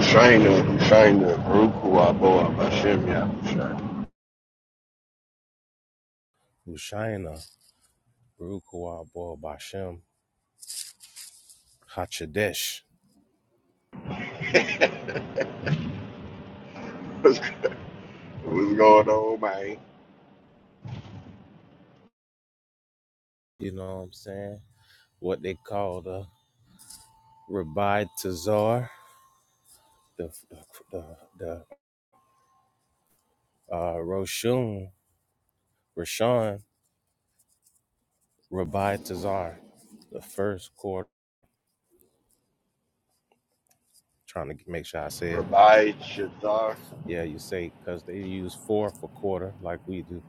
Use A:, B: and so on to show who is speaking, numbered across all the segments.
A: Shaina, Shaina, Barukua, Boa, Bashem, Ya, Shaina.
B: Hushaina, Barukwa, Bo Bashem, Hachadesh.
A: What's good? What's going on, man?
B: You know what I'm saying? What they call the Rabbi Tazar, the the the uh, Roshun, Rashan, Rabbi Tazar, the first quarter. Trying to make sure I say it right.
A: Rabbi Shazar,
B: Yeah, you say because they use four for quarter like we do,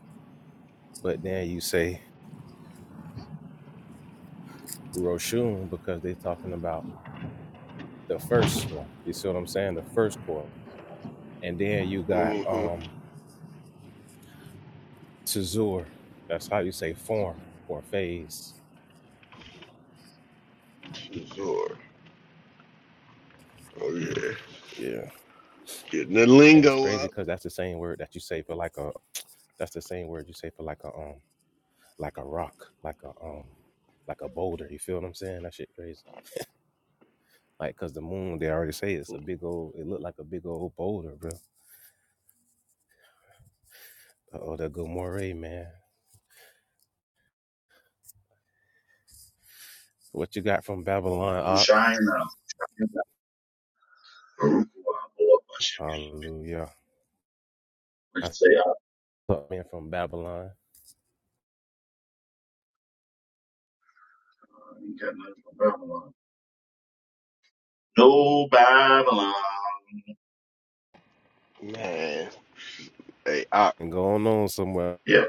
B: but then you say Roshun because they're talking about the first one. You see what I'm saying? The first quarter, and then you got
A: mm-hmm,
B: um Tazur. That's how you say form or phase.
A: Shazor. Oh, yeah.
B: Yeah.
A: Getting the
B: And it's
A: lingo
B: crazy
A: up,
B: because that's the same word that you say for like a that's the same word you say for like a um like a rock, like a um like a boulder. You feel what I'm saying? That shit crazy. Like cause the moon, they already say it's a big old it looked like a big old boulder, bro. Oh, that good moray, man. What you got from Babylon, Op?
C: Hushaina,
B: Hallelujah.
C: which
B: I
C: say, I
B: thought man from Babylon.
C: ain't got nothing from Babylon. No Babylon.
A: man. Hey, Ock,
B: And going on somewhere.
C: Yeah.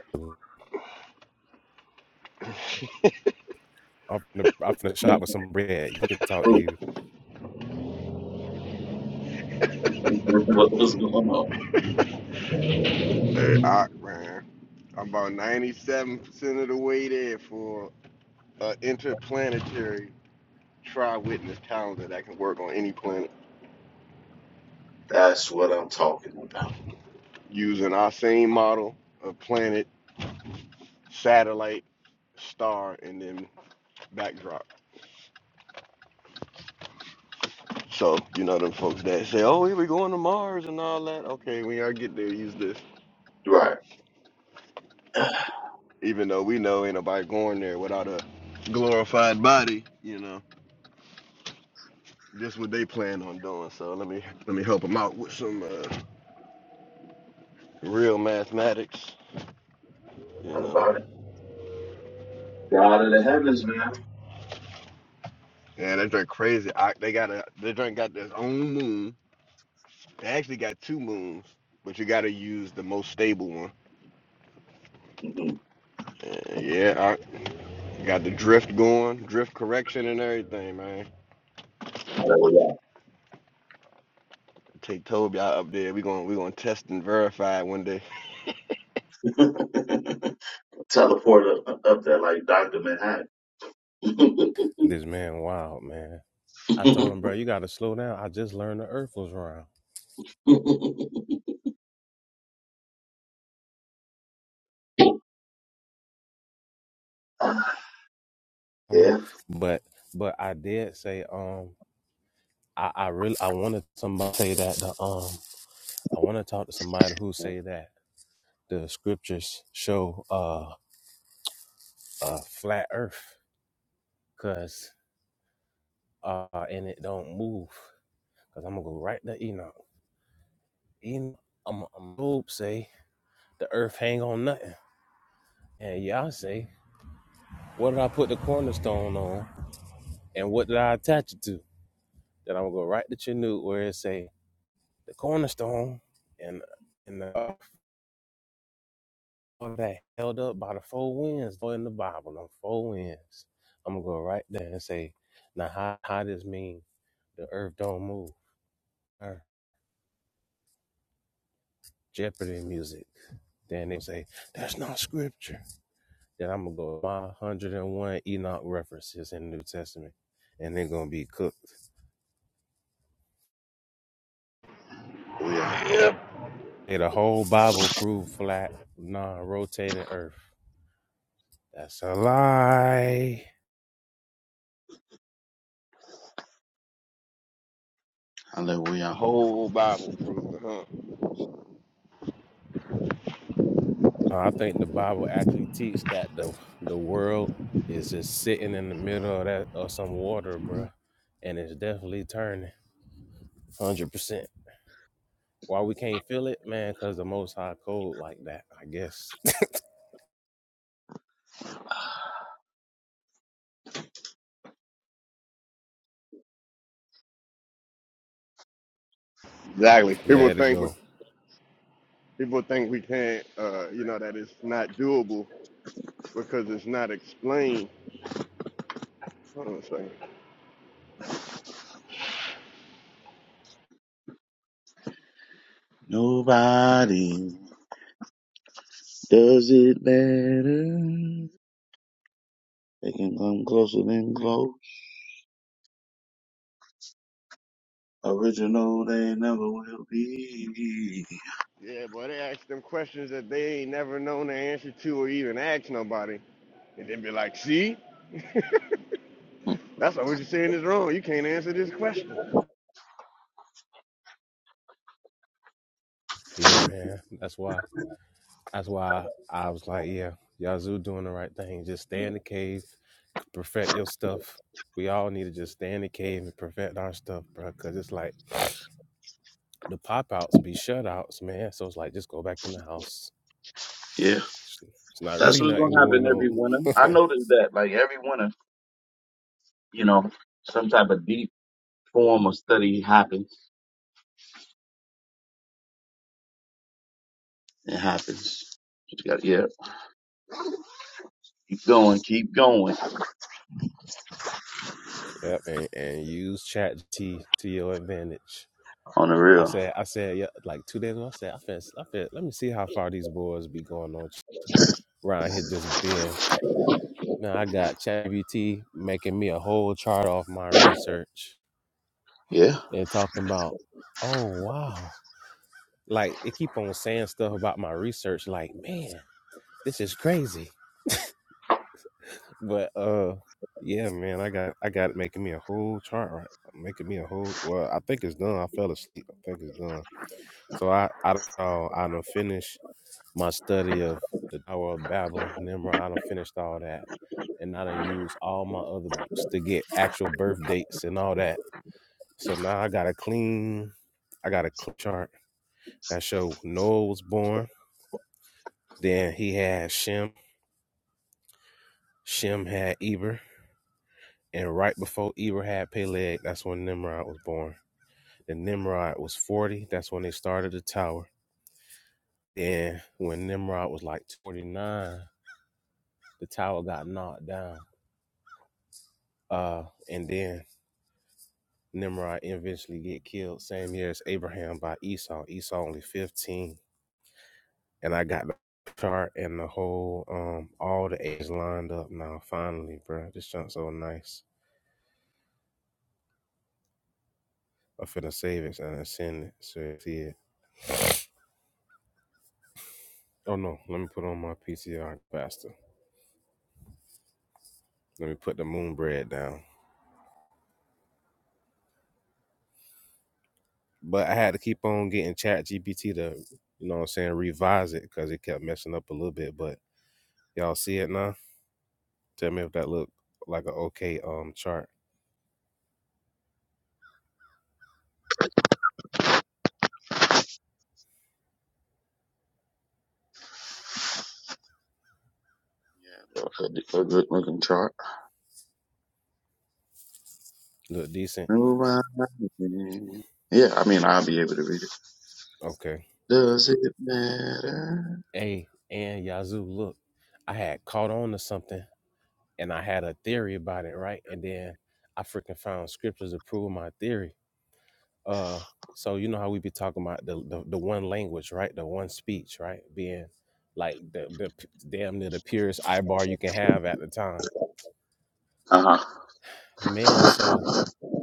B: I'm finna, I'm finna shop with some bread. He can talk to you.
C: what was going on?
A: hey, Ock, man. I'm about 97% of the way there for an interplanetary tri witness calendar that can work on any planet
C: That's what I'm talking about.
A: using our same model of planet, satellite, star, and then backdrop. So, you know, them folks that say, oh, we were going to Mars and all that. Okay, when y'all get there, use this.
C: Right. Not
A: Even though we know ain't nobody going there without a glorified body, you know, this what they plan on doing. So let me let me help them out with some uh, real mathematics, you know.
C: about it. God of the heavens, man.
A: Yeah, they drink crazy. I, they got a they drink got their own moon. They actually got two moons, but you got to use the most stable one.
C: Mm-hmm.
A: Uh, yeah, I got the drift going, drift correction and everything, man. Take Toby out up there. We going we gonna test and verify one day.
C: Hallelujah. Teleport up, up there like Dr. Manhattan.
B: This man wild, man. I told him, bro, you gotta slow down. I just learned the earth was round.
C: Ah,
B: Oh,
C: yeah.
B: But but I did say, um, I, I really I wanted somebody to say that the um I wanna talk to somebody who say that the scriptures show uh a flat earth cause uh and it don't move. Cause I'm gonna go right to Enoch. Enoch I'm I'm Job say the earth hang on nothing. And y'all say, what did I put the cornerstone on? And what did I attach it to? Then I'm gonna go right to Chanute where it say the cornerstone and and the uh, that held up by the four winds, boy in the Bible, them four winds. I'm gonna go right there and say, now how how this mean the earth don't move? Or Jeopardy music. Then they say that's not scripture. Then I'm gonna go my 101 Enoch references in the New Testament, and they're gonna be cooked.
C: Hallelujah.
A: Yep.
B: Hey, the whole Bible prove flat, non-rotating earth. That's a lie.
C: Hallelujah.
A: Whole Bible proof, huh?
B: Uh, I think the Bible actually teaches that the the world is just sitting in the middle of that of some water, bruh, and it's definitely turning, hundred percent. Why we can't feel it, man? Cause the Most High cold like that. I guess.
A: Exactly. People
B: Let it
A: think bec-
B: go.
A: people think we can't. Uh, you know that it's not doable because it's not explained. Hold on a second.
C: Nobody. Does it matter? They can come closer than close. Original they never will be.
A: Yeah, boy, they ask them questions that they ain't never known the answer to or even ask nobody, and then be like, "See, that's why what you're saying is wrong. You can't answer this question."
B: Yeah, man. That's why. That's why I was like, yeah, Yazoo doing the right thing. Just stay in the cave, perfect your stuff. We all need to just stay in the cave and perfect our stuff, bruh, Cause it's like the pop outs be shutouts, man. So it's like just go back in the house
C: Yeah.
B: It's not
C: That's
B: really
C: what's
B: nothing
C: gonna happen
B: going
C: every
B: on.
C: winter. I noticed that. Like every winter, you know, some type of deep form of study happens. It happens. You got yeah. Keep going, keep going.
B: Yep, and, and use ChatGPT to your advantage.
C: On the
B: I
C: real.
B: said, I said, yeah, like two days ago, I said, I feel, I feel, let me see how far these boys be going on around here just being. Now I got ChatGPT making me a whole chart off my research
C: Yeah.
B: and talking about, oh wow, like it keep on saying stuff about my research, like man, this is crazy. But uh, yeah, man, I got I got it making me a whole chart right, making me a whole. Well, I think it's done. I fell asleep. I think it's done. So I I don't know. I don't finish my study of the Tower of Babel, Nimrod. I don't finished all that, and I done used all my other books to get actual birth dates and all that. So now I got a clean. I got a clean chart that show Noah was born. Then he had Shem. Shem had Eber. And right before Eberhad Peleg, that's when Nimrod was born. And Nimrod was 40. That's when they started the tower. And when Nimrod was like 49, the tower got knocked down. Uh, and then Nimrod eventually get killed same year as Abraham by Esau. Esau only 15. And I got the chart and the whole, um, all the ages lined up now, finally, bro. This junk's so nice. I'm finna save it and send it so you see it. Oh no, let me put on my PCR faster. Let me put the moon bread down. But I had to keep on getting Chat GPT to, you know what I'm saying, revise it because it kept messing up a little bit. But y'all see it now? Tell me if that look like an okay um chart.
C: Look at the- a good looking chart.
B: Look decent.
C: Yeah, I mean I'll be able to read it.
B: Okay.
C: Does it matter?
B: Hey, and Yazoo, look, I had caught on to something and I had a theory about it, right? And then I freaking found scriptures to prove my theory. Uh, so you know how we be talking about the, the the one language, right? The one speech, right? Being like the the p- damn near the purest eye bar you can have at the time,
C: Uh
B: man.
C: huh.
B: So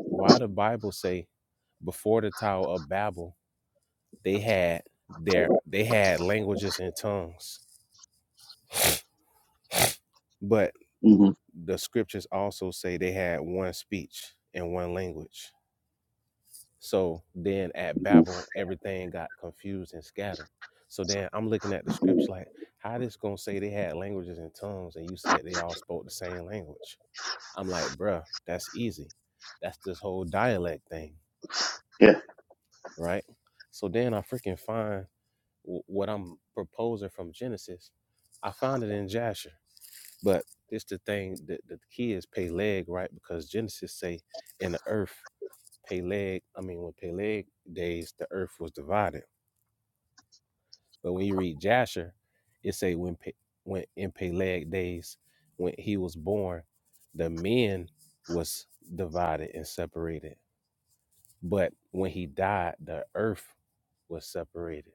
B: why the Bible say before the Tower of Babel they had their they had languages and tongues, but
C: Mhm.
B: the scriptures also say they had one speech and one language So then at Babel, everything got confused and scattered. So then I'm looking at the scripts like, how this gonna say they had languages and tongues and you said they all spoke the same language? I'm like, bruh, that's easy. That's this whole dialect thing,
C: Yeah.
B: right? So then I freaking find w- what I'm proposing from Genesis. I found it in Jasher, but this the thing that the key is Peleg, right? Because Genesis say in the earth, Peleg, I mean, when Peleg days, the earth was divided But when you read Jasher, it say when Pe- when in Peleg days when he was born, the men was divided and separated. But when he died, the earth was separated.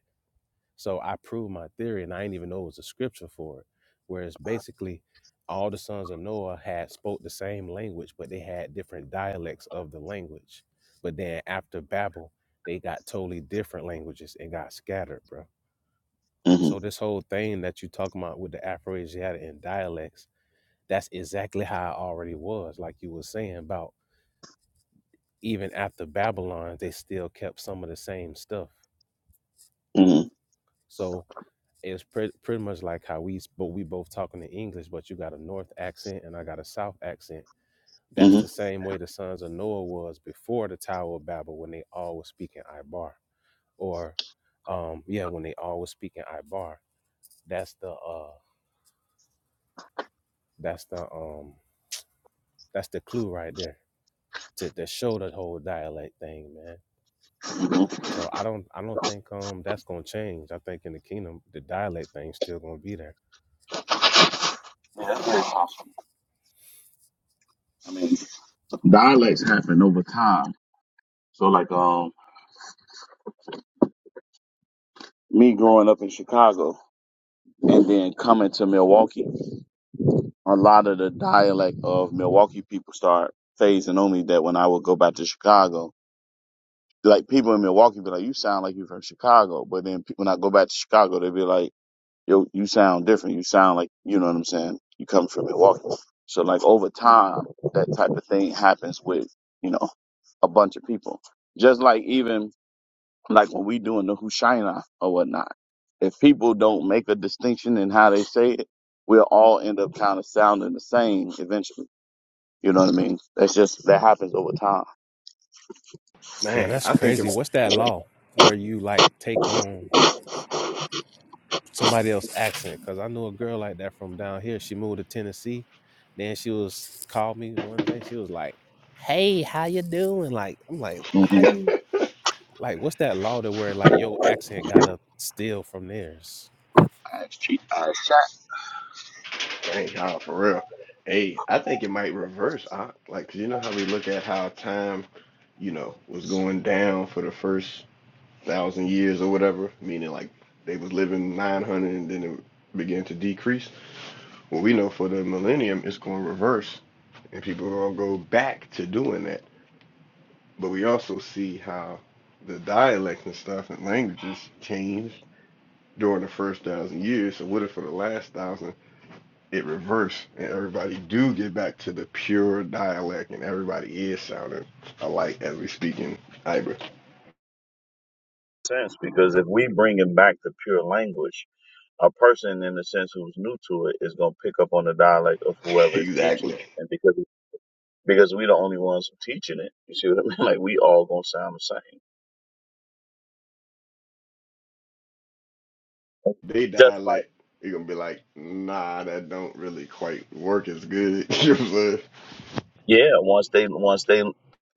B: So I proved my theory, and I didn't even know it was a scripture for it. Whereas basically, all the sons of Noah had spoke the same language, but they had different dialects of the language. But then after Babel, they got totally different languages and got scattered, bro. So
C: Mm-hmm.
B: this whole thing that you talking about with the Afroasiatic and dialects, that's exactly how I already was. Like you were saying about even after Babylon, they still kept some of the same stuff.
C: Mm-hmm.
B: So it's pre- pretty much like how we, but we both talking in English, but you got a North accent and I got a South accent. That's
C: Mm-hmm.
B: the same way the sons of Noah was before the Tower of Babel when they all were speaking Ibar, or um, yeah, when they all were speaking Ibar. That's the uh, that's the um, that's the clue right there to, to show the whole dialect thing, man.
C: hmm
B: So I don't I don't think um that's gonna change. I think in the kingdom the dialect thing's still gonna be there.
C: Yeah, that's very possible. I mean, dialects happen over time. So, like, um, me growing up in Chicago and then coming to Milwaukee, a lot of the dialect of Milwaukee people start phasing on me that when I would go back to Chicago, like people in Milwaukee be like, "You sound like you from Chicago," but then pe- when I go back to Chicago, they be like. you you sound different. You sound like you know what I'm saying. You come from Milwaukee, so like over time, that type of thing happens with you know a bunch of people. Just like even like when we doing the Hushaina or whatnot, if people don't make a distinction in how they say it, we'll all end up kind of sounding the same eventually. You know what I mean? That's just that happens over time.
B: Bro,
A: Man,
B: that's
A: I think. if,
B: crazy. What's that law where you like take on somebody else's accent? Cause I knew a girl like that from down here. She moved to Tennessee. Then she was called me one day. She was like, "Hey, how you doing?" Like I'm like, "How
C: Mm-hmm.
B: you like? What's that law to where like your accent gotta steal from theirs?"
C: That's cheap. That's
A: Thank God for real. Hey, I think it might reverse. I, like, 'cause you know how we look at how time, you know, was going down for the first thousand years or whatever, meaning like they was living 900 and then it began to decrease. Well, we know for the millennium, it's going to reverse and people are going to go back to doing that. But we also see how the dialects and stuff and languages changed during the first thousand years. So what if for the last thousand? it reversed and everybody do get back to the pure dialect and everybody is sounding alike as we speak in Iber.
C: sense because if we bring it back to pure language. a person in the sense who's new to it is going to pick up on the dialect of whoever is teaching
A: Exactly.
C: it. And because, because we the only ones teaching it, you see what I mean? Like we all going to sound the same.
A: They
C: Just like,
A: dialect, you're gonna be like, nah, that don't really quite work as good. you know what I'm saying?
C: yeah, once they, once they,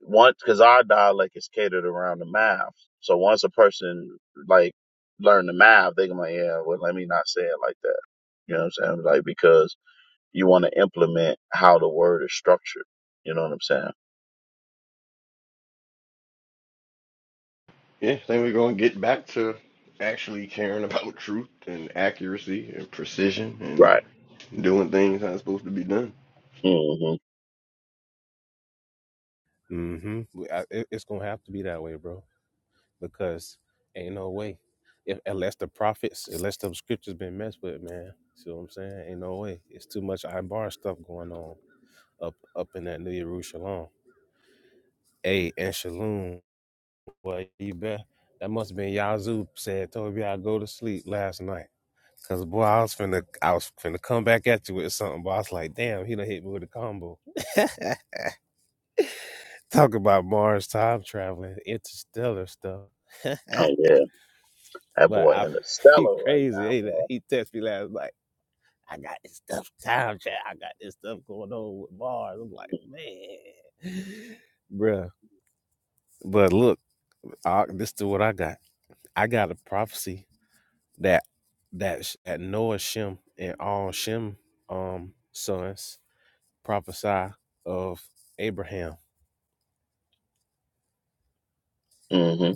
C: once, cause our dialect is catered around the math. So once a person like learn the math, they going to be like, yeah, well, let me not say it like that. You know what I'm saying? Like, because you want to implement how the word is structured. You know what I'm saying?
A: Yeah, then we're gonna get back to actually caring about truth and accuracy and precision and
C: Right.
A: doing things how it's supposed to be done.
C: hmm
B: Mm-hmm. Well, I, it, It's gonna have to be that way, bro. because ain't no way. If, unless the prophets, unless the scriptures been messed with, man. See what I'm saying? Ain't no way. It's too much I'm bar stuff going on up up in that New Jerusalem. Hey, and Shalom. boy, you bet. That must have been Yazoo said, told me I go to sleep last night. Cause boy, I was finna, I was finna come back at you with something, but I was like, damn, he done hit me with a combo. Talk about Mars time traveling, interstellar stuff.
C: Oh, yeah. That
B: But
C: boy
B: I, he
C: interstellar right
B: crazy. Ain't it? He texted me last night. I got this stuff time chat. I got this stuff going on with bars. I'm like, man, bruh. But look, I, this is what I got. I got a prophecy that that sh- that Noah Shem and all Shem um sons prophesy of Abraham.
C: now, boy. hmm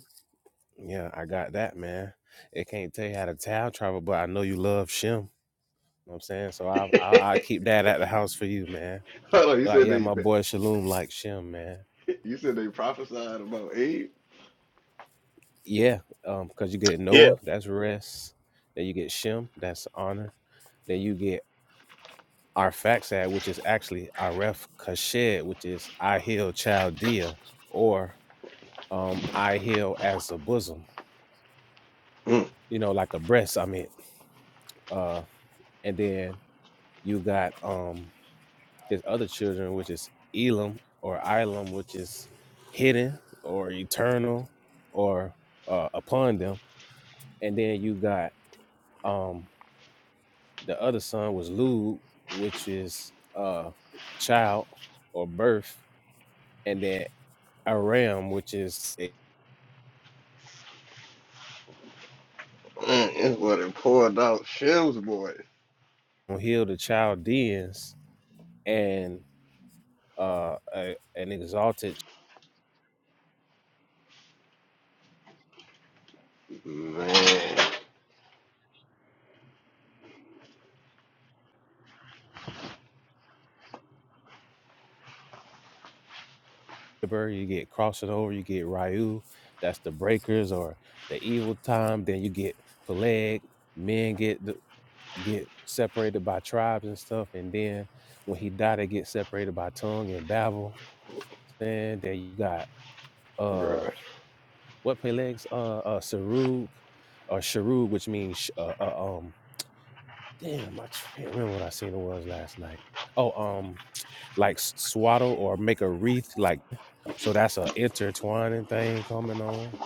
B: Yeah, I got that, man. It can't tell you how to time travel, but I know you love Shem. You know what I'm saying? So I I I keep that at the house for you, man.
A: Hold on, you
B: Like
A: said
B: yeah,
A: they,
B: my
A: they
B: boy Shalom like Shem, man.
A: you said they prophesied about Abe?
B: Yeah, um, cause you get
C: Yeah,
B: Noah, that's rest. Then you get Shem, that's honor. Then you get Arphaxad, which is actually Aref Kashed, which is I heal Chaldea, or um I heal as a bosom,
A: Mm.
B: you know, like a breast. I mean, uh, and then you got um his other children, which is Elam or Ilam, which is hidden or eternal or uh, upon them, and then you got Um, the other son was Lud, which is uh child or birth, and then Aram, which is it
A: Man, it's what it poured out Shim's boy.
B: will heal the Chaldeans and uh a, an exalted
A: Man,
B: chamber. You get crossing over, you get Ryu, that's the breakers or the evil time. Then you get Peleg, men get the, get separated by tribes and stuff, and then when he died, they get separated by tongue and Babel. And then you got
A: bro.
B: uh what Peleg's uh, uh Sarug or Sharug, which means uh, uh, um damn, I can't remember what I seen it was last night. Oh, um, like s- swaddle or make a wreath, like so that's a intertwining thing coming on,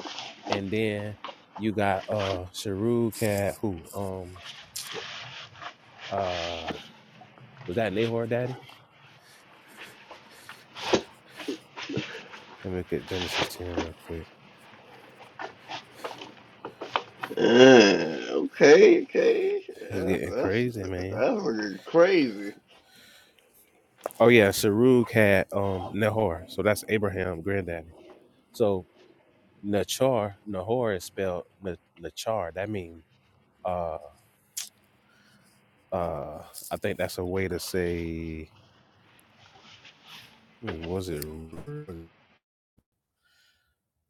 B: and then you got uh Sharug cat who um uh was that Nahor Daddy? Let me look at Genesis ten real quick.
A: Yeah, okay, okay.
B: It's
A: That's,
B: getting
A: that's
B: crazy,
A: that's
B: man.
A: looking crazy.
B: Oh yeah, Sarug had um Nahor, so that's Abraham granddaddy. So Nachar, Nahor is spelled Na- Nachar. That means uh uh I think that's a way to say hmm, was it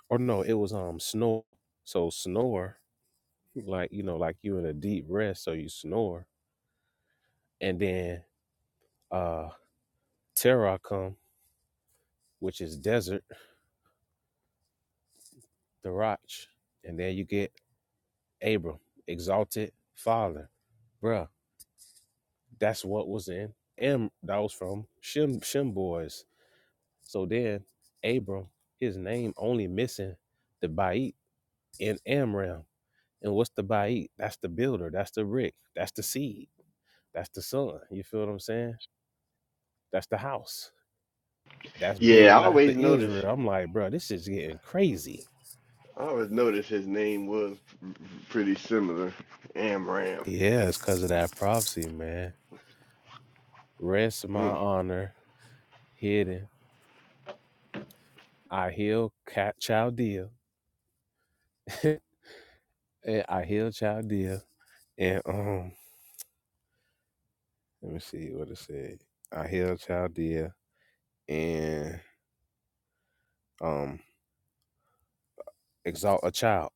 B: or no, it was um snore. So snore, like you know, like you in a deep rest, so you snore. And then uh Terrakum, which is desert, the Roch, and then you get Abram, exalted father. Bruh, that's what was in M that was from Shim Shim boys So then Abram, his name only missing the Ba'it in Amram. And what's the Ba'it? That's the builder. That's the brick. That's the seed. That's the son. You feel what I'm saying? That's the house. That's
A: Yeah,
B: building
A: I
B: the house of
A: always notice.
B: Israel. I'm like, bro, this is getting crazy.
A: I always noticed his name was pretty similar. Amram.
B: Yeah, it's because of that prophecy, man. Rest my
A: Mm.
B: honor hidden. I heal cat Chaldea. and I heal Chaldea. And um, let me see what it said. I heal Chaldea. and um, exalt a child.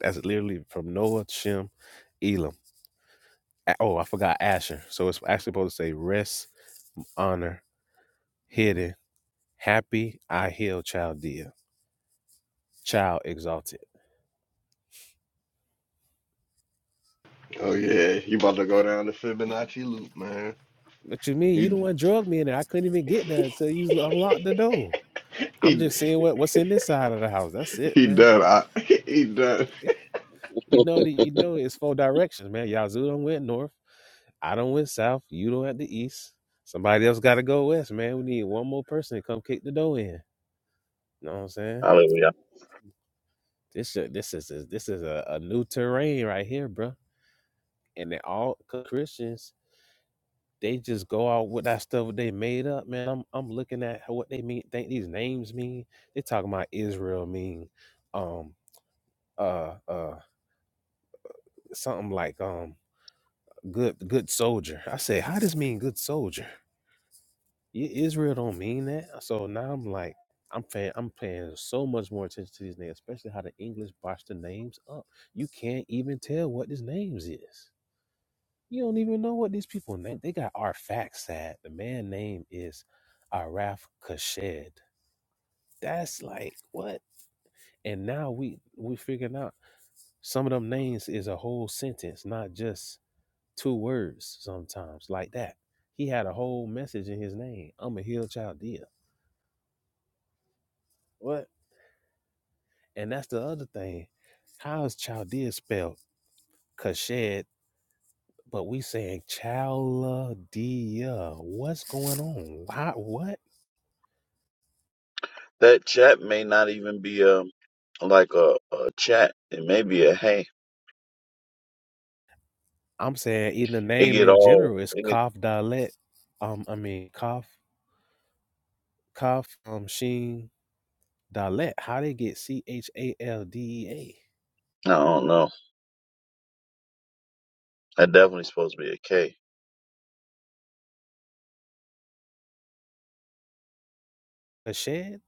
B: That's literally from Noah, Shem, Elam. Oh, I forgot Asher. So it's actually supposed to say rest, honor, hidden, happy, I heal, child dear, child exalted.
A: Oh yeah, he about to go down the Fibonacci loop, man.
B: What you mean? You
A: He
B: the one drugged me in there. I couldn't even get there until you unlocked the door. I'm
A: he
B: just seeing what, what's in this side of the house. That's it,
A: he
B: man.
A: done. I, he done.
B: You know that you know it's four directions, man. Yazoo done went north. I done went south. You done at the east. Somebody else gotta go west, man. We need one more person to come kick the door in. You know what I'm saying?
C: hallelujah.
B: This shit, this is a, this is a, a new terrain right here, bro. And they all Christians, they just go out with that stuff they made up, man. I'm I'm looking at how- what they mean, think these names mean. They talking about Israel mean, um, uh, uh, something like um, good good soldier. I say, how does mean good soldier? I- Israel don't mean that. So now I'm like, I'm paying, I'm paying so much more attention to these names, especially how the English botch the names up. You can't even tell what these names is. You don't even know what these people name. They got Arphaxad. The man name is Araf Kashed. That's like what? And now we we figuring out some of them names is a whole sentence, not just two words sometimes like that. He had a whole message in his name. I'm a hill child dear. What? And that's the other thing. How is Chaldea spelled? Kashed, but we saying Chaldea. What's going on? Why, what?
C: That chat may not even be a like a, a chat. It may be a hey.
B: I'm saying in the
C: It
B: name
C: get
B: in
C: all.
B: general is
C: It get,
B: Kaf Dalet. Um, I mean Kaf Kaf um Sheen Dalet. How they get C H A L D E A?
C: I don't know. That definitely supposed to be a K
B: Kashed,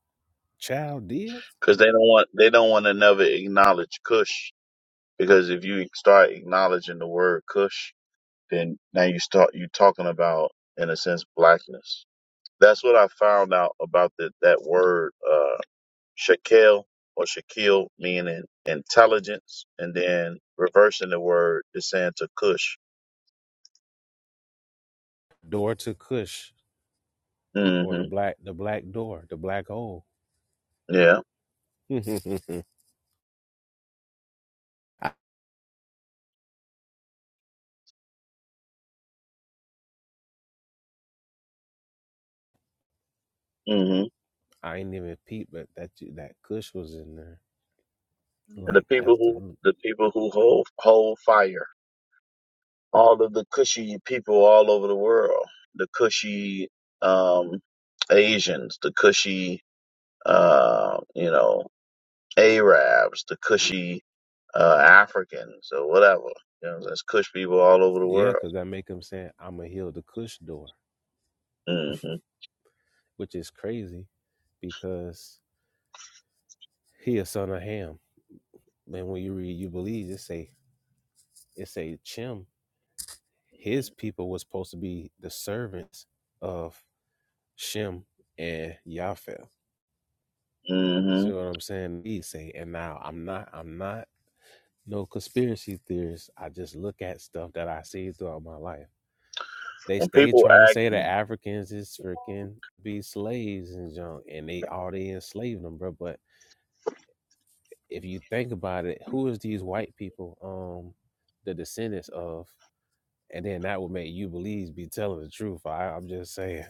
B: Chaldea,
C: because they don't want they don't want to never acknowledge Cush because if you start acknowledging the word Cush, then now you start you talking about in a sense blackness. That's what I found out about the, that word. Uh, Shekel or Shekel meaning intelligence, and then reversing the word is saying to Cush.
B: door to Kush, or the
C: hmm
B: black the black door, the black hole.
C: Yeah.
B: I,
C: hmm
B: I ain't even peep, but that that Kush was in there.
C: The
B: like
C: people
B: as the
C: who
B: root.
C: the people who hold hold fire. All of the Cushy people all over the world. The Cushy um, Asians. The Cushy uh, you know Arabs. The Cushy uh, Africans or whatever. You know, there's Cush people all over the
B: Yeah,
C: world.
B: because that make him saying, "I'm gonna heal the Cush door,"
C: hmm
B: which is crazy because he a son of Ham. And when you read, you believe it say it say Shem. His people was supposed to be the servants of Shem and Japheth.
C: hmm
B: See what I'm saying? He say, and now I'm not. I'm not no conspiracy theorist. I just look at stuff that I see throughout my life. they
C: when
B: stay
C: people
B: trying to
C: ask
B: say that
C: me,
B: Africans is freaking be slaves and junk, and they all they enslaved them, bro. But if you think about it, who is these white people, um, the descendants of? And then that would make you believe be telling the truth. I, I'm just saying.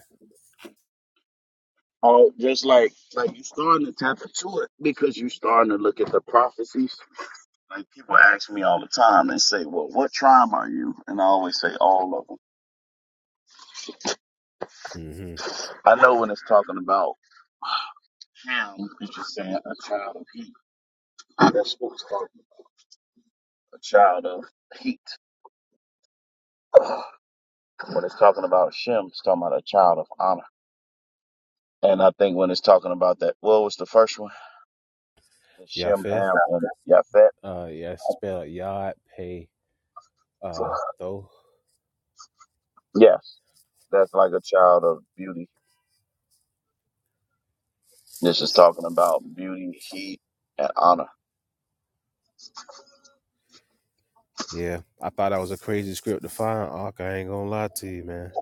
C: oh, just like like you starting to tap into it because you starting to look at the prophecies. Like people ask me all the time and say, well, what tribe are you? And I always say all of them.
B: Mm-hmm.
C: I know when it's talking about him, it's just saying a child of heat. That's what it's talking about. A child of heat. When it's talking about Shem, it's talking about a child of honor. And I think when it's talking about that, what was the first one? The Shem,
B: Yafeth,
C: Ham, and Yafet.
B: uh, yeah, it's spelled Yod Pay uh Tho.
C: Yes, that's like a child of beauty This is talking about beauty, heat, and honor.
B: Yeah, I thought that was a crazy script to find. Ark, I ain't gonna lie to you, man.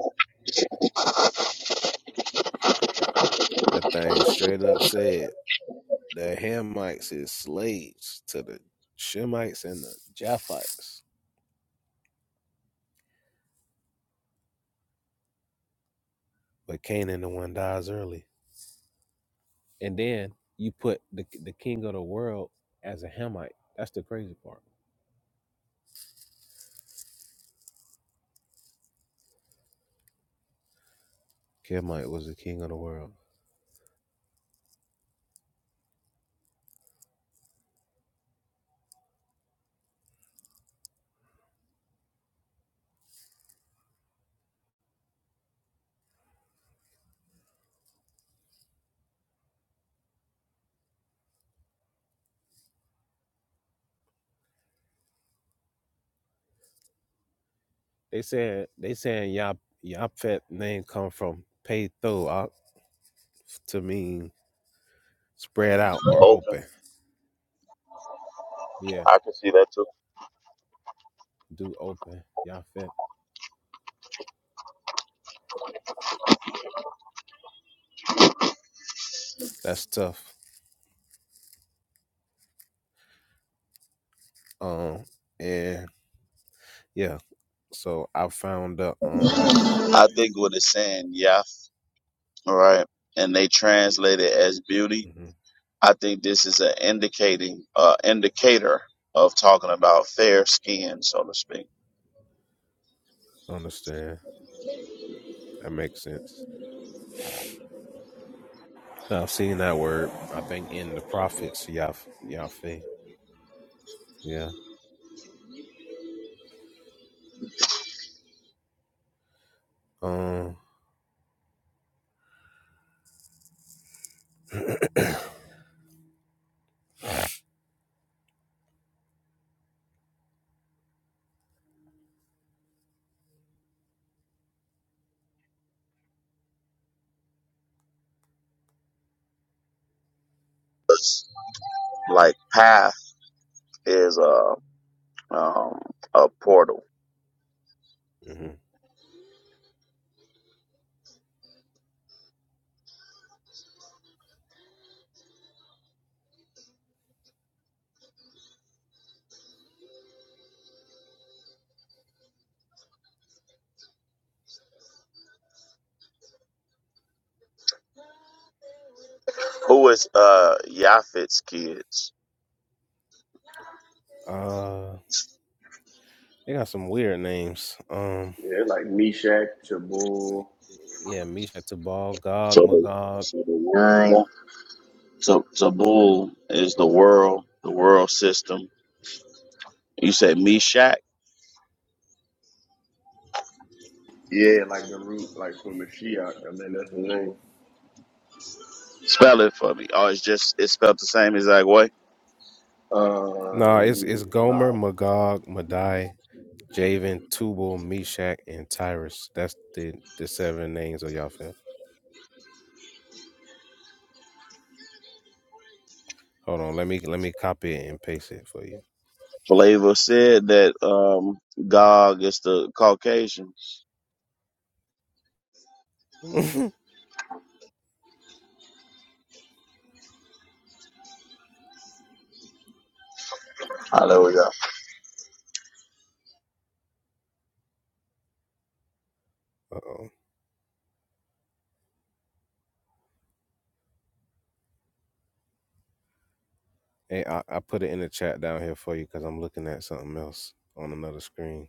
B: That thing straight up said the Hamites is slaves to the Shemites and the Japhites. But Canaan, the one dies early. And then you put the, the king of the world as a Hamite. That's the crazy part. Hamite was the king of the world. They said they saying Yap Yaphet name come from pay tho op to mean spread out or
C: Open.
B: open. Yeah,
C: I can see that too.
B: do open. Yaphet. That's tough. Um and yeah. So I found the um
C: I think what it's saying, yeah, right. And they translate it as beauty.
B: mhm,
C: I think this is an indicating, uh, indicator of talking about fair skin, so to speak.
B: understand. That makes sense. I've seen that word. I think in the prophets, Yaf Yafe. Yeah. Um.
C: It's like path is a um, a portal.
B: mhm.
C: Who is uh Yafet's kids?
B: Uh. They got some weird names. Um.
A: Yeah, like Meshach, Tabor.
B: Yeah, Misha Tubal, Gog,
C: So the
B: Magog.
C: so the word. so Tabul is the world, the world system. You said Meshach.
A: Yeah, like the root, like for Mashiach. I think that's the name.
C: Spell it for me. Oh, it's just it's spelled the same exact way.
B: Nah, it's it's
A: Um, nah.
B: Gomer, Magog, Madai, Javan, Tubal, Meshach, and Tyrus. That's the the seven names of Yafeth. Hold on, let me let me copy it and paste it for you.
C: Flavor said that um, Gog is the Caucasian. Hallelujah.
B: Uh oh. Hey, I, I put it in the chat down here for you because I'm looking at something else on another screen.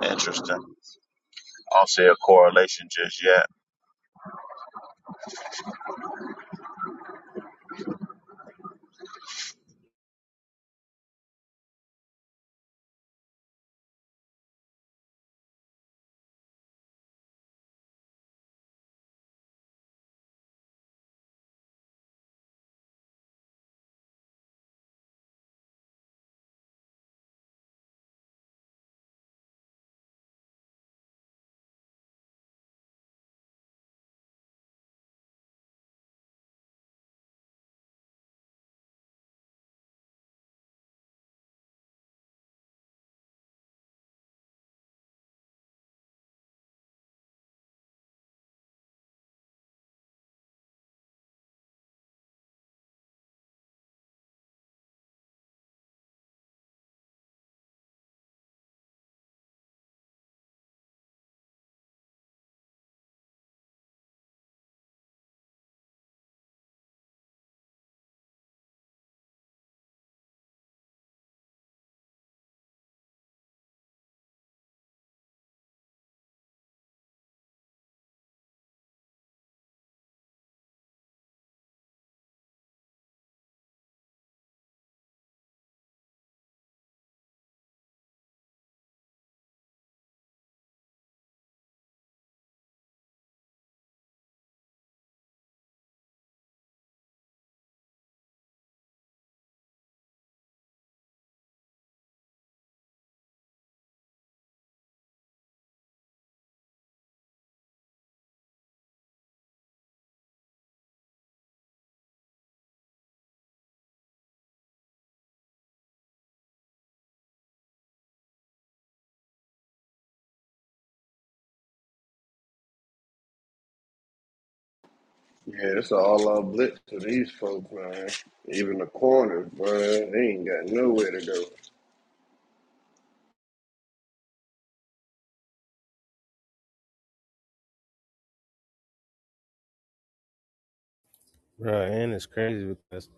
C: Interesting. I don't see a correlation just yet.
A: Yeah, it's all out blitz to these folks, man. Even the corners, bro. They ain't got nowhere to go.
B: Bruh, and it's crazy because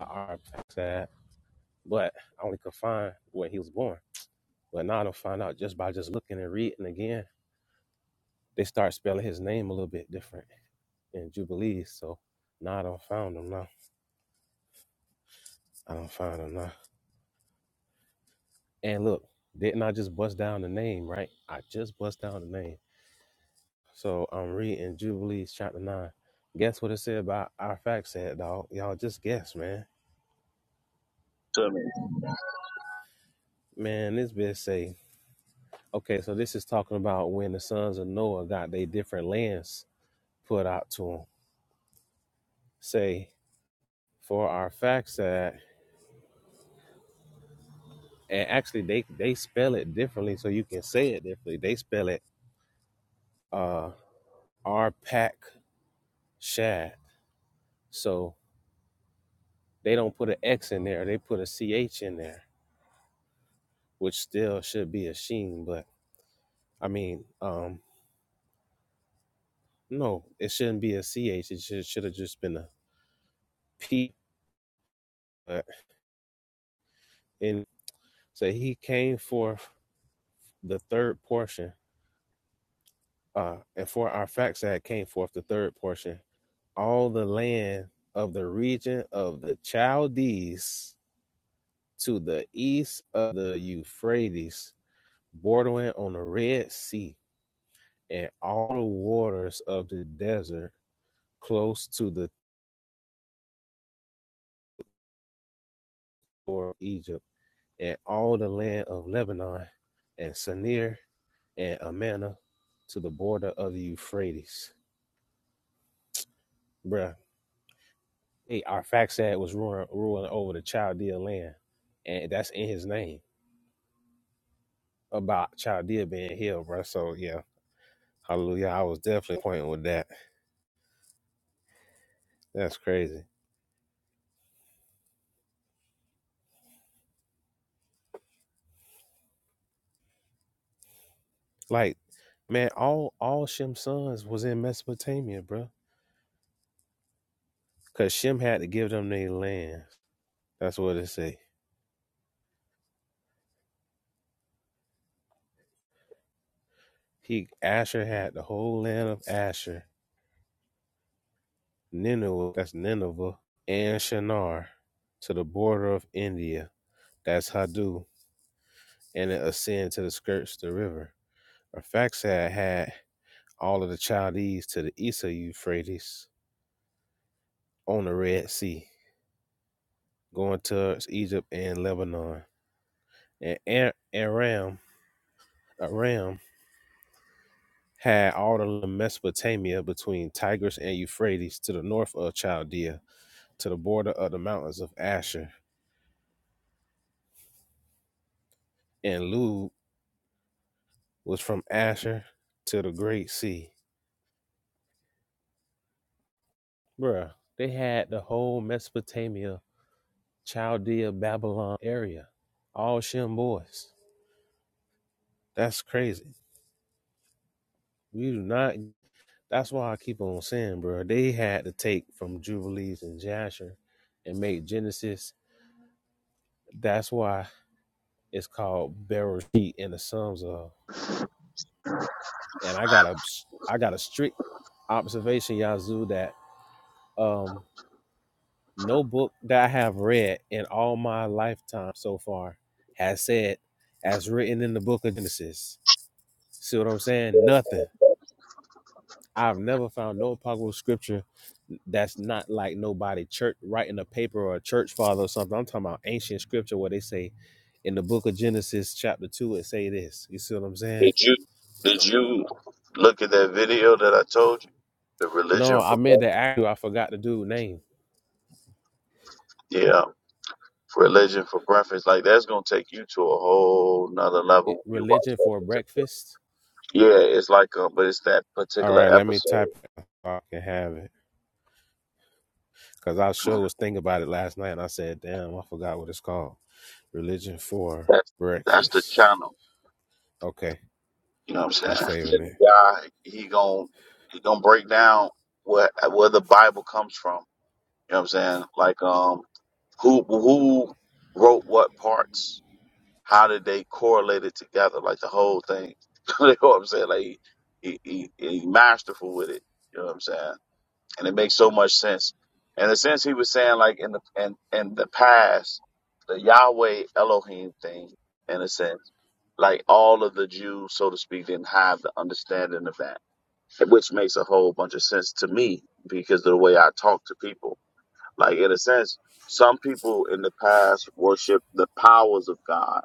B: our that, but I only could find where he was born. But now I don't find out just by just looking and reading again. They start spelling his name a little bit different in Jubilees. So now I don't found him now. I don't find him now. And look, didn't I just bust down the name, right? I just bust down the name. So I'm reading Jubilees chapter 9. Guess what it said about our fact said, dog? Y'all just guess, man
C: To me.
B: Man, this bit say, okay, so this is talking about when the sons of Noah got their different lands put out to them. Say, for our facts that, and actually they, they spell it differently, so you can say it differently. They spell it uh, Arpak Shad. So they don't put an X in there, they put a C-H in there, which still should be a sheen, but I mean, um, no, it shouldn't be a C-H. It should have just been a P. But in, so he came forth the third portion, uh, and for our facts that came forth, the third portion, all the land of the region of the Chaldees to the east of the Euphrates, bordering on the Red Sea, and all the waters of the desert close to the shore of Egypt, and all the land of Lebanon, and Sinir and Amana to the border of the Euphrates. Bruh, Hey, our fax ad was ruling, ruling over the Chaldea land, and that's in his name about Chaldea being healed, bro. So yeah, hallelujah. I was definitely pointing with that. That's crazy. Like, man, all all Shem's sons was in Mesopotamia, bro, because Shem had to give them their land. That's what it say. He Asher had the whole land of Asher, Nineveh, that's Nineveh, and Shinar to the border of India, that's Hadu, and it ascend to the skirts of the river. Arphaxad had all of the Chaldees to the east of Euphrates on the Red Sea, going towards Egypt and Lebanon. And Aram, Aram had all of Mesopotamia between Tigris and Euphrates to the north of Chaldea, to the border of the mountains of Asher. And Lud was from Asher to the Great Sea. Bruh, they had the whole Mesopotamia, Chaldea, Babylon area. All Shem boys. That's crazy. We do not. That's why I keep on saying, bro. They had to take from Jubilees and Jasher and make Genesis. That's why it's called Bereshit in the Psalms of. And I got a, I got a strict observation, Yazoo, that um, no book that I have read in all my lifetime so far has said as written in the book of Genesis. See what I'm saying? Nothing. I've never found no apocryphal scripture that's not like nobody church writing a paper or a church father or something. I'm talking about ancient scripture where they say in the book of Genesis chapter two it say this. You see what I'm saying?
C: Did you did you look at that video that I told you? The religion
B: No, I
C: for
B: meant to
C: breakfast.
B: ask you. I forgot the dude name.
C: Yeah, religion for breakfast. Like that's gonna take you to a whole nother level.
B: It,
C: when You watch
B: religion for
C: that.
B: breakfast.
C: Yeah, it's like, uh, but it's that
B: All
C: particular
B: right, let me
C: episode.
B: type. It so I can have it because I sure was thinking about it last night and I said, damn, I forgot what it's called. Religion for
C: That's that's the
B: breakfast.
C: channel.
B: Okay,
C: You know what I'm
B: I'm
C: saying?
B: saving
C: And the
B: it
C: guy, he gon' he gonna break down where where the Bible comes from. You know what I'm saying? Like, um, who who wrote what parts? How did they correlate it together? Like the whole thing. you know what I'm saying? Like he he, he, he masterful with it. You know what I'm saying? and it makes so much sense. In the sense he was saying, like in the in in the past, the Yahweh Elohim thing, in a sense, like all of the Jews, so to speak, didn't have the understanding of that, which makes a whole bunch of sense to me because of the way I talk to people. Like in a sense, some people in the past worshiped the powers of God,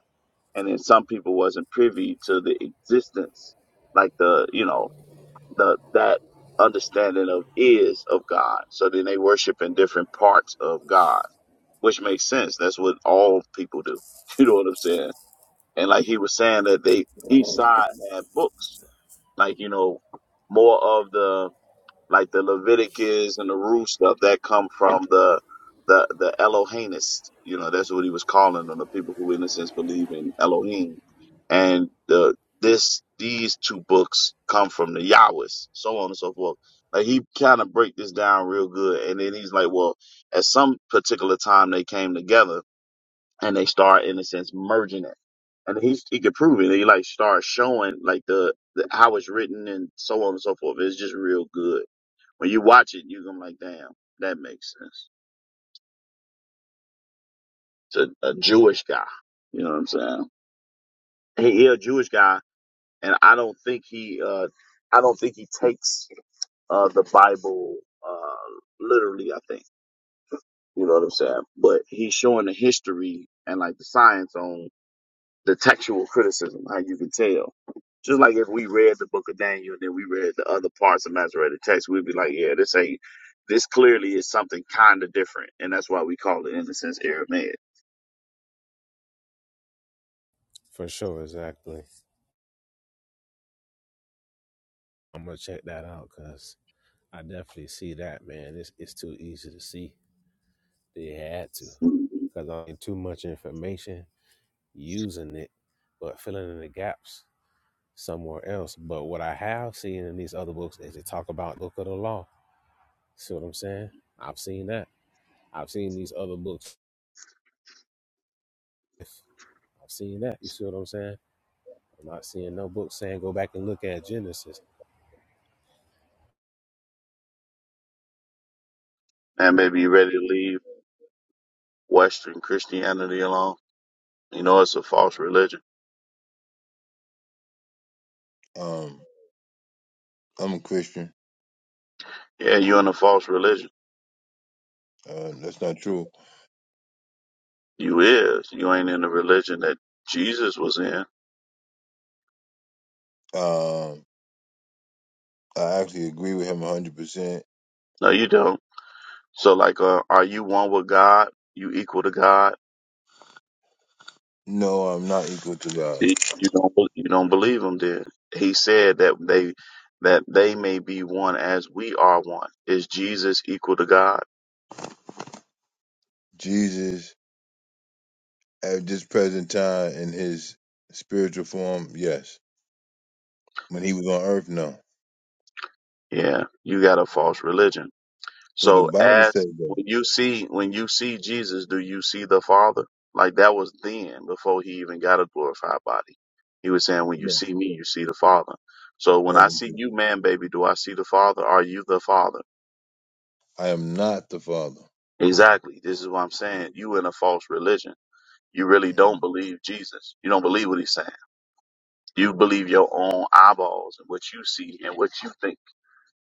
C: and then some people wasn't privy to the existence, like the you know the that understanding of is of God. So then they worship in different parts of God, which makes sense. That's what all people do. You know what I'm saying? And like he was saying that they each side had books, like you know, more of the like the Leviticus and the Ruth stuff that come from the the the Elohimist. You know, that's what he was calling them, the people who in a sense believe in Elohim. And the this these two books come from the Yahwist, so on and so forth. Like he kind of break this down real good, and then he's like, well, at some particular time they came together and they start in a sense merging it. And he he could prove it. He like starts showing like the, the how it's written and so on and so forth. It's just real good when you watch it, you're gonna be like, damn, that makes sense. It's a, a Jewish guy. You know what I'm saying? He, he a Jewish guy, and I don't think he, uh, I don't think he takes uh, the Bible uh, literally. I think you know what I'm saying. But he's showing the history and like the science on the textual criticism, how you can tell. Just like if we read the book of Daniel and then we read the other parts of Masoretic text, we'd be like, yeah, this ain't this clearly is something kind of different, and that's why we call it, in a sense, Aramaic.
B: for sure. Exactly. I'm gonna check that out because I definitely see that, man. It's it's too easy to see. They had to
C: Man,
B: because I ain't too much information using it, but filling in the gaps somewhere else. But what I have seen in these other books is they talk about book of the law. See what I'm saying? I've seen that. I've seen these other books. I've seen that. You see what I'm saying? I'm not seeing no book saying go back and look at Genesis.
C: baby, you ready to leave Western Christianity alone? You know it's a false religion.
D: Um, I'm a Christian.
C: Yeah, you in a false religion.
D: Uh, that's not true.
C: You is. You ain't in the religion that Jesus was in.
D: Um, I actually agree with him 100%.
C: No, you don't. So, like, uh, are you one with God? You equal to God?
D: No, I'm not equal to God.
C: See, you don't. be- You don't believe him. Then he said that they that they may be one as we are one. Is Jesus equal to God?
D: Jesus, at this present time, in his spiritual form, yes. When he was on earth, no.
C: Yeah, you got a false religion.
D: But the
C: So
D: Bible
C: as
D: says that.
C: when you see when you see Jesus, do you see the Father? Like that was then before he even got a glorified body. He was saying, When you
D: No,
C: see me, you see the Father. So when
D: no,
C: I
D: that's
C: see
D: it.
C: you, man, baby, do I see the Father? Are you the Father?
D: I am not the Father.
C: Exactly. This is what I'm saying. You in a false religion. You really don't believe Jesus. You don't believe what he's saying. You believe your own eyeballs and what you see and what you think.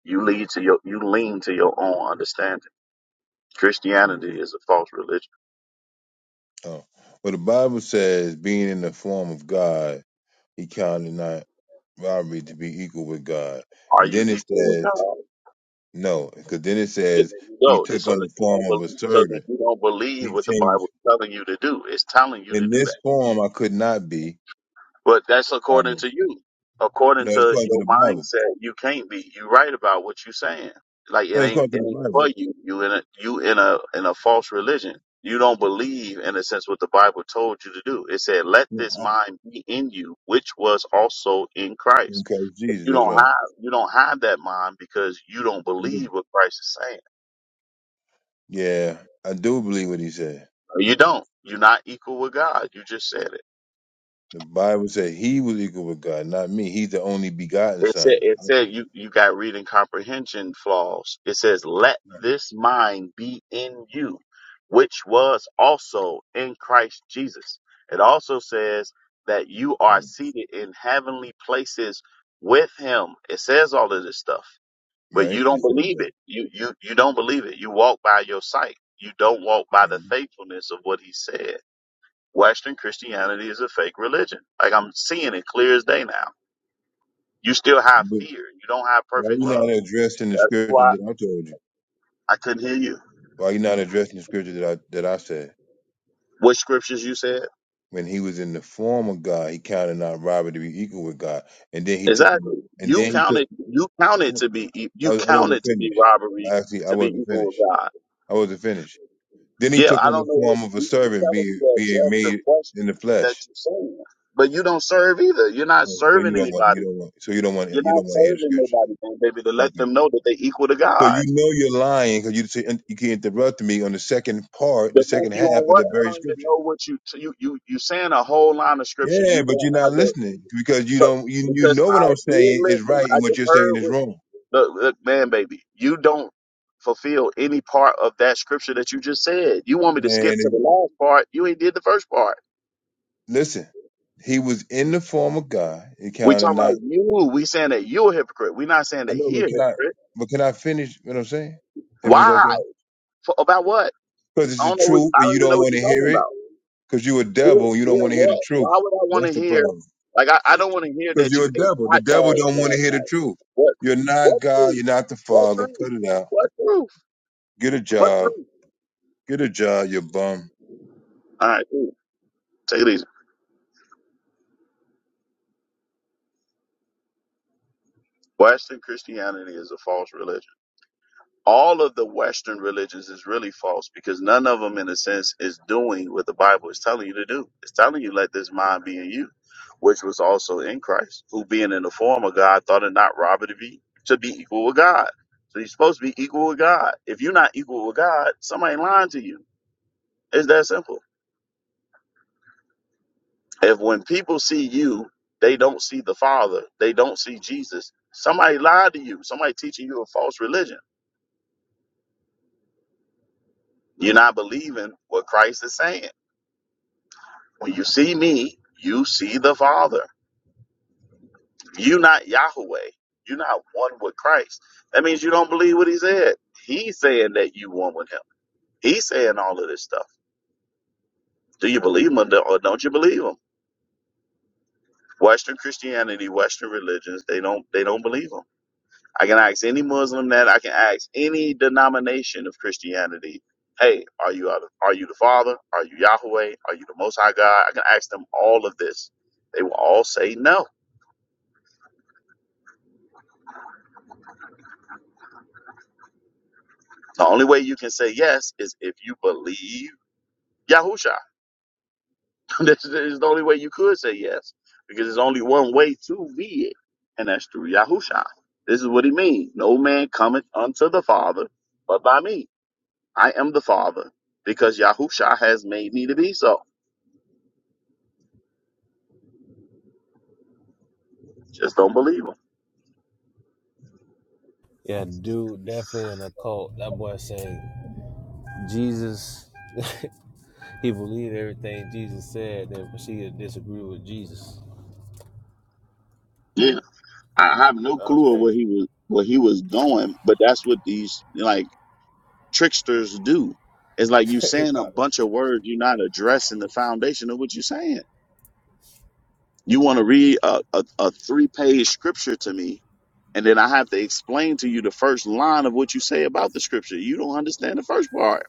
C: You lead to your you lean to your own understanding. Christianity is a false religion.
D: Oh. Well, the Bible says, being in the form of God, he counted not robbery to be equal with God.
C: Are
D: And
C: you
D: then it
C: equal with
D: says,
C: God?
D: No, because then it
C: And
D: says
C: there you
D: he
C: go. And
D: took
C: so
D: on
C: that
D: the
C: you
D: form
C: don't
D: of a
C: believe, so that
D: servant.
C: you don't
D: He
C: believe what the Bible
D: changed.
C: is telling you to do. It's telling you to
D: In
C: do
D: this
C: that.
D: form, I could not be.
C: But that's according
D: Um,
C: to you. According
D: no, it's
C: to
D: according to
C: your
D: the Bible.
C: mindset, you can't be. You right about what you're saying. Like it
D: No, It's
C: ain't
D: according
C: it
D: to the
C: ain't
D: Bible.
C: for you. You in a you in a in a false religion. You don't believe in a sense what the Bible told you to do. It said, "Let
D: Yeah.
C: this mind be in you, which was also in Christ."
D: Okay, it's Jesus,
C: You
D: that's
C: don't
D: right.
C: have you don't have that mind because you don't
D: I do.
C: believe what Christ is saying
D: Yeah, I do believe what he said.
C: You don't. You're not equal with God. You just said it.
D: The Bible said he was equal with God, not me. He's the only begotten
C: It said
D: Son.
C: it said you you got reading comprehension flaws. It says let this mind be in you, which was also in Christ Jesus. It also says that you are seated in heavenly places with him. It says all of this stuff, but
D: Right?
C: you
D: It
C: don't
D: says
C: believe
D: that.
C: it. You you you don't believe it. You walk by your sight. You don't walk by
D: Right.
C: the faithfulness of what he said. Western Christianity is a fake religion. Like I'm seeing it clear as day now. You still have
D: But
C: fear. You don't have
D: why are
C: perfect
D: you not
C: love.
D: addressing the
C: That's
D: scripture
C: why
D: that I told you?
C: I couldn't hear you.
D: Why are you not addressing the scripture that I that I said?
C: What scriptures you said?
D: when he was in the form of God, he counted not robbery to be equal with God, and then he took,
C: Exactly.
D: and
C: You
D: then he took.
C: counted. You counted to
D: I,
C: be. e- You
D: was, I wasn't
C: counted to be
D: finished.
C: robbery
D: Actually, I
C: to be
D: wasn't
C: equal with
D: finished.
C: God.
D: I wasn't finished. Then he
C: Yeah,
D: took
C: I
D: on the
C: don't know what
D: form of a
C: you- you're
D: servant,
C: telling me
D: being
C: to
D: being
C: address the
D: made in
C: question
D: the
C: that
D: flesh.
C: you're saying, but you don't serve either. You're not
D: Oh, So you
C: serving
D: don't want, you
C: anybody.
D: don't want, so you don't want,
C: You're
D: you don't
C: not
D: want to hear the
C: serving
D: scripture.
C: nobody, man, baby, to let
D: Okay.
C: them know that they equal to
D: So
C: God.
D: you know you're lying because you say- you can interrupt me on the second part, the
C: The month
D: second
C: you
D: half
C: on
D: of
C: what?
D: the
C: I
D: very
C: don't even
D: scripture.
C: know what you you you you saying a whole line of scripture.
D: Yeah,
C: You
D: but you're
C: don't
D: not
C: have the
D: listening because you
C: so
D: don't you you
C: because
D: know what
C: I
D: I'm
C: did
D: saying is
C: listen.
D: right
C: I
D: and what
C: just
D: you're saying
C: heard
D: is
C: what
D: wrong.
C: look, look man, baby. You don't fulfill any part of that scripture that you just said. You want me to skip to
D: Man,
C: the last part? You ain't did the first part.
D: Listen, he was in the form of God. It
C: We
D: counted
C: talking about
D: not.
C: you. We saying that you a hypocrite. We not saying
D: I
C: that
D: know,
C: he a
D: but can I?
C: hypocrite.
D: But can I finish? What I'm saying, if it's
C: Why?
D: okay,
C: For, about what?
D: because it's
C: I don't
D: the
C: know. What,
D: truth,
C: I
D: and
C: don't
D: you
C: even
D: don't
C: know what
D: want
C: you're
D: to hear
C: talking
D: it,
C: about.
D: because you're a
C: Hear,
D: devil. And You don't
C: hear
D: want to hear the
C: what?
D: truth.
C: Why would I want
D: That's
C: to
D: the
C: hear?
D: problem.
C: Like, I, I don't want to hear
D: Because
C: that
D: you're
C: you
D: a
C: ate
D: devil. The
C: hot
D: devil
C: dogs
D: don't want to
C: last
D: hear the
C: night.
D: truth.
C: What?
D: You're not
C: What
D: God.
C: truth?
D: You're not the
C: What
D: Father.
C: truth?
D: Cut it out.
C: What truth?
D: Get a
C: What
D: job.
C: truth?
D: Get a job. You bum.
C: All right, cool. Take it easy. Western Christianity is a false religion. all of the Western religions is really false because none of them, in a sense, is doing what the Bible is telling you to do. It's telling you, let this mind be in you, which was also in Christ, who being in the form of God thought it not robbery to be, to be equal with God. So you're supposed to be equal with God. If you're not equal with God, somebody lying to you. It's that simple. If when people see you, they don't see the Father, they don't see Jesus, somebody lied to you, somebody teaching you a false religion. You're not believing what Christ is saying When you see me, you see the Father. You not Yahweh. You're not one with Christ. That means you don't believe what he said. He's saying that you one with him. He's saying all of this stuff. Do you believe him or don't or don't you believe him? Western Christianity, Western religions, they don't they don't believe him. I can ask any Muslim that. I can ask any denomination of Christianity. Hey, are you out of- are you the Father? Are you Yahweh? Are you the Most High God? I can ask them all of this. They will all say no The only way you can say yes is if you believe Yahusha. this is the only way you could say yes because there's only one way to be it, and that's through Yahusha. This is what he means. No man cometh unto the Father but by me. I am the Father because Yahusha has made me to be so. Just don't believe him.
B: Yeah, dude, definitely an occult. That boy saying Jesus. He believed everything Jesus said, then proceeded to disagree with Jesus.
C: Yeah, I have no
B: That was
C: clue of
B: crazy.
C: where he was where he was going, but that's what these like tricksters do. It's like you
B: he
C: saying a
B: thought it
C: bunch
B: was
C: of
B: true.
C: words, you're not addressing the foundation of what you're saying. You want to read a, a, a three page scripture to me, and then I have to explain to you the first line of what you say about the scripture. You don't understand the first part.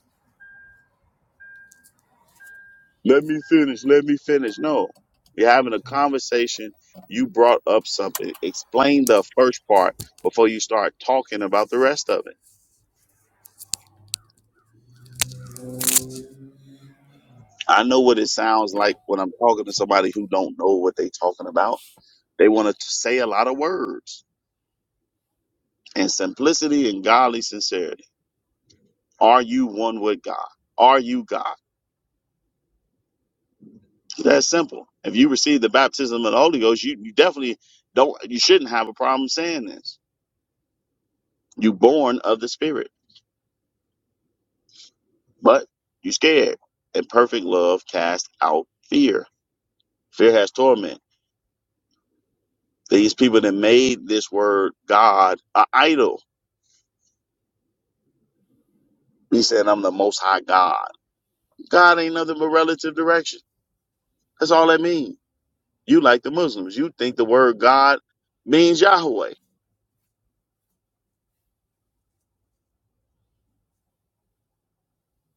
C: Let me finish. Let me finish. No, you're having a conversation. You brought up something. Explain the first part before you start talking about the rest of it. I know what it sounds like when I'm talking to somebody who don't know what they're talking about. They want to say a lot of words and simplicity and godly sincerity. Are you one with God? Are you God? It's that simple. If you receive the baptism of the Holy Ghost, you, you definitely don't you shouldn't have a problem saying this. You born of the Spirit, but you scared. And perfect love casts out fear. Fear has torment. These people that made this word God an idol. He said, I'm the most high God. God ain't nothing but relative direction. That's all that means. You like the Muslims. You think the word God means Yahweh.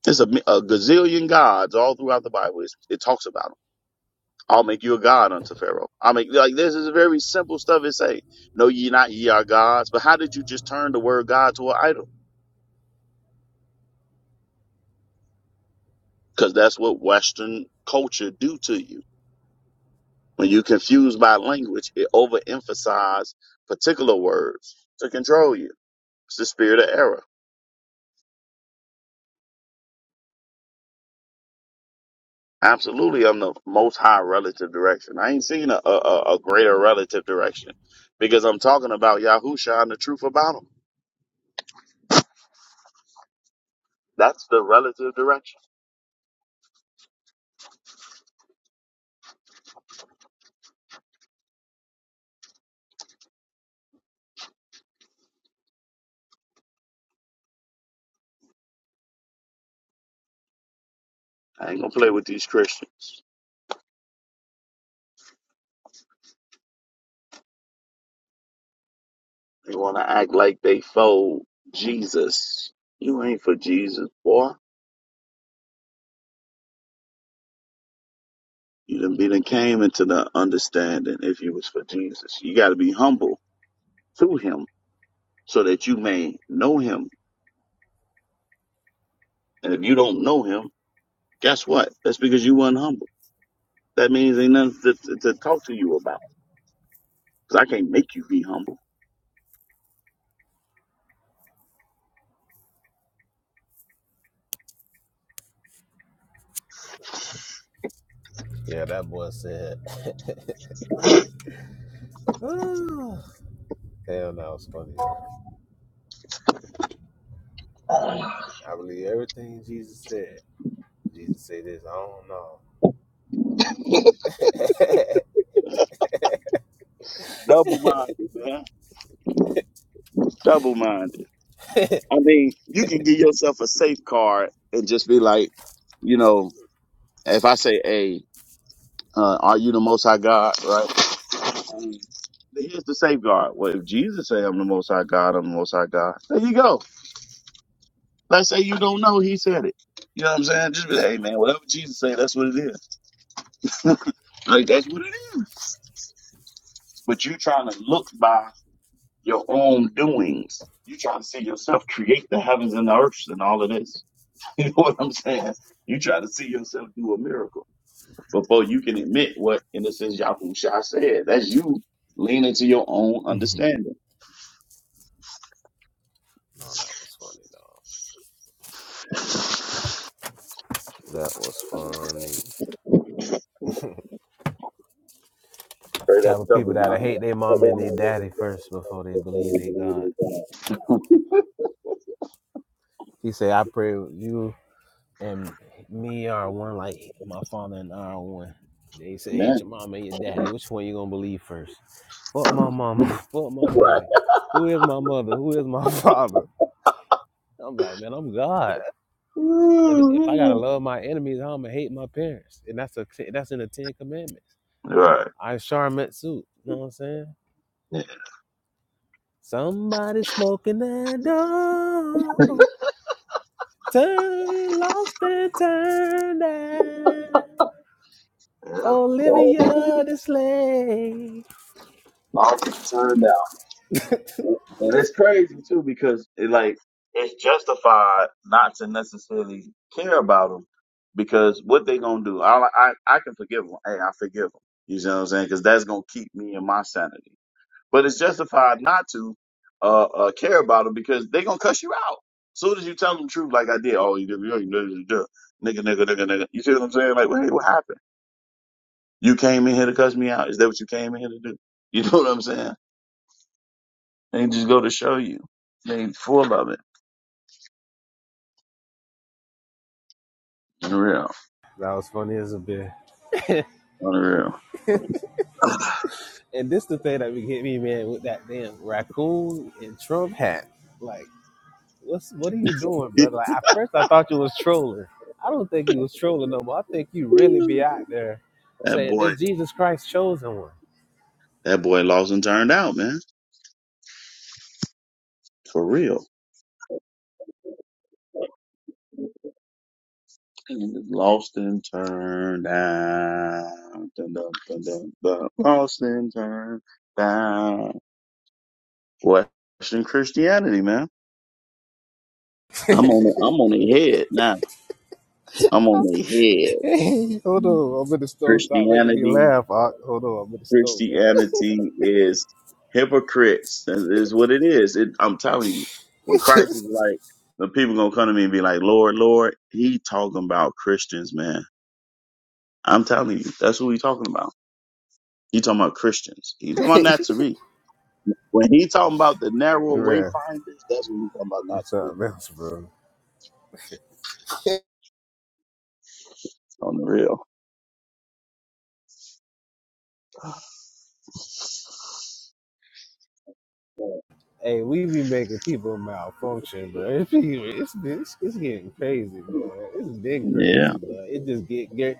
C: There's a, a gazillion gods all throughout the Bible. It's, it talks about 'em. I'll make you a god unto Pharaoh. i make like this is very simple stuff it say. No, ye not ye are gods. But how did you just turn the word God to an idol? Because that's what Western culture do to you. When you confuse by language, it overemphasize particular words to control you. It's the spirit of error. Absolutely, I'm the most high relative direction. I ain't seen a, a, a a greater relative direction because I'm talking about Yahusha and the truth about him. That's the relative direction. I ain't gonna play with these Christians. They want to act like they for Jesus. You ain't for Jesus, boy. You done be done came into the understanding if you was for Jesus. You got to be humble to him so that you may know him. And if you don't know him, guess what? That's because you weren't humble. That means ain't nothing to, to, to talk to you about. Cause I can't make you be humble.
B: Yeah, that boy said. "Ah, Hell, that was funny, man. I believe everything Jesus said. Jesus say this, I don't know.
C: Double minded, man. Double minded. I mean, you can give yourself a safe card and just be like, you know, if I say, "Hey, Uh, are you the Most High God? Right. And here's the safeguard. Well, if Jesus say I'm the Most High God, I'm the Most High God. There you go. Let's say you don't know, he said it. You know what I'm saying? Just be like, hey man, whatever Jesus say, that's what it is. Like that's what it is. But you are trying to look by your own doings. You trying to see yourself create the heavens and the earths and all of this. You know what I'm saying? You try to see yourself do a miracle before you can admit what, in a sense, Yahushua said. That's you leaning to your own
B: Mhm.
C: understanding.
B: no, that was funny, dog. That was funny.
C: Straight up
B: Type of people
C: double
B: that
C: minded.
B: hate their mom and their daddy first before they believe they God. He say, I pray with you and me are one like my father and I are one. They say, "Hey,
C: Amen.
B: your mama and your daddy. Which one you gonna believe first? Fuck my mama. Fuck my
C: Right.
B: daddy. Who is my mother? Who is my father?" I'm like, man, I'm God. 'Cause if I gotta love my enemies, how I'm gonna hate my parents, and that's a that's in the Ten Commandments.
C: Right.
B: I Shar Metsu. You know what I'm saying?
C: Yeah.
B: Somebody smoking that dog. Turn lost and turned out.
C: Well, i
B: Olivia the Slave.
C: turned out, And it's crazy too because it like it's justified not to necessarily care about them because what they gonna do? I I I can forgive them. Hey, I forgive them. You know what I'm saying? Because that's gonna keep me in my sanity. but it's justified not to uh, uh, care about them because they gonna cuss you out. soon as you tell them the truth, like I did, oh, you, you, you, you, you- nigga, nigga, nigga, nigga. You see what I'm saying? Like, well, hey, what happened? You came in here to cuss me out. Is that what you came in here to do? You know what I'm saying? They just go to show you. They full of it. Unreal.
B: That was funny as a bit.
C: Unreal.
B: and this the thing that would get me, man, with that damn raccoon and Trump hat. Like, what's what are you doing, brother? Like, at first I thought you was trolling. I don't think you was trolling no more. I think you really be out there
C: that
B: saying
C: boy,
B: this Jesus Christ chosen one.
C: that boy lost and turned out, man. For real. And it's lost and turned down. Dun, dun, dun, dun, dun. Lost and turned down. Western Christianity, man. I'm on the, I'm on their head now. I'm on their head.
B: hold on, I'm in the stove. Stop making me
C: Christianity,
B: laugh. Ock. Hold on, I'm in the stove,
C: Christianity is hypocrites. That is what it is. It, I'm telling you, when
B: man.
C: Christ was like, the people gonna come to me and be like, Lord, Lord, he talking about Christians, man. I'm telling you, that's what he talking about. He talking about Christians. He talking about Nazarene. When he talking about the narrow
B: Real,
C: wayfinders, that's when he talking about
B: you
C: Nazarene
B: something else, bro.
C: on the real.
B: Hey, we be making people malfunction, but it's it's, it's, it's getting crazy, man. It's been
C: Yeah.
B: crazy, but it just get get,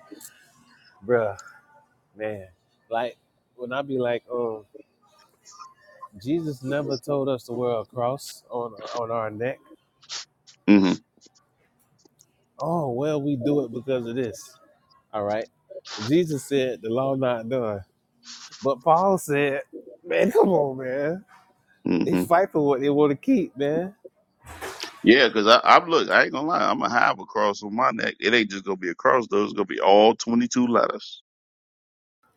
B: bro, man. Like when I be like, um, Jesus never told us to wear a cross on on our neck.
C: hmm
B: Oh well, we do it because of this. All right, Jesus said the law not done, but Paul said, man, come on, man. They
C: hmm
B: fight for what they want to keep, man.
C: Yeah, because I, I'm look, I ain't gonna lie, I'm gonna have a cross on my neck. It ain't just gonna be a cross though. It's gonna be all 22 letters.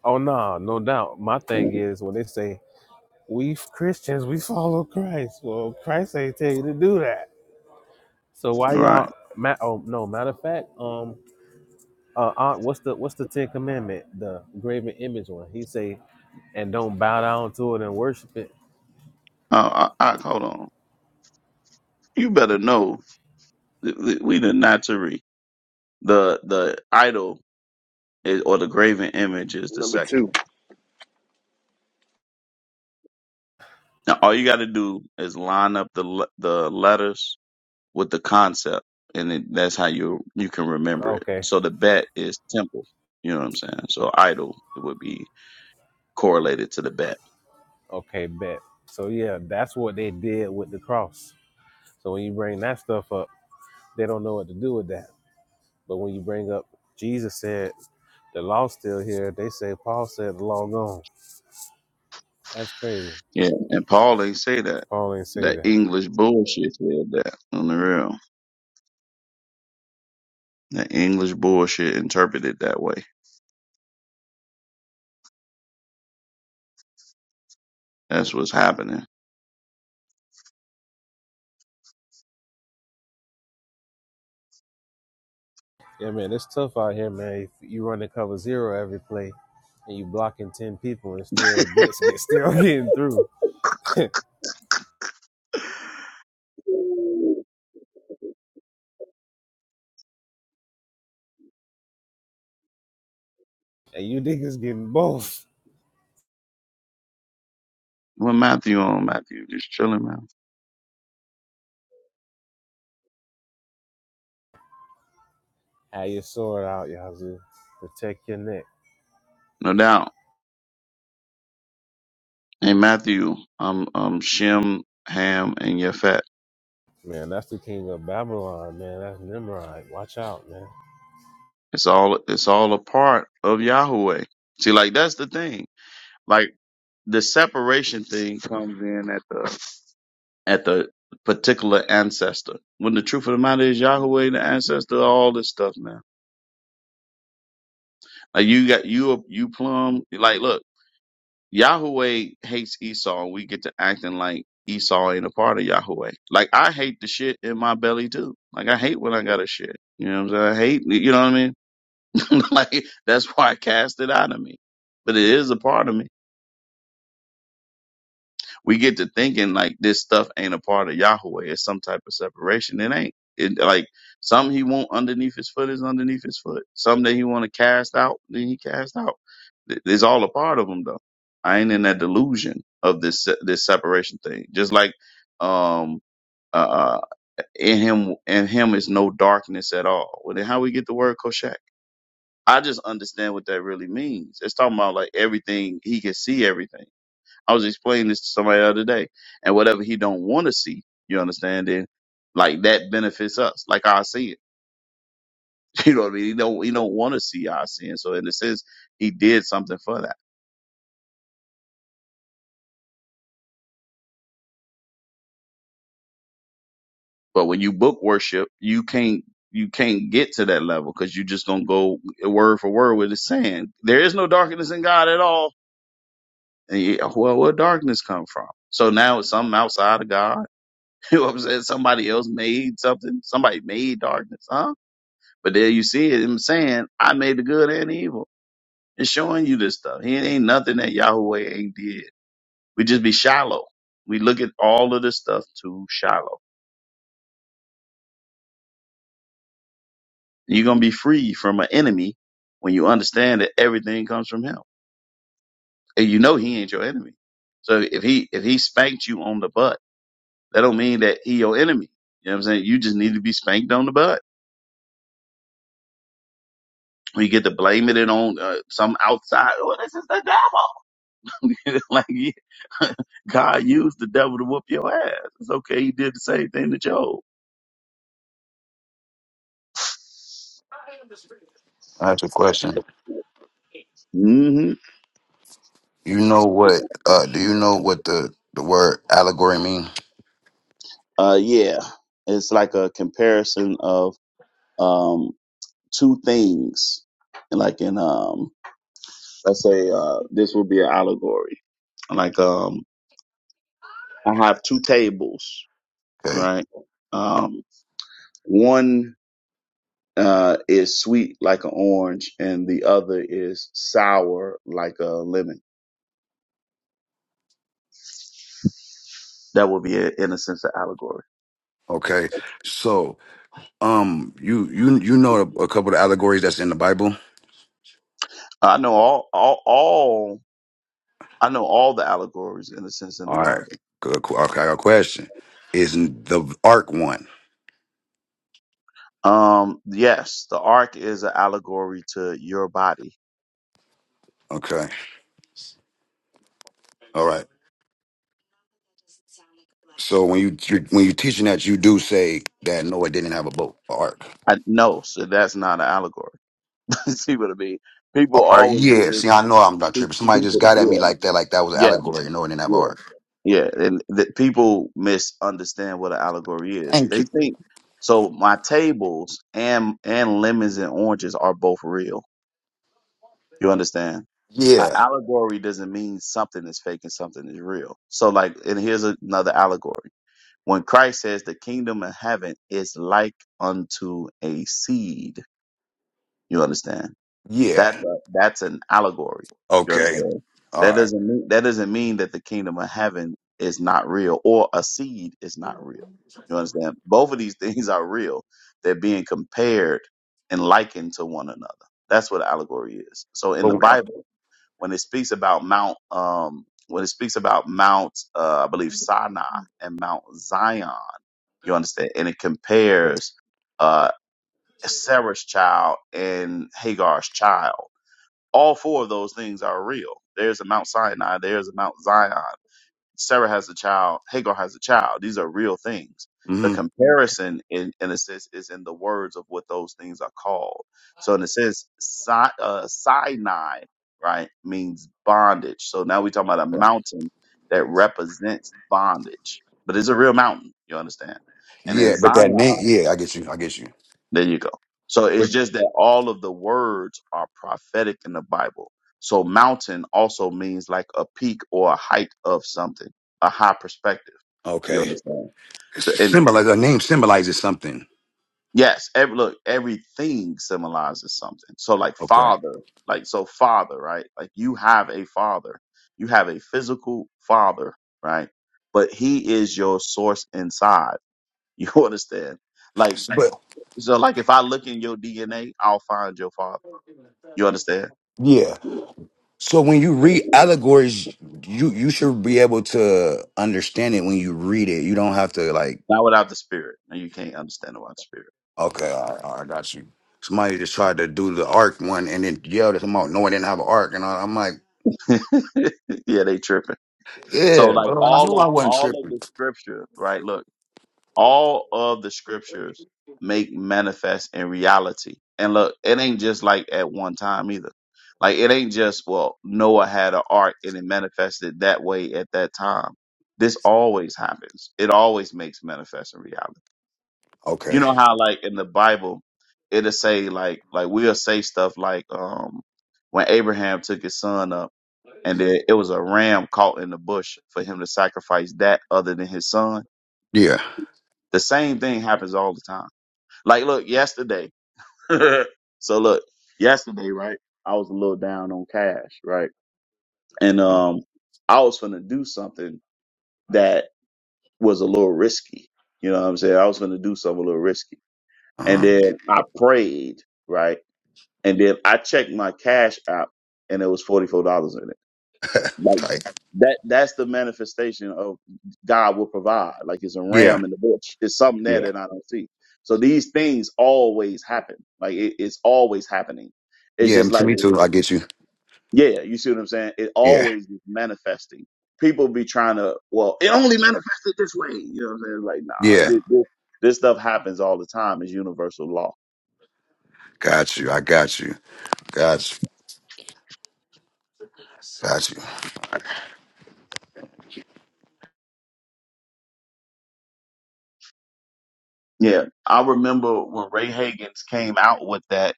B: Oh no, no doubt. My thing is when they say we Christians, we follow Christ. Well, Christ ain't tell you to do that. So why
C: Right.
B: y'all? Ma- oh no, matter of fact, um, uh, aunt, what's the what's the Ten Commandment? The graven image one. He say, and don't bow down to it and worship it.
C: Uh, I, I, hold on. You better know that we we the Nazarene. The the idol is, or the graven image is the
A: Number
C: second
A: 2
C: one. Now all you got to do is line up the le- the letters with the concept, and it, that's how you you can remember it.
B: Okay,
C: So the bet is temple. You know what I'm saying? So idol it would be correlated to the bet.
B: okay, bet. So yeah, that's what they did with the cross. So when you bring that stuff up, they don't know what to do with that. But when you bring up Jesus said the law still here, they say Paul said the law gone. That's crazy.
C: Yeah, and Paul ain't say that.
B: Paul ain't say
C: That
B: that.
C: English bullshit said that on the real. That English bullshit interpreted that way. That's what's happening.
B: Yeah, man, it's tough out here, man. If you running cover zero every play, and you blocking ten people, and still blitz get still getting through, and you niggas getting both.
C: What Matthew on Matthew? Just chilling, man.
B: Have your sword out, Yazoo. Protect your neck,
C: No doubt. Hey Matthew, um, um, Shem, Ham, and Yafet.
B: man. That's the king of Babylon, man. That's Nimrod. Watch out, man.
C: It's all it's all a part of Yahweh. See, like that's the thing. Like the separation thing comes in at the at the particular ancestor. When the truth of the matter is Yahweh the ancestor, of all this stuff, man. Like you got you you plumb like look, Yahweh hates Esau and we get to acting like Esau ain't a part of Yahweh. Like I hate the shit in my belly too. Like I hate when I got a shit. You know what I'm saying? I hate you know what I mean? like that's why I cast it out of me. But it is a part of me. we get to thinking like this stuff ain't a part of Yahweh. It's some type of separation. It ain't. It like something he want underneath his foot is underneath his foot. Something that he want to cast out, then he cast out. Th- It's all a part of him though. I ain't in that delusion of this se- this separation thing. Just like um uh uh, in him in him is no darkness at all. Well then how we get the word koshak? I just understand what that really means. It's talking about like everything he can see everything. I was explaining this to somebody the other day, and whatever he don't want to see, you understand? Then like that benefits us, like our sin. You know what I mean? He don't he don't want to see our sin. So in a sense, he did something for that. But when you book worship, you can't you can't get to that level because you just gonna go word for word with it saying there is no darkness in God at all. And you, well, where darkness come from? So now it's something outside of God. You know what I'm saying? Somebody else made something. Somebody made darkness, huh? But there you see him saying, I made the good and the evil and showing you this stuff. He ain't nothing that Yahweh ain't did. We just be shallow. We look at all of this stuff too shallow. You're going to be free from an enemy when you understand that everything comes from him. And you know he ain't your enemy. So if he, if he spanked you on the butt, that don't mean that he your enemy. You know what I'm saying? You just need to be spanked on the butt. You get to blame it on uh, some outside. Oh, this is the devil. like yeah, God used the devil to whoop your ass. It's okay. He did the same thing to Job.
E: I have a question.
C: hmm
E: You know what? Uh, do you know what the the word allegory mean?
C: Uh, yeah, it's like a comparison of um two things, like in um, let's say uh, this would be an allegory. Like um, I have two tables,
E: Okay.
C: right? Um, one uh is sweet like an orange, and the other is sour like a lemon. That would be, a, in a sense, an allegory.
E: Okay. So, um, you you you know a couple of allegories that's in the Bible.
C: I know all, all, all, I know all the allegories in a sense in the
E: All right.
C: Bible.
E: Good. qu- Okay. I got a question. Is the ark one?
C: Um, yes, the ark is an allegory to your body.
E: Okay. All right. So when you you- when you teaching that, you do say that Noah didn't have a boat, an ark.
C: I no, so that's not an allegory. See what I mean? People
E: Or or-
C: always get
E: yeah. See,
C: this.
E: I know I'm not tripping. Somebody just
C: People,
E: got at me
C: yeah,
E: like that, like that was an
C: yeah,
E: allegory. Noah didn't have an
C: yeah.
E: ark.
C: Yeah, and that people misunderstand what an allegory is.
E: Thank you.
C: They think so. My tables and and lemons and oranges are both real. You understand? An
E: Yeah.
C: allegory doesn't mean something is fake and something is real. So, like, and here's another allegory. When Christ says the kingdom of heaven is like unto a seed, you understand?
E: Yeah.
C: That that's an allegory. You
E: Okay.
C: understand?
E: All
C: That
E: right.
C: doesn't mean that doesn't mean that the kingdom of heaven is not real or a seed is not real. You understand? Both of these things are real. They're being compared and likened to one another. That's what allegory is. So in
E: But
C: the Bible when it speaks about Mount, um, when it speaks about Mount, uh, I believe Sinai and Mount Zion, you understand, and it compares uh, Sarah's child and Hagar's child. All four of those things are real. There's a Mount Sinai. There's a Mount Zion. Sarah has a child, Hagar has a child. These are real things. The
E: hmm
C: comparison, in, in a sense, is in the words of what those things are called. So, in a sense, Si- uh, Sinai, right, means bondage. So now we're talking about a mountain that represents bondage, but it's a real mountain, you understand? And in
E: Yeah, but that name,
C: Zion,
E: yeah, I get you. I get you.
C: there you go. So it's
E: but
C: just that all of the words are prophetic in the Bible. So mountain also means like a peak or a height of something, a high perspective. You
E: Okay.
C: understand? So, and
E: Symbolize a name symbolizes something.
C: yes, every, look, everything symbolizes something. So like
E: okay,
C: father, like so father, right? Like you have a father, you have a physical father, right? But he is your source inside. You understand? Like
E: But
C: so, like if I look in your DNA, I'll find your father You understand?
E: yeah. So when you read allegories, you you should be able to understand it when you read it. You don't have to like
C: Not without the spirit. No, you can't understand without
E: Okay, all right, all right, I got you. Somebody just tried to do the arc one and then yelled at them out, no, I didn't have an arc. And I, I'm like,
C: the spirit. yeah, they tripping. So
E: yeah,
C: like
E: bro, I knew
C: all
E: I
C: of
E: wasn't
C: all of
E: tripping.
C: the scripture, right? Look, all of the scriptures make manifest in reality. And look, it ain't just like at one time either. Like it ain't just well, Noah had an ark and it manifested that way at that time. This always happens. It always makes manifest in reality.
E: Okay.
C: You know how like in the Bible it'll say like like we'll say stuff like um when Abraham took his son up and then it was a ram caught in the bush for him to sacrifice that other than his son.
E: Yeah.
C: The same thing happens all the time. Like look, yesterday. so look, yesterday, right? I was a little down on cash, right? And
E: Uh,
C: um I was gonna do something that was a little risky. You know what I'm saying? I was gonna do something a little risky. And
E: uh,
C: then I prayed, right? And then I checked my cash app and it was $44 in it. Like
E: tight.
C: that, that's the manifestation of God will provide. Like it's a
E: Yeah.
C: ram in the bush. It's something there
E: yeah.
C: that I don't see. So these things always happen. Like it, it's always happening. It's
E: Yeah,
C: just
E: to
C: like,
E: me too. I get you.
C: yeah, you see what I'm saying? It
E: Yeah,
C: always is manifesting. People be trying to, well, it only manifested this way. You know what I'm saying? Like,
E: yeah.
C: nah, it, it, this stuff happens all the time. It's universal law.
E: Got you. I got you. Got you. Got
C: Yeah, I remember when Ray Hagans came out with that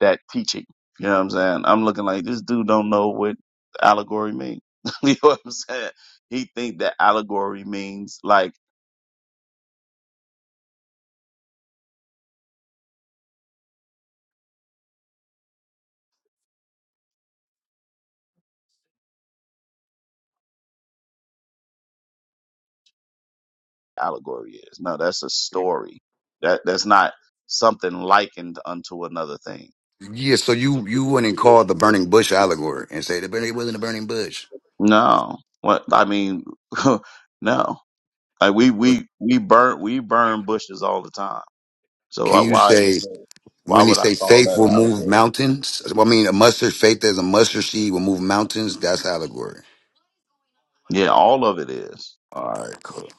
C: that teaching. You know what I'm saying? I'm looking like this dude don't know what allegory means. you know what I'm saying? He think that allegory means like allegory is. No, that's a
E: you.
C: story. That that's not something likened unto another thing.
E: Yeah. So you you wouldn't call the burning bush allegory and say the burning it wasn't a burning bush.
C: No. What I mean, no. Like we
E: But
C: we we burn we burn bushes all the time. So
E: Can
C: why
E: you
C: why in
E: say
C: the, why
E: when they
C: would I
E: say
C: call that
E: faith
C: an
E: will move
C: allegory?
E: mountains? Well, I mean, a mustard faith as a mustard seed will move mountains. That's allegory.
C: Yeah, all of it is.
E: All right. Cool.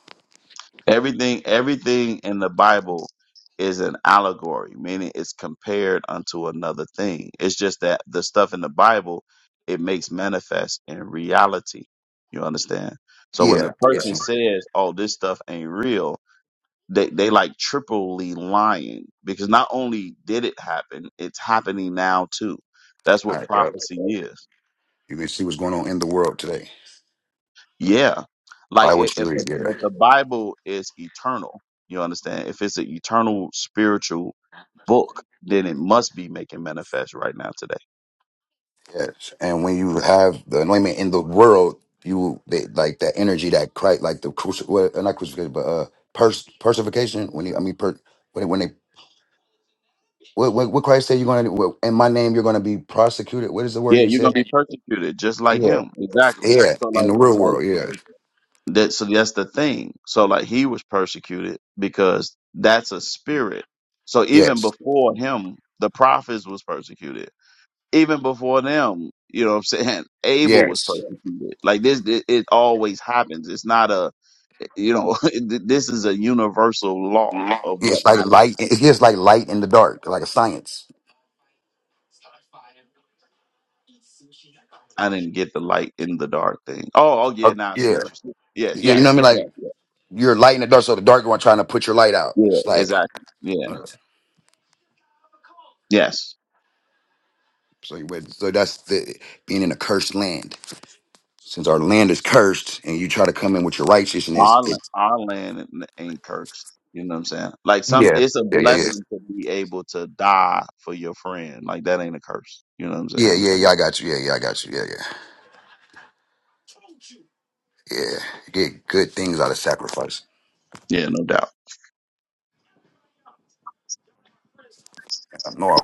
C: Everything everything in the Bible is an allegory, meaning it's compared unto another thing. It's just that the stuff in the Bible it makes manifest in reality. You understand? So when the
E: Yeah.
C: person
E: Listen.
C: says, "Oh, this stuff ain't real," they they like triply lying because not only did it happen, it's happening now too. That's
E: All
C: what
E: right. Yep.
C: prophecy is.
E: You can see what's going on in the world today.
C: Yeah. Like
E: Buy
C: i-
E: what you
C: if
E: read.
C: the if
E: Yeah.
C: the Bible is eternal, you understand? If it's an eternal spiritual book, then it must be making manifest right now today.
E: Yes, and when you have the anointment in the world, you they, like that energy that Christ, like the cruci, well, uh, not crucifixion, but uh, pers- personification. When you, I mean, per, when when they, what, what, what Christ said, you're gonna well, in my name, you're gonna be prosecuted. What is the word
C: Yeah,
E: you
C: you're gonna
E: said?
C: be persecuted just like
E: Yeah,
C: him. Exactly.
E: yeah,
C: So
E: in the
C: like
E: real
C: like
E: world, yeah,
C: that so that's the thing. So like he was persecuted because that's a spirit. So even
E: yes,
C: before him, the prophets was persecuted. Even before them, you know what I'm saying? Abel was
E: yes.
C: persecuted. Like this it, it always happens. It's not a You know, th- this is a universal law of what
E: It's like
C: happened.
E: light. It's just like light in the dark, like a science.
C: I didn't get the light in the dark thing. Oh, oh yeah,
E: Uh,
C: now I see
E: yeah,
C: what you're saying. Yes,
E: yeah. You know
C: yes,
E: what I mean? Like
C: yes, yes.
E: you're light in the dark, so the dark one trying to put your light out.
C: yeah,
E: It's like.
C: exactly. Yeah,
E: uh,
C: yes.
E: So you went, so that's the being in a cursed land. Since our land is cursed, and you try to come in with your righteousness,
C: Our, la-
E: it
C: our land ain't cursed. You know what I'm saying? Like some,
E: yeah
C: it's a
E: yeah yeah
C: blessing to be able to die for your friend. Like that ain't a curse. You know what I'm
E: yeah yeah
C: saying?
E: yeah yeah. I got you. Yeah yeah I got you. Yeah yeah yeah. You get good things out of sacrifice.
C: Yeah, no doubt.
E: No,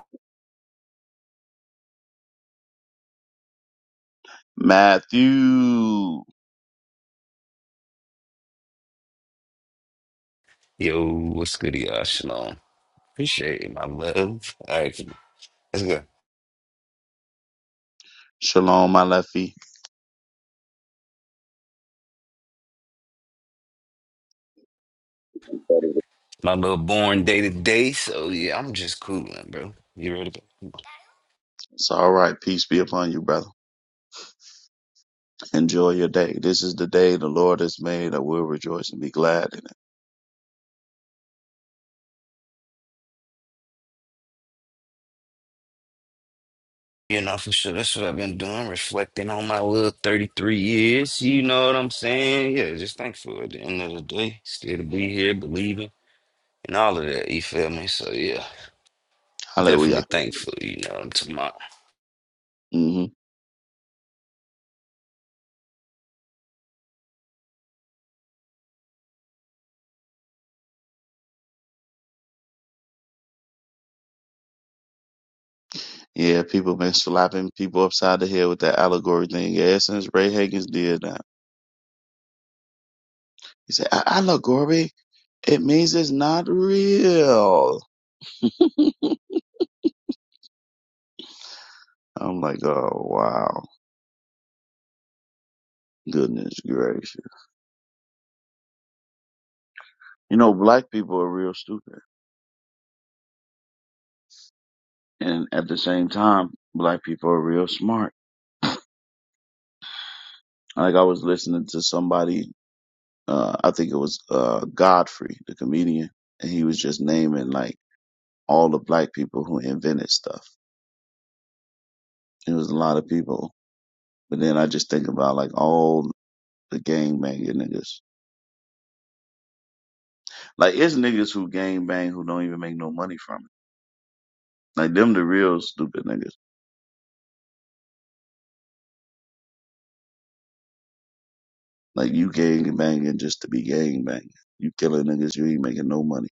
C: Matthew,
F: Yo, what's good, y'all? Shalom. Appreciate it, my love. All right, let's go.
C: shalom, my lefty.
F: My little born day to day, so yeah, I'm just cooling, bro. You ready?
C: It's all right. Peace be upon you, brother. Enjoy your day. This is the day the Lord has made. I will rejoice and be glad in it.
F: You know, for sure, that's what I've been doing, reflecting on my little 33 years. You know what I'm saying? Yeah, just thankful at the end of the day. Still to be here, believing, and all of that, you feel me? So yeah,
C: Hallelujah.
F: definitely thankful, you know, to my.
C: hmm Yeah, people been slapping people upside the head with that allegory thing. Yeah, since Ray Higgins did that. He said, "A- allegory? It means it's not real. I'm like, oh, wow. Goodness gracious. You know, black people are real stupid. And at the same time, black people are real smart. Like I was listening to somebody uh, I think it was uh, Godfrey, the comedian, and he was just naming like all the black people who invented stuff. It was a lot of people, but then I just think about like all the gang banging niggas. Like it's niggas who gang bang who don't even make no money from it. Like them the real stupid niggas. Like you gang banging just to be gang banging. You killing niggas, you ain't making no money.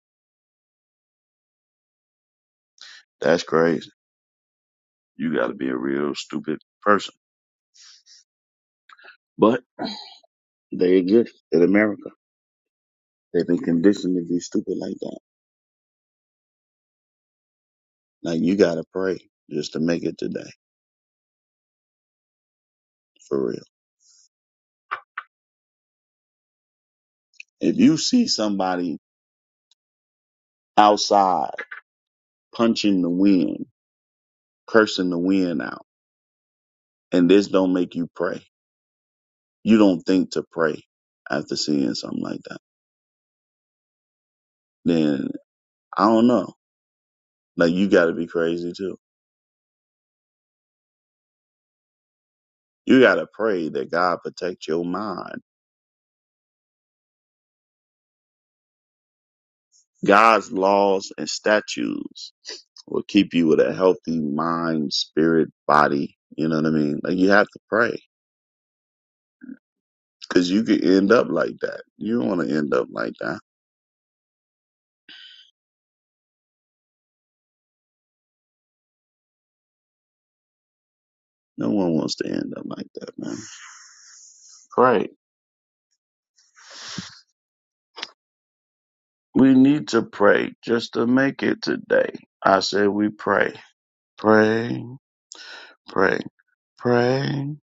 C: That's crazy. You got to be a real stupid person. But they exist in America. They've been conditioned to be stupid like that. Like you gotta pray just to make it today, for real. If you see somebody outside punching the wind, cursing the wind out, and this don't make you pray, you don't think to pray after seeing something like that, then I don't know. Like you gotta be crazy too. You gotta pray that God protect your mind. God's laws and statutes will keep you with a healthy mind, spirit, body. You know what I mean? Like you have to pray Cause you could end up like that. You don't want to end up like that. No one wants to end up like that, man. Pray. We need to pray just to make it today. I said we pray. Pray, pray, pray.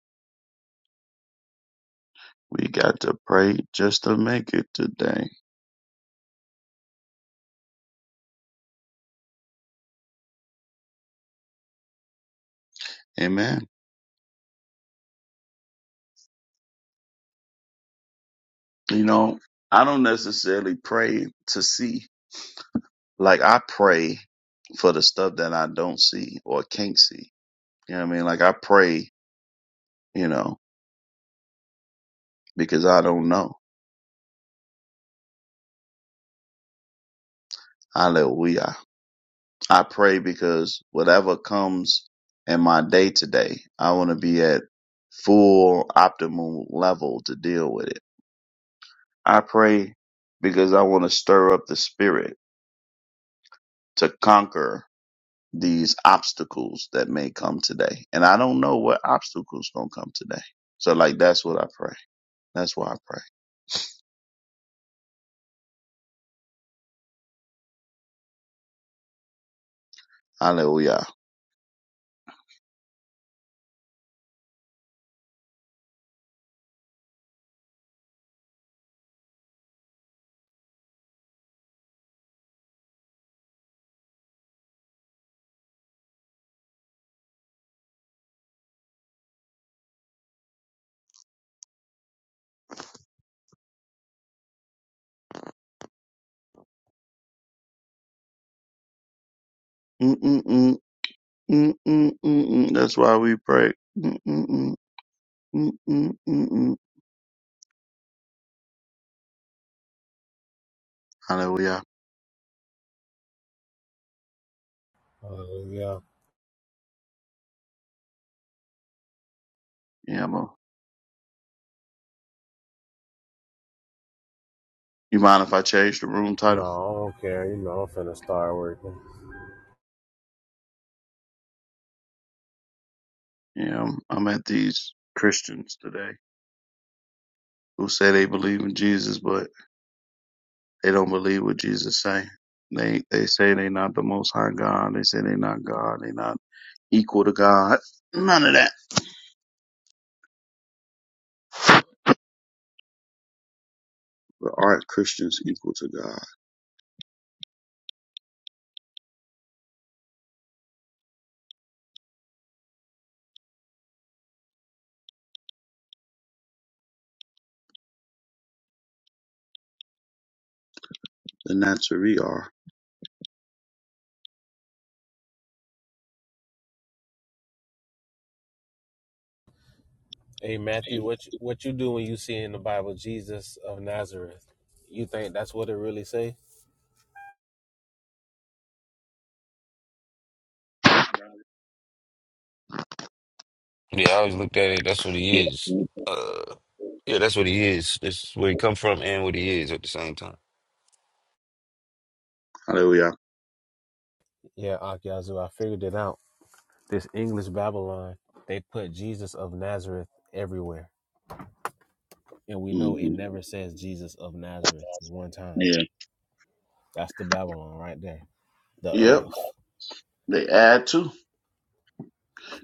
C: We got to pray just to make it today. Amen. You know, I don't necessarily pray to see. Like I pray for the stuff that I don't see or can't see. You know what I mean? Like I pray, you know, because I don't know. Hallelujah. I pray because whatever comes in my day to day, I want to be at full optimal level to deal with it. I pray because I want to stir up the spirit to conquer these obstacles that may come today. And I don't know what obstacles going to come today. So like, that's what I pray. That's why I pray. Hallelujah. Mm-mm-mm. Mm-mm-mm-mm. That's why we pray. Mm-mm-mm. Mm-mm-mm-mm. Hallelujah.
B: Oh yeah.
C: Yeah, man. You mind if I change the room
B: No,
C: title?
B: I don't care. You know, I'm finna start working.
C: Yeah, I'm, I'm at these Christians today who say they believe in Jesus, but they don't believe what Jesus say. They they say they not the Most High God. They say they not God. They not equal to God. None of that. But aren't Christians equal to God? And that's who we are.
B: Hey, Matthew, what you, what you do when you see in the Bible Jesus of Nazareth? You think that's what it really say?
F: Yeah, I always looked at it, that's what
C: Yeah.
F: he is. Uh, yeah, that's what he is. That's where he come from and what he is at the same time.
C: Hallelujah.
B: Yeah, Ak Yazoo, I figured it out. This English Babylon, they put Jesus of Nazareth everywhere. And we know it
C: hmm
B: never says Jesus of Nazareth one time.
C: Yeah.
B: That's the Babylon right there. The
C: Yep.
B: of.
C: They add to.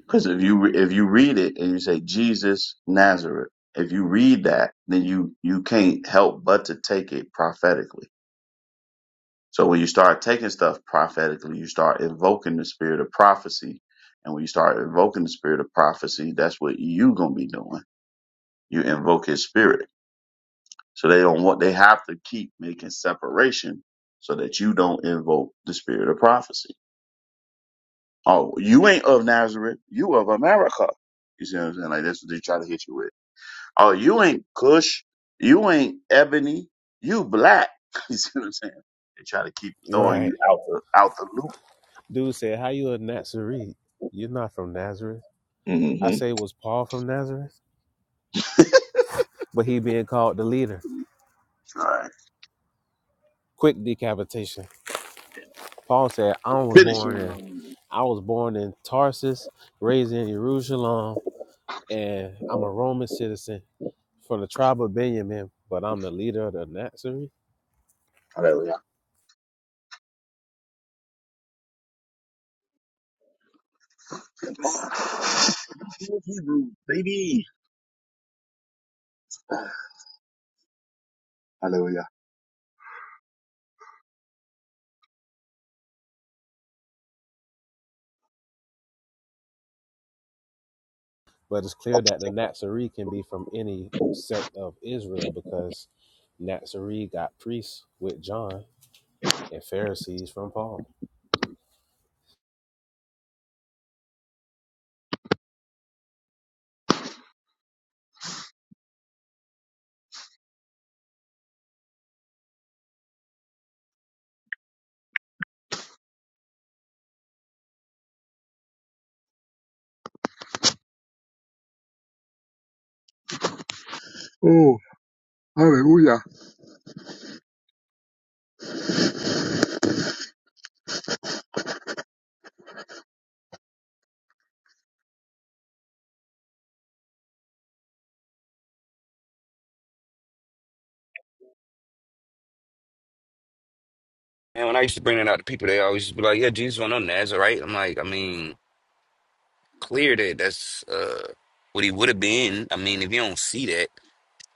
C: Because if you re- if you read it and you say Jesus Nazareth, if you read that, then you you can't help but to take it prophetically. So when you start taking stuff prophetically, you start invoking the spirit of prophecy, and when you start invoking the spirit of prophecy, that's what you gonna be doing. You invoke His spirit. So they don't want they have to keep making separation so that you don't invoke the spirit of prophecy. Oh, you ain't of Nazareth, you of America. You see what I'm saying? Like that's what they try to hit you with. Oh, you ain't Kush. You ain't Ebony. You black. you see what I'm saying? They try to keep throwing you
B: Right.
C: out the out the loop.
B: Dude said, How you a Nazarene? You're not from Nazareth. I
C: Mm-hmm.
B: say, Was Paul from Nazareth? But he being called the leader.
C: All right.
B: Quick decapitation. Paul said, I was born
C: Finishing.
B: in
C: Um,
B: I was born in Tarsus, raised in Jerusalem, and I'm a Roman citizen. for the tribe of Benjamin, but I'm the leader of the Nazarene.
C: hallelujah. Hebrew, baby. Hallelujah.
B: But it's clear that the Nazarene can be from any sect of Israel because Nazarene got priests with John and Pharisees from Paul.
C: Oh, hallelujah.
F: And when I used to bring it out to people, they always be like, "Yeah, Jesus was no Nazarite." I'm like, I mean, clear that that's uh, what he would have been. I mean, if you don't see that,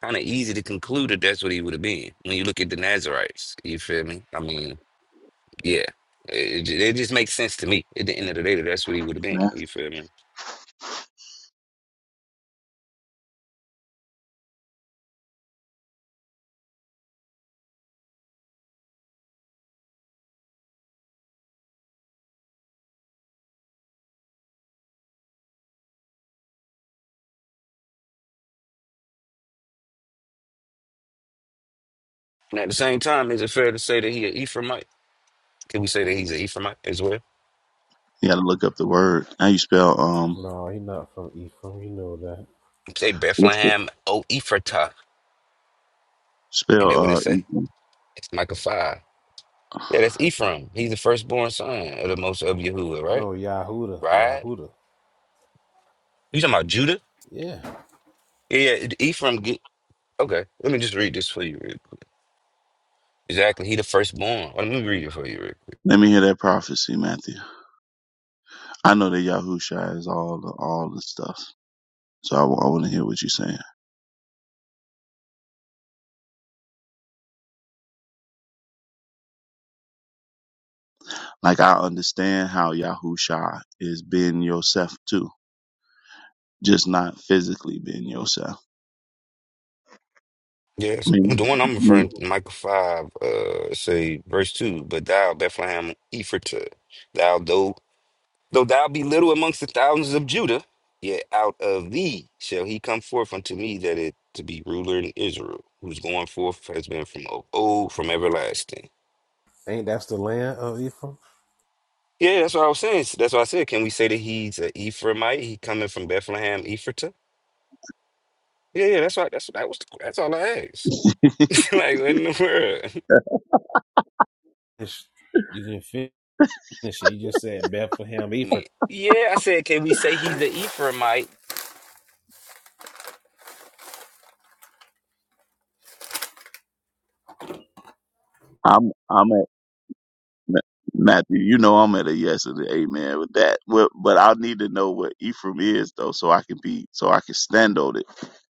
F: kind of easy to conclude that that's what he would have been when you look at the Nazarites. You feel me? I mean, yeah, it, it it just makes sense to me. At the end of the day, that that's what he would have been.
C: Man,
F: You feel me? And at the same time, is it fair to say that he an Ephraimite? Can we say that he's an Ephraimite as well?
C: you gotta look up the word. How you spell um?
B: No, he not from Ephraim. You know that.
F: Say
C: Let's go.
F: Bethlehem, O Ephratah, and that what
C: Spell
F: it
C: uh.
F: say?
C: Ethan.
F: It's Micah five. Yeah, that's Ephraim. He's the firstborn son of the most of Yahuwah, right?
B: No, Yahuda,
F: Right?
B: Yahuda.
F: You talking about Judah?
B: Yeah,
F: Yeah, yeah. Ephraim. Get, okay, let me just read this for you. Real quick. Exactly. He the firstborn. Let me read it for you. Real quick.
C: Let me hear that prophecy, Matthew. I know that Yahusha is all the all the stuff. So I, want to hear what you're saying. Like I understand how Yahusha is being yourself too, just not physically being yourself. I
F: Yes, the
C: mean,
F: one I'm referring to, Micah 5, uh, say verse 2, but thou, Bethlehem Ephratah, thou, though, though thou be little amongst the thousands of Judah, yet out of thee shall he come forth unto me that it to be ruler in Israel, whose going forth has been from of old, from everlasting.
B: ain't that's the land of Ephraim?
F: Yeah, that's what I was saying. That's what I said. Can we say that he's an Ephraimite? He coming from Bethlehem, Ephrata? Yeah, yeah. That's right. That's That was. That's all I asked. like what in the world?
B: It's- you didn't finish it. You just said Bethlehem Ephraim.
F: Man. Yeah, I said. Can we say he's an Ephraimite?
C: I'm I'm at Ma- Matthew. You know I'm at a yes and an amen with that. Well, but I need to know what Ephraim is though, so I can be so I can stand on it.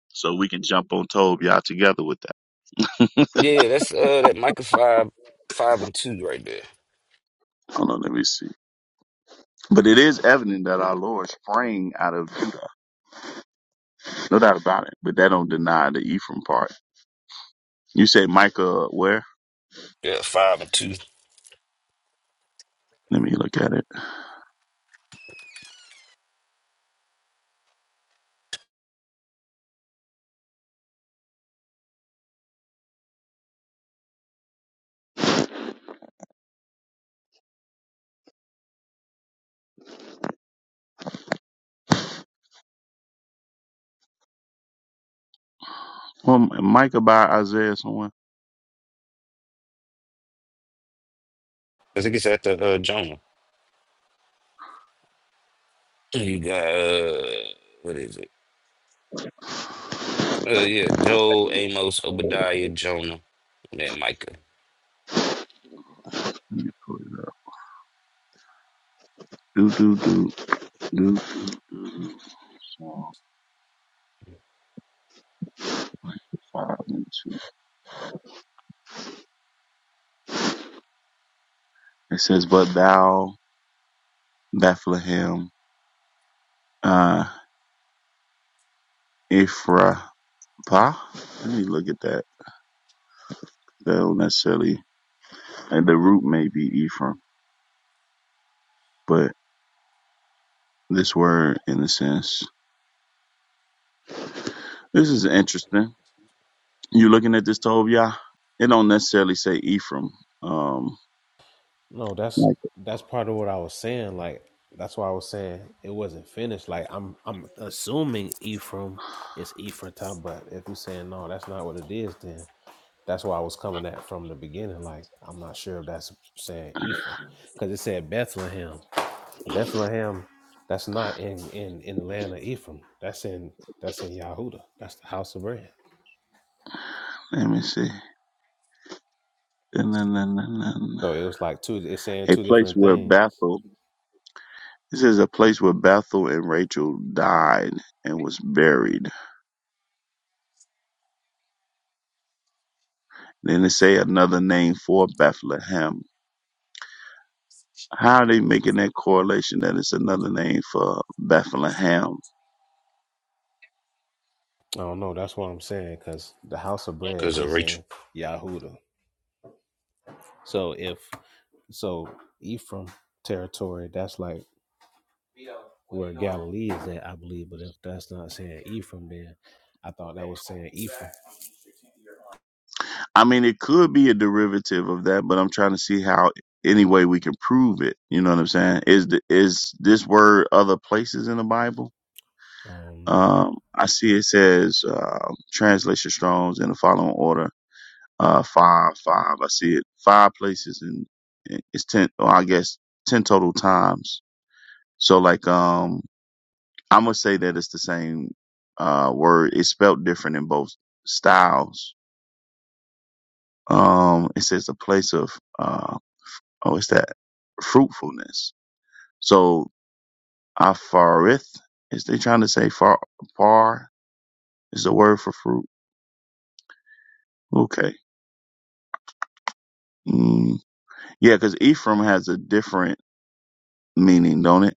C: So we can jump on Tob y'all together with that.
F: Yeah, yeah, that's uh that Micah five five and two right there.
C: Hold on, let me see. But it is evident that our Lord sprang out of Judah, no doubt about it. But that don't deny the Ephraim part. You say Micah where?
F: Yeah, five and two.
C: Let me look at it. Well, Micah by Isaiah somewhere.
F: I think it's at the uh, Jonah. You got uh what is it? Uh yeah, Joel, Amos, Obadiah, Jonah, and then Micah.
C: Let me pull it up. Do do do do do do. Psalm five and two. It says, "But thou Bethlehem, uh, Ephrathah." Let me look at that. That don't necessarily, and the root may be Ephraim, but this word, in a sense, this is interesting. You looking at this Tobiah? It don't necessarily say Ephraim. Um,
B: No, that's that's part of what I was saying. Like that's why I was saying it wasn't finished. Like I'm I'm assuming Ephraim is Ephratah, but if you're saying no, that's not what it is, then that's why I was coming at from the beginning. Like I'm not sure if that's saying Ephraim because it said Bethlehem. Bethlehem, that's not in in in the land of Ephraim. That's in that's in Yehuda. That's the house of bread.
C: Let me see. Na, na, na, na, na, na.
B: So it was like two. It's saying
C: A
B: two
C: place
B: different
C: where
B: things.
C: Bethel. This is a place where Bethel and Rachel died and was buried. Then they say another name for Bethlehem. How are they making that correlation that it's another name for Bethlehem?
B: I don't know. That's what I'm saying because the house of bread
F: Because of
B: is
F: Rachel.
B: in Yahuda. So if so, Ephraim territory. That's like where Galilee is at, I believe. But if that's not saying Ephraim, then I thought that was saying Ephraim.
C: I mean, it could be a derivative of that, but I'm trying to see how any way we can prove it. You know what I'm saying? Is the, is this word other places in the Bible?
B: I don't know.
C: Um, I see it says uh, translation Strong's in the following order. Uh, five, five. I see it five places and it's ten. Or I guess ten total times. So like, um, I'm gonna say that it's the same uh word. It's spelled different in both styles. Um, it says a place of uh oh, it's that fruitfulness. So afarith is they trying to say far far is the word for fruit. Okay. Mm. Yeah, because Ephraim has a different meaning, don't it?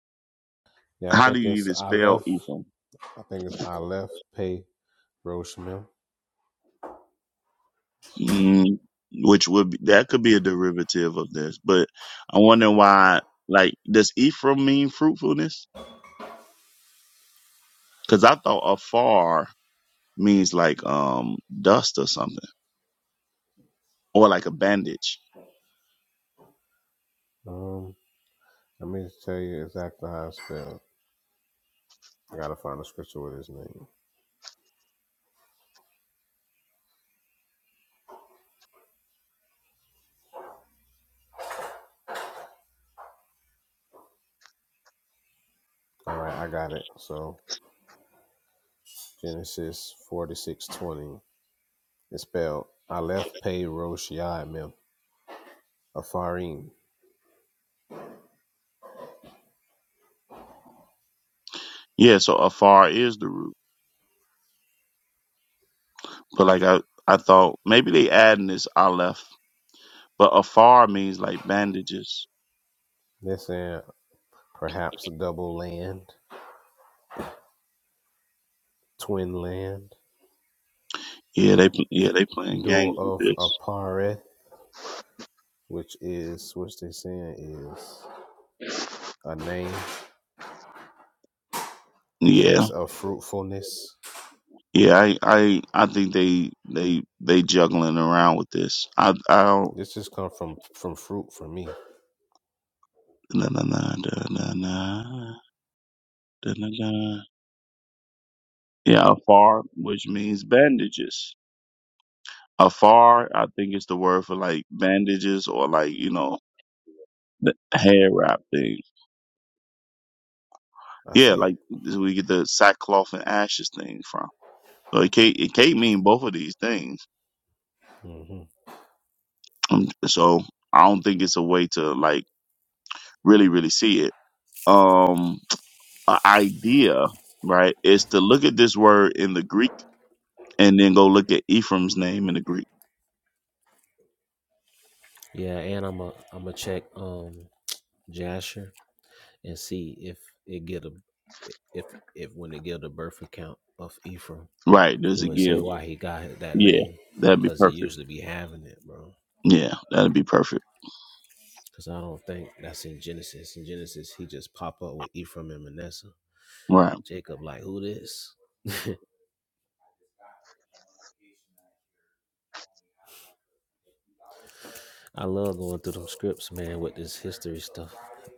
B: Yeah, I
C: How do
B: think
C: you
B: it's
C: even
B: I
C: spell
B: left.
C: Ephraim?
B: I think it's I left pay Roshmil.
C: Mm, which would be, that could be a derivative of this, but I wonder why. Like, does Ephraim mean fruitfulness? Because I thought afar means like um dust or something, or like a bandage.
B: Um, let me tell you exactly how it's spelled. I gotta find a scripture with his name. All right, I got it. So Genesis forty six twenty. It's spelled Aleph Pei Rosh Yai Mem Afarim.
C: Yeah, so afar is the root, but like I I thought maybe they adding this aleph, but afar means like bandages.
B: This and perhaps double land, twin land,
C: Yeah, they pl- yeah they playing
B: dual
C: games with
B: of
C: this.
B: Apareth, which is which they saying is a name,
C: Yeah,
B: place of fruitfulness.
C: yeah, I I I think they they they juggling around with this. I I don't
B: This just come from from fruit for me.
C: Na, na, na, da, na, na, da, na, na. Yeah, afar, which means bandages. Afar, I think it's the word for like bandages or like, you know, the hair wrap thing.
B: I
C: Yeah,
B: see
C: like
B: it.
C: this is where we get the sackcloth and ashes thing from. So it can't, it can't mean both of these things.
B: hmm
C: Um, So I don't think it's a way to like really, really see it. Um, a idea, right, is to look at this word in the Greek and then go look at Ephraim's name in the Greek
B: Yeah, and I'm a I'm a check um Jasher. and see if it get a if if when it get the birth account of Ephraim.
C: Right, there's a
B: Do it say
C: give.
B: why he got that
C: Yeah,
B: name?
C: that'd be
B: Cause he
C: perfect.
B: usually be having it, bro.
C: Yeah, that'd be perfect.
B: Cause I don't think that's in Genesis. In Genesis, he just pop up with Ephraim and Manasseh.
C: Right,
B: And Jacob like, who this? I love going through them scripts, man, with this history stuff.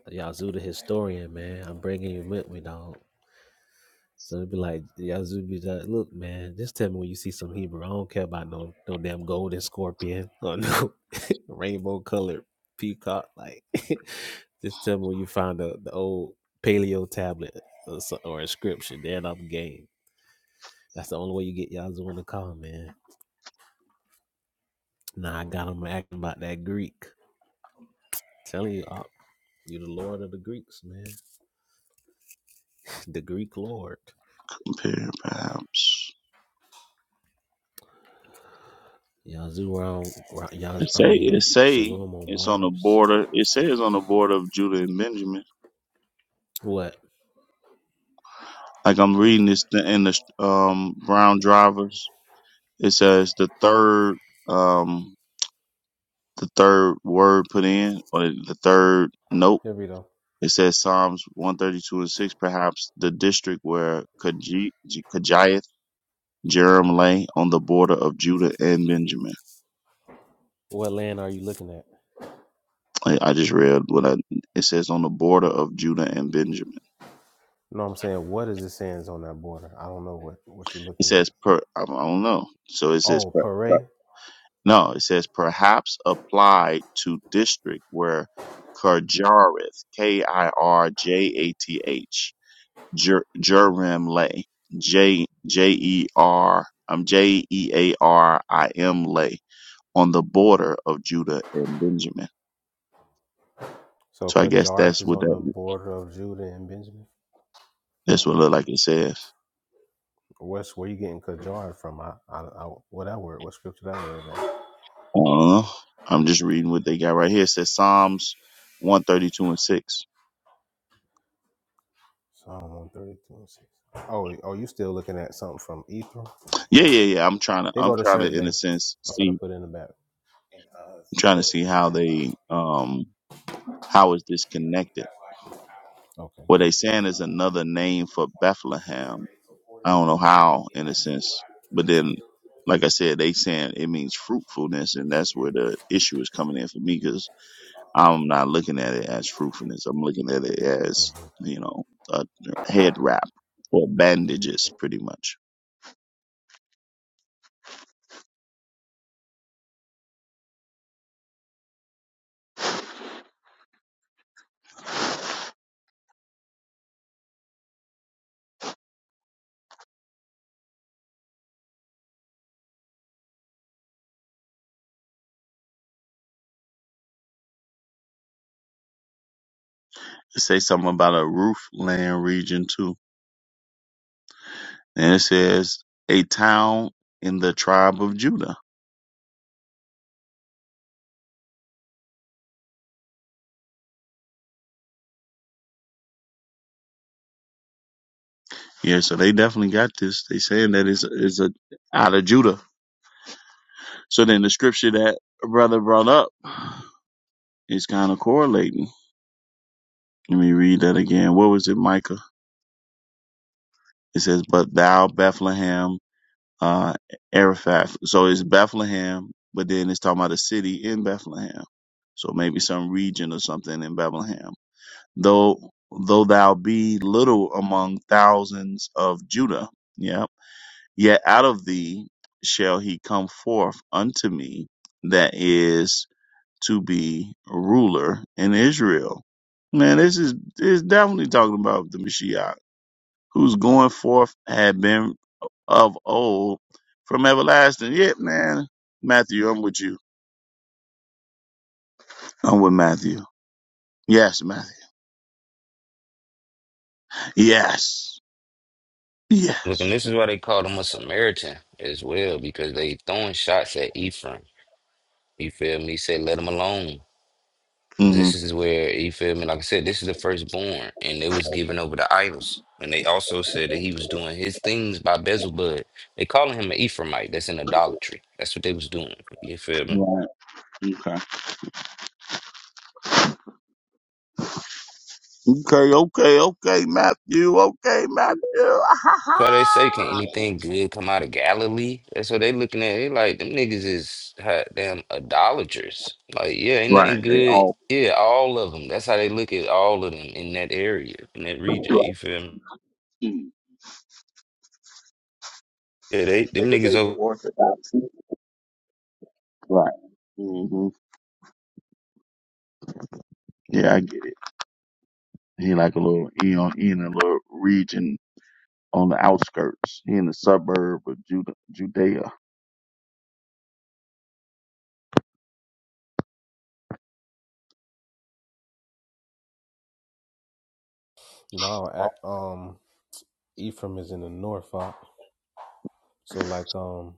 B: Yazoo the historian, man. I'm bringing you with me, dog. So it'd be like, Yazoo be like, look, man, just tell me when you see some Hebrew. I don't care about no no damn golden scorpion or no rainbow colored peacock. Like, just tell me when you find the, the old paleo tablet or, so- or inscription. Then I'm game. That's the only way you get Yazoo in the car, man. Nah, I got him acting about that Greek. I'm Telling you, uh, you the Lord of the Greeks, man. The Greek Lord.
C: Imperial perhaps.
B: Yazoo around, around Yazoo,
C: It
B: I
C: say it
B: mean,
C: say
B: Shalom on
C: it's on the
B: Mars.
C: border. It says on the border of Judah and Benjamin.
B: What?
C: Like I'm reading this th- in the um Brown Drivers. It says the third um the third word put in or the third note.
B: Here we go.
C: It says Psalms 132 and 6, perhaps the district where Kaji- Kajiath, Jerem lay on the border of Judah and Benjamin.
B: What land are you looking at?
C: I I just read what I, it says on the border of Judah and Benjamin.
B: No, I'm saying what is it saying on that border? I don't know what what you're
C: It
B: looking at.
C: says per I don't know. So it says
B: Oh,
C: per, per-
B: Pere.
C: no. It says perhaps applied to district where Kirjareth K I R J A T H Jer- Jerim lay J J E R um J E A R I M lay on the border of Judah and Benjamin.
B: So
C: So I guess
B: Kajarth
C: that's
B: is
C: what
B: on
C: that
B: the border of Judah and Benjamin.
C: that's what it look like it says.
B: What's where you getting Kajarth from? I, I, I what that word? What scripture that word? At?
C: I don't know. I'm just reading what they got right here. It says Psalms one thirty two and six.
B: Psalm one thirty two and six. Oh, oh, you still looking at something from Ephraim?
C: Yeah, yeah, yeah. I'm trying to
B: Here
C: I'm
B: go the
C: trying to
B: shirt,
C: in a
B: babe.
C: sense
B: I'm gonna
C: see
B: put it in the back.
C: I'm trying to see how they um how is this connected.
B: Okay.
C: What they saying is another name for Bethlehem. I don't know how in a sense. But then like I said, they saying it means fruitfulness and that's where the issue is coming in for me 'cause I'm not looking at it as fruitfulness. I'm looking at it as,
B: Mhm.
C: you know, a head wrap or bandages, pretty much. It says something about a roofland region too. And it says a town in the tribe of Judah. Yeah, so they definitely got this. They saying that it's, it's a, out of Judah. So then the scripture that brother brought up is kind of correlating. Let me read that again. What was it, Micah? It says, But thou, Bethlehem, uh, Araphath. So it's Bethlehem, but then it's talking about a city in Bethlehem. So maybe some region or something in Bethlehem. Though, though thou be little among thousands of Judah, yeah, yet out of thee shall he come forth unto me that is to be ruler in Israel. Man, this is, this is definitely talking about the Mashiach whose going forth had been of old from everlasting. Yeah, man. Matthew, I'm with you. I'm with Matthew. Yes, Matthew. Yes.
F: Look, and
C: Yes.
F: this is why they called him a Samaritan as well, because they throwing shots at Ephraim. You feel me? Say, let him alone.
C: hmm
F: This is where, you feel me? Like I said, this is the firstborn, and they was giving over to idols. And they also said that he was doing his things by Bezalbud. They calling him an Ephraimite. That's in idolatry. That's what they was doing. You feel me?
C: Right. Okay. Okay, okay, okay, Matthew. Okay, Matthew.
F: So they say, can anything good come out of Galilee? That's what they looking at. They like them niggas is hot damn idolaters. Like, yeah, ain't
C: right.
F: nothing
C: They
F: good.
C: all.
F: Yeah, all of them. That's how they look at all of them in that area, in that
C: Right.
F: region. You feel me?
C: Mm.
F: Yeah, they
C: You
F: them
C: Niggas
F: niggas
C: ain't no
F: over.
C: orthodox. Right. hmm Yeah, I get it. He like a little, he, on, he in a little region on the outskirts. He in the suburb of Judah, Judea.
B: No, ac- um, Ephraim is in the north. Op. So like um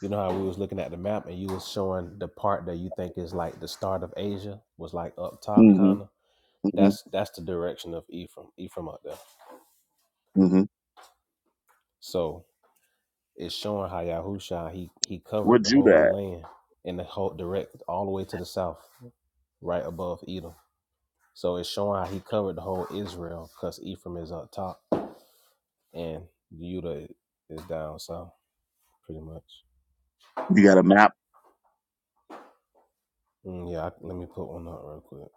B: You know how we was looking at the map and you was showing the part that you think is like the start of Asia was like up top
C: hmm
B: kind of. That's that's the direction of Ephraim, Ephraim up there.
C: hmm
B: So it's showing how Yahusha he he covered
C: What
B: the
C: Judah
B: whole
C: at?
B: land and the whole direct all the way to the south, right above Edom. So it's showing how he covered the whole Israel because Ephraim is up top and Judah is down south, pretty much.
C: You got a map.
B: Mm, yeah, I, let me put one up real quick.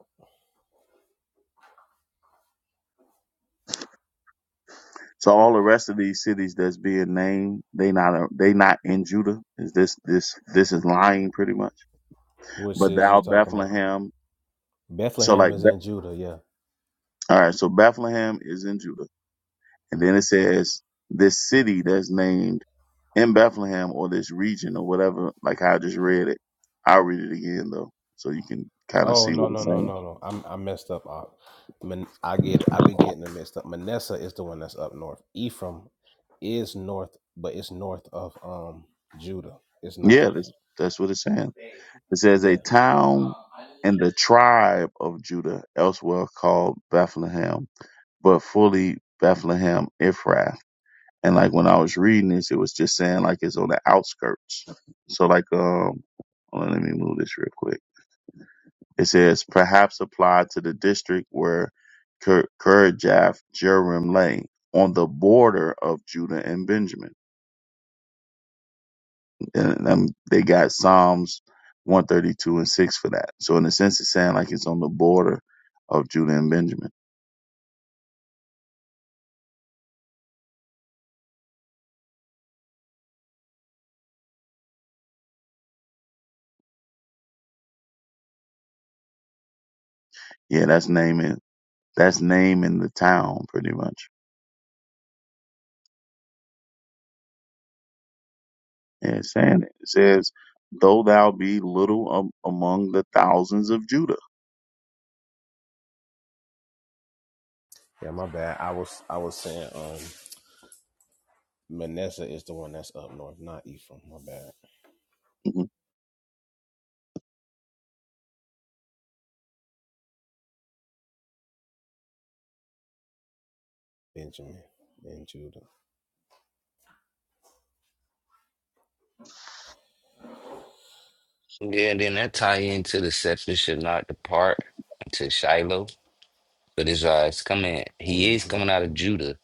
C: So all the rest of these cities that's being named, they not uh, they not in Judah. Is this this this is lying pretty much?
B: Which
C: But
B: cities you
C: thou
B: talking about?
C: Bethlehem. So
B: Bethlehem
C: like
B: is
C: Be-
B: in Judah, yeah.
C: all right. So Bethlehem is in Judah, and then
B: hmm
C: it says this city that's named in Bethlehem or this region or whatever. Like how I just read it. I'll read it again though, so you can kind of
B: Oh
C: see
B: no
C: what
B: no
C: it's
B: no
C: saying.
B: no no! I'm I messed up. I, Man, I get I be getting it mixed up. Manasseh is the one that's up north. Ephraim is north, but it's north of um Judah. It's not.
C: Yeah, that's that's what it's saying. It says a
B: Yeah.
C: town in the tribe of Judah, elsewhere called Bethlehem, but fully Bethlehem Ephrath. And like when I was reading this, it was just saying like it's on the outskirts. So like um hold on, let me move this real quick. It says perhaps applied to the district where Kerjath Jearim lay on the border of Judah and Benjamin. And um, they got Psalms 132 and 6 for that. So in a sense, it's saying like it's on the border of Judah and Benjamin. Yeah, that's naming, that's naming the town pretty much. Yeah, it's saying it. It says, though thou be little am- among the thousands of Judah.
B: Yeah, my bad. I was I was saying um Manasseh is the one that's up north, not Ephraim. My bad.
C: Mhm.
B: Benjamin and Judah.
F: Yeah, and then that tie into the scepter should not depart to Shiloh. But Israel is coming. He is
B: Mm-hmm.
F: coming out of Judah,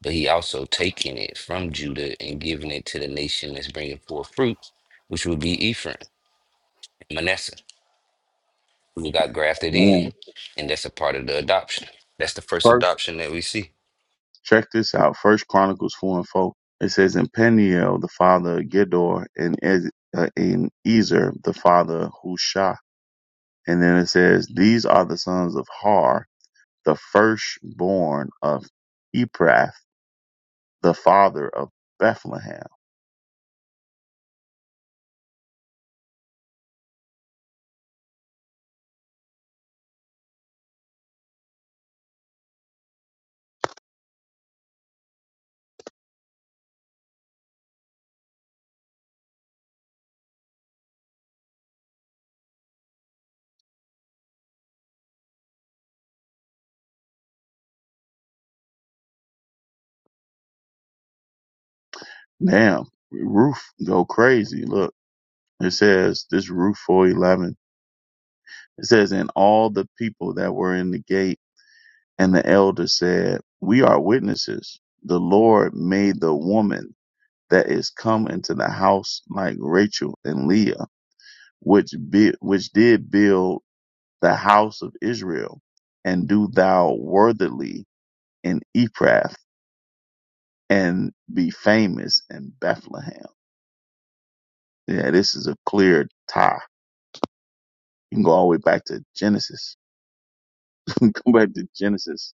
F: but he also taking it from Judah and giving it to the nation that's bringing forth fruit, which would be Ephraim, and Manasseh. We got grafted in,
C: Yeah.
F: and that's a part of the adoption. That's the first adoption that we see.
C: Check this out. First Chronicles four and four. It says, "And Peniel the father of Gedor, and Ez- uh, and Ezer the father of Hushah." And then it says, "These are the sons of Har, the firstborn of Ephrath, the father of Bethlehem." Damn, Ruth go crazy. Look, it says this Ruth four eleven. It says, "And all the people that were in the gate and the elders said, We are witnesses." the Lord made the woman that is come into the house like Rachel and Leah, which be, which did build the house of Israel, and do thou worthily in Ephrath, and be famous in Bethlehem. Yeah, this is a clear tie. You can go all the way back to Genesis. go back to Genesis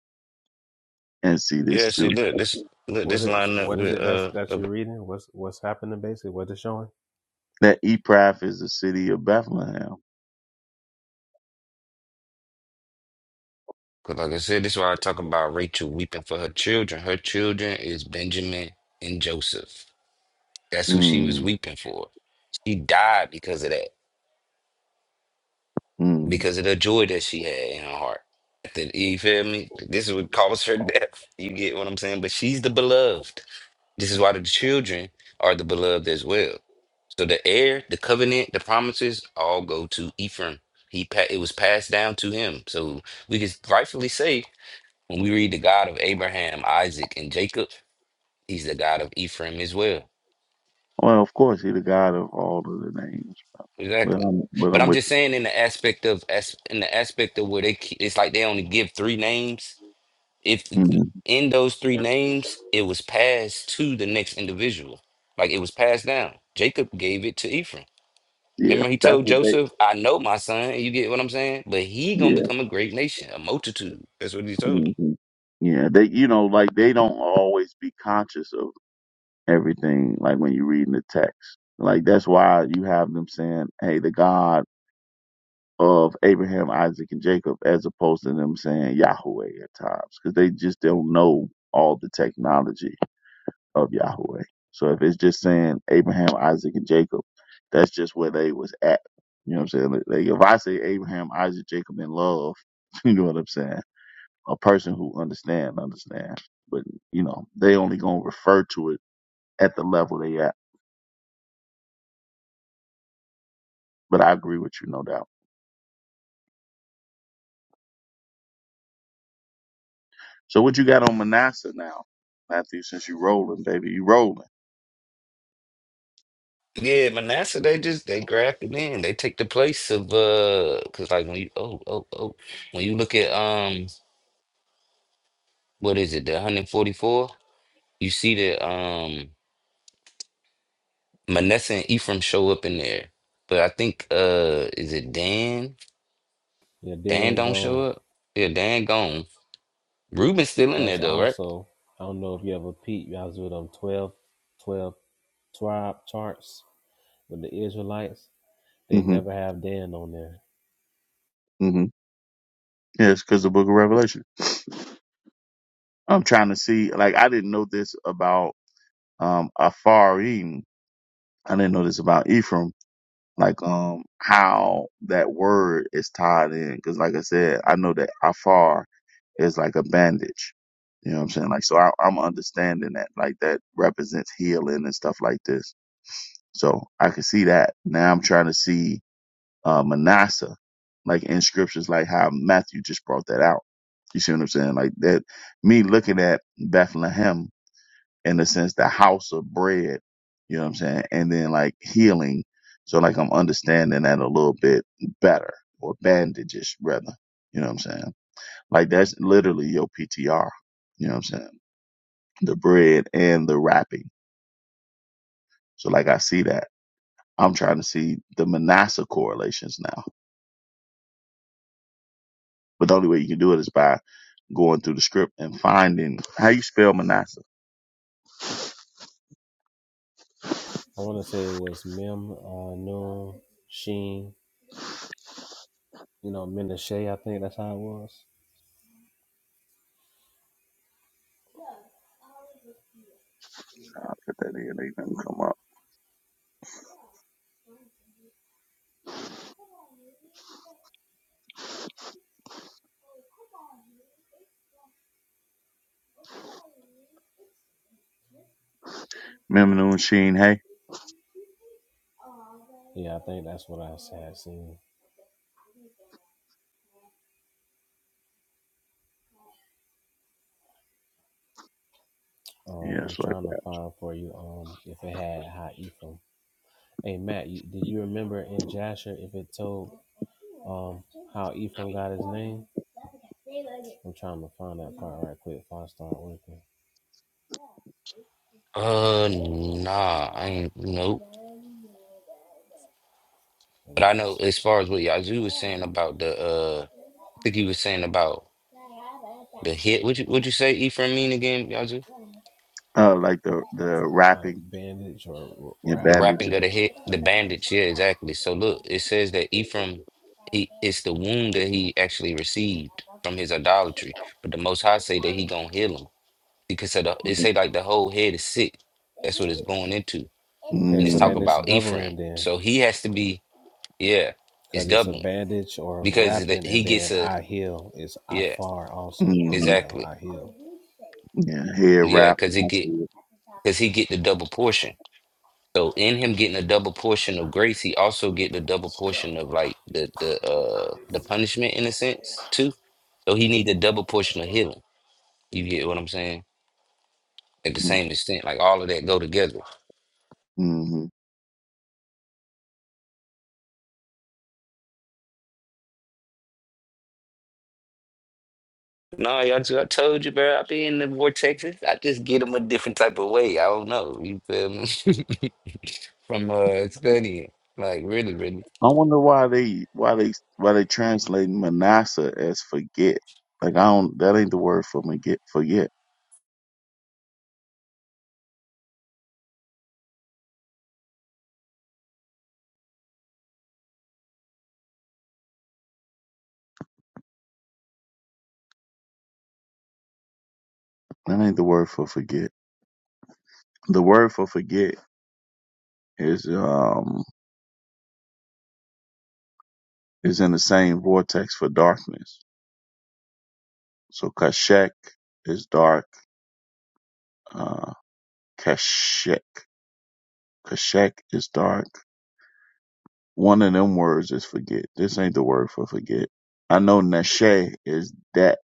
C: and see this
F: Yeah,
C: too.
F: see, look, this look,
B: What
F: this
B: is
F: line up
B: what is
F: with
B: it that's
F: uh,
B: that you're
F: because
B: reading? What's what's happening basically? What it's showing?
C: That Ephrath is the city of Bethlehem.
F: like I said, this is why I talk about Rachel weeping for her children. Her children is Benjamin and Joseph. That's who she was
C: Mm,
F: weeping for. She died because of that,
C: mm.
F: because of the joy that she had in her heart. That- You feel me? This is what caused her death. You get what I'm saying? But she's the beloved. This is why the children are the beloved as well. So the heir, the covenant, the promises all go to Ephraim. He pa- it was passed down to him. So we can rightfully say when we read the God of Abraham, Isaac, and Jacob, he's the God of Ephraim as well.
C: Well, of course, he's the God of all of the names. But
F: Exactly.
C: I'm, but
F: But
C: I'm
F: I'm
C: with
F: just saying in the aspect of as in the aspect of where they ke- it's like they only give three names. If
C: you. Mm-hmm.
F: in those three names it was passed to the next individual, like it was passed down. Jacob gave it to Ephraim.
C: Yeah,
F: Remember, he
C: that's
F: told
C: what they.
F: Joseph, I know my son, you get what I'm saying? But he gonna
C: Yeah,
F: become a great nation, a multitude. That's what he told him.
C: hmm yeah. They, you know, like they don't always be conscious of everything. Like when you're reading the text, like that's why you have them saying, "Hey, the God of Abraham, Isaac, and Jacob," as opposed to them saying Yahweh at times, because they just don't know all the technology of Yahweh. So if it's just saying Abraham, Isaac, and Jacob, that's just where they was at. You know what I'm saying? Like if I say Abraham, Isaac, Jacob in love, you know what I'm saying? a person who understand understand but you know they only gonna refer to it at the level they at but i agree with you no doubt so what you got on manasseh now matthew since you rolling baby you rolling
F: Yeah, Manasseh, they just they grafted in. They take the place of uh cause like when you oh oh oh when you look at um what is it, the 144, you see that um Manasseh and Ephraim show up in there. But I think uh is it Dan?
B: Yeah,
F: Dan
B: then
F: don't show
B: gone.
F: up? Yeah, Dan gone. Reuben's still in there
B: That's
F: though, right?
B: also, I don't know if you ever peep, you all do them 12, twelve tribe charts with the Israelites. They
C: hmm
B: never have Dan on there.
C: hmm yes because the book of revelation i'm trying to see like i didn't know this about um afarim i didn't know this about ephraim like um how that word is tied in because like i said i know that afar is like a bandage you know what i'm saying like so I, i'm understanding that like that represents healing and stuff like this so i can see that now i'm trying to see uh manasseh like in scriptures like how matthew just brought that out you see what i'm saying like that me looking at bethlehem in the sense the house of bread, you know what I'm saying? And then like healing. So like I'm understanding that a little bit better or bandages rather, you know what I'm saying? Like that's literally your PTR, you know what I'm saying? The bread and the wrapping. So like I see that. I'm trying to see the Manasseh correlations now. But the only way you can do it is by going through the script and finding how you spell Manasseh.
B: I want to say it was Mem, uh, Noon, Sheen, you know, Menashe, I think that's how it was.
C: I'll put that in. They didn't come up. Memnon Sheen, hey?
B: Yeah, I think that's what i had seen. Um,
C: Yeah,
B: I'm
C: it's like
B: trying to
C: that.
B: find for you um, if it had High Ephraim. Hey, Matt, you, did you remember in Jasher if it told um, how Ephraim got his name? I'm trying to find that part right quick before I start working.
F: Uh nah, I ain't nope.
B: Let
F: But
B: me
F: I know
B: just
F: as far as what Yazoo was saying about the uh I think he was saying about the hit. Would you would you say Ephraim mean again, Yazoo?
C: Uh, like the, the
B: like
C: wrapping.
B: bandage or
C: Yeah,
B: wrap.
F: The wrapping
C: bandages.
F: of the hit, the bandage, yeah, exactly. So look, it says that Ephraim he it's the wound that he actually received from his idolatry. But the most high say that he gonna heal him. Because of the, it say like the whole head is sick. That's what it's going into.
B: Okay,
F: And it's
B: so
F: talking
B: then
C: Mm,
B: it's
F: about Ephraim.
B: doubling then
F: So he has to be, yeah, it's
B: because it's a
F: doubling.
B: bandage or
F: Because the,
B: wrapping,
F: he
B: and
F: gets
B: then
F: a
B: I heal is I
F: yeah,
B: far also
C: mm-hmm.
B: broke down.
F: exactly.
B: I heal.
C: Yeah, hair
F: Yeah,
C: wrap.
F: because it
C: I
F: get
C: see it.
F: because he get the double portion. So in him getting a double portion of grace, he also get the double portion of like the the uh the punishment in a sense too. So he need the double portion of healing. You get what I'm saying? At the same extent, like all of that go together.
C: Mm-hmm.
F: No, y'all just, I told you, bro. I be in the vortexes. I just get them a different type of way. I don't know. You feel me? From uh studying, like really, really.
C: I wonder why they why they why they translate Manasseh as forget. Like I don't that ain't the word for forget forget. That ain't the word for forget. The word for forget is um is in the same vortex for darkness. So Kashek is dark. Uh Kashek. Kashek is dark. One of them words is forget. This ain't the word for forget. I know nashe is that.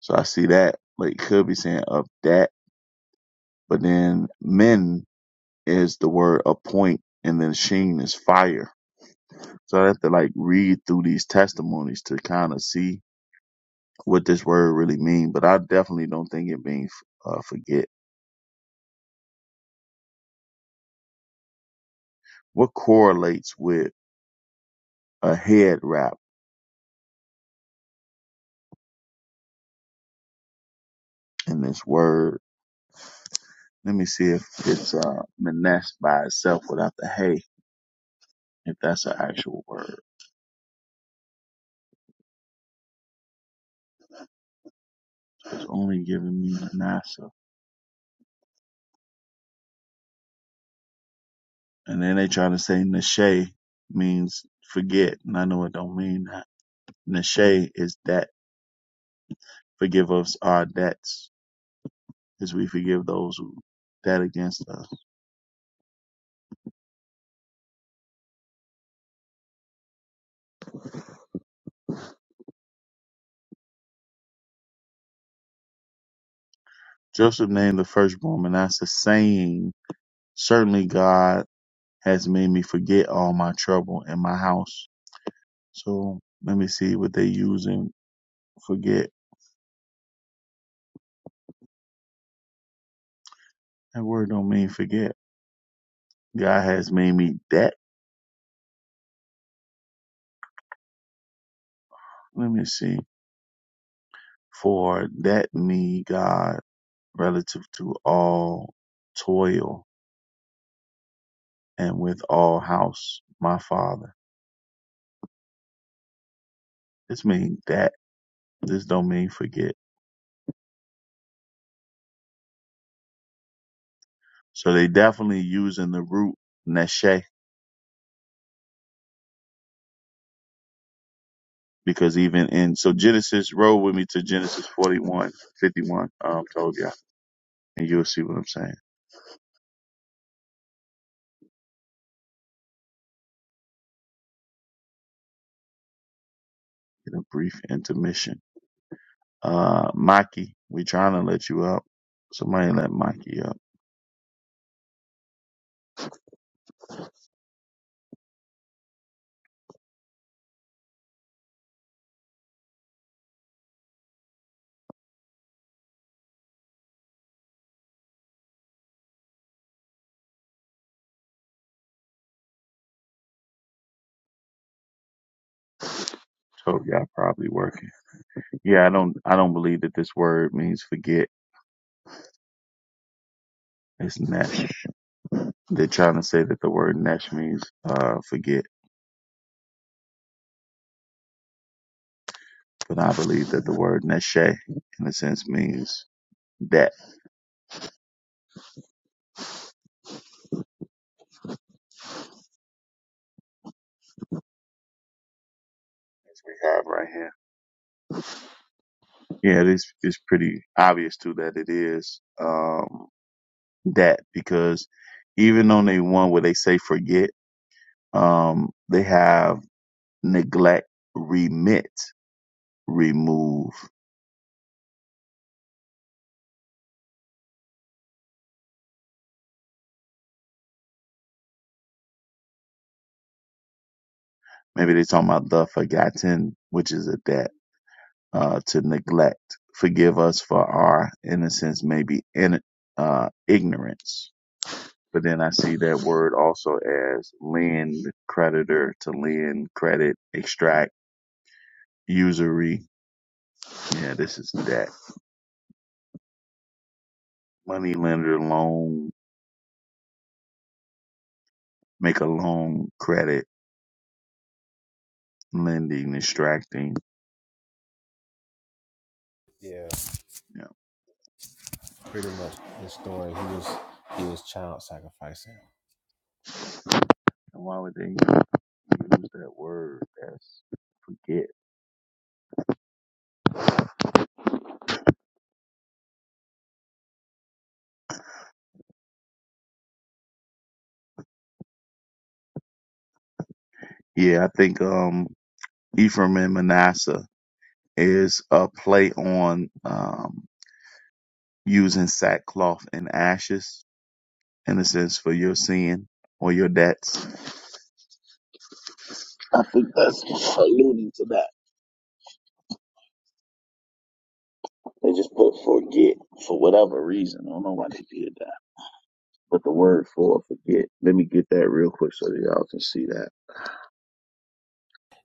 C: So I see that, like, could be saying of that. But then men is the word appoint, and then sheen is fire. So I have to, like, read through these testimonies to kind of see what this word really mean. But I definitely don't think it means uh, forget. What correlates with a head wrap in this word? Let me see if it's uh, Manesh by itself without the hay. if that's an actual word. It's only giving me Manasseh. And then they try to say Nashe means forget, and I know it don't mean that. Nashe is that forgive us our debts as we forgive those who that against us. Joseph named the firstborn Manasseh, saying, Certainly God has made me forget all my trouble in my house. So let me see what they using forget. That word don't mean forget. God has made me debt. Let me see. For that me God relative to all toil and with all house, my father. This mean that. This don't mean forget. So they definitely using the root neshe because even in so Genesis roll with me to Genesis 41:51. Um, told ya, and you'll see what I'm saying. In a brief intermission. Uh, Maki, we trying to let you up. Somebody let Maki up. So y'all probably working. Yeah, I don't I don't believe that this word means forget. It's nesh. They're trying to say that the word nesh means uh forget. But I believe that the word neshe in a sense means that we have right here. Yeah, it's it's pretty obvious too that it is um, that because even on they one where they say forget, um, they have neglect, remit, remove. Maybe they're talking about the forgotten, which is a debt uh, to neglect. Forgive us for our innocence, maybe in uh, ignorance. But then I see that word also as lend creditor to lend credit, extract usury Yeah, this is that money lender loan, make a loan credit lending distracting.
B: Yeah,
C: Yeah.
B: pretty much his story. He was he was child sacrificing.
C: And why would they use that word? That's forget. Yeah, I think um Ephraim and Manasseh is a play on um using sackcloth and ashes in a sense for your sin or your debts. I think that's alluding to that. They just put forget, forget that, but the word forget.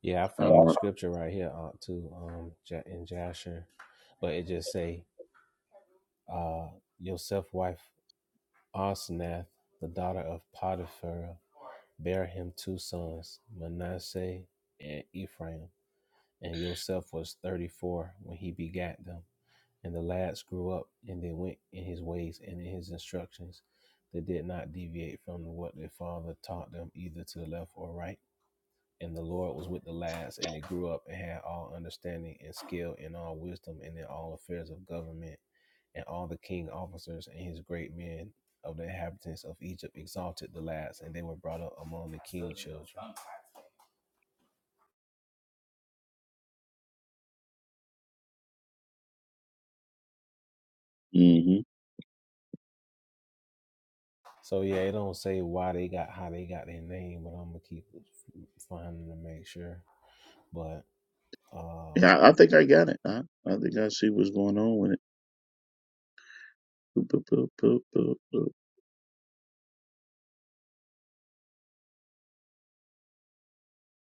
B: Yeah, I
C: Uh,
B: found the scripture right here uh, too um Ja- in Jasher, but it just say uh yourself wife Osnath, the daughter of Potiphar, bare him two sons, Manasseh and Ephraim. And Joseph was thirty-four when he begat them. And the lads grew up, and they went in his ways and in his instructions. They did not deviate from what their father taught them, either to the left or right and the Lord was with the lads, and they grew up and had all understanding and skill and all wisdom and in all affairs of government. And all the king officers and his great men of the inhabitants of Egypt exalted the lads, and they were brought up among the king children.
C: hmm
B: So yeah, it don't say why they got how they got their name, but I'm gonna keep finding to make sure. But uh
C: Yeah, I, I think I got it. I, I think I see what's going on with it. Boop, boop, boop, boop, boop, book.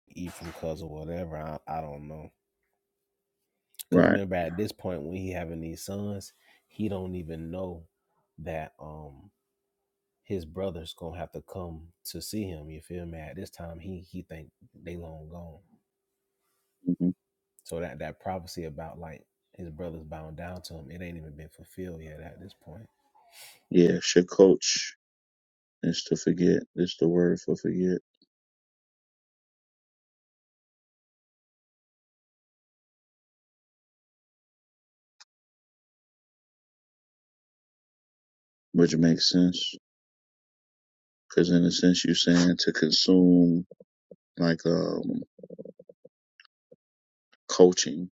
B: Ephraim cuz or whatever, I, I don't know. Cause
C: Right.
B: remember at this point when he having these sons, he don't even know that um his brother's gonna have to come to see him. You feel me? At this time, he he think they long gone.
C: hmm
B: So that that prophecy about like his brother's bound down to him, it ain't even been fulfilled yet at this point.
C: Yeah, shakoch is to forget. It's the word for forget, which makes sense. Because in a sense, you're saying to consume like um, coaching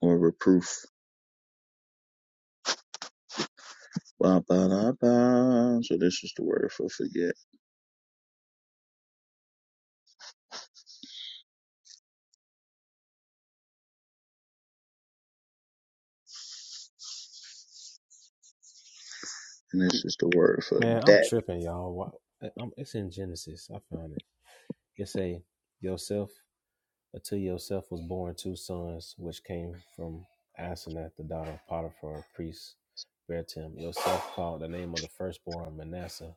C: or reproof. Ba, ba, da, ba. So
B: Man, I'm
C: that.
B: tripping, y'all. Why- eh, I'm, it's in Genesis. I found it. It say, "Yourself unto yourself was born two sons, which came from Asenath, the daughter of Potiphar, a priest." Bear to him. Yourself called the name of the firstborn Manasseh,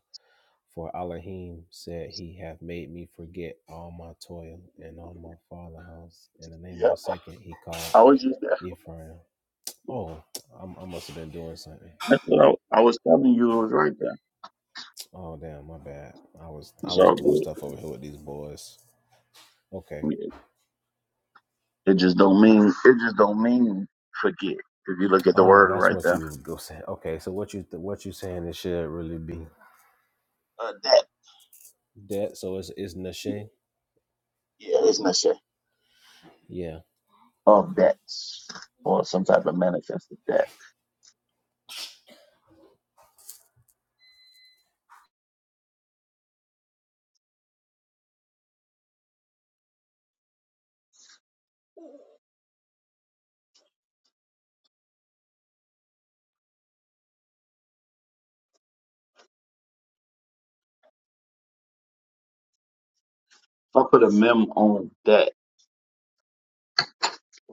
B: For Elohim said, He hath made me forget all my toil and all my father house. In the name
C: Yeah,
B: of the second he called
C: I was just there.
B: Ephraim. Oh, I'm, I must have been doing something.
C: That's what I, I was telling you. It was right there.
B: Oh damn, my bad. I was I
C: It's
B: was
C: all
B: doing
C: good.
B: stuff over here with these boys. Okay.
C: Yeah. It just don't mean. It just don't mean forget. If you look at the
B: Oh,
C: word
B: that's
C: right there.
B: what you go saying. Okay, so what you what you saying it should really be
C: uh, that.
B: that? So it's it's
C: Yeah,
B: Nashe.
C: yeah, it's necessary.
B: Yeah.
C: Of
B: Okay.
C: that, or some type of manifested that. If I put a mem on that,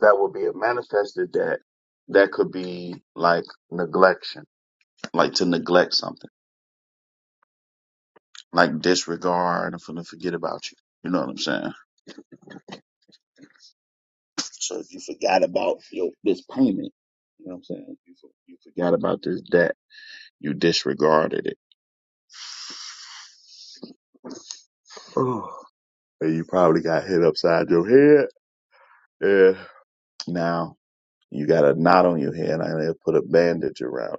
C: that would be a manifested that. That could be like neglection, like to neglect something, like disregard, I'm gonna forget about you. You know what I'm saying? So if you forgot about your this payment, you know what I'm saying? You, for- you forgot about this debt, you disregarded it, and you probably got hit upside your head. Yeah. Now You got a knot on your head. I'm going to put a bandage around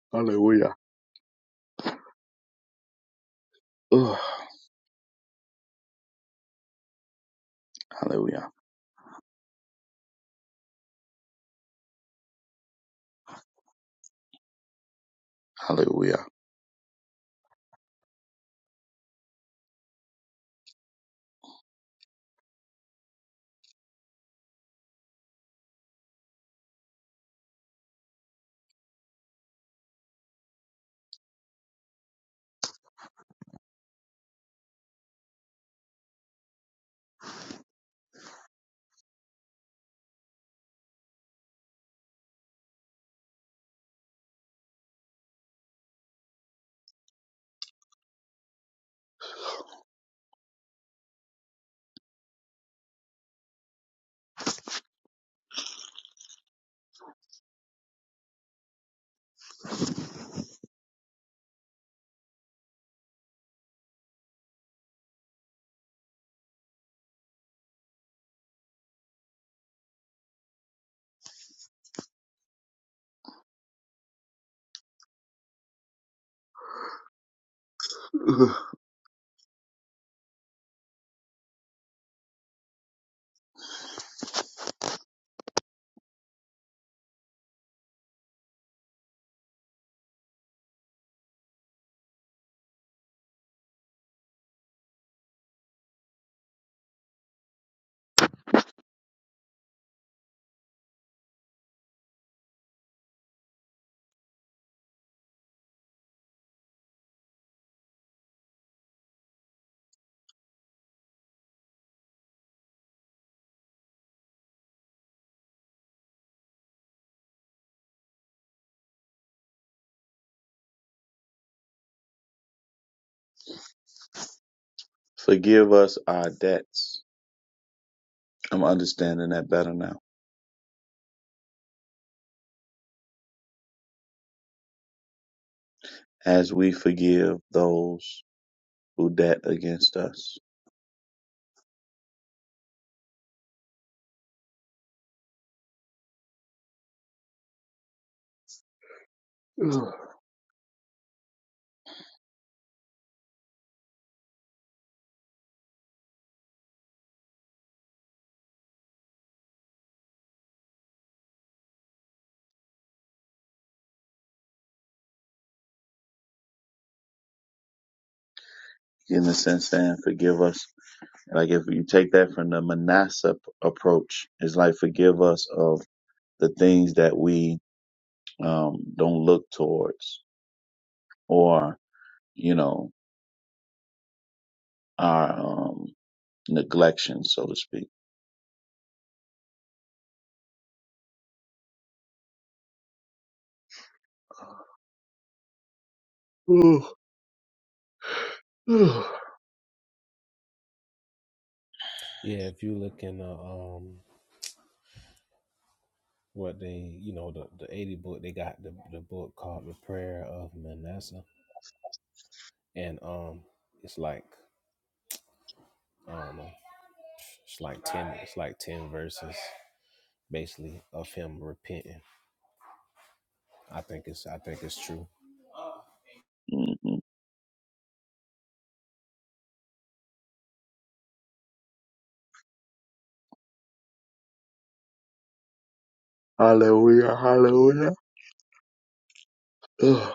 C: it. Hallelujah. Hallelujah. Forgive us our debts. I'm understanding that better now. As we forgive those who debt against us. in the sense saying forgive us. Like if you take that from the Manasseh approach, it's like forgive us of the things that we um, don't look towards or, you know, our um, neglection, so to speak.
B: Yeah. If you look in the um what they you know the the 80 book they got the, the book called the prayer of manasseh and um it's like i don't know it's like 10 it's like 10 verses basically of him repenting i think it's i think it's true
C: Hallelujah, hallelujah. Ugh,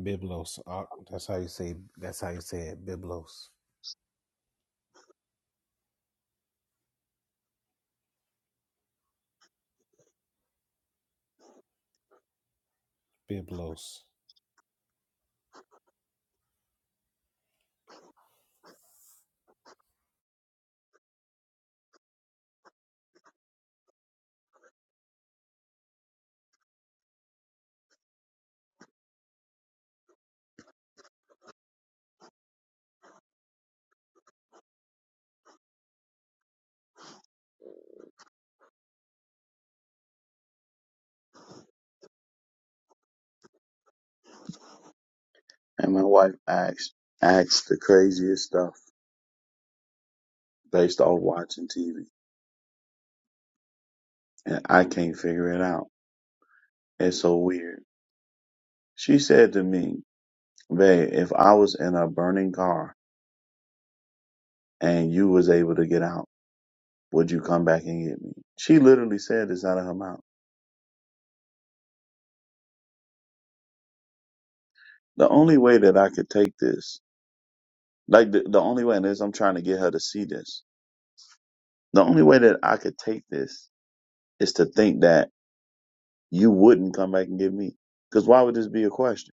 B: biblos uh, that's how you say that's how you say it biblos biblos
C: watching TV. And I can't figure it out. It's so weird. She said to me, Babe, if I was in a burning car and you was able to get out, would you come back and get me? She literally said this out of her mouth. The only way that I could take this, like the, the only way, and is I'm trying to get her to see this. The only way that I could take this is to think that you wouldn't come back and get me. Cause why would this be a question?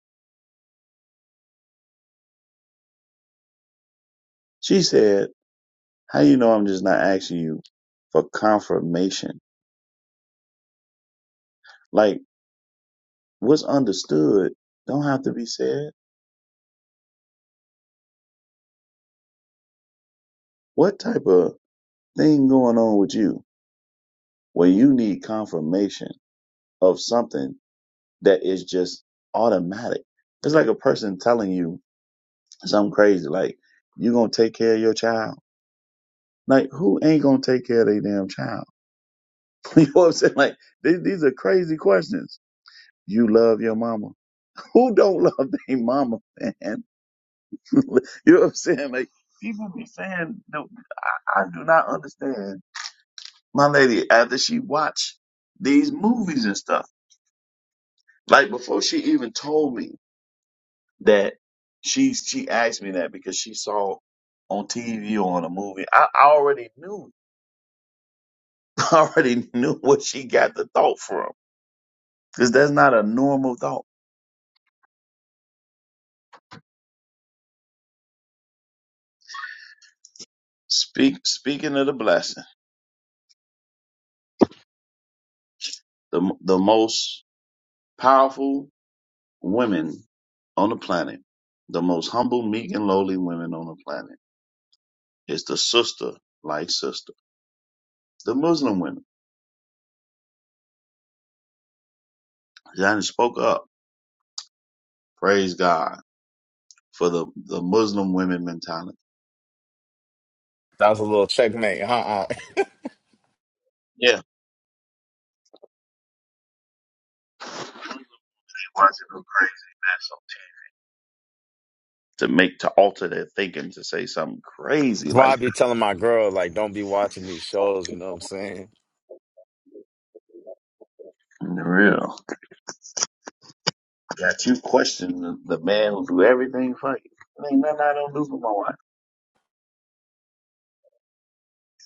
C: She said, How you know I'm just not asking you for confirmation? Like what's understood don't have to be said. What type of thing going on with you where you need confirmation of something that is just automatic? It's like a person telling you something crazy, like you gonna take care of your child. Like who ain't gonna take care of their damn child? you know what I'm saying? Like these, these are crazy questions. You love your mama. Who don't love their mama, man? You know what I'm saying? Like people be saying, no, I do not understand. My lady, after she watched these movies and stuff, like before she even told me that she she asked me that because she saw on TV or on a movie. I, I already knew, I already knew what she got the thought from because that's not a normal thought. Speak speaking of the blessing, the m- the most powerful women on the planet, the most humble, meek, and lowly women on the planet It's the sister like sister. The Muslim women. Johnny spoke up. Praise God for the, the Muslim women mentality.
G: That was a little checkmate. Uh-uh. That's
C: Yeah. They want to go crazy. To make to alter their thinking to say something crazy
G: why
C: like
G: I be telling my girl, like, don't be watching these shows, you know what I'm saying?
C: in the real. That you question the, the man who do everything for you. There ain't nothing I don't do for my wife.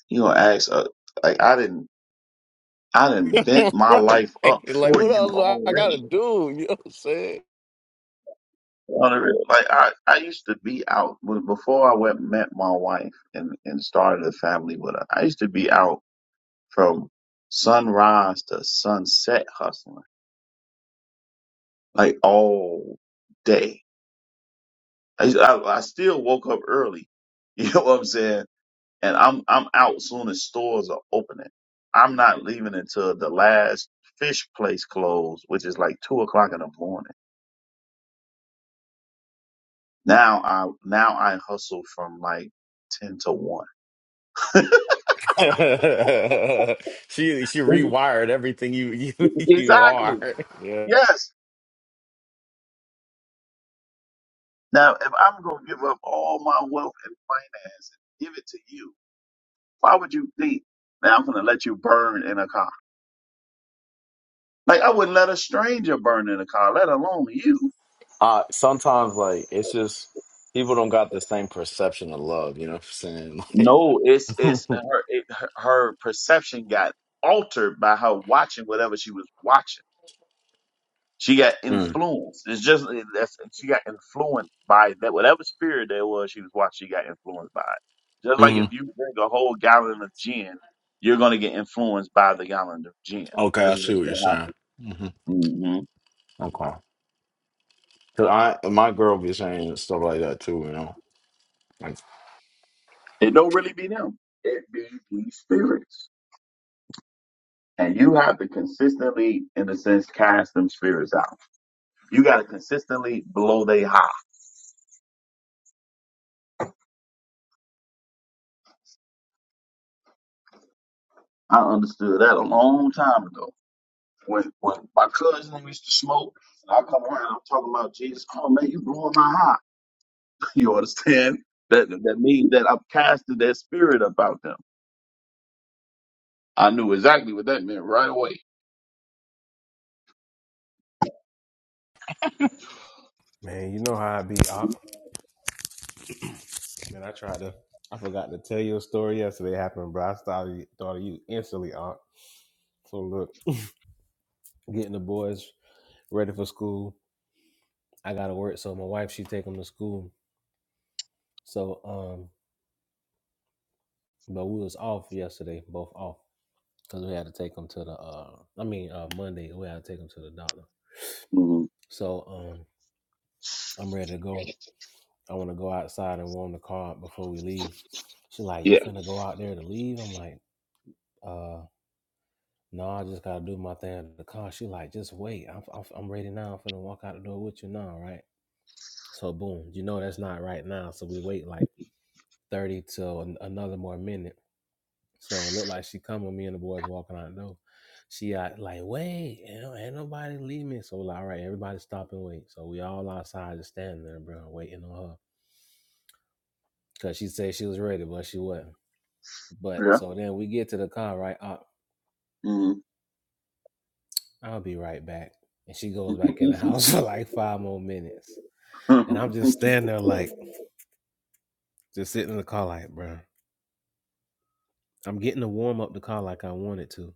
C: You gonna ask uh, like I didn't I didn't bent my life up
G: Right. Like,
C: for
G: what
C: you
G: else I I gotta
C: already
G: do? You know what I'm saying?
C: On the real, like I, I used to be out when- before I went met my wife and and started a family with her. I used to be out from sunrise to sunset hustling, like all day. I, I, I still woke up early. You know what I'm saying? And I'm I'm out soon as stores are opening. I'm not leaving until the last fish place closed, which is like two o'clock in the morning. Now I now I hustle from like ten to one.
G: she she rewired everything you you you are.
C: Exactly.
G: Yeah.
C: Yes. Now, if I'm going to give up all my wealth and finance and give it to you, why would you think now I'm going to let you burn in a car? Like I wouldn't let a stranger burn in a car, let alone you.
G: Uh sometimes like it's just people don't got the same perception of love, you know what I'm saying? Like
C: No, it's it's her it, her her perception got altered by her watching whatever she was watching. She got
G: mm,
C: influenced. It's just eh, that's she got influenced by that whatever spirit there was she was watching. She got influenced by it. Just like
G: hmm
C: if you drink a whole gallon of gin, you're gonna get influenced by the gallon of gin.
G: Okay, I
C: This is
G: see
C: what's
G: what you're saying.
C: gonna
G: hmm
C: happen. hmm
G: Okay. Cause I my girl be saying stuff like that too, you know.
C: It don't really be them. It be these spirits, and you have to consistently, in a sense, cast them spirits out. You got to consistently blow they high. I understood that a long time ago. When when my cousin used to smoke, and I come around, I'm talking about Jesus. Oh man, you blowing my high. You understand? That that means that I've casted that spirit about them. I knew exactly what that meant right away.
B: man you know how i be up Uh, man i tried to i forgot to tell you a story yesterday happened bro i started thought of you instantly Aunt, so look getting the boys ready for school I gotta work, so my wife she take them to school. So, um, but we was off yesterday, both off, cause we had to take them to the. uh I mean, uh Monday we had to take them to the doctor.
C: hmm
B: So, um, I'm ready to go. I want to go outside and warm the car up before we leave. She like, you
C: Yeah.
B: finna go out there to leave? I'm like, uh, no, I just gotta do my thing in the car. She like, just wait. I'm, I'm, I'm ready now. I'm finna walk out the door with you now, right? So, boom, you know that's not right now. So we wait like thirty till an- another more minute So it looked like she come with me and the boys walking out the door. She out like, wait, ain't, no- ain't nobody leave me. So we're like, all right, everybody stop and wait. So we all outside just standing there, bro, waiting on her. Cause she said she was ready, but she wasn't. But
C: Yeah.
B: so then we get to the car, right? I,
C: mm
B: I'll be right back. And she goes back in the house for like five more minutes. And I'm just standing there like, just sitting in the car like, bro, I'm getting to warm up the car like I wanted to.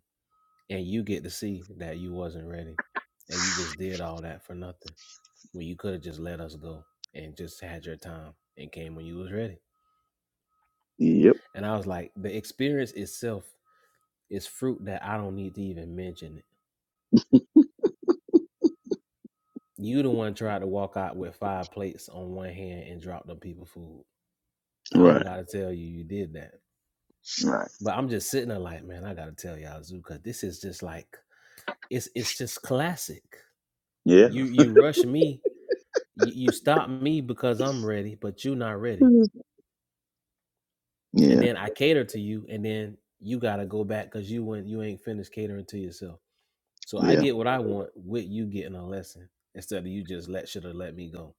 B: And you get to see that you wasn't ready. And you just did all that for nothing. when you could have just let us go and just had your time and came when you was ready.
C: yep.
B: And I was like, the experience itself is fruit that I don't need to even mention it. You the one tried to walk out with five plates on one hand and drop them people food. I don't
C: Right.
B: gotta tell you you did that.
C: Right.
B: But I'm just sitting there like, man, I gotta tell y'all Zuka, this is just like it's it's just classic.
C: Yeah.
B: You you rush me, you, you stop me because I'm ready, but you not ready. and
C: Yeah.
B: then I cater to you, and then you gotta go back because you went you ain't finished catering to yourself. So I
C: Yeah.
B: get what I want with you getting a lesson instead of you just let should have let me go.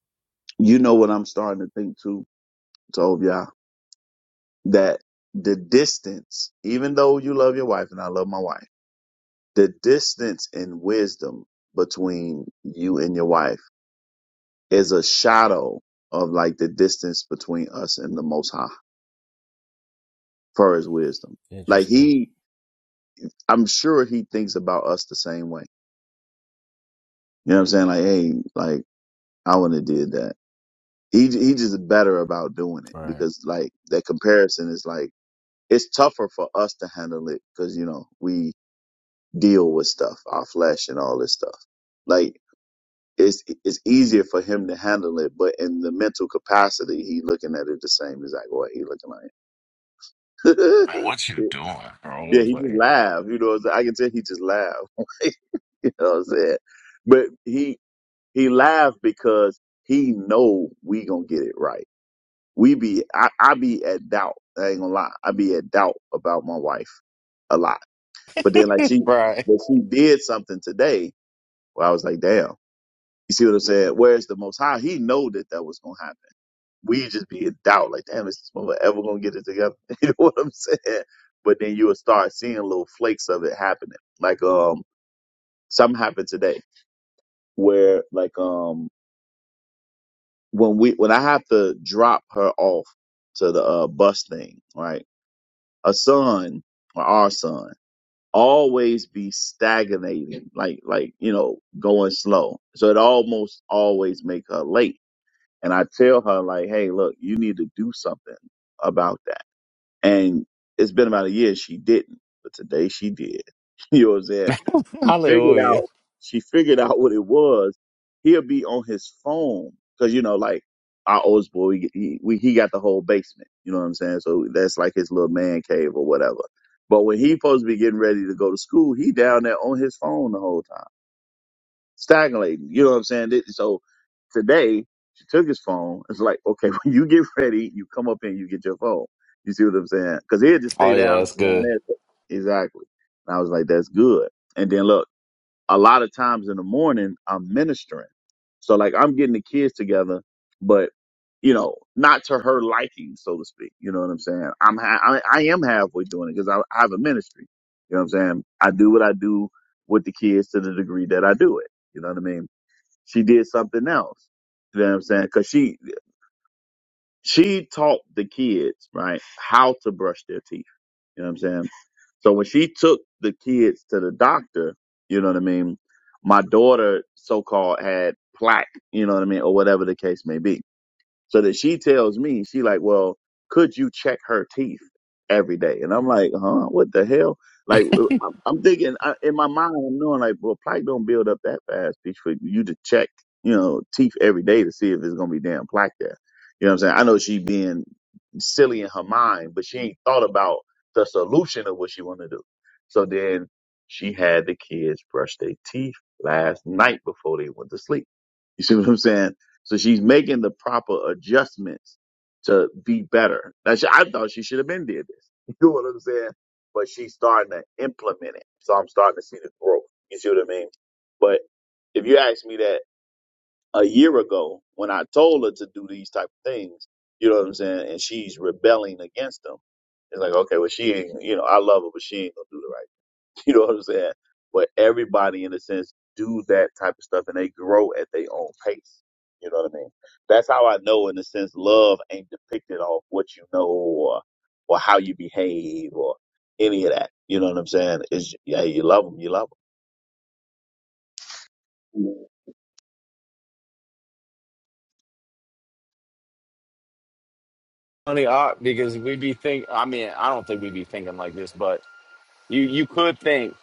C: You know what I'm starting to think too, told y'all that the distance, even though you love your wife and I love my wife, the distance in them between you and your wife is a shadow of like the distance between us and the Most High for His wisdom. Like
B: Interesting.
C: he, I'm sure he thinks about us the same way. You know what I'm saying? Like, hey, like I would have did that. He he just better about doing it because like that comparison is like it's tougher for us to handle it because you know we deal with stuff, our flesh and all this stuff. Like it's it's easier for him to handle it, but in the mental capacity, he looking at it the same exact way he looking at
G: Man,
C: it.
G: what you doing,
C: Yeah,
G: bro?
C: he just
G: Like,
C: laughed. You know, what I'm saying? I can tell he just laughed. you know what I'm saying? But he he laughed because he know we gonna get it right. We be I, I be at doubt. I ain't gonna lie. I be at doubt about my wife a lot. But then like she
G: Right.
C: but she did something today where I was like, damn. You see what I'm saying? Whereas the Most High, he know that that was gonna happen we just be in doubt, like, damn, is this woman ever gonna get it together? you know what I'm saying? But then you'll start seeing little flakes of it happening. Like um something happened today where like um when we when I have to drop her off to the uh, bus thing, right? A son or our son always be stagnating, like like, you know, going slow. So it almost always make her late. And I tell her like, hey, look, you need to do something about that And it's been about a year she didn't, but today she did. You know what I'm saying? She figured
G: Hallelujah.
C: out she figured out what it was. He'll be on his phone because you know, like our oldest boy, he, he we- he got the whole basement. You know what I'm saying? So that's like his little man cave or whatever. But when he supposed to be getting ready to go to school, he down there on his phone the whole time stagnating. You know what I'm saying? Th- So today she took his phone. It's like, okay, when you get ready, you come up and you get your phone. You see what I'm saying? Because he'll just
G: oh
C: stay
G: yeah,
C: down
G: that's
C: down
G: good.
C: there. Exactly. And I was like, that's good. And then look, a lot of times in the morning I'm ministering. So like I'm getting the kids together, but you know, not to her liking, so to speak. You know what I'm saying? I'm ha- I, I am halfway doing it because I, I have a ministry. You know what I'm saying? I do what I do with the kids to the degree that I do it. You know what I mean? She did something else. You know what I'm saying? Cause she, she taught the kids, right, how to brush their teeth. You know what I'm saying? So when she took the kids to the doctor, you know what I mean? My daughter so called had plaque, you know what I mean? Or whatever the case may be. So that she tells me, she like, well, could you check her teeth every day? And I'm like, huh, what the hell? Like, uh, I'm I'm thinking I, in my mind, I'm knowing like, well, plaque don't build up that fast bitch, for you to check, you know, teeth every day to see if it's gonna be damn plaque there. You know what I'm saying? I know she being silly in her mind, but she ain't thought about the solution of what she want to do. So then she had the kids brush their teeth last night before they went to sleep. You see what I'm saying? So she's making the proper adjustments to be better. Now, she, I thought she should have been did this. You know what I'm saying? But she's starting to implement it. So I'm starting to see the growth. You see what I mean? But if you asked me that a year ago when I told her to do these type of things, you know what I'm saying? And she's rebelling against them. It's like, okay, well, she ain't, you know, I love her, but she ain't going to do the right. thing. You know what I'm saying? But everybody, in a sense, do that type of stuff and they grow at their own pace. You know what I mean? That's how I know, in a sense, love ain't depicted off what you know or, or how you behave or any of that. You know what I'm saying? Is yeah, you love them, you love them.
G: Funny art because we be think I mean, I don't think we be thinking like this, but you you could think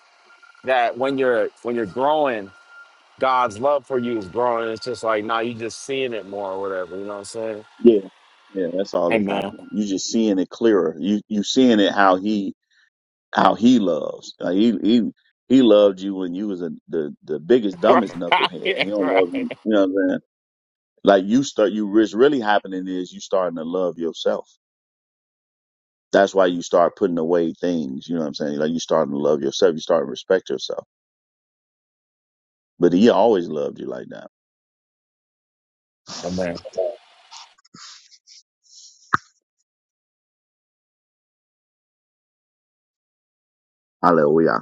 G: that when you're when you're growing, God's love for you is growing. It's just like nah, you just seeing it more or whatever, you know what I'm saying?
C: Yeah, yeah, that's all that's
G: Amen.
C: happening. You just seeing it clearer. You you seeing it how he how he loves. Like he he he loved you when you was a, the the biggest dumbest knucklehead.
G: right,
C: He don't love you.
G: right.
C: You know what I'm saying? Like you start, you what's really happening is you starting to love yourself. That's why you start putting away things. You know what I'm saying? Like you starting to love yourself. You start to respect yourself. But he always loved you like that.
G: Amen.
C: Hallelujah.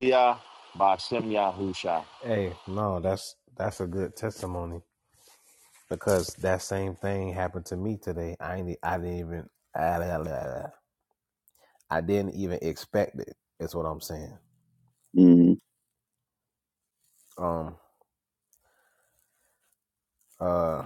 G: Yeah. Bashem Yahusha.
B: Hey, no, that's that's a good testimony because that same thing happened to me today. I ain't, I didn't even, I I, I, I didn't even expect it. Is what I'm saying.
C: Mm-hmm.
B: Um, Uh.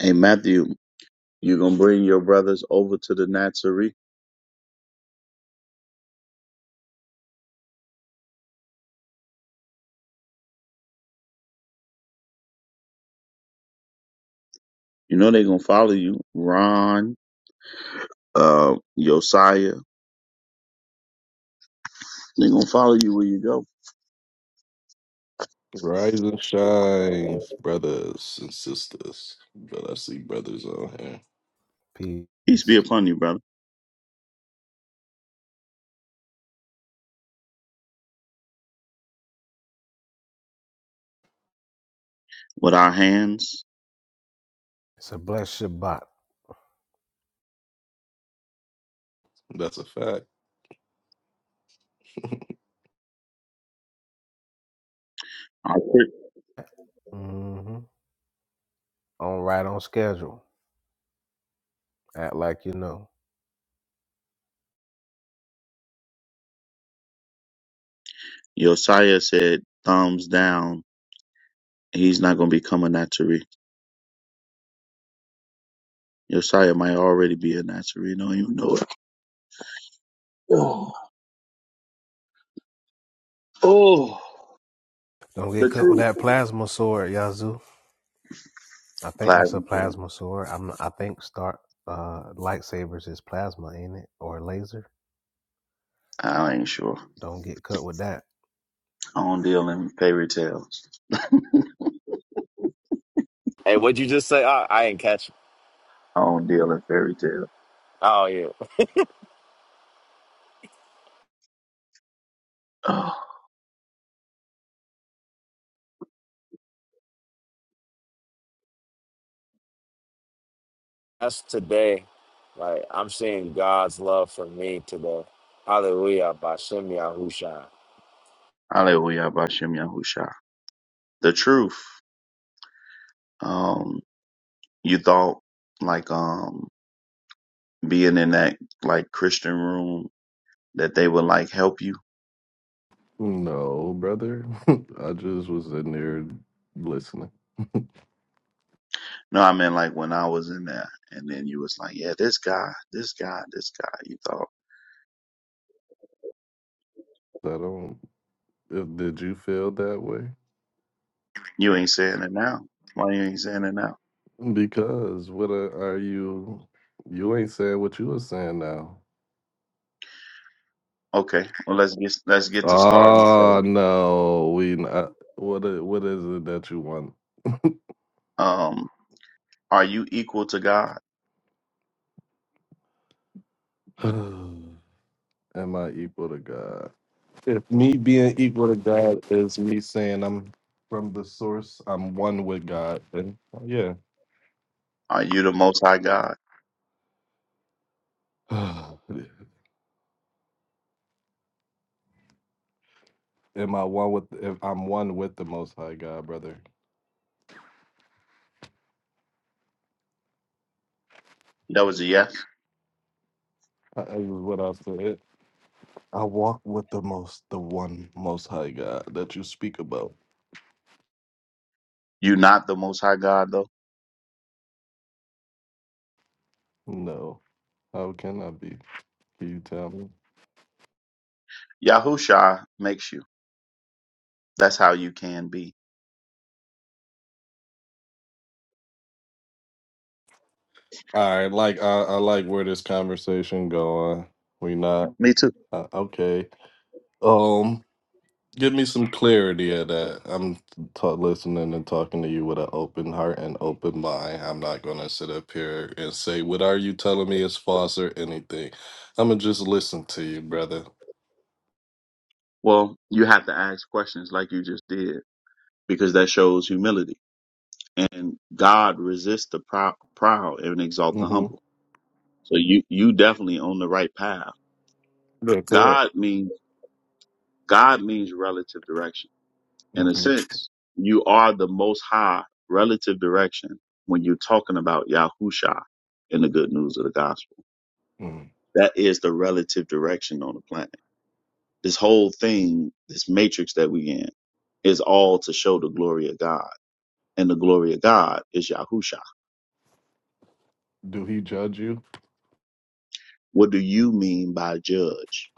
C: Hey Matthew, you're gonna bring your brothers over to the Nazarene. You know they're gonna follow you. Ron, uh, Josiah, they're gonna follow you where you go.
H: Rise and shine, brothers and sisters. But I see brothers on here.
C: Peace be upon you, brother. With our hands,
H: That's a fact.
C: our Josiah said, thumbs down. He's not gonna become a Nazarene. Josiah might already be a Nazarene. Don't even know it. Oh, oh, the truth. Plasma tale. I ain't sure. I don't deal in fairy tales.
G: Hey, what'd you just say? I, I did catch it.
C: I don't deal in fairy tales.
G: Oh yeah. That's today. Like I'm seeing God's love for me today. Hallelujah. Bashem Yahusha.
C: Hallelujah, Bashem Yahusha. The truth. Um, you thought like um being in that like Christian room that they would like help you.
H: No, brother. I just was in there listening.
C: No, I meant like when I was in there, and then you was like, yeah, this guy, this guy, this guy. You thought
H: I don't. if- Did you feel that way?
C: you ain't saying it now. Why you ain't saying it now?
H: Because what are, are you? You ain't saying what you were saying now.
C: Okay. Well, let's get let's get to start and
H: Oh
C: say,
H: no, we not. What i- what is it that you want?
C: um, are you equal to God?
H: Am I equal to God? If me being equal to God is me saying I'm from the source, I'm one with God, then yeah.
C: Are you the Most High God?
H: Am I one with? If I'm one with the Most High God, brother.
C: That was a yes.
H: That is what I said. I walk with the most, the one Most High God that you speak about.
C: You not the Most High God though.
H: No, how can I be? Can you tell me?
C: Yahusha makes you. That's how you can be.
H: All right, like I, I like where this conversation going. We not
C: Me too.
H: uh, okay. Um, Give me some clarity of that. I'm ta listening and talking to you with an open heart and open mind. I'm not going to sit up here and say, What are you telling me is false or anything? I'm going to just listen to you, brother.
C: Well, you have to ask questions like you just did because that shows humility. And God resists the prou- proud and exalts
H: mm
C: the
H: hmm
C: humble. So you you definitely on the right path.
H: Yeah, correct.
C: God means God means relative direction. in a
H: mm
C: sense, you are the most high relative direction when you're talking about Yahusha in the good news of the gospel.
H: hmm mm
C: That is the relative direction on the planet. This whole thing, this matrix that we in, is all to show the glory of God. And the glory of God is Yahusha.
H: Do he judge you?
C: What do you mean by judge?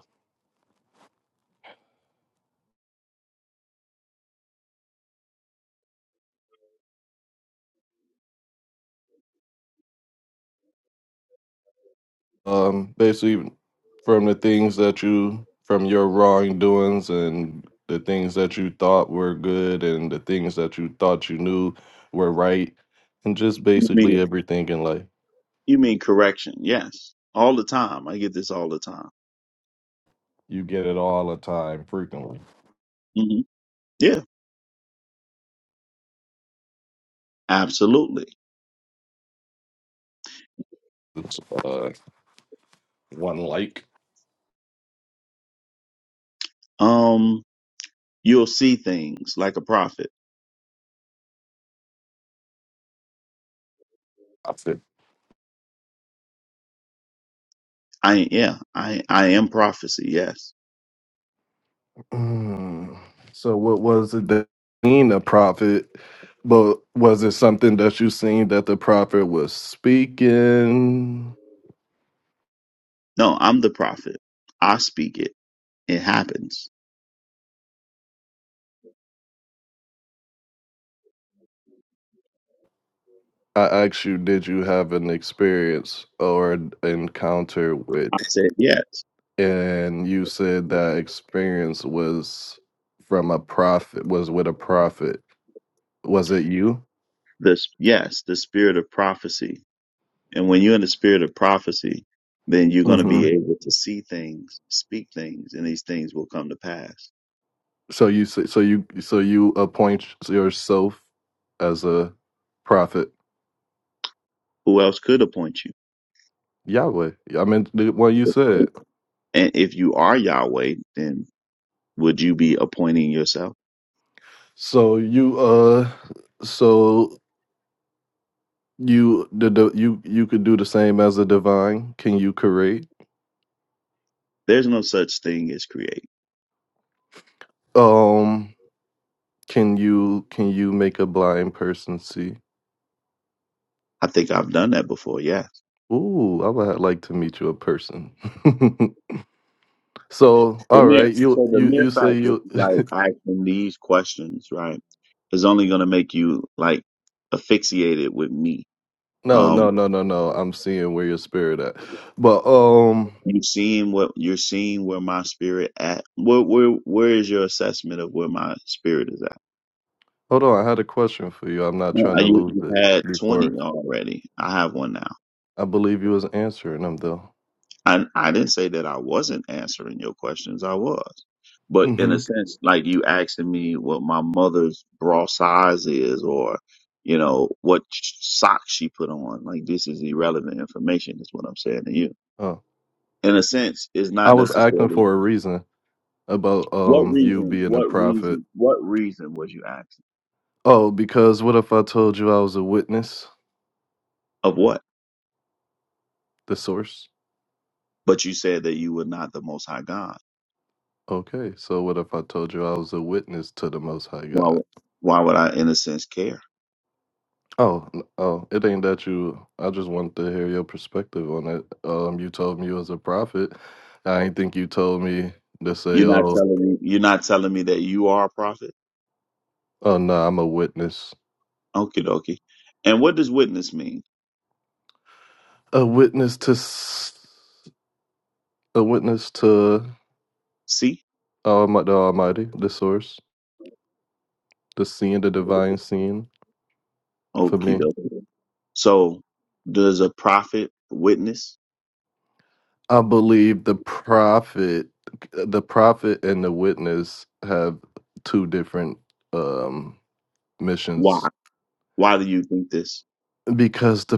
H: Um, basically, from the things that you, from your wrongdoings and the things that you thought were good and the things that you thought you knew were right, and just
C: You
H: basically
C: mean
H: everything in life.
C: you mean correction, yes. All the time. I get this all the time.
H: you get it all the time frequently.
C: hmm Yeah, absolutely.
H: It's uh, one like.
C: Um, you'll see things like a prophet
H: I feel.
C: I yeah, I I am prophecy. Yes.
H: Mm. So what was it that mean a prophet? But was it something that you seen that the prophet was speaking?
C: No, I'm the prophet. I speak it. It happens.
H: I asked you, did you have an experience or an encounter with?
C: I said yes.
H: And you said that experience was from a prophet, was with a prophet. Was it you?
C: This yes, the spirit of prophecy. And when you're in the spirit of prophecy, then you're going to be able to see things, speak things, and these things will come to pass.
H: So you say- so you so you appoint yourself as a prophet,
C: Who else could appoint you?
H: Yahweh. I mean the one you said.
C: And if you are Yahweh, then would you be appointing yourself?
H: So you uh so you the, the you you could do the same as a divine. Can you create?
C: There's no such thing as create.
H: Um can you can you make a blind person see?
C: I think I've done that before. Yeah.
H: Ooh, I would like to meet you in person. so,
C: The
H: all
C: mere
H: right, you
C: so the
H: you
C: mere
H: you say
C: fact that
H: you
C: you like asking these questions, right, is only gonna make you like asphyxiated with me.
H: No, no,
C: Um,
H: no, no, no. I'm seeing where your spirit at. But um
C: you seeing what you're seeing where my spirit at. Where where where is your assessment of where my spirit is at?
H: Hold on, I had a question for you. I'm not trying
C: Uh,
H: to
C: You
H: lose
C: you
H: it
C: had twenty
H: before
C: already. I have one now.
H: I believe you was answering them though.
C: I I didn't say that I wasn't answering your questions. I was, but in
H: Mm-hmm.
C: a sense, like you asking me what my mother's bra size is, or you know what sh- socks she put on. Like this is irrelevant information. Is what I'm saying to you.
H: Oh,
C: In a sense, it's
H: I
C: not
H: was acting
C: necessarily
H: for a reason about
C: what
H: um you
C: reason.
H: being a
C: What
H: prophet.
C: reason? What reason was you asking
H: Oh, because what if I told you I was a witness,
C: of what?
H: the source?
C: But you said that you were not the Most High God.
H: Okay, so what if I told you I was a witness to the Most High
C: Why?
H: God?
C: would- Why would I, in a sense, care?
H: Oh, n- oh, it ain't that you. I just wanted to hear your perspective on it. Um, you told me you was a prophet. I ain't think you told me to say,
C: You're not
H: oh,
C: telling me. You're not telling me that you are a prophet.
H: oh no, I'm a witness.
C: Okie dokie. And what does witness mean?
H: a witness to s- a witness to
C: See?
H: Almi- the Almighty, the Source, the Seeing, the Divine Seeing. For
C: Okie
H: me,
C: dokie. So does a prophet witness?
H: I believe the prophet, the prophet, and the witness have two different um
C: Why?
H: missions
C: Why do you think this?
H: because the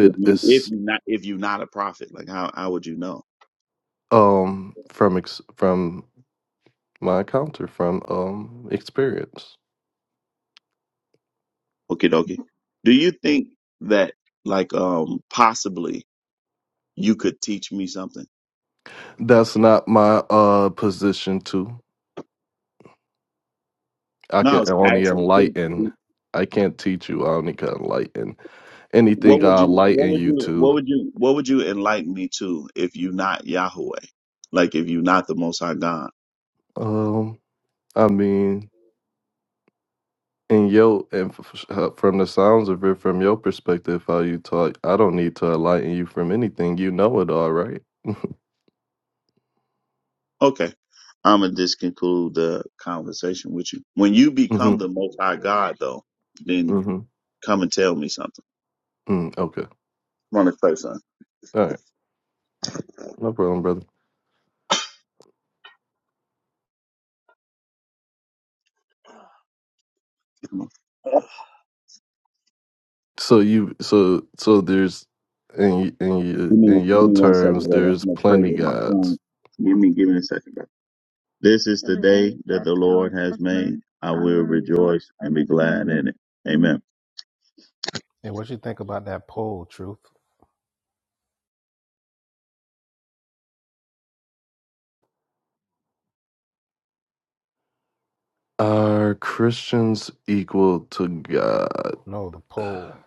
C: If you if
H: is
C: you not if you're not a prophet, like how how would you know?
H: um from ex- from my encounter from um experience.
C: Okie dokie. Do you think that like um possibly you could teach me something?
H: That's not my uh position too. I
C: No, I
H: can
C: was
H: only
C: asking
H: enlighten.
C: could-
H: I can't teach you. I only can enlighten.
C: what
H: Anything
C: would
H: I
C: you what
H: enlighten
C: would
H: you
C: you what
H: to.
C: would you what would you enlighten me to if you not Yahweh? Like if you not the most high God?
H: Um, I mean, in your and f- f- uh, from the sounds of it, from your perspective, how you talk, I don't need to enlighten you from anything. You know it all, right?
C: Okay. I'm gonna just conclude the conversation with you. When you become
H: Mm-hmm.
C: the Most High God, though, then
H: Mm-hmm.
C: come and tell me something.
H: Mm, okay.
C: Come on, let's pray, son.
H: All right. No problem, brother.
C: Come on.
H: So you, so so there's in in your
C: Give me,
H: in
C: give
H: your
C: me one second,
H: terms,
C: brother.
H: there's
C: I'm gonna pray
H: plenty
C: with my son.
H: gods.
C: Give me, give me a second, brother. This is the day that the Lord has made. I will rejoice and be glad in it. Amen.
I: And what you think about that poll, Truth?
H: Are Christians equal to God?
I: No, the poll.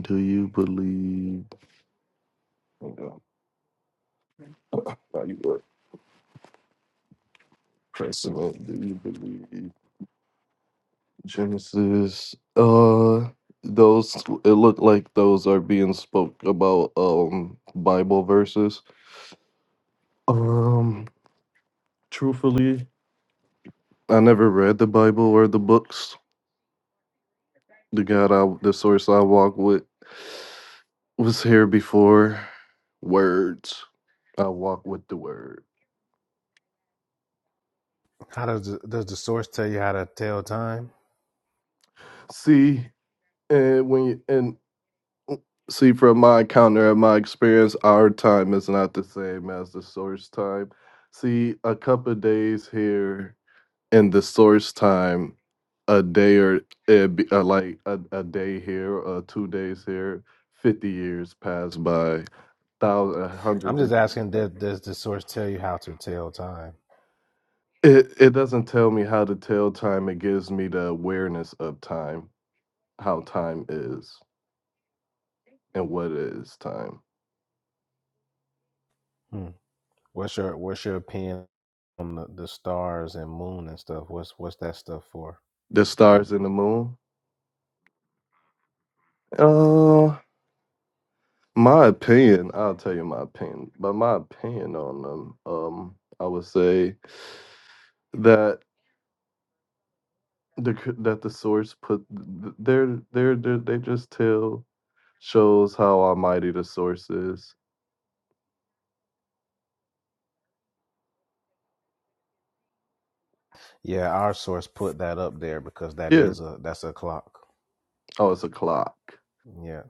H: Do you believe? Hold on. Now you were pressing up. Do you believe Genesis? Uh, those it looked like those are being spoke about. Um, Bible verses. Um, truthfully, I never read the Bible or the books. The God, I the source I walk with, was here before words. I walk with the word.
I: How does the, does the source tell you how to tell time?
H: See, and when you, and see from my encounter and my experience our time is not the same as the source time see a couple of days here in the source time a day or it'd be, uh, like a, a day here uh, two days here 50 years pass by thousands
I: I'm
H: hundreds of
I: just asking. Does, does the source tell you how to tell time?
H: it, it doesn't tell me how to tell time it gives me the awareness of time how time is and what is time
I: Hmm. What's your What's your opinion on the, the stars and moon and stuff? What's What's that stuff for?
H: the
I: But
H: stars and the moon Oh. My opinion, I'll tell you my opinion, but my opinion on them, um, I would say that the c- that the source put they're they're, they're they just tell shows how almighty the source is.
I: yeah, our source put that up there because that
H: Yeah.
I: is a that's a clock.
H: Oh, it's a clock.
I: Yeah,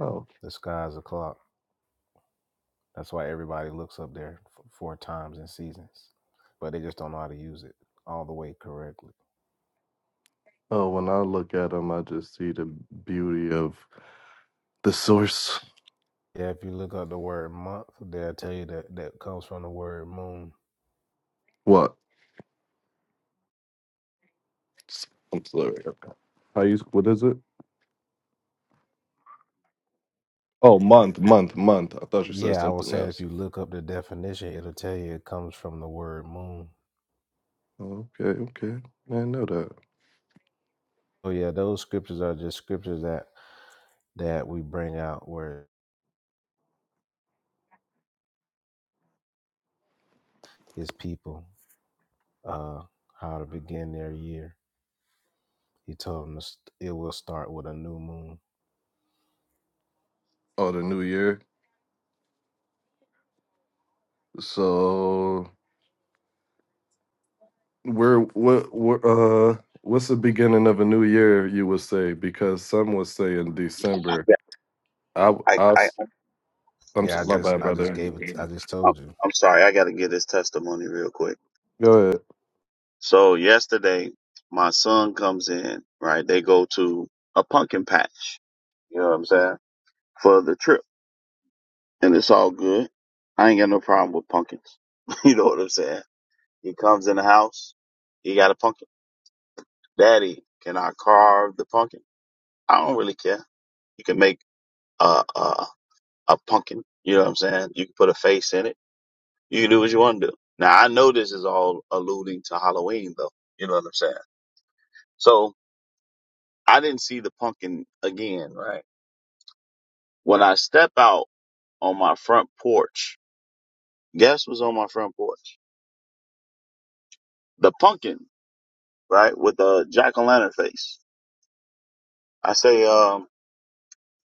H: Oh,
I: the sky's a clock. That's why everybody looks up there f- for times and seasons, but they just don't know how to use it all the way correctly.
H: oh. When I look at them, I just see the beauty of the source.
I: Yeah, if you look up the word month, they'll tell you that that comes from the word moon.
H: What? I'm sorry. How you? What is it? Oh, month, month, month. I thought you said
I: Yeah, I was
H: something
I: saying if
H: else.
I: you look up the definition, it'll tell you it comes from the word moon.
H: Okay, okay. I didn't know that.
I: So yeah, those scriptures are just scriptures that that we bring out where his people uh how to begin their year. He told them to st- it will start with a new moon.
H: Oh, the new year. So we're what what uh what's the beginning of a new year you would say because some would say in December.
C: Yeah,
H: I
C: I,
H: I
C: I,
H: am
I: Yeah, I
H: my
I: just
H: bad
I: I just
H: brother.
I: gave it. I just
C: I'm,
I: told you.
C: I'm sorry. I got to give this testimony real quick.
H: Go ahead.
C: So yesterday, my son comes in. Right, they go to a pumpkin patch. You know what I'm saying? for the trip, and it's all good. I ain't got no problem with pumpkins. you know what I'm saying? He comes in the house, he got a pumpkin. Daddy, can I carve the pumpkin? I don't really care. You can make a a, a pumpkin. You know what I'm saying? You can put a face in it. You can do what you want to do. Now I know this is all alluding to Halloween, though. You know what I'm saying? So I didn't see the pumpkin again, right? When I step out on my front porch, guess what's on my front porch? The pumpkin right? With a jack o' lantern face. I say, um,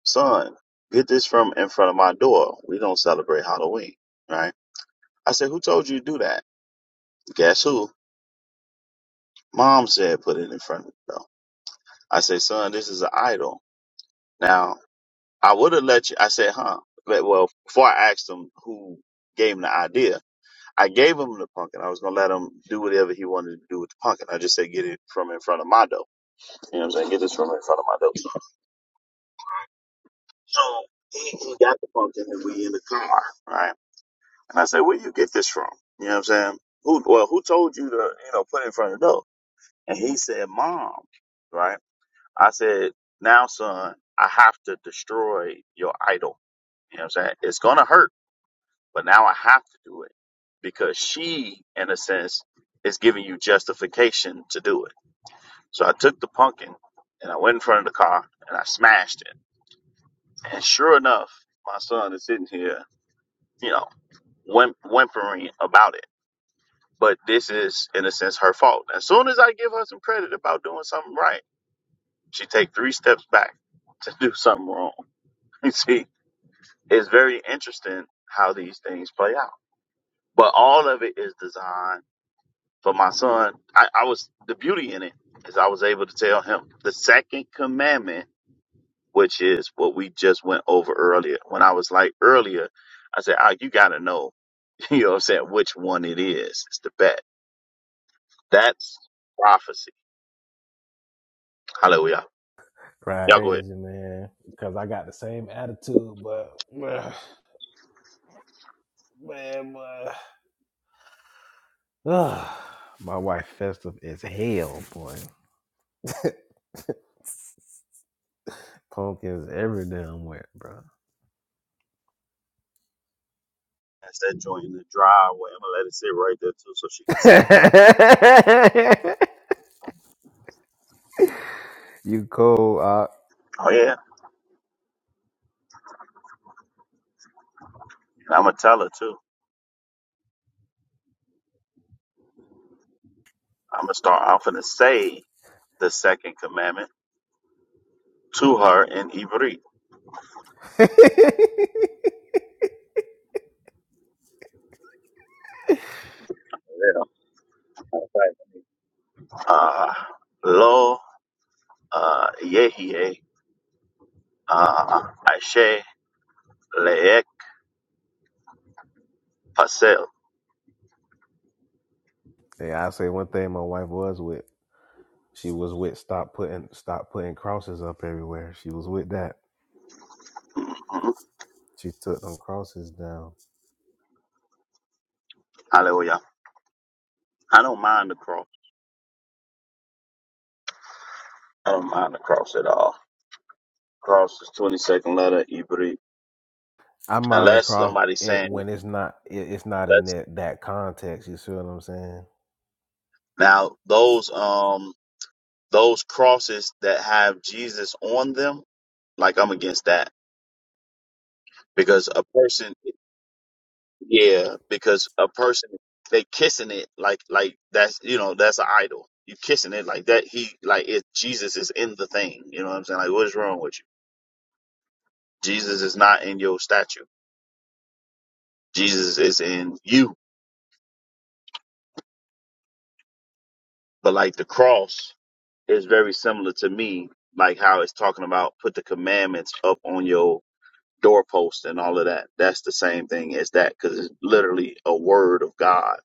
C: son, get this from in front of my door. We don't celebrate Halloween, right? I say, who told you to do that? Guess who? Mom said put it in front of the door. I say, son, this is an idol. Now, I would have let you, I said, huh? But, well, before I asked him who gave him the idea, I gave him the pumpkin. I was going to let him do whatever he wanted to do with the pumpkin. I just said, get it from in front of my door. You know what I'm saying? Get this from in front of my door. So he, he got the funk and we in the car, right? And I said, Where you get this from? You know what I'm saying? Who well, who told you to, you know, put it in front of the door? And he said, Mom, right? I said, Now son, I have to destroy your idol. You know what I'm saying? It's gonna hurt, but now I have to do it because she, in a sense, is giving you justification to do it. So I took the pumpkin and I went in front of the car and I smashed it. And sure enough, my son is sitting here, you know. whim- whimpering about it. But this is, in a sense, her fault. As soon as I give her some credit about doing something right, she take three steps back to do something wrong. You see, it's very interesting how these things play out. But all of it is designed for my son. I, I was the beauty in it is I was able to tell him the second commandment, which is what we just went over earlier. When I was like earlier, I said, ah, you gotta know, you know what I'm saying, which one it is. It's the best That's prophecy. Hallelujah.
I: Right.
C: Y'all go ahead.
I: Crazy man, because I got the same attitude, but man, man, boy. Ugh, my wife festive as hell, boy. Pumpkins every damn where, bro.
C: That's that joint in the driveway. I'm gonna let it sit right there too, so she can see it.
I: you cold, uh.
C: Oh yeah, and I'm gonna tell her too. I'm gonna start. I'm gonna say the second commandment to her in Ivrit.
I: hey,
C: Yeah. Okay. Uh, lo, uh, yehie, uh, ashe, leek, pasel.
I: I say one thing. My wife was with. She was with. Stop putting. Stop putting crosses up everywhere. She was with that.
C: Mhm.
I: She took them crosses down.
C: Hallelujah. I don't mind the cross. I don't mind the cross at all. Cross is 22nd letter Ivrit.
I: I mind a
C: Unless
I: cross
C: somebody's
I: it,
C: saying
I: when it's not. It, it's not in that that context. You see what I'm saying?
C: Now those um those crosses that have Jesus on them, like I'm against that because a person, yeah, because a person they kissing it like like that's you know that's an idol. You kissing it like that. He like it. Jesus is in the thing. You know what I'm saying? Like what is wrong with you? Jesus is not in your statue. Jesus is in you. But like the cross is very similar to me, like how it's talking about put the commandments up on your doorpost and all of that. That's the same thing as that because it's literally a word of God.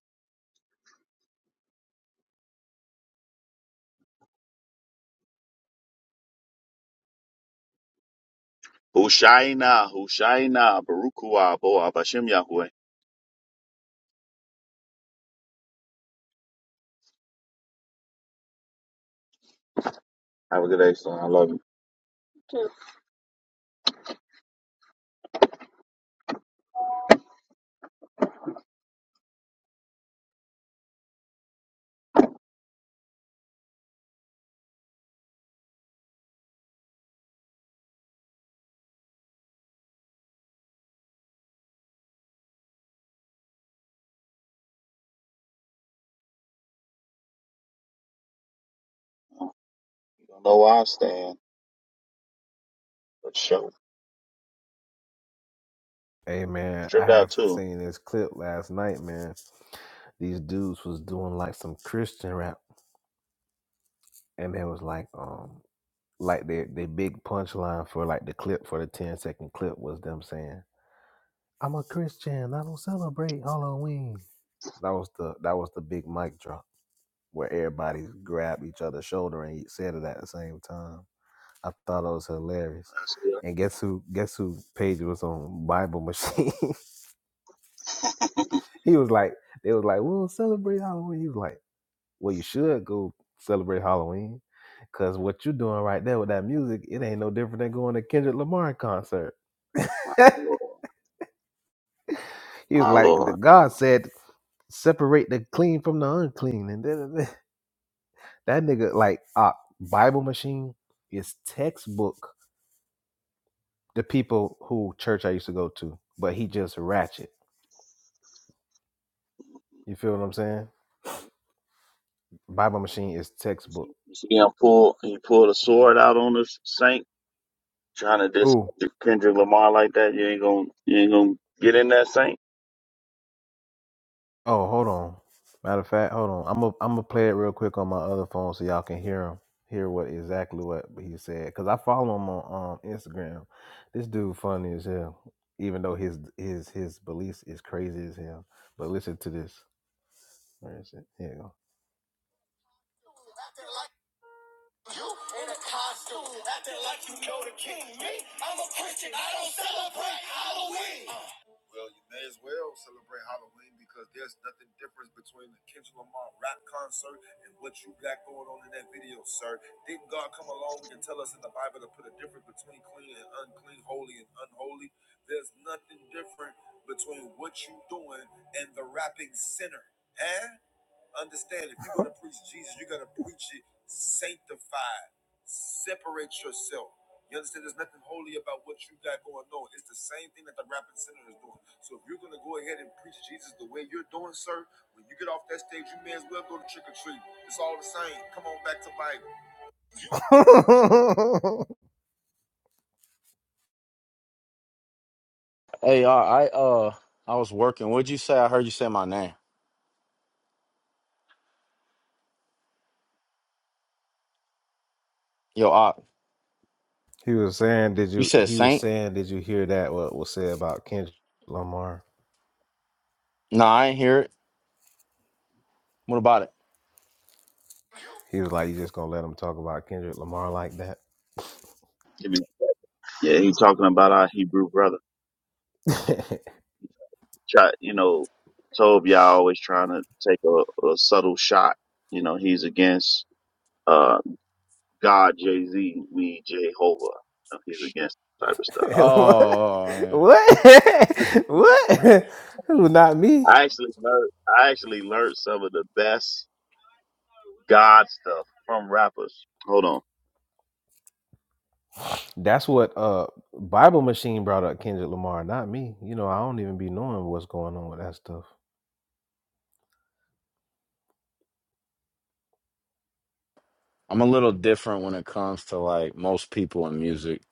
C: Hushaina, Hushaina, Barukua, Boa, Bashem Yahweh. Have a good day, son. I love you. You don't know where I stand, but show.
I: Hey man, I
C: Stripped out
I: have
C: too.
I: seen this clip last night, man. These dudes was doing like some Christian rap, and they was like, um, like their their big punchline for like the clip for the 10 second clip was them saying, "I'm a Christian. I don't celebrate Halloween." That was the that was the big mic drop where everybody grabbed each other's shoulder and said it at the same time. I thought it was hilarious.
C: That's it.
I: And guess who? Guess who page was on Bible Machine? He was like, they was like, we'll celebrate Halloween. He was like, well, you should go celebrate Halloween. Cause what you are doing right there with that music, it ain't no different than going to Kendrick Lamar concert.
C: My Lord.
I: he was
C: My
I: like, the
C: Lord.
I: God said, separate the clean from the unclean. And da-da-da. that nigga, like, uh, Bible machine is textbook. The people who church I used to go to, but he just ratchet. You feel what I'm saying? Bible machine is
C: You
I: textbook.
C: see you see him pull, he pulled a sword out on this saint, trying to diss
I: Ooh.
C: Kendrick Lamar like that. You ain't gonna, you ain't gonna get in that saint.
I: Oh, hold on. Matter of fact, hold on. I'm gonna I'm gonna play it real quick on my other phone so y'all can hear him, hear what exactly what he said. Cause I follow him on um, Instagram. This dude funny as hell, even though his his his beliefs is crazy as hell. But listen to this. Where is it? Here you go. Acting like you in a costume, acting like you know the king. Me, I'm a Christian. I don't celebrate Halloween.
G: Hey, uh, I uh I was working. What'd you say? I heard you say my name. Yo, uh,
I: He was saying, "Did
G: you
I: you?"
G: said
I: He was
G: Saint?
I: saying, "Did you hear that? What was said about Kendrick Lamar?"
G: No, I ain't hear it. What about it?
I: He was like, "You just gonna let him talk about Kendrick Lamar like that?"
C: Give me- Yeah, he talking about our Hebrew brother. try, you know, Tob always trying to take a, a subtle shot. You know, he's against uh, God, Jay Z, we Jehovah. You know, He's against that type of stuff.
I: what?
G: Oh man.
I: What? what? Who? Not me.
C: I actually learned, I actually learned some of the best God stuff from rappers. Hold on.
I: That's what uh Bible Machine brought up Kendrick Lamar, not me. You know, I don't even be knowing what's going on with that stuff.
G: I'm a little different when it comes to like most people in music.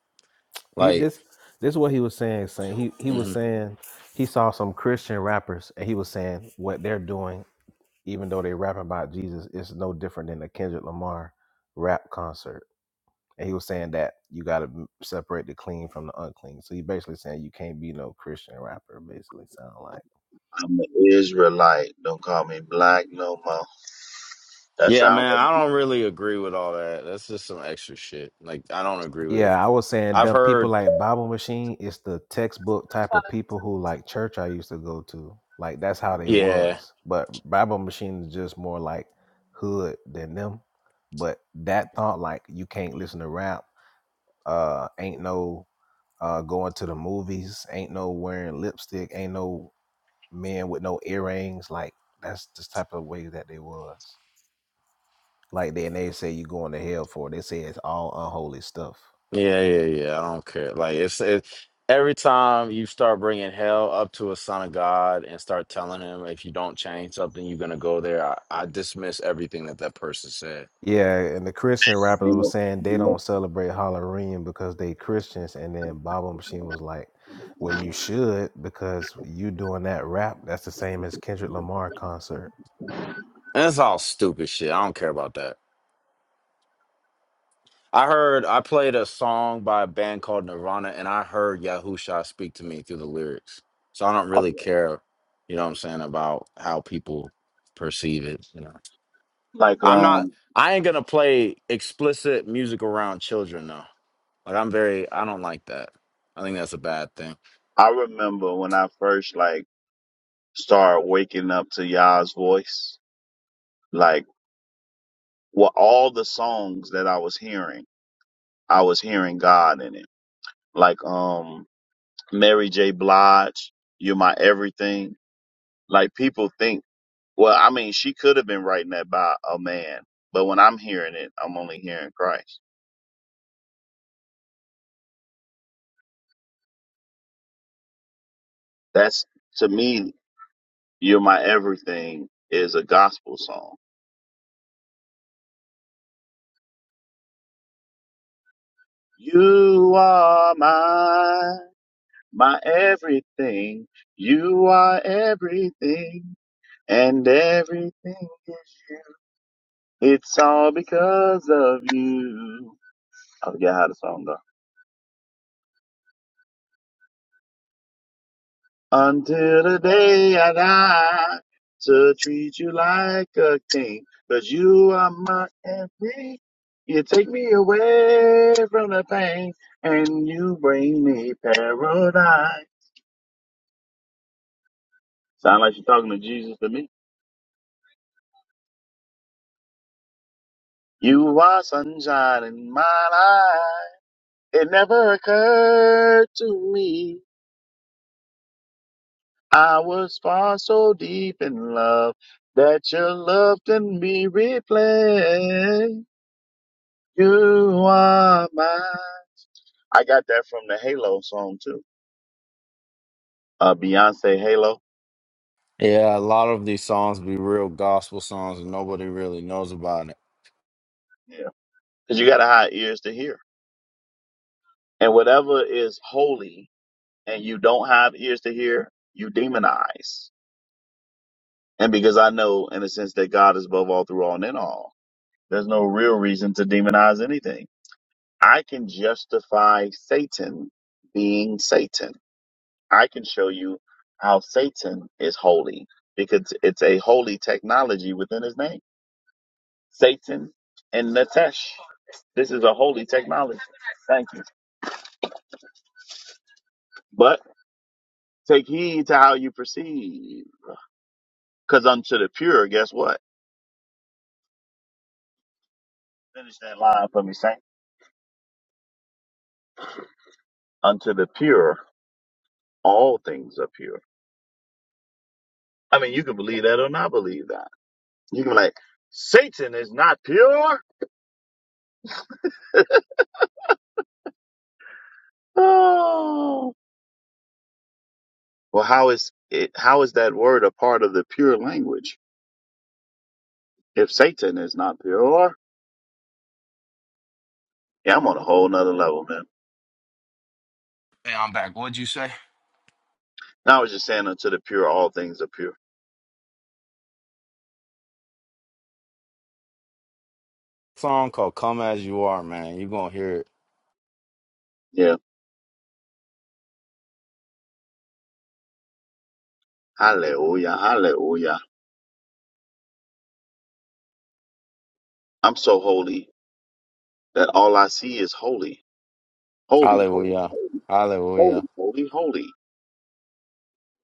I: He
G: Like
I: this this is what he was saying, saying he he was
G: mhm.
I: saying he saw some Christian rappers and he was saying what they're doing even though they rapping about Jesus, it's no different than a Kendrick Lamar rap concert. And he was saying that you got to separate the clean from the unclean. So he basically saying you can't be no Christian rapper. Basically, sound like.
C: I'm an Israelite. Don't call me black no more. That
G: Yeah,
C: sounds
G: man,
C: like
G: I don't really agree with all that. That's just some extra shit. Like I don't agree with it.
I: Yeah, I was saying
G: I've
I: the people
G: heard
I: like Bible Machine is the textbook type of people who like church I used to go to. Like that's how they
G: yeah.
I: was. But Bible Machine is just more like hood than them. But that thought like you can't listen to rap. Uh, ain't no uh, going to the movies. Ain't no wearing lipstick. Ain't no men with no earrings. Like that's the type of way that they was. Like then they say you going to hell for it. They say it's all unholy stuff.
G: Yeah, yeah, yeah. I don't care. Like it's it, every time you start bringing hell up to a son of God and start telling him if you don't change something, you're gonna go there. I, I dismiss everything that that person said,
I: Yeah, and the Christian
C: a
I: rappers were
C: single.
I: saying they don't celebrate Halloween because they Christians, and then Baba Machine was like, "Well, you should because you doing that rap. That's the same as Kendrick Lamar concert."
G: and it's all stupid shit. I don't care about that. I heard I played a song by a band called Nirvana, and I heard Yahusha speak to me through the lyrics. So I don't
C: Oh,
G: really
C: yeah.
G: care, you know what I'm saying, about how people perceive it. You know,
C: Like,
G: I'm not.
C: um,
G: I ain't gonna play explicit music around children though. Like I'm very I don't like that. I think that's a bad thing.
C: I remember when I first, like, started waking up to Yah's voice. like. well, all the songs that I was hearing, I was hearing God in it. Like um Mary J. Blige, You're My Everything. Like people think, well, I mean, she could have been writing that by a man, but when I'm hearing it, I'm only hearing Christ. That's to me, You're My Everything is a gospel song. You are my my everything. You are everything, and everything is you. It's all because of you. I forget how the song goes. Until the day I die to treat you like a king, but you are my everything. You take me away from the pain and you bring me paradise. Sound like you're talking to Jesus to me. You are sunshine in my life. It never occurred to me I was far so deep in love that your love can be replayed. You are mine. I got that from the Halo song too. Uh, Beyonce Halo.
G: Yeah, a lot of these songs be real gospel songs and nobody really knows about it.
C: Yeah. Cause you gotta have ears to hear. And whatever is holy and you don't have ears to hear, you demonize. And because I know in a sense that God is above all through all and in all, there's no real reason to demonize anything. I can justify Satan being Satan. I can show you how Satan is holy because it's a holy technology within his name. Satan and Natesh. This is a holy technology. Thank you. But take heed to how you perceive. Because unto the pure, guess what? Finish that line for me, Saint. Unto the pure, all things are pure. I mean, you can believe that or not believe that. You can be like, Satan is not pure. Oh. Well, how is it? How is that word a part of the pure language? If Satan is not pure, yeah, I'm on a whole nother level, man.
G: Hey, I'm back. What'd you say?
C: Now I was just saying unto the pure, all things are pure.
G: Song called Come As You Are, man. you gonna hear it.
C: Yeah. Hallelujah. Hallelujah. I'm so holy that all I see is holy. Holy, holy,
G: Hallelujah.
C: holy, holy,
G: Hallelujah.
C: holy,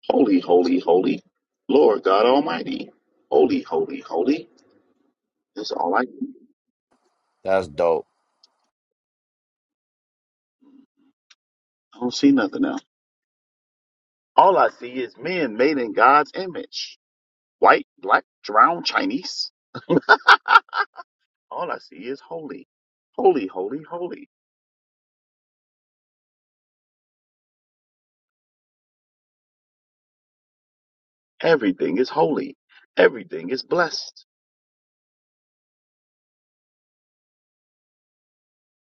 C: holy, holy, holy. Lord God Almighty. Holy, holy, holy. That's all I see.
G: That's dope.
C: I don't see nothing else. All I see is men made in God's image. White, black, brown, Chinese. All I see is holy. Holy, holy, holy. Everything is holy. Everything is blessed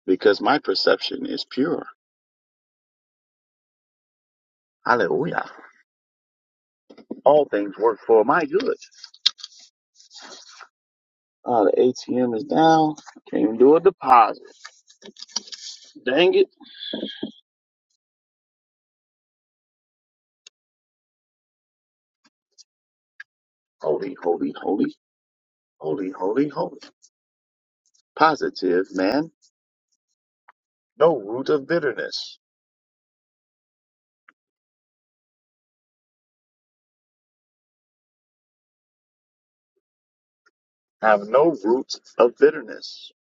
C: because my perception is pure. Hallelujah. All things work for my good. Uh, the ATM is down. Can't even do a deposit. Dang it. Holy, holy, holy, holy, holy, holy. Positive, man. No root of bitterness. Have no root of bitterness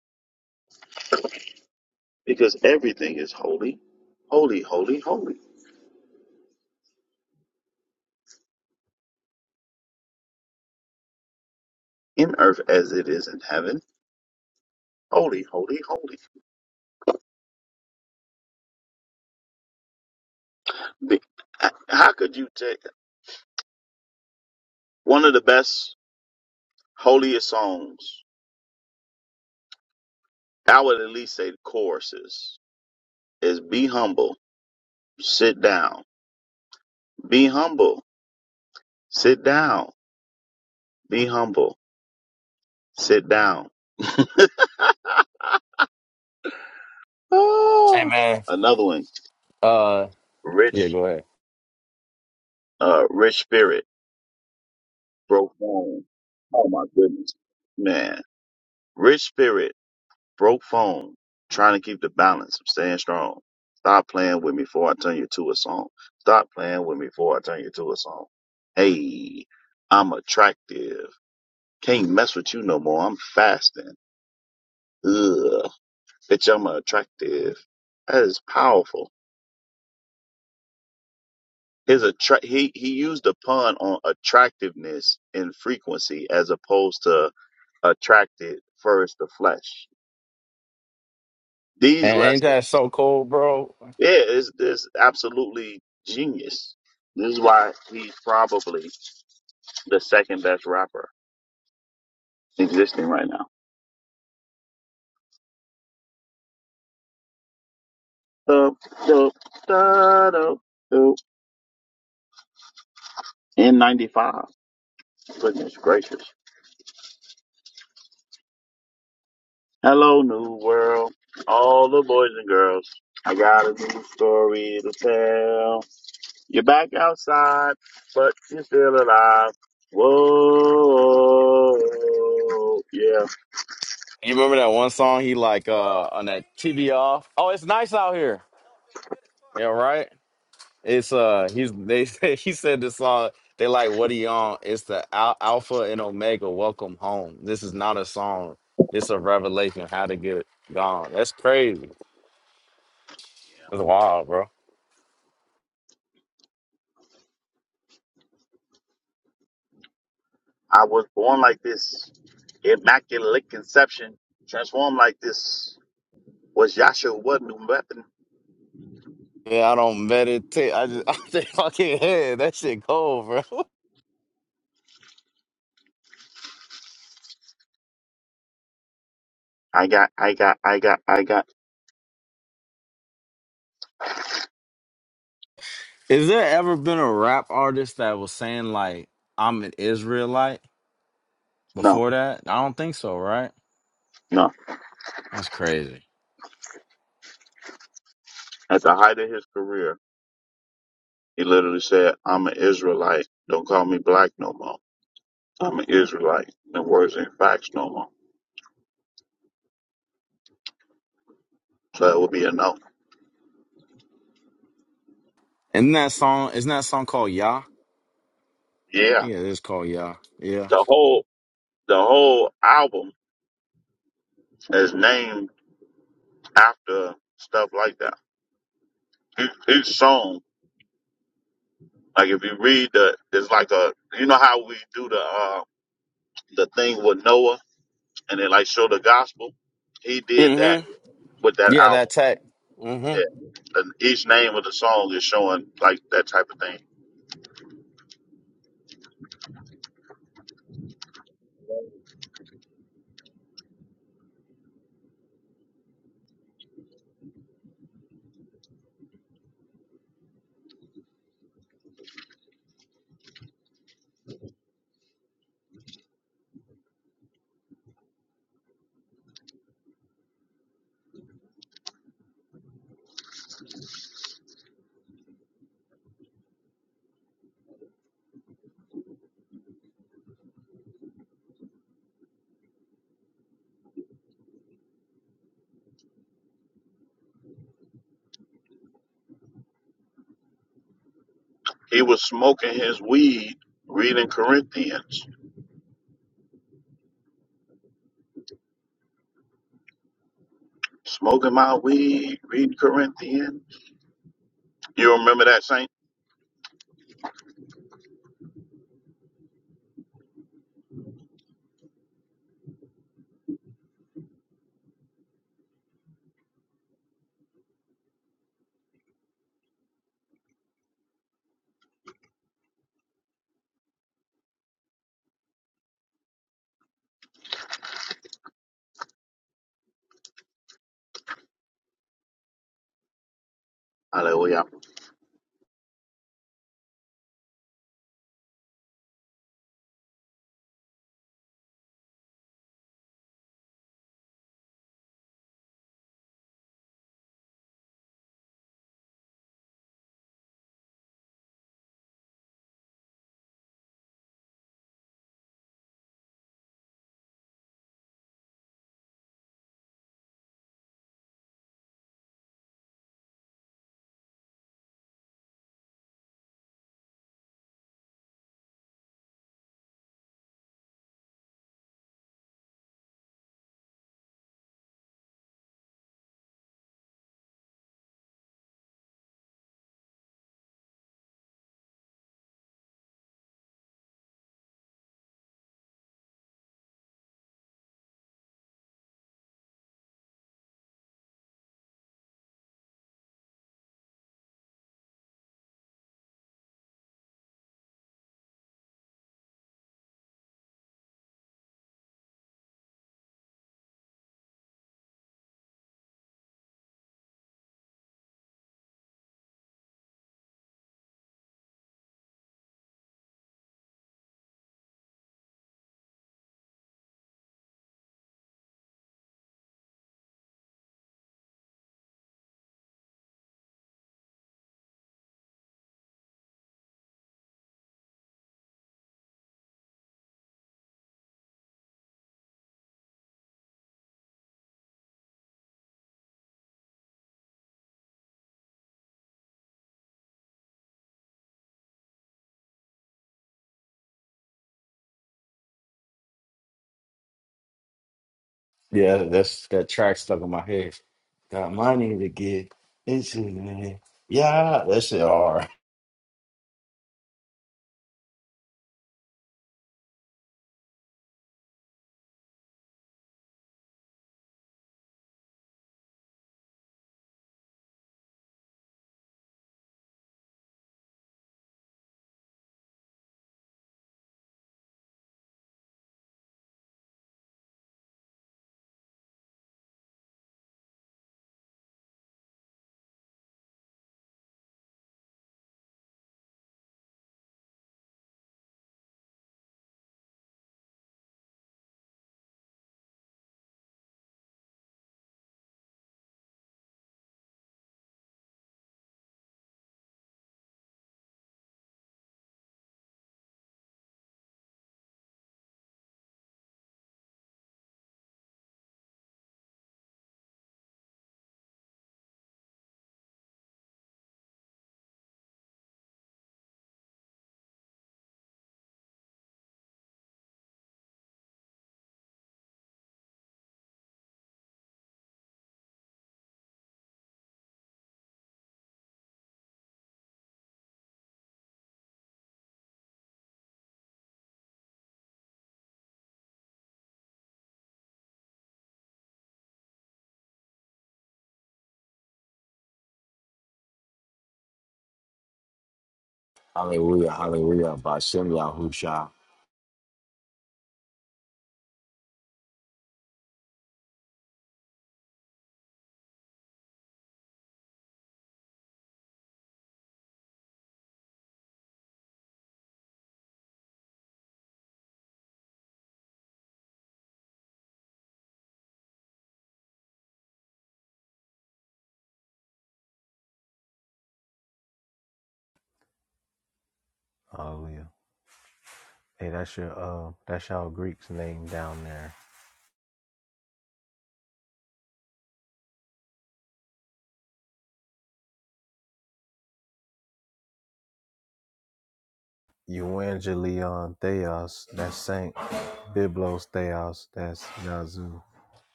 C: because everything is holy. Holy, holy, holy. In earth as it is in heaven. Holy, holy, holy. Be- how could you take? One of the best, holiest songs, I would at least say the choruses, is Be Humble, Sit Down. Be Humble, Sit Down. Be Humble, Sit Down.
G: Hey
C: Ah.
G: man.
C: Another one,
G: Uh yeah,
C: Rich,
G: go ahead.
C: uh, Rich Spirit, Broke Bone. Oh my goodness, man. Rich Spirit. broke phone, trying to keep the balance. I'm staying strong. Stop playing with me before I turn you to a song. Stop playing with me before I turn you to a song. Hey, I'm attractive. Can't mess with you no more. I'm fasting. Ugh, bitch, I'm attractive. That is powerful. His attra- he he used a pun on attractiveness and frequency as opposed to attracted first the flesh. These
G: And ain't that
C: lessons
G: so cool, bro?
C: Yeah, it's, it's absolutely genius. This is why he's probably the second best rapper existing right now. Dub, dub, da, dub, dub. In 95. Goodness gracious. Hello, New World. All the boys and girls. I got a new story to tell. You're back outside, but you're still alive. Whoa. Yeah.
G: You remember that one song he like uh on that TV off? Oh, it's nice out here. Yeah, right? It's uh, he's they said he said this song. They like what he on. It's the al- Alpha and Omega. Welcome home. This is not a song. It's a revelation. How to get gone. That's crazy. That's wild, bro.
C: I was born like this, immaculate conception, transformed like this. Was Yahshua what new weapon?
G: Yeah, I don't meditate. I just I think fucking head. That shit cold, bro.
C: I got, I got, I got, I got.
G: Is there ever been a rap artist that was saying like I'm an Israelite
C: No,
G: before that? I don't think so, right?
C: no.
G: That's crazy.
C: At the height of his career, he literally said, "I'm an Israelite. Don't call me black no more. I'm an Israelite." The words ain't facts no more. So it would be a no.
G: Isn't that song? Isn't that song called Yah? I
C: Yeah,
G: think it is called Yah. Yeah.
C: the whole the whole album is named after stuff like that. Each each song Like if you read the, it's like a, you know how we do the uh, the thing with Noah, and they like show the gospel. He did
G: Mm-hmm.
C: that with that
G: Yeah, that
C: album.
G: tech. hmm
C: Yeah, and each name of the song is showing like that type of thing. He was smoking his weed, reading Corinthians. Smoking my weed, reading Corinthians. You remember that saint? Hallelujah.
G: Yeah, that's that track stuck in my head. Got money to get. It's yeah, that shit hard. Hallelujah, hallelujah, by Shem Yahusha.
I: Hallelujah. Hey, that's your uh, that's y'all Greeks name down there. Evangelion Theos, that's Saint. Biblos Theos, that's Yazoo.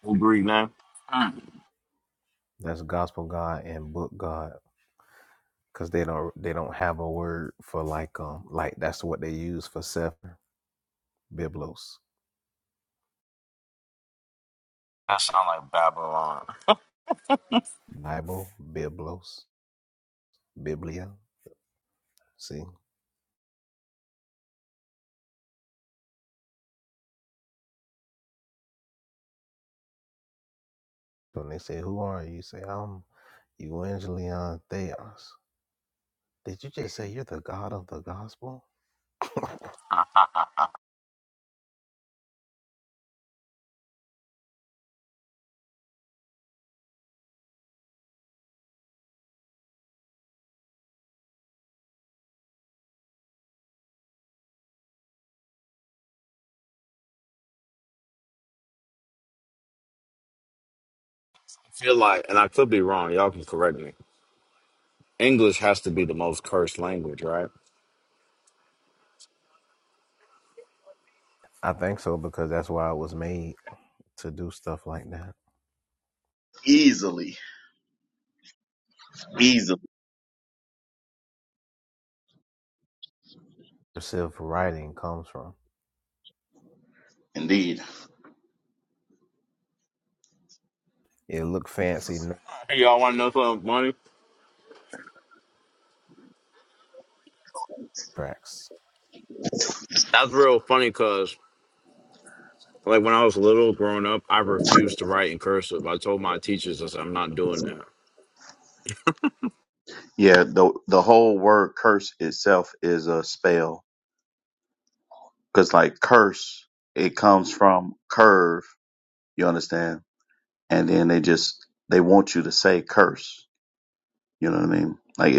G: Who breathe now? Mm.
I: That's Gospel God and Book God. Cause they don't they don't have a word for like um like that's what they use for Sefer. Biblos.
G: That sound like Babylon.
I: Bible, Biblos, Biblia. See? When they say, Who are you? You say, I'm Evangelion Theos. Did you just say you're the God of the gospel?
G: I feel like, and I could be wrong. Y'all can correct me. English has to be the most cursed language, right?
I: I think so because that's why it was made to do stuff like that.
C: Easily,
I: Cursive writing comes from.
C: indeed.
I: It look fancy no
G: Hey, y'all want to know something funny?
I: tracks.
G: That's real funny because, like, when I was little growing up, I refused to write in cursive. I told my teachers, I said, I'm not doing that.
C: So, because and they want to mean like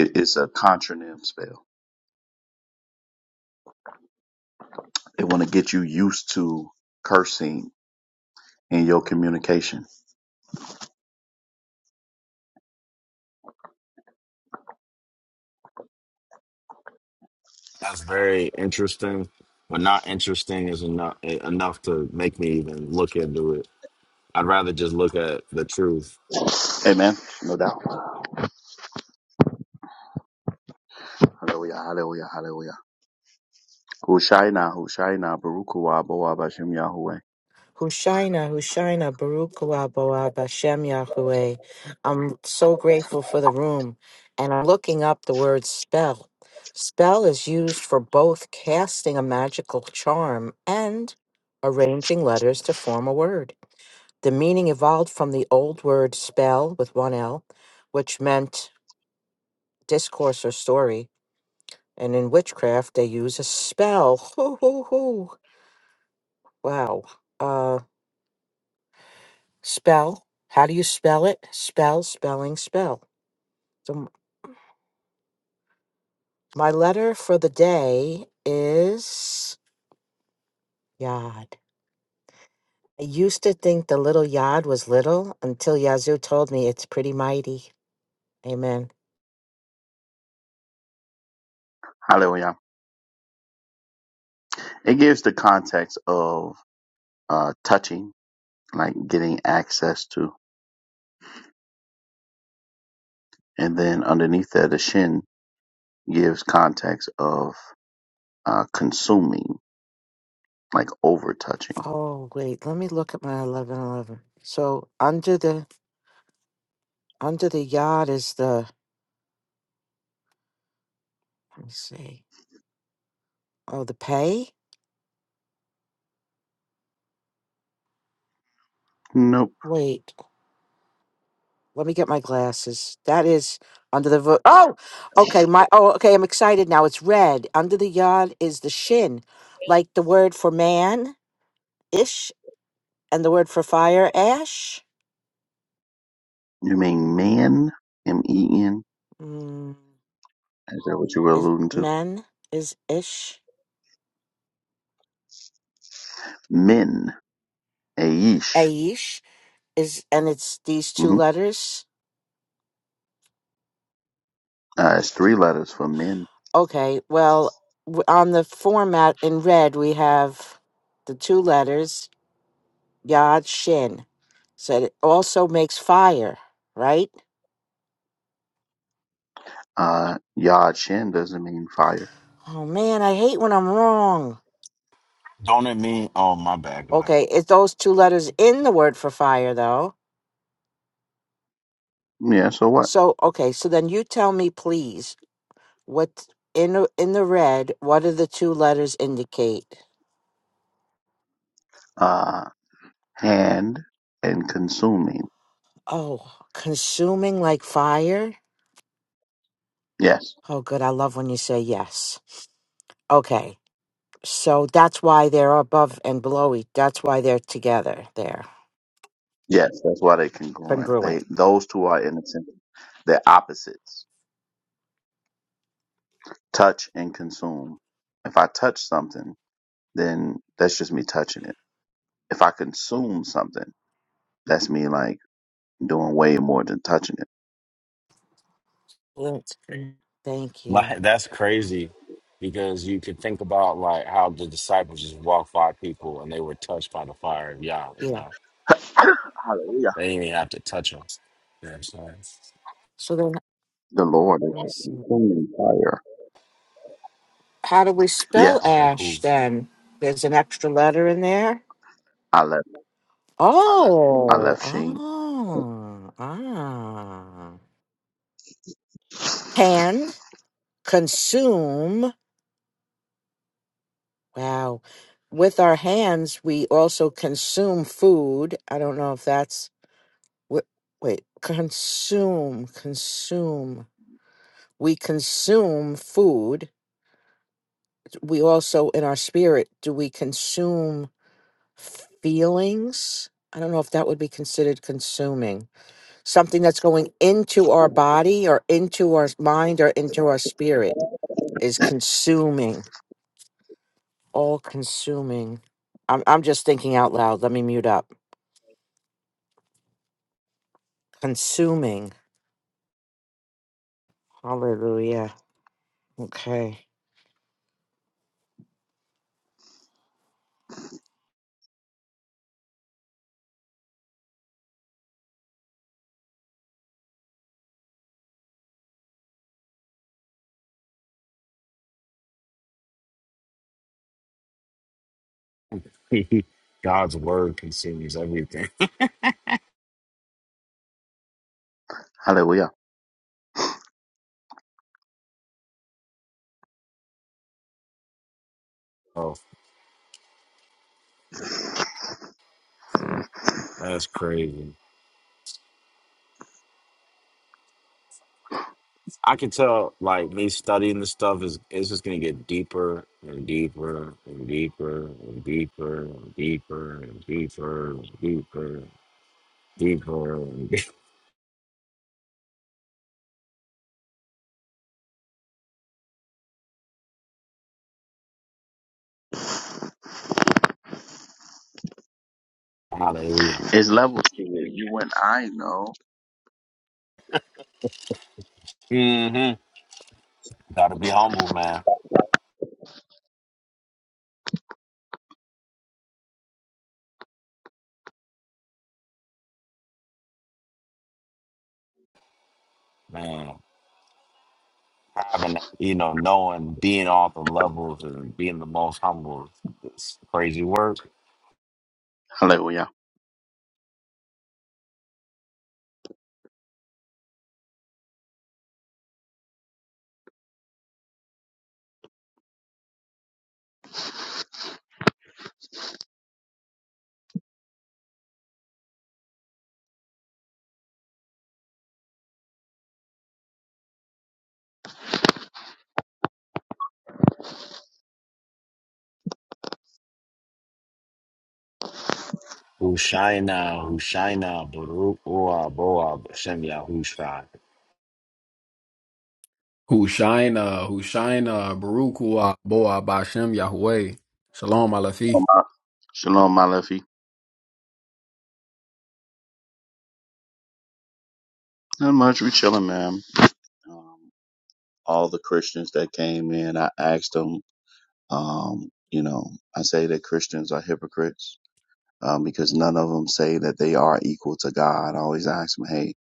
C: want to get you used to cursing in your communication.
G: That's very interesting, but not interesting is enough enough to make me even look into it. I'd rather just look at the truth.
C: Amen. Hallelujah, hallelujah, hallelujah. Hushaina, Hushaina, Barukawa, Boa Bashem Yahweh.
J: Hushaina, Hushaina, Baruch Hu Aboab, Hashem Yahweh. I'm so grateful for the room, and I'm looking up the word spell. Spell is used for both casting a magical charm and arranging letters to form a word. The meaning evolved from the old word spell with one L, which meant discourse or story, and in witchcraft they use a spell. Hoo hoo hoo. Wow. Uh, Spell. How do you spell it? Spell, spelling, spell. So my letter for the day is Yod. I used to think the little Yod was little until Yazoo told me it's pretty mighty. Amen.
C: Hallelujah. It gives the context of uh, touching, like getting access to. And then underneath that, the shin gives context of uh, consuming, like over touching.
J: Oh wait, let me look at my eleven eleven. So under the under the Yod is the let me see. Oh the pay? Wait. Let me get my glasses. That is under the vo- oh, okay. My oh, okay. I'm excited now. It's red. Under the yod is the shin, like the word for man ish, and the word for fire ash. Mm, is men is ish. Aish is, and it's these two letters. Okay. Well, w- on the format in red we have the two letters yod shin, so it also makes fire, right?
C: Uh, yad shin doesn't mean fire.
J: Oh man, I hate when I'm wrong.
G: Don't it mean? Oh, my bad. Go ahead.
J: Okay, it's those two letters in the word for fire though.
C: Yeah, so what?
J: So okay, so then you tell me please what in the- in the red, what do the two letters indicate?
C: Uh, hand and consuming.
J: Oh, consuming like fire?
C: Yes.
J: Oh good, I love when you say yes. Okay. So that's why they're above and below each. That's why they're together. They're
C: Yes, that's why they congruent. They
J: congruent.
C: those two are in a sentence. They're opposites. touch and consume. If I touch something, then that's just me touching it. If I consume something, that's me like doing way more than touching it.
J: Yes. Thank you.
G: Like that's crazy, because you could think about like how the disciples just walked by people and they were touched by the fire of Yah. You
J: Yeah.
G: know, they didn't even have to touch them. You know what I'm saying?
J: So then
C: The Lord is
J: let me see.
C: consuming fire.
J: How do we spell
C: Yes.
G: Okay, cool.
J: ash then? There's an extra letter in there.
C: I left I
J: Oh,
C: left Sheen.
J: ah, ah. Hand, consume. Wow. With our hands, we also consume food. I don't know if that's. Wait, wait. consume, consume. We consume food. We also, in our spirit, do we consume feelings? I don't know if that would be considered consuming. something that's going into our body or into our mind or into our spirit is consuming, all consuming. I'm, I'm just thinking out loud. Let me mute up. Consuming. Hallelujah. Okay.
G: God's word consumes everything.
C: Hallelujah.
G: Oh, that's crazy. I can tell, like me studying this stuff is it's just gonna get deeper and deeper and deeper and deeper and deeper and deeper and deeper, deeper. And deeper. Hallelujah.
C: It's level Sheen.
G: hmm Gotta be humble, man. Man, having that, you know, knowing, being all the levels and being the most humble. It's crazy work.
C: Hallelujah.
G: Who shine Baruch Boa Boa Shem Yahushua.
K: Hushaina, Hushaina, Baruch Barukua, Boa, Bashem, Yahweh. Shalom, Alafi.
C: Shalom my lefty. Not much. We chilling, man. Um, all the Christians that came in, I asked them, um, you know, I say that Christians are hypocrites um, because none of them say that they are equal to God. I always ask them, hey,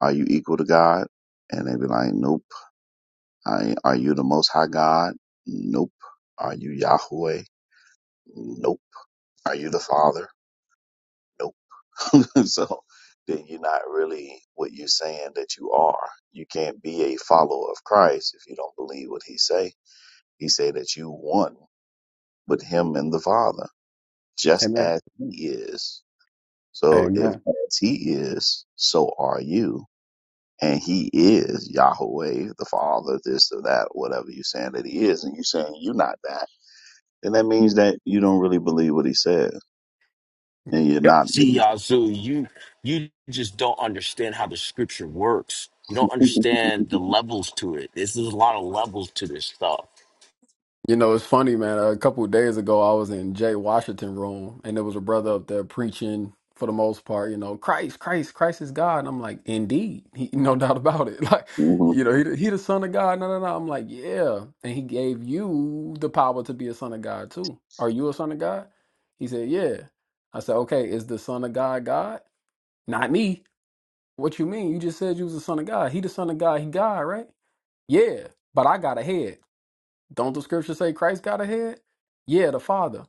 C: are you equal to God? And they be like, nope. I, are you the Most High God? Nope. Are you Yahweh? Nope. Are you the Father? Nope. so then you're not really what you're saying that you are. You can't be a follower of Christ if you don't believe what he say. He say that you one with him and the Father, just
K: Amen.
C: as he is. So if
K: Amen.
C: as he is, so are you and he is Yahweh, the Father, this or that, whatever you're saying that he is, and you're saying you're not that, then that means that you don't really believe what he says, and you're not.
G: See, Yazoo, you you just don't understand how the scripture works. You don't
C: hmm
G: understand the levels to it. This is a lot of levels to this stuff.
K: You know, it's funny, man. A couple of days ago, I was in Jay Washington room, and there was a brother up there preaching for the most part, you know, Christ, Christ, Christ is God. And I'm like, indeed, he, no doubt about it. Like, you know, he, the- he the son of God. No, no, no. I'm like, yeah. And he gave you the power to be a son of God too. Are you a son of God? He said, yeah. I said, okay, is the son of God God? Not me. What you mean? You just said you was the son of God. He the son of God. He God, right? Yeah, but I got a head. Don't the scripture say Christ got a head? Yeah, the Father.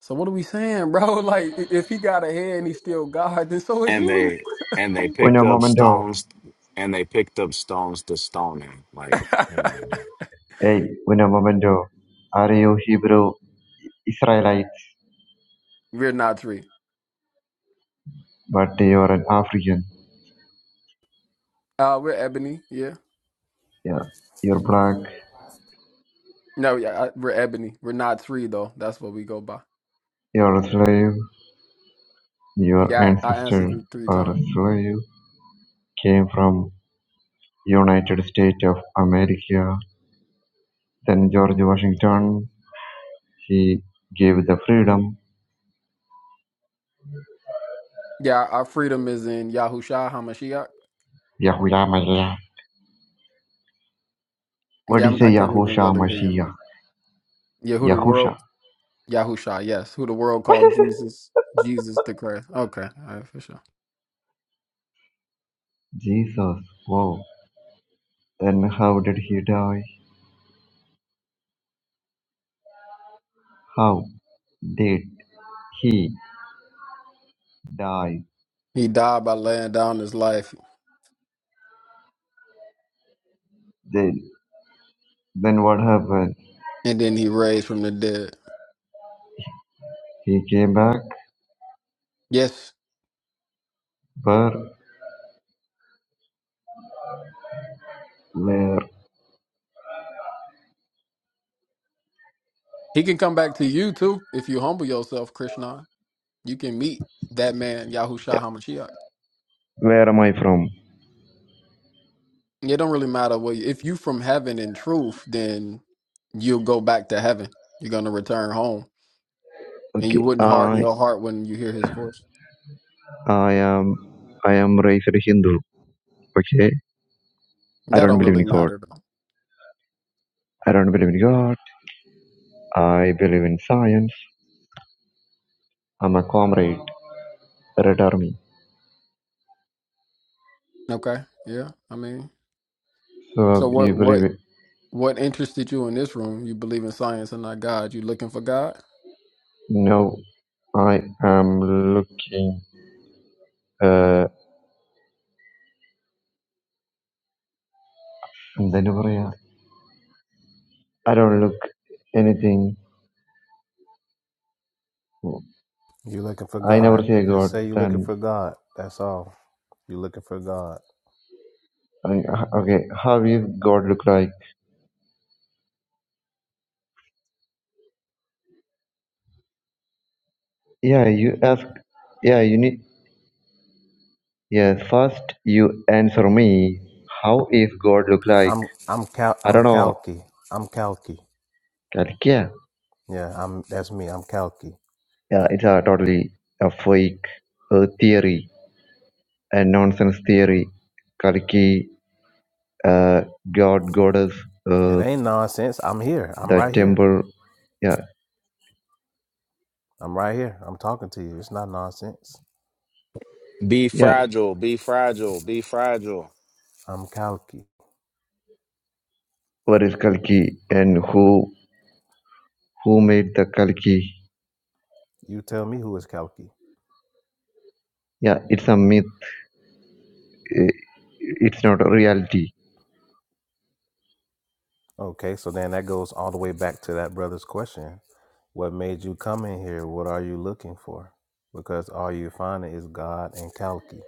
K: So what are we saying, bro? Like, i- if he got a head and he's still God, then so is
G: And
K: you.
G: they and they picked
L: Uno
G: up
L: momento.
G: stones and they picked up stones to stone him. Like hmm.
L: Hey, uno momento. Are you Hebrew Israelites?
K: we're not three.
L: But you're an African.
K: Uh, we're ebony. Yeah.
L: Yeah. You're black.
K: No, yeah, I, we're ebony. We're not three though. That's what we go by.
L: You're a slave. Your
K: Yeah, I
L: ancestor
K: answered you three
L: or a
K: times.
L: slave. Came from United States of America. Then George Washington. He gave the freedom.
K: Yeah, our freedom is in Yahushua Hamashiach.
L: Yahuwah Mashiach. What
K: Yeah,
L: do you
K: I'm,
L: say,
K: I can't even
L: Yahusha
K: really hear you,
L: Mashiach?
K: man. Yehuda world.
L: Yahusha.
K: Yahusha, yes, who the world called Jesus, Jesus the Christ. Okay, all right, for sure.
L: Jesus. Wow. Then how did he die? How did he? died.
K: He died by laying down his life,
L: Then, then what happened?
K: and then he raised from the dead.
L: He came back.
K: Yes,
L: Where? Where?
K: he can come back to you too if you humble yourself, Krishna. You can meet that man,
L: Yeah.
K: Yahusha Hamashiach.
L: Where am I from?
K: It don't really matter what. If you from heaven in truth, then you'll go back to heaven. You're gonna return home, and you
L: Okay.
K: wouldn't harden
L: I,
K: your heart when you hear his voice.
L: I am, I am raised a Hindu. Okay. I
K: That
L: don't
K: don't
L: believe
K: really
L: in God.
K: matter though.
L: I don't believe in God. I believe in science. I'm a comrade, Red Army.
K: Okay, yeah. I mean, so
L: So
K: what?
L: you
K: What?
L: believe it?
K: What interested you in this room? You believe in science and not God. You looking for God?
L: No. I am looking. Uh, എന്താ പറയാ? I don't look anything.
I: You're looking for
L: I never
I: God.
L: say
I: Just
L: God.
I: say you're looking
L: Then
I: for God. That's all. You're looking for God.
L: I- uh, Okay, how is God look like? Yeah, you ask. Yeah, you need. Yes, first you answer me. How is God look like?
I: I'm I'm Cal
L: I
I: I'm
L: don't know.
I: Kalki, I'm Kalki.
L: Like, yeah,
I: Yeah, I'm that's me. I'm Kalki.
L: yeah, it's a totally a fake uh, theory, a nonsense theory. Kaliki, uh, God, goddess,
I: It
L: uh,
I: ain't nonsense. I'm here. I'm
L: the
I: right here.
L: temple. Yeah,
I: I'm right here. I'm talking to you. It's not nonsense.
G: be
L: yeah.
G: fragile, be fragile, be fragile.
I: I'm Kalki.
L: What is Kalki and who who made the Kalki?
I: You tell me who is Kalki?
L: Yeah, it's a myth. eh, It's not a reality
I: Okay, so then that goes all the way back to that brother's question. What made you come in here? What are you looking for? Because all you finding is God and Kalki.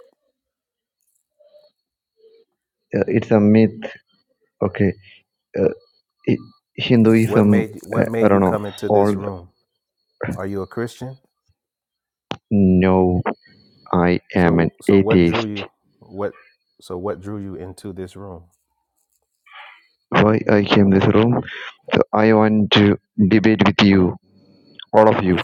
L: uh, it's a myth okay uh, i
I: What
L: hinduism
I: made what
L: uh, i
I: made you
L: don't know
I: come into
L: all
I: this
L: the,
I: room? Are you a Christian?
L: no i am an
I: So so what drew
L: atheist
I: you what so what drew you into this room?
L: why i came this room so i want to debate with you all of you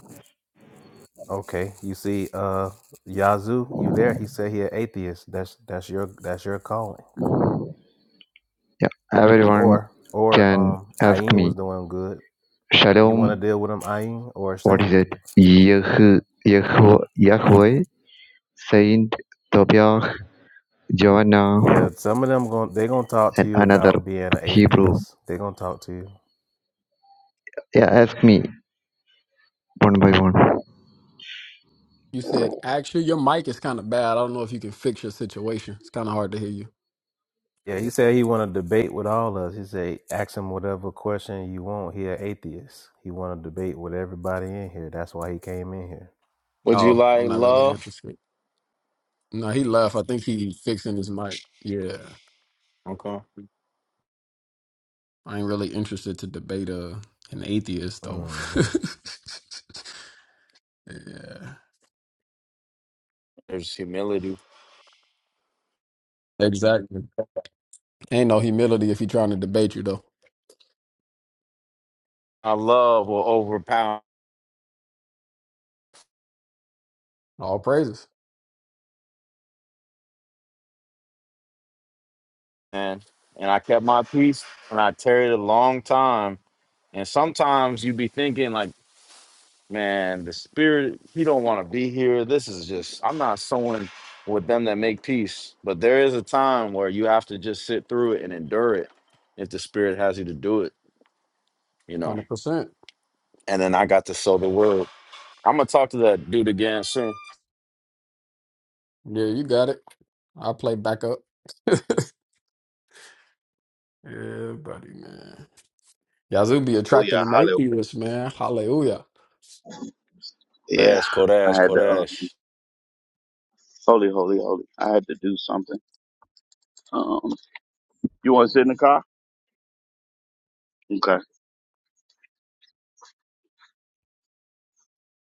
I: Okay, you see, uh, Yazoo, you there? He said he an atheist. That's that's your that's your calling.
L: yeah everyone
I: Or or
L: can
I: um,
L: ask
I: Ayin
L: me
I: was doing good. You
L: shalom
I: want to deal with him, Ayin or
L: what
I: Saint?
L: is it yeh Yehu, yahweh saint tobiah joanna
I: Yeah, some of them going they gonna talk to
L: and
I: you
L: another
I: about being an
L: hebrew
I: atheist. They gonna talk to you.
L: yeah ask me one by one
K: You said, actually, your mic is kind of bad. I don't know if you can fix your situation. It's kind of hard to hear you.
I: Yeah, he said he want to debate with all of us. He said, ask him whatever question you want. He an atheist. He want to debate with everybody in here. That's why he came in here.
G: Would you
K: Oh, I'm
G: like
K: not really
G: love?
K: interested. No, he left. I think he fixing his mic. Yeah.
G: Okay.
K: I ain't really interested to debate uh, an atheist, though.
I: hmm
K: yeah.
G: There's humility.
K: Exactly. Ain't no humility if he trying to debate you, though.
G: My love will overpower
K: All praises.
G: man. And I kept my peace and I tarried a long time. And sometimes you be thinking like man, the spirit, he don't want to be here. This is just, I'm not sowing with them that make peace. But there is a time where you have to just sit through it and endure it if the spirit has you to do it, you know.
K: 100%.
G: And then I got to sow the word. I'm gonna talk to that dude again soon.
K: Yeah, you got it. I'll play backup. Yeah, buddy, man. Yazoo be
C: Oh
K: attracting
C: yeah,
K: them
C: hallelujah.
K: atheists, man. Hallelujah.
C: Yeah,
G: Dash, Kodash,
C: I had to. Um,
G: Kodash.
C: holy, holy, holy. I had to do something. Um, you want to sit in the car? Okay.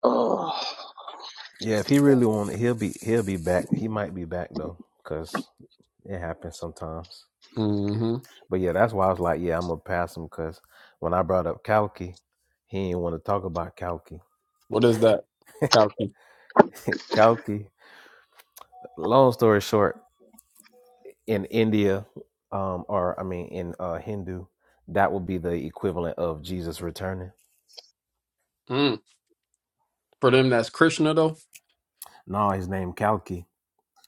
C: Oh,
I: Yeah, if he really wanted, he'll be he'll be back. He might be back though, cause it happens sometimes.
K: Mm-hmm.
I: But yeah, that's why I was like, yeah, I'm gonna pass him, cause when I brought up Kalki, he didn't want to talk about Kalki.
K: What is that? Kalki.
I: Kalki. Long story short, in India, um, or I mean, in uh, Hindu, that would be the equivalent of Jesus returning
K: Mm. For them, that's Krishna, though.
I: No, his name Kalki.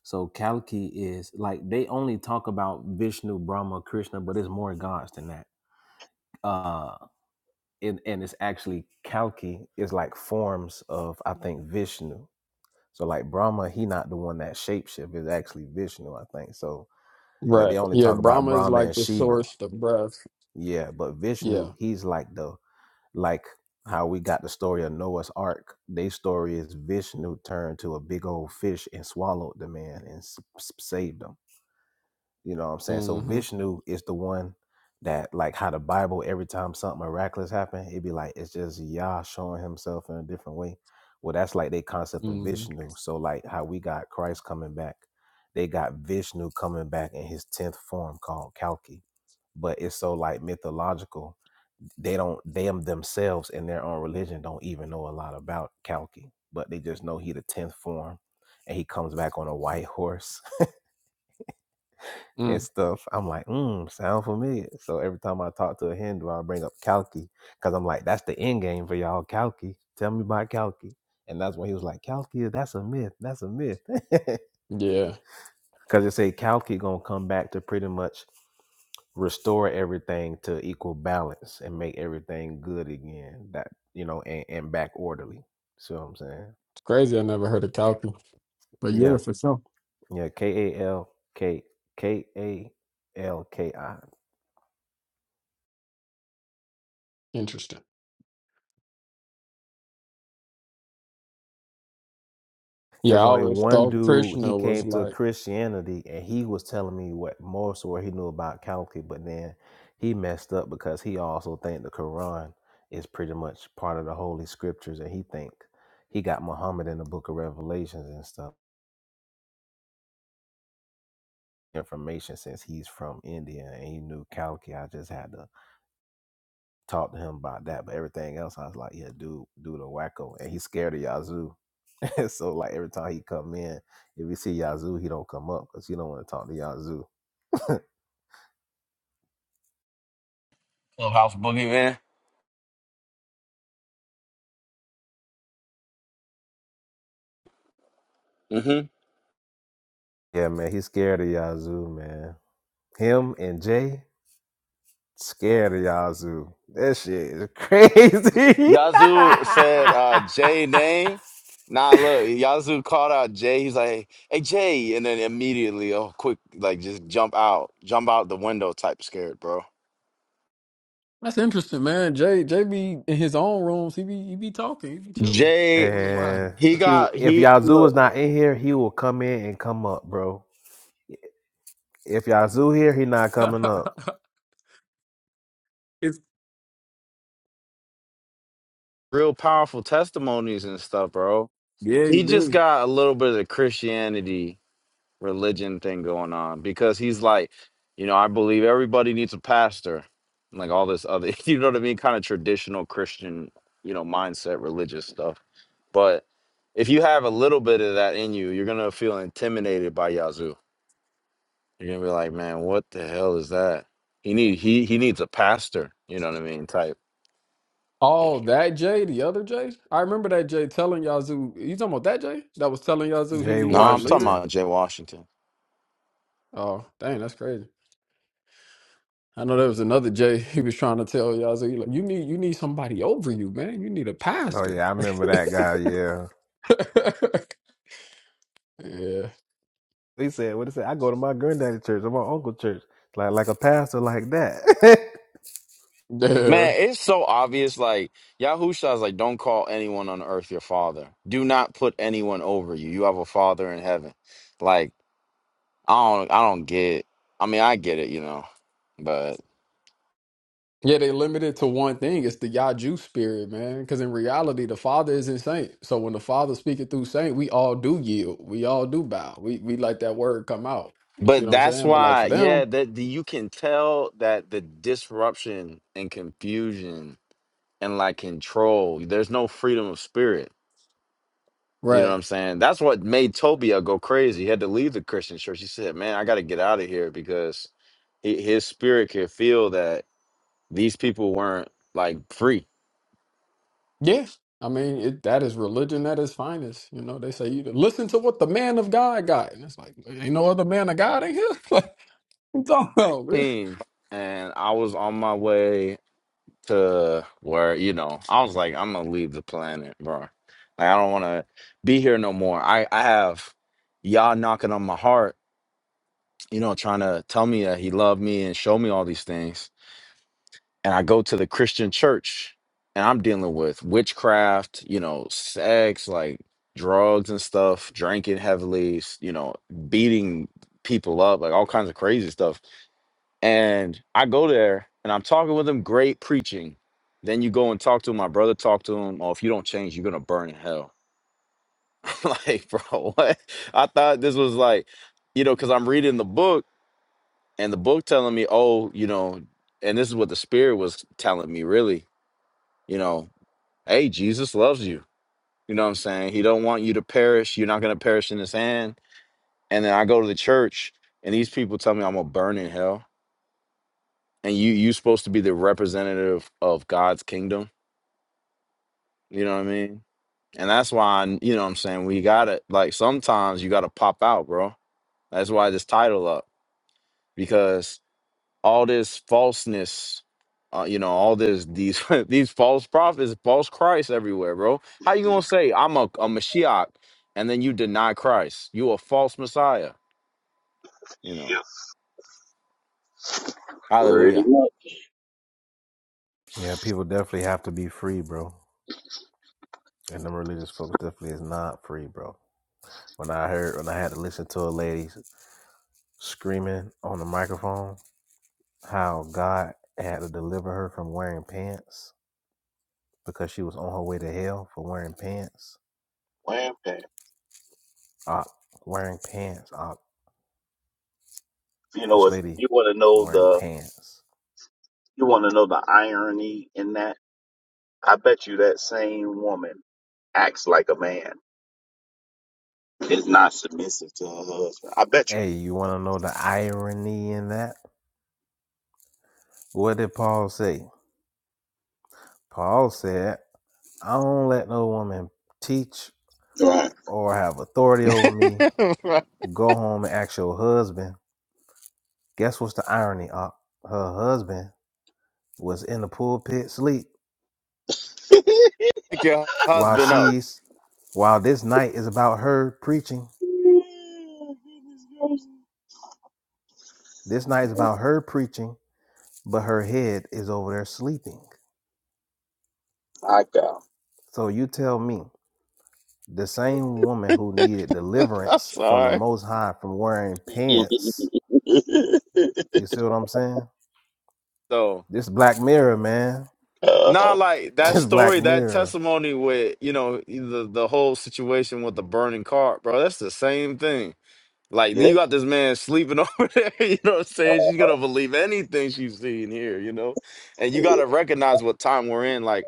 I: So Kalki is like they only talk about Vishnu, Brahma, Krishna, but it's more gods than that. Uh and, and it's actually Kalki is like forms of I think Vishnu. So like Brahma, he not the one that shapeshift is actually Vishnu, I think. So but
K: Right.
I: they only
K: Yeah,
I: talk about
K: Brahma is
I: Brahma
K: like
I: and
K: the
I: Shiva.
K: source, the breath.
I: Yeah, but
K: Yeah.
I: Vishnu, he's like the like how we got the story of Noah's Ark. Their story is Vishnu turned to a big old fish and swallowed the man and s- s- saved him. You know what I'm saying? So
K: Mm-hmm.
I: Vishnu is the one that like how the Bible every time something miraculous happen, it'd be like it's just Yah showing himself in a different way. Well, that's like their concept of
K: Mm-hmm.
I: Vishnu. So like how we got Christ coming back, they got Vishnu coming back in his tenth form called Kalki. But it's so like mythological. They don't them themselves in their own religion don't even know a lot about Kalki. But they just know he the tenth form and he comes back on a white horse and
K: Mm.
I: stuff. I'm like, mm, sound familiar. So every time I talk to a Hindu, I bring up Kalki because I'm like, that's the end game for y'all, Kalki. Tell me about Kalki. And that's when he was like, Kalki, that's a myth. That's a myth.
K: Yeah.
I: Because they say Kalki going to come back to pretty much restore everything to equal balance and make everything good again. That, you know, and, and back orderly. See what I'm saying?
K: It's crazy. I never heard of Kalki. But yeah,
I: Yeah.
K: for sure.
I: Yeah. K A L K K A L K I.
K: Interesting.
I: It
K: Yeah, I
I: was only
K: always
I: one
K: thought
I: dude. He
K: Krishna was
I: came to
K: like.
I: Christianity, and he was telling me what more so what he knew about calendar. But then he messed up because he also think the Quran is pretty much part of the holy scriptures, and he think he got Muhammad in the Book of Revelations and stuff. Information since he's from India and he knew calendar. I just had to talk to him about that. But everything else, I was like, yeah, dude, dude, a wacko, and he's scared of Yazoo. so like every time he come in, if he see Yazoo, he don't come up because he don't want to talk to Yazoo.
G: Clubhouse boogie man.
I: Yeah, man, he's scared of Yazoo, man. Him and Jay scared of Yazoo. That shit is crazy.
G: Yazoo said uh, Jay name. Nah, look, Yazoo called out Jay. He's like, "Hey Jay," and then immediately, oh, quick, like just jump out, jump out the window, type scared, bro.
K: That's interesting, man. Jay, Jay be in his own rooms. He be, he be talking. He be chilling. I
G: Jay,
K: wonder why.
I: and
G: he
I: he, w-
G: got
I: if
G: he
I: Yazoo is
G: look
I: not in here, he will come in and come up, bro. If Yazoo here, he not coming up.
K: It's,
G: real powerful testimonies and stuff, bro.
K: yeah, you
G: He just
K: do.
G: got a little bit of the Christianity religion thing going on because he's like, you know, I believe everybody needs a pastor, and like all this other, you know what I mean, kind of traditional Christian, you know, mindset, religious stuff But if you have a little bit of that in you, you're gonna feel intimidated by Yazoo. You're gonna be like, man, what the hell is that? He need he he needs a pastor. You know what I mean? Type.
K: Oh, that Jay, the other Jay? I remember that Jay telling Yazoo. You talking about that Jay that was telling Yazoo he
I: Jay
G: No,
K: needed a
G: I'm talking
K: leader?
I: Washington.
G: about Jay Washington.
K: Oh, dang, that's crazy. I know there was another Jay he was trying to tell Yazoo, he like, you need you need somebody over you, man. You need a
I: Oh
K: pastor.
I: yeah, I remember that guy. Yeah.
K: Yeah.
I: He said, "What is that? I go to my granddaddy church or my uncle church, like like a pastor like that."
K: Yeah.
G: Man, it's so obvious. Like Yahusha is like, don't call anyone on earth your father. Do not put anyone over you. You have a father in heaven. Like I don't I don't get. it. I mean, I get it, you know, but
K: Yeah, they limited to one thing. It's the Yaju spirit, man. Because in reality, the Father isn't saint. So when the Father speaking through saint, we all do yield. We all do bow. We we let that word come out. You see
G: But
K: what I'm
G: that's
K: saying? But like
G: why,
K: for
G: yeah,
K: them,
G: that the, you can tell that the disruption and confusion and like control, there's no freedom of spirit. You know
K: right?
G: what I'm saying? That's what made Tobia go crazy. He had to leave the Christian church. He said, "Man, I got to get out of here because hi- his spirit could feel that these people weren't like free."
K: Yeah, I mean it, that is religion at its finest. You know, they say you listen to what the man of God got, and it's like ain't no other man of God in here. Like, what you talking about, man?
G: Thing, And I was on my way. to where, you know, I was like, I'm gonna leave the planet, bro. Like I don't wanna be here no more. I, I have y'all knocking on my heart, you know, trying to tell me that he loved me and show me all these things. And I go to the Christian church and I'm dealing with witchcraft, you know, sex, like drugs and stuff, drinking heavily, s- you know, beating people up, like all kinds of crazy stuff and I go there and I'm talking with him, great preaching. Then you go and talk to him. My brother talked to him. Oh, if you don't change, you're gonna burn in hell. I'm like, bro, what? I thought this was like, you know, because I'm reading the book and the book telling me, oh, you know, and this is what the spirit was telling me, really, you know, hey, Jesus loves you. You know what I'm saying? He don't want you to perish. You're not gonna perish in his hand. And then I go to the church and these people tell me I'm gonna burn in hell. And you you supposed to be the representative of God's kingdom You know what I mean? And that's why, I- you know what I'm saying? We got to, like, sometimes you got to pop out, bro. That's why this title up because all this falseness, uh, you know, all this, these, these false prophets, false Christ everywhere, bro. How you going to say I'm a, a Mashiach and then you deny Christ? You a false Messiah, you
C: yeah,
G: know?
C: pretty
G: Hallelujah.
C: much.
I: yeah, people definitely have to be free, bro. And them religious folks definitely is not free, bro. When I heard when I had to listen to a lady screaming on the microphone how God had to deliver her from wearing pants because she was on her way to hell for wearing pants.
C: Wham, bam.
I: Ah, wearing pants. Ah,
C: You know,
I: this
C: it's,
I: lady
C: you want to know
I: wearing
C: the
I: pants.
C: you want to know the irony in that. I bet you that same woman acts like a man. is not submissive to her husband. I bet you.
I: Hey, you want to know the irony in that? What did Paul say? Paul said, I don't let no woman teach
C: Right.
I: or have authority over me.
G: Pick
I: Go home and ask your husband. Guess what's the irony? Op? Her husband was in the pulpit sleep
G: your
I: while
G: husband up.
I: she's, while this night is about her preaching. This night is
C: Man,
I: about her preaching, but her head is over there sleeping.
C: I got.
I: So you tell me, the same woman who needed
G: I'm
I: deliverance from the
G: sorry.
I: Most High from wearing pants, you see what I'm saying?
G: So.
I: This Black Mirror, man
C: uh
G: Nah,
C: huh.
G: like that
I: This Black
G: story, that
I: Mirror.
G: testimony with, you know, the the whole situation with the burning car, bro, that's the same thing. Like
C: Yeah.
G: you got this man sleeping over there, you know what I'm saying? She's gonna believe anything she's seeing here, you know? And you
C: yeah.
G: gotta recognize what time we're in. Like,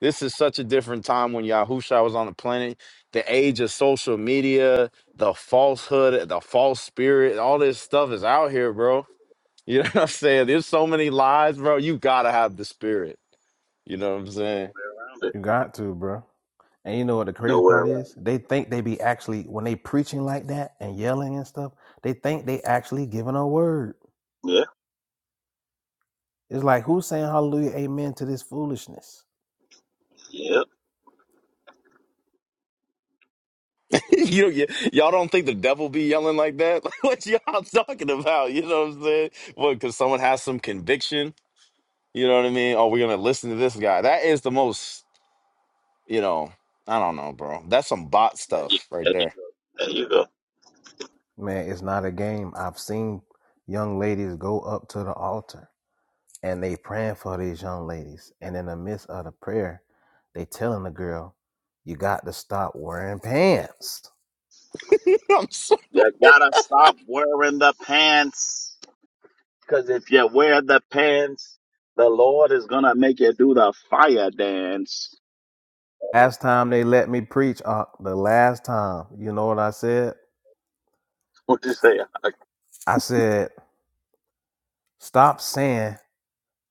G: this is such a different time when Yahusha was on the planet. The age of social media, the falsehood, the false spirit, all this stuff is out here, bro. You know what I'm saying? There's so many lies, bro. You gotta have the spirit. You know what I'm saying?
C: Nowhere around it.
I: You got to, bro. And you know what the crazy
C: Nowhere around.
I: part is? They think they be actually when they preaching like that and yelling and stuff. They think they actually giving a word.
C: Yeah.
I: It's like who's saying hallelujah, amen to this foolishness?
C: Yep.
G: You y- y'all don't think the devil be yelling like that? Like, what y'all talking about? You know what I'm saying? What? Because someone has some conviction. You know what I mean? Oh, we're gonna listen to this guy. That is the most. You know, I don't know, bro. That's some bot
C: There you,
G: stuff right
C: there you
G: there.
C: go. There you go.
I: Man, it's not a game. I've seen young ladies go up to the altar and they praying for these young ladies, and in the midst of the prayer, they telling the girl, "You got to stop wearing pants."
G: I'm so
C: You gotta stop wearing the pants. Cause if you wear the pants, the Lord is gonna make you do the fire dance.
I: Last time they let me preach, uh, the last time, you know what I said?
C: What you say? yeah,
I: I said, stop saying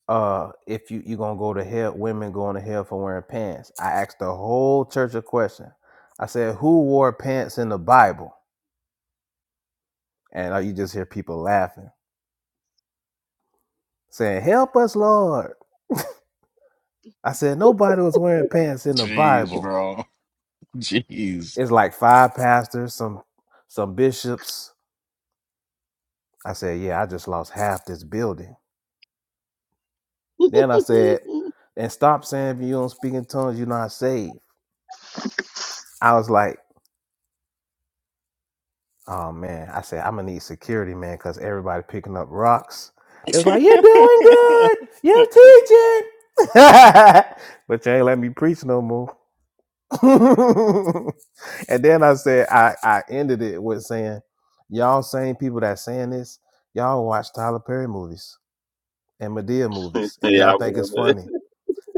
I: uh if you you gonna go to hell women going to hell for wearing pants. I asked the whole church a question. I said, Who wore pants in the Bible? And uh, you just hear people laughing, saying, Help us, Lord. I said, Nobody was wearing pants in the
G: jeez,
I: Bible.
G: bro. Jeez.
I: It's like five pastors, some some bishops. I said, Yeah, I just lost half this building. Then I said, and stop saying if you don't speak in tongues, you're not saved. I was like, Oh man, I said I'm gonna need security, man, because everybody picking up rocks. It was like you're doing good, you're teaching, but you ain't let me preach no more. and then I said I I ended it with saying, y'all same people that saying this, y'all watch Tyler Perry movies and Medea
C: I remember.
I: movies, and y'all think it's funny,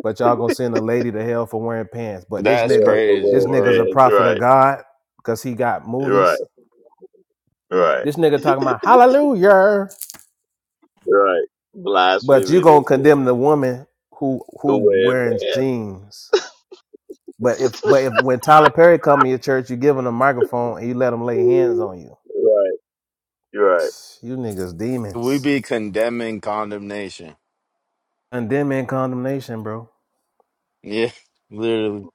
I: but y'all gonna send a lady to hell for wearing pants. But this
G: That's
C: Yeah,
I: nigga,
C: the wear
G: crazy
I: this nigga's
G: word.
I: a
C: pants.
I: prophet
C: Right.
I: of God because he got
C: Right.
I: movies.
C: Right.
I: This nigga talking about hallelujah.
C: Right.
I: But you
C: Blasphemy This
I: gonna
C: is
I: condemn the woman who
C: who
I: who
C: wear
I: wearing
C: pants.
I: jeans. But if but if when Tyler Perry come to your church, you give him a microphone and you let him lay hands on you.
C: Right. Right.
I: You niggas
G: We
I: demons.
G: be condemning condemnation.
I: Condemning condemnation, bro.
G: Yeah, literally.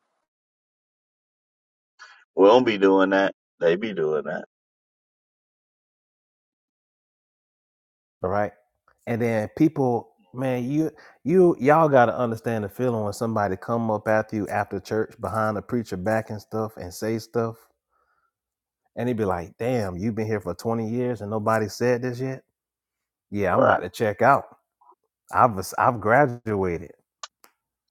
C: We don't be doing that. They be doing that.
I: All right. And then people, man, you you y'all gotta understand the feeling when somebody come up after you after church behind the preacher back and stuff and say stuff. And he be like, damn, you've been here for 20 years and nobody said this yet? Yeah, I'm
C: Right.
I: about to check out. I've I've graduated.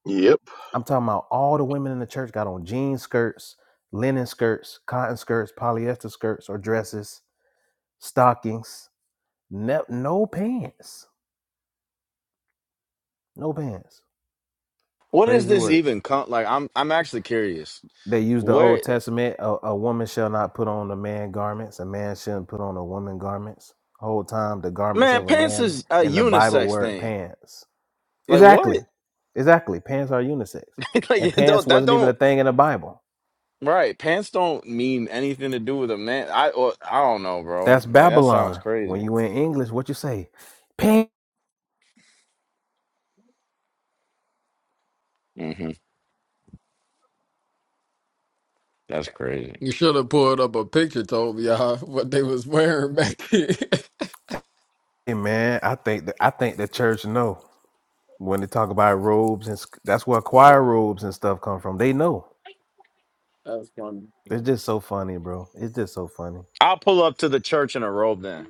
C: Yep.
I: I'm talking about all the women in the church got on jean skirts, linen skirts, cotton skirts, polyester skirts or dresses, stockings, ne- no pants, no pants.
G: What is
I: Crazy
G: this
I: work.
G: even? Con- like, I'm I'm actually curious.
I: They use the
G: Where?
I: Old Testament: a, a woman shall not put on a man garments, a man shouldn't put on a woman garments. Whole time the garments
G: Man,
I: of a
G: pants
I: man
G: is a
I: in the Bible
G: unisex
I: weren't
G: thing.
I: pants.
G: Like what?
I: Exactly, exactly. Pants are unisex,
G: like
I: and
G: it
I: pants
G: don't that
I: wasn't even a
G: don't
I: thing in the Bible
G: right? Pants don't mean anything to do with a man. I or, I don't know, bro.
I: That's
G: Like that sounds
I: Babylon. When
G: crazy.
I: you in English, what you say? Pain,
G: hmm That's crazy.
K: You should have pulled up a picture, told me y'all what they was wearing back then.
I: man. I think that I think the church know when they talk about robes and sc- that's where choir robes and stuff come from. They know.
K: That's funny.
I: It's just so funny, bro. It's just so funny.
G: I'll pull up to the church in a robe. Then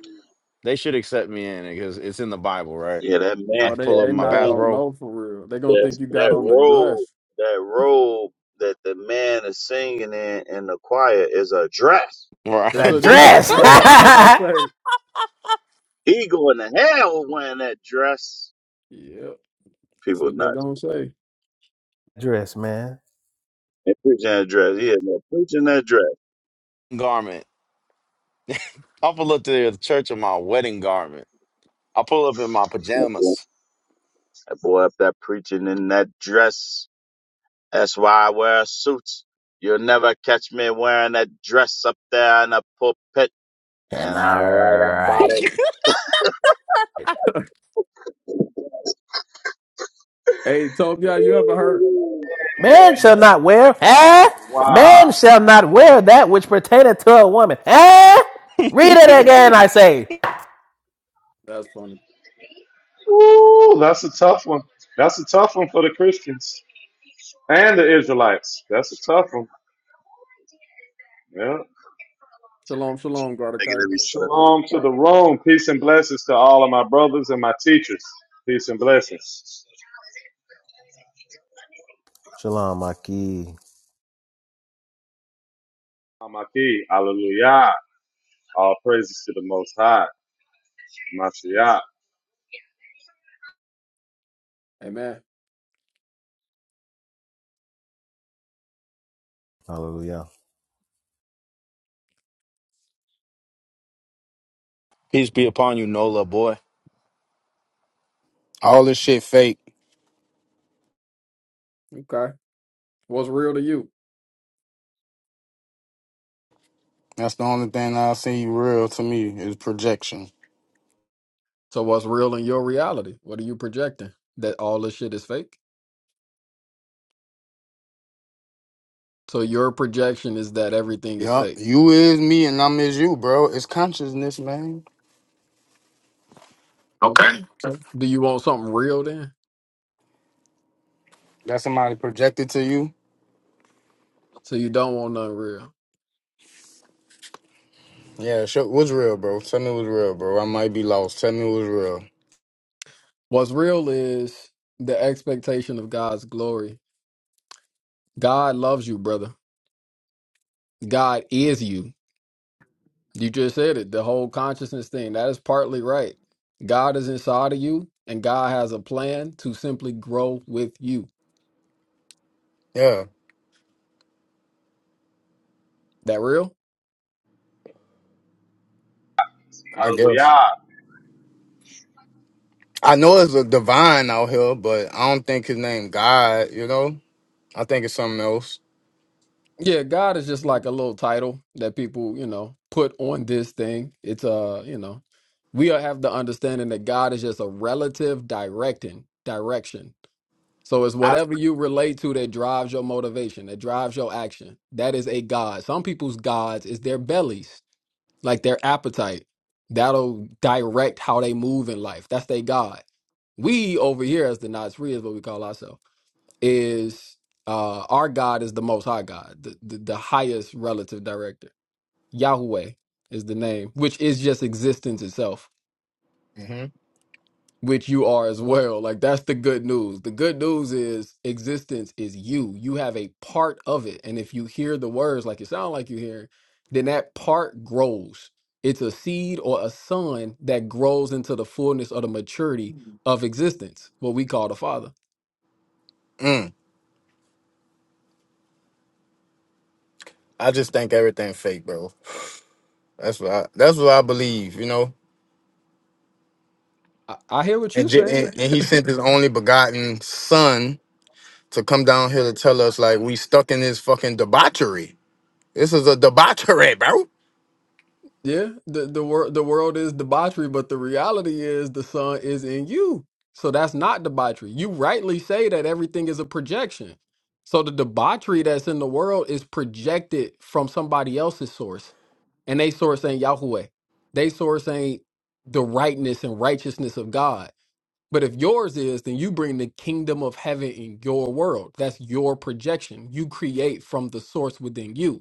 G: they should accept me in because it's in the Bible, right?
C: Yeah, that man
G: I
K: Well,
G: can
K: they
G: pull
C: that
G: up
K: they
G: in my
K: not gonna
C: man
G: bathrobe
K: know for real. They gonna
C: that
K: think you got
C: that
K: on the
C: robe,
K: dress.
C: that robe that the man is singing in in the choir is a dress.
G: or
K: It's a
I: That
C: He going
K: dress,
I: dress,
C: to
K: right? That's
C: hell.
K: what they gonna say.
C: He going to hell wearing that dress.
K: Yeah, that's
C: People
K: what they
C: nuts.
K: gonna say.
I: dress, man.
C: And preaching that dress. Yeah, man, preaching that dress.
G: garment. I'll pull up to the church in my wedding garment. I'll pull up in my
C: That
G: pajamas.
C: boy up there preaching in that dress. That's why I wear suits. You'll never catch me wearing a dress up there in a pulpit.
I: Am
C: And I
I: I
C: write about
I: right?
C: it.
K: Hey, Tobia, you ever heard?
I: Man shall not wear, eh?
M: Wow.
I: Man shall not wear that which pertaineth to a woman, eh? Read it again, I say.
K: That's funny.
M: Ooh, that's a tough one. That's a tough one for the Christians and the Israelites. That's a tough one. Yeah.
K: Shalom, shalom,
C: Take it
K: Gardakai.
C: every step.
M: Shalom to the room. Peace and blessings to all of my brothers and my teachers. Peace and blessings.
I: Shalom, Maki.
M: Amaki. Hallelujah. All praises to the Most High. Mashiach.
K: Hey, man.
I: Hallelujah.
G: Peace be upon you, Nola boy.
N: All this shit fake.
K: Okay, what's real to you?
N: That's the only thing I see real to me is projection.
K: So what's real in your reality? What are you projecting? That all this shit is fake? So your projection is that everything is
N: Yup.
K: fake.
N: You is me and I'm is you, bro. It's consciousness, man. Okay.
K: Okay. So do you want something real then?
N: That somebody projected to you.
K: So you don't want nothing real.
N: Yeah, sure. What's real, bro? Tell me what's real, bro. I might be lost. Tell me what's real.
K: What's real is the expectation of God's glory. God loves you, brother. God is you. You just said it. The whole consciousness thing. That is partly right. God is inside of you and God has a plan to simply grow with you.
N: Yeah,
K: That real?
N: I guess.
M: Hallelujah.
N: I know it's a divine out here, but I don't think his name God, you know? I think it's something else.
K: Yeah, God is just like a little title that people, you know, put on this thing. It's uh, you know, we all have the understanding that God is just a relative directing direction. So it's
N: I
K: whatever you relate to that drives your motivation, that drives your action. That is a God. Some people's gods is their bellies, like their appetite. That'll direct how they move in life. That's their God. We over here as the Nasri is what we call ourselves is uh our God is the most high God, the, the, the highest relative director. Yahweh is the name, which is just existence itself,
N: hmm
K: which you are as well. Like that's the good news. The good news is existence is you. You have a part of it. And if you hear the words like it sound like you hear, then that part grows. It's a seed or a son that grows into the fullness or the maturity of existence, what we call the Father.
N: mm, I just think everything fake, bro. That's what I that's what I believe, you know.
K: I, I hear what you're
N: and, Je-
K: saying.
N: and and he sent his only begotten son to come down here to tell us like we stuck in this fucking debauchery. This is a debauchery, bro.
K: Yeah, the the world the world is debauchery, but the reality is the sun is in you. So that's not debauchery. You rightly say that everything is a projection. So the debauchery that's in the world is projected from somebody else's source, and they source ain't Yahweh. They source ain't the rightness and righteousness of God. But if yours is, then you bring the kingdom of heaven in your world. That's your projection. You create from the source within you.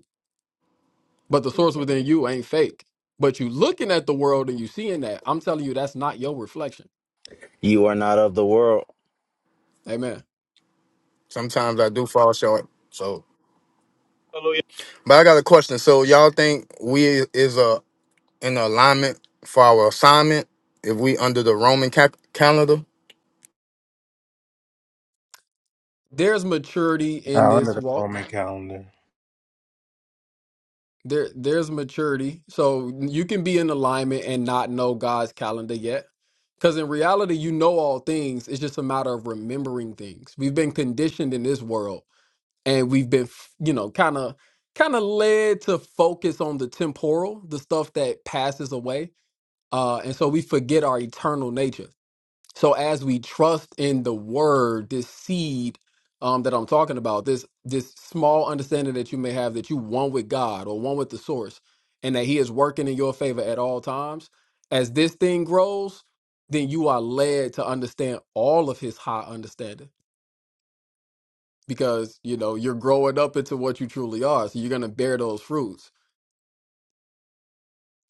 K: But the source within you ain't fake. But you looking at the world and you seeing that. I'm telling you, that's not your reflection.
G: You are not of the world.
K: Amen.
N: Sometimes I do fall short. So,
M: Hallelujah.
N: but I got a question. So y'all think we is a in alignment for our assignment if we under the Roman ca- calendar?
K: There's maturity in
I: Nah, under
K: this
I: the
K: walk.
I: Roman calendar.
K: There, there's maturity. So you can be in alignment and not know God's calendar yet. Because in reality, you know all things. It's just a matter of remembering things. We've been conditioned in this world and we've been, you know, kind of kind of led to focus on the temporal, the stuff that passes away. Uh, and so we forget our eternal nature. So as we trust in the word, this seed um, that I'm talking about, this this small understanding that you may have that you one with God or one with the source, and that He is working in your favor at all times. As this thing grows, then you are led to understand all of His high understanding because you know you're growing up into what you truly are. So you're gonna bear those fruits.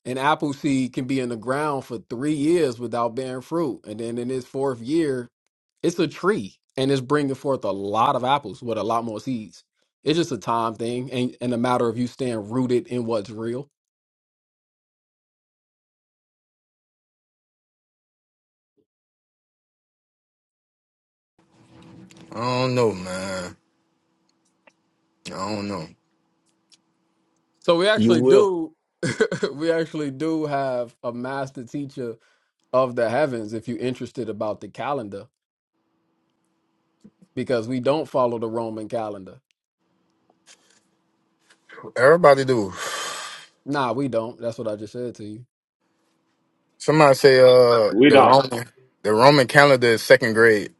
K: An apple seed can be in the ground for three years without bearing fruit, and then in its fourth year, It's a tree and it's bringing forth a lot of apples with a lot more seeds. It's just a time thing and, and a matter of you staying rooted in what's real.
N: I don't know, man. I don't know.
K: So we
G: You
K: actually
G: will.
K: do we actually do have a master teacher of the heavens if you're interested about the calendar because we don't follow the Roman calendar.
N: Everybody do.
K: Nah, we don't. That's what I just said to you.
N: Somebody say uh
M: We
N: the
M: don't.
N: Roman the Roman calendar is second grade.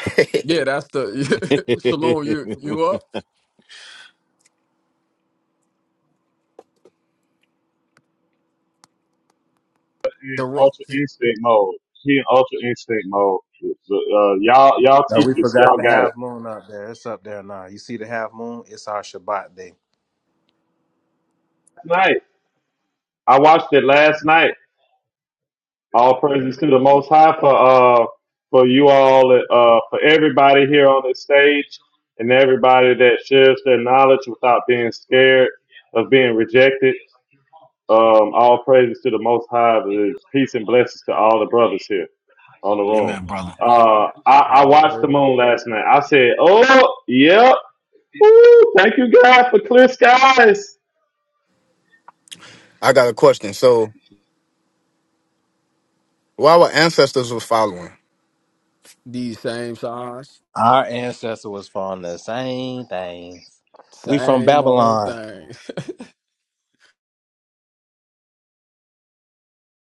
K: Yeah, that's the Shalom. You you up?
M: In
K: The ro-
M: ultra instinct mode. He in ultra instinct mode. Uh, y'all, y'all
I: Uh, we
M: teachers,
I: forgot
M: y'all
I: the
M: got it.
I: half moon up there. It's up there now. You see the half moon? It's our Shabbat day.
M: Tonight. I watched it last night All praises to the Most High for uh for you all uh for everybody here on this stage and everybody that shares their knowledge without being scared of being rejected. Um, all praises to the Most High. There's Peace and blessings to all the brothers here on the room.
G: Amen, brother.
M: Uh, I, I
K: all
M: watched the
K: praise.
M: moon last night. I said, "Oh, yep, Ooh, thank you God for clear skies.
N: I got a question. So. Well, our ancestors were following.
K: These same signs,
I: Our ancestor was from the same things. We from
K: same old
I: Babylon.
K: thing.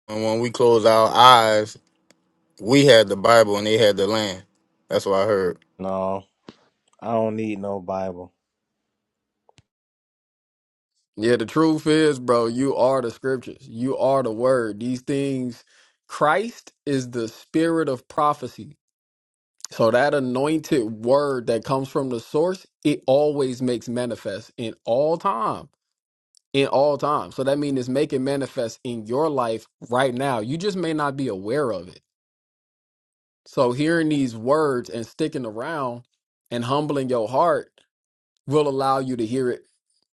N: And when we closed our eyes, we had the Bible and they had the land. That's what I heard.
I: No, I don't need no Bible.
K: Yeah, the truth is, bro, you are the scriptures. You are the word. These things, Christ is the spirit of prophecy. So that anointed word that comes from the source, it always makes manifest in all time. In all time. So that means it's making manifest in your life right now. You just may not be aware of it. So hearing these words and sticking around and humbling your heart will allow you to hear it.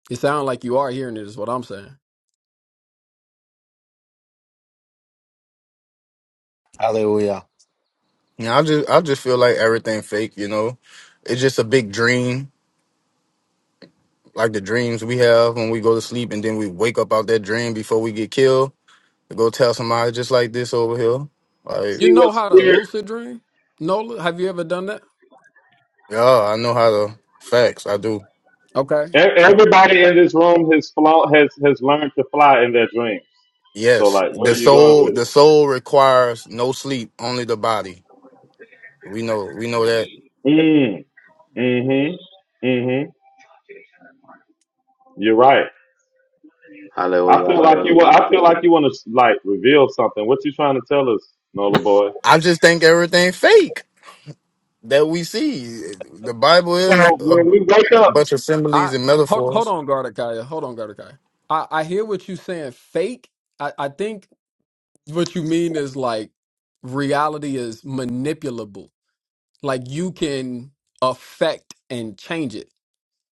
K: It sounds like you are hearing it, is what I'm saying.
G: Hallelujah.
N: Yeah, I just I just feel like everything fake, you know. It's just a big dream, like the dreams we have when we go to sleep and then we wake up out that dream before we get killed to go tell somebody just like this over here. Like,
K: You
M: See
K: know
M: what
K: how to
M: spirit."
K: lucid dream? Nola, have you ever done that?
N: yeah, I know how to facts, I do.
K: Okay.
M: E-
K: So
M: Everybody in this room has flown, has has learned to fly in their dreams. So,
N: Yes.
M: like, where
N: The
M: are you going
N: soul
M: with
N: the soul requires no sleep, only the body. We know we know that.
M: it? Mm, mm-hmm, mm-hmm. You're right. I
C: Hallelujah,
M: feel like you. wa-
C: hallelujah.
M: I feel like you want to like reveal something. What you trying to tell us, Nola boy?
N: I just think everything fake. that we see. The Bible
M: So
N: is a
M: when we wake up,
N: bunch of similes
K: I
N: and
K: hold, hold
N: metaphors.
K: on, Gardakaya. Hold on, Gardakaya. I, I hear what you're saying, fake. I, I think what you mean is like reality is manipulable. Like you can affect and change it.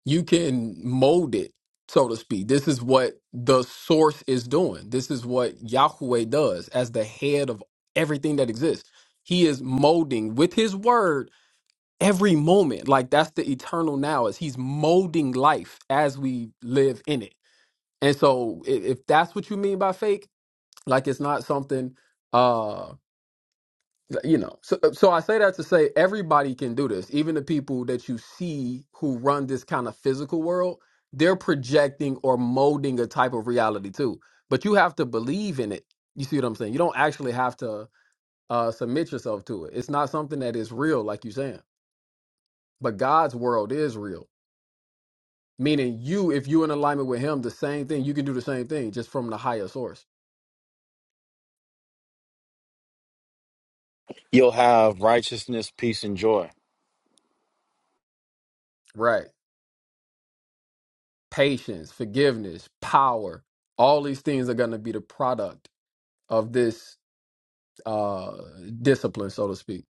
K: You can mold it, so to speak. This is what the source is doing. This is what Yahweh does as the head of everything that exists. He is molding with his word every moment like that's the eternal now is he's molding life as we live in it and so if, if that's what you mean by fake like it's not something uh you know so uh, so i say that to say everybody can do this even the people that you see who run this kind of physical world they're projecting or molding a type of reality too but you have to believe in it you see what i'm saying you don't actually have to uh submit yourself to it it's not something that is real like you're saying but god's world is real Meaning you, if you're in alignment with him, the same thing, you can do the same thing just from the higher source.
G: You'll have righteousness, peace, and joy.
K: Right. Patience, forgiveness, power. All these things are gonna be the product of this uh discipline, so to speak.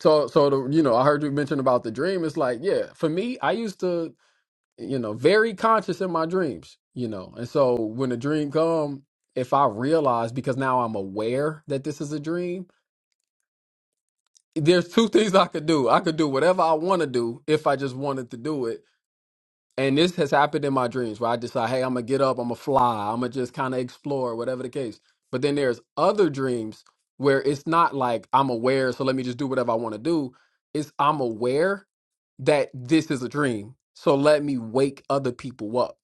K: So so the you know, I heard you mention about the dream. It's like, yeah, for me, I used to, you know, very conscious in my dreams, you know. And so when the dream come, if I realize because now I'm aware that this is a dream, there's two things I could do. I could do whatever I want to do if I just wanted to do it. And this has happened in my dreams where I decide, hey, I'm gonna get up, I'm gonna fly, I'm gonna just kind of explore, whatever the case. But then there's other dreams where it's not like I'm aware, so let me just do whatever I want to do. It's I'm aware that this is a dream, so let me wake other people up.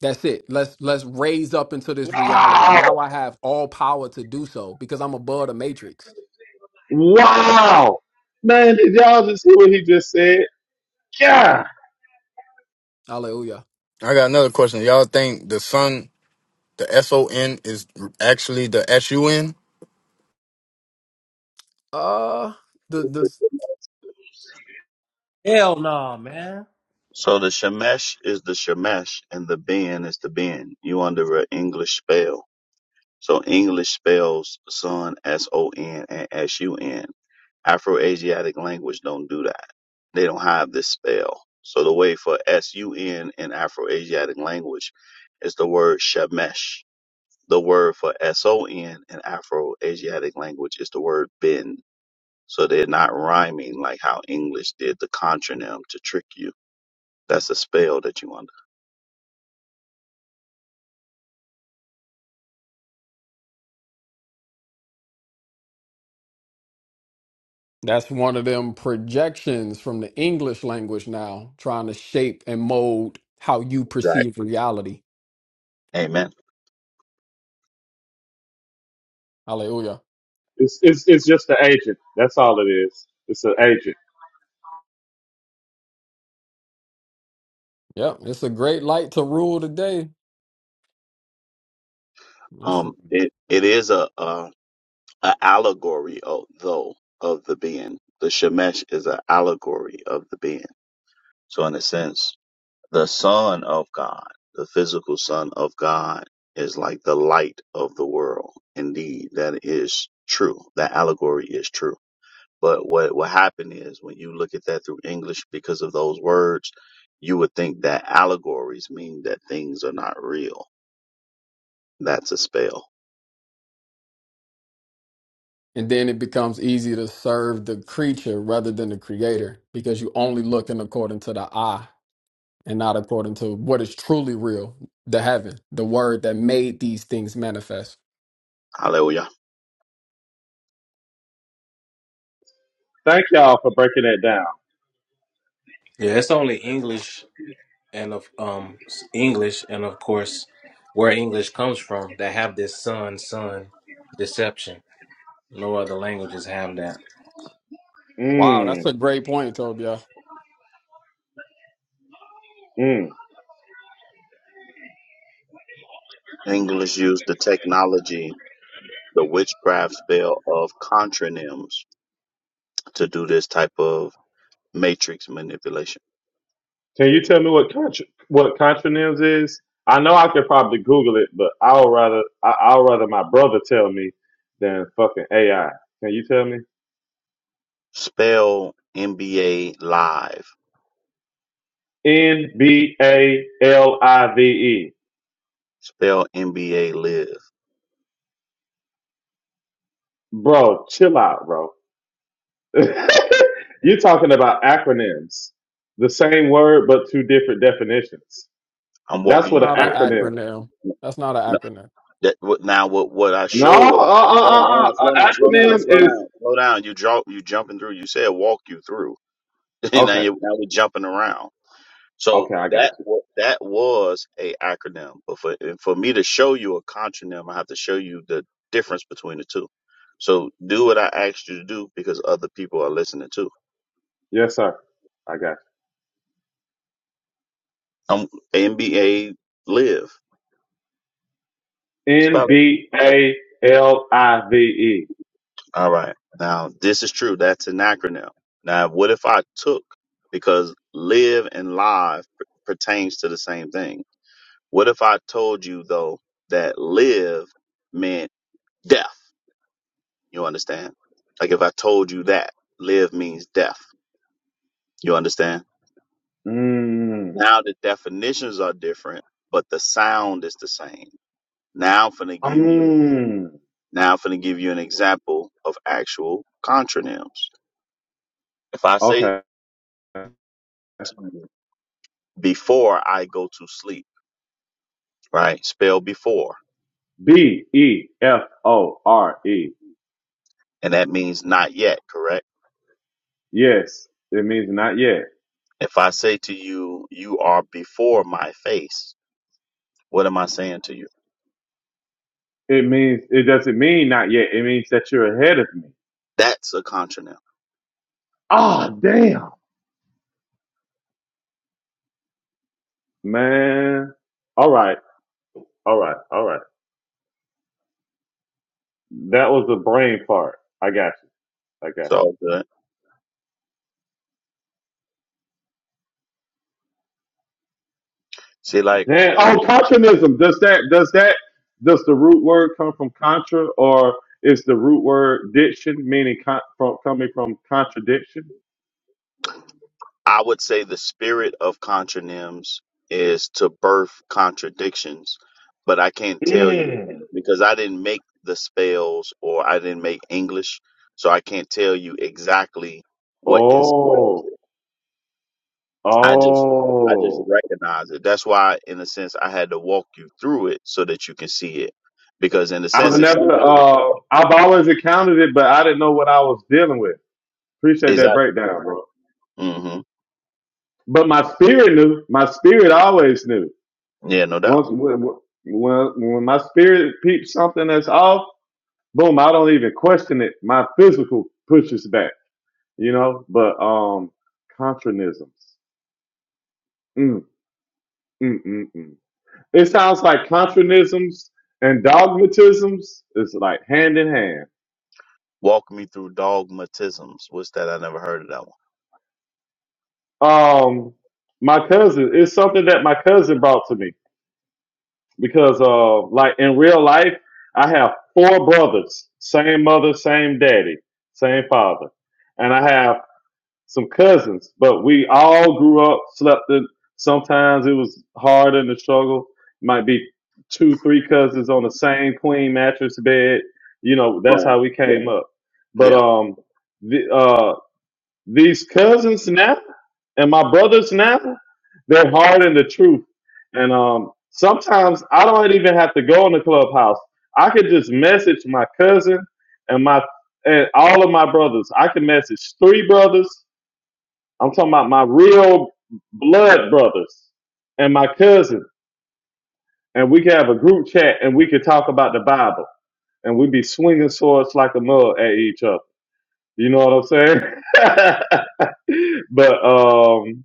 K: That's it. Let's let's raise up into this reality.
M: wow,
K: Now I have all power to do so because I'm above the matrix.
M: wow, man, did y'all just hear what he just said? Yeah,
K: Hallelujah.
N: I got another question. Y'all think the sun, the S O N, is actually the S U N?
K: Uh the the
I: Hell no, man.
C: So the Shemesh is the Shemesh, and the Ben is the Ben. You under an English spell. So English spells sun S O N and S U N. Afro-Asiatic language don't do that. They don't have this spell. So the way for S-U-N in Afro-Asiatic language is the word shemesh. The word for S-O-N in Afro-Asiatic language is the word bin. So they're not rhyming like how English did the contronym to trick you. That's a spell that you under.
K: That's one of them projections from the English language now, trying to shape and mold how you
C: Exactly.
K: perceive reality.
C: Amen.
K: Hallelujah.
M: it's it's it's just an agent. That's all it is. It's an agent.
K: Yep, it's a great light to rule today. That's
C: Um,
K: a-
C: it, it is a, um an allegory, of, though, of the being. The Shemesh is an allegory of the being. So, in a sense, the Son of God, the physical Son of God, is like the light of the world. Indeed, that is true. That allegory is true. But what what happened is when you look at that through English, because of those words, you would think that allegories mean that things are not real. That's a spell.
K: And then it becomes easy to serve the creature rather than the creator because you only looking according to the eye and not according to what is truly real, the heaven, the word that made these things manifest.
C: Hallelujah.
M: Thank y'all for breaking that down.
I: Yeah, it's only English and of um s- English and of course where English comes from that have this son son deception. No other languages have that.
K: Wow, that's a
M: Mm.
K: great point, Tobia.
M: Mm.
C: English used the technology the witchcraft spell of contronyms to do this type of matrix manipulation.
M: Can you tell me what contra, what contronyms is? I know I could probably Google it, but I'll rather I, I'll rather my brother tell me than fucking AI. Can you tell me?
C: Spell NBA live.
M: N B A L I V E.
C: Spell NBA live.
M: Bro, chill out, bro. You're talking about acronyms. The same word, but two different definitions.
C: I'm
M: That's
C: walking
M: what
C: you
M: an
K: Not an
C: through
M: acronym.
K: acronym.
C: it.
K: That's not an
C: No,
K: acronym.
C: That what- now what what I
M: No, uh,
C: showed.
M: uh,
C: Hold on, hold
M: uh,
C: on,
M: uh.
C: slow down,
M: An
C: slow down,
M: acronym
C: slow
M: is
C: down, slow down. You jump, you jumping through. You said walk you through. now
M: okay.
C: you now we're jumping around. So
M: Okay, I got
C: that
M: you.
C: wa- that was a acronym, but for and for me to show you a contronym, I have to show you the difference between the two. So do what I asked you to do because other people are listening too.
M: Yes, sir. I got
C: Um, NBA live
M: N
C: spell it.
M: B A L I V E.
C: All right. Now this is true. That's an acronym. Now what if I took because live and live p- pertains to the same thing. What if I told you though that live meant death? You understand? Like if I told you that live means death. You understand?
M: Mm.
C: Now the definitions are different, but the sound is the same. Now I'm finna give you
M: Mm.
C: now I'm finna give you an example of actual contronyms. If I say
M: Okay.
C: to you before I go to sleep, right? Spell before.
M: B E F O R E.
C: And that means not yet, correct?
M: Yes. It means not yet.
C: If I say to you, you are before my face, what am I saying to you?
M: It means it doesn't mean not yet. It means that you're ahead of me.
C: That's a contronym.
M: Ah, damn. Man. All right. All right. All right. That was a brain fart. I got you. I got you.
C: So good. See, like
M: Damn. Oh, Contronism. Does that does that does the root word come from contra, or is the root word diction meaning con- from coming from contradiction?
C: I would say the spirit of contronyms is to birth contradictions, but I can't tell you
M: Mm.
C: because I didn't make the spells or I didn't make English, so I can't tell you exactly what inspires
M: Oh,
C: it. I just I just
M: oh.
C: recognize it. That's why in a sense I had to walk you through it so that you can see it. Because in a sense
M: I've
C: if
M: never.
C: somebody
M: Uh, I've always encountered it, but I didn't know what I was dealing with. Appreciate that
C: Exactly.
M: breakdown, bro.
C: hmm
M: But my spirit knew. My spirit always knew.
C: Yeah, no doubt.
M: Once when when, when my spirit peeps something that's off. boom, I don't even question it. My physical pushes back, you know. But um, contronisms. Mm, mm, mm, mm. It sounds like contronisms and dogmatisms is like hand in hand.
C: Walk me through dogmatisms. What's that? I never heard of that
M: Um, my cousin it's something that my cousin brought to me because uh, like in real life, I have four brothers, same mother, same daddy, same father, and I have some cousins, but we all grew up, slept in. Sometimes it was hard in the struggle. Might be two, three cousins on the same queen mattress bed. You know, that's
C: one.
M: how we came up.
C: Right.
M: But
C: Yeah.
M: um, the, uh, these cousins now and my brothers now, they're hard in the truth. And um, sometimes I don't even have to go in the clubhouse. I could just message my cousin and my and all of my brothers. I can message three brothers I'm talking about my real blood brothers and my cousin, and we could have a group chat and we could talk about the Bible, and we'd be swinging swords like a mug at each other. You know what I'm saying? but um,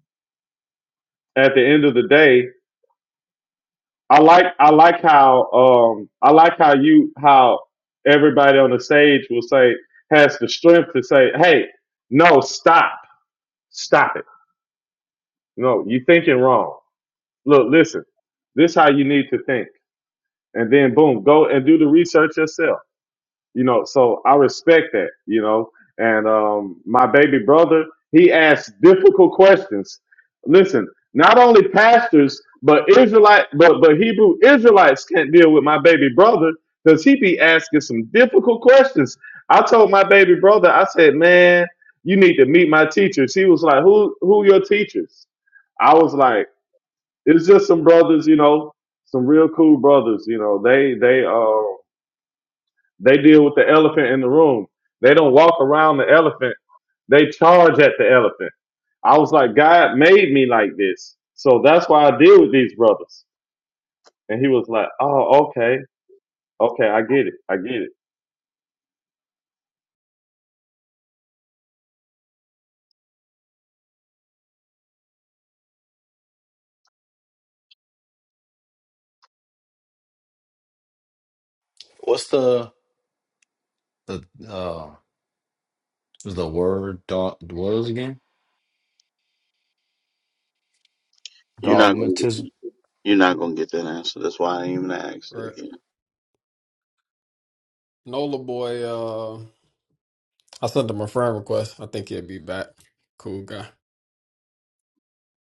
M: at the end of the day, I like I like how um, I like how you how everybody on the stage will say has the strength to say, "Hey, no, stop, stop it. No, you thinking wrong. Look, listen. This how you need to think." and then boom, go and do the research yourself. You know, so I respect that, you know. And um my baby brother, he asks difficult questions. Listen, not only pastors, but Israelite but but Hebrew Israelites can't deal with my baby brother because he be asking some difficult questions. I told my baby brother, I said, Man, you need to meet my teachers. He was like, Who who your teachers? I was like, it's just some brothers, you know, some real cool brothers. You know, they they uh they deal with the elephant in the room. They don't walk around the elephant. They charge at the elephant. I was like, God made me like this, so that's why I deal with these brothers. And he was like, Oh, okay, okay, I get it, I get it.
G: What's the the uh was the word dog what was it again?
C: You're not gonna
G: Dogmatism.
C: get, you're not gonna get that answer. That's why I ain't even asked it
K: Right.
C: again.
K: Nola boy, uh, I sent him a friend request. I think he'll be back. Cool guy.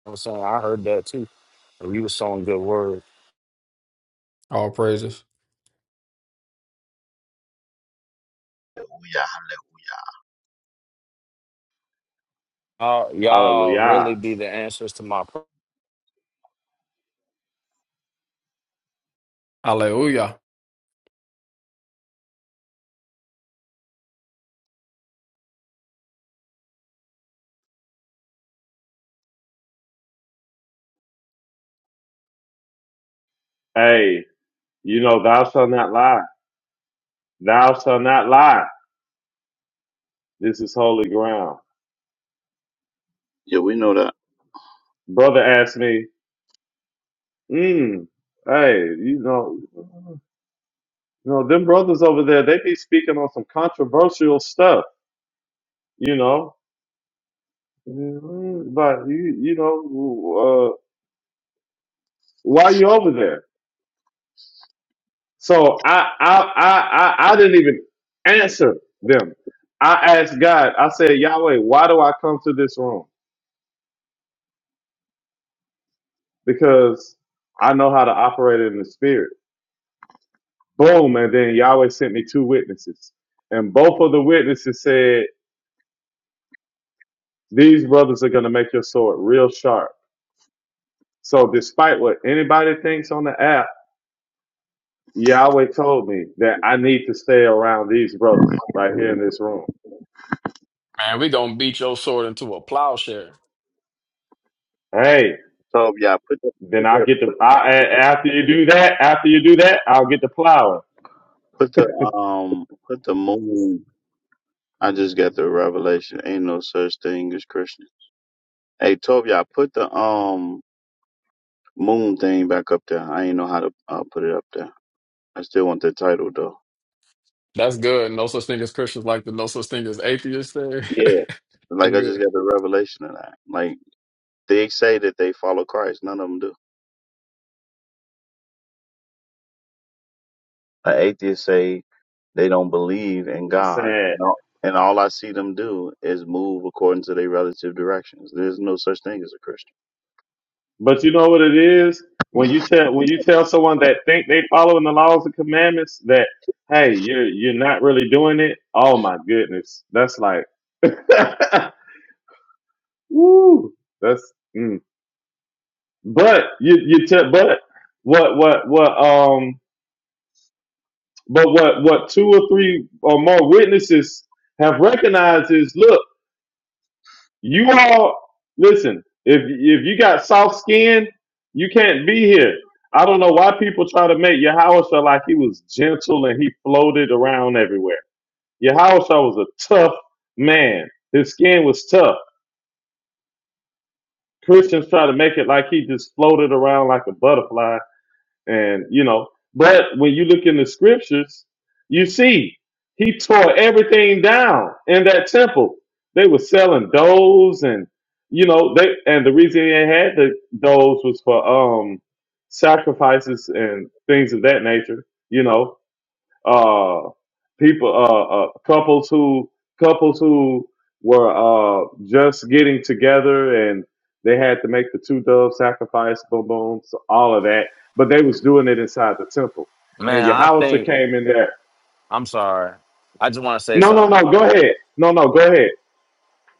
G: I'm saying I heard that too. You was sowing good word.
K: All praises.
G: Y'all, y'all
M: Hallelujah.
G: really be the answers to my pr-
K: Hallelujah.
M: Hey, you know, thou shalt not lie. Thou shalt not lie. This is holy ground.
C: Yeah, we know that.
M: Brother asked me, mm, Hey, you know. You know, them brothers over there, they be speaking on some controversial stuff, you know. Mhm, But you, you know, uh, why you over there? So I, I, I, I, I didn't even answer them. I asked God. I said, Yahweh, why do I come to this room? Because I know how to operate in the spirit. Boom, and then Yahweh sent me two witnesses, and both of the witnesses said, "These brothers are going to make your sword real sharp." So despite what anybody thinks on the app, Yahweh told me that I need to stay around these brothers right here in this room.
K: Man, we gonna beat your sword into a plowshare.
M: Hey,
C: So yeah, put the
M: then
C: put
M: I'll
C: the
M: get the, I, a- after you do that, after you do that, I'll get the plowing.
C: put the um put the moon. I just got the revelation. Ain't no such thing as Christian. Hey, Tovia, put the um moon thing back up there. I ain't know how to uh, put it up there. I still want the title though.
K: That's good. No such thing as Christians like the no such thing as atheists thing.
C: Yeah, like
K: That's
C: I just
K: good.
C: got the revelation of that. Like they say that they follow Christ. None of them do. An atheist say they don't believe in
M: It's
C: God,
M: sad.
C: and all, and all I see them do is move according to their relative directions. There's no such thing as a Christian.
M: But you know what it is? When you tell, when you tell someone that think they following the laws and commandments that, hey, you're, you're not really doing it. Oh my goodness. That's like, Woo, that's mm. but you you te- but what what what um but what what two or three or more witnesses have recognized is look you all listen if if you got soft skin you can't be here I don't know why people try to make Yahusha like he was gentle and he floated around everywhere Yahusha was a tough man his skin was tough Christians try to make it like he just floated around like a butterfly And you know, but when you look in the scriptures, you see he tore everything down in that temple. They were selling doves and you know, they and the reason they had the doves was for um sacrifices and things of that nature, you know uh people uh, uh couples who couples who were uh just getting together and they had to make the two dove sacrifice boom boom so all of that but they was doing it inside the temple and
G: man. I
M: Yahusha
G: think
M: came in there
G: I'm sorry. I just want to say
M: no no
G: something.
M: no go ahead no no go ahead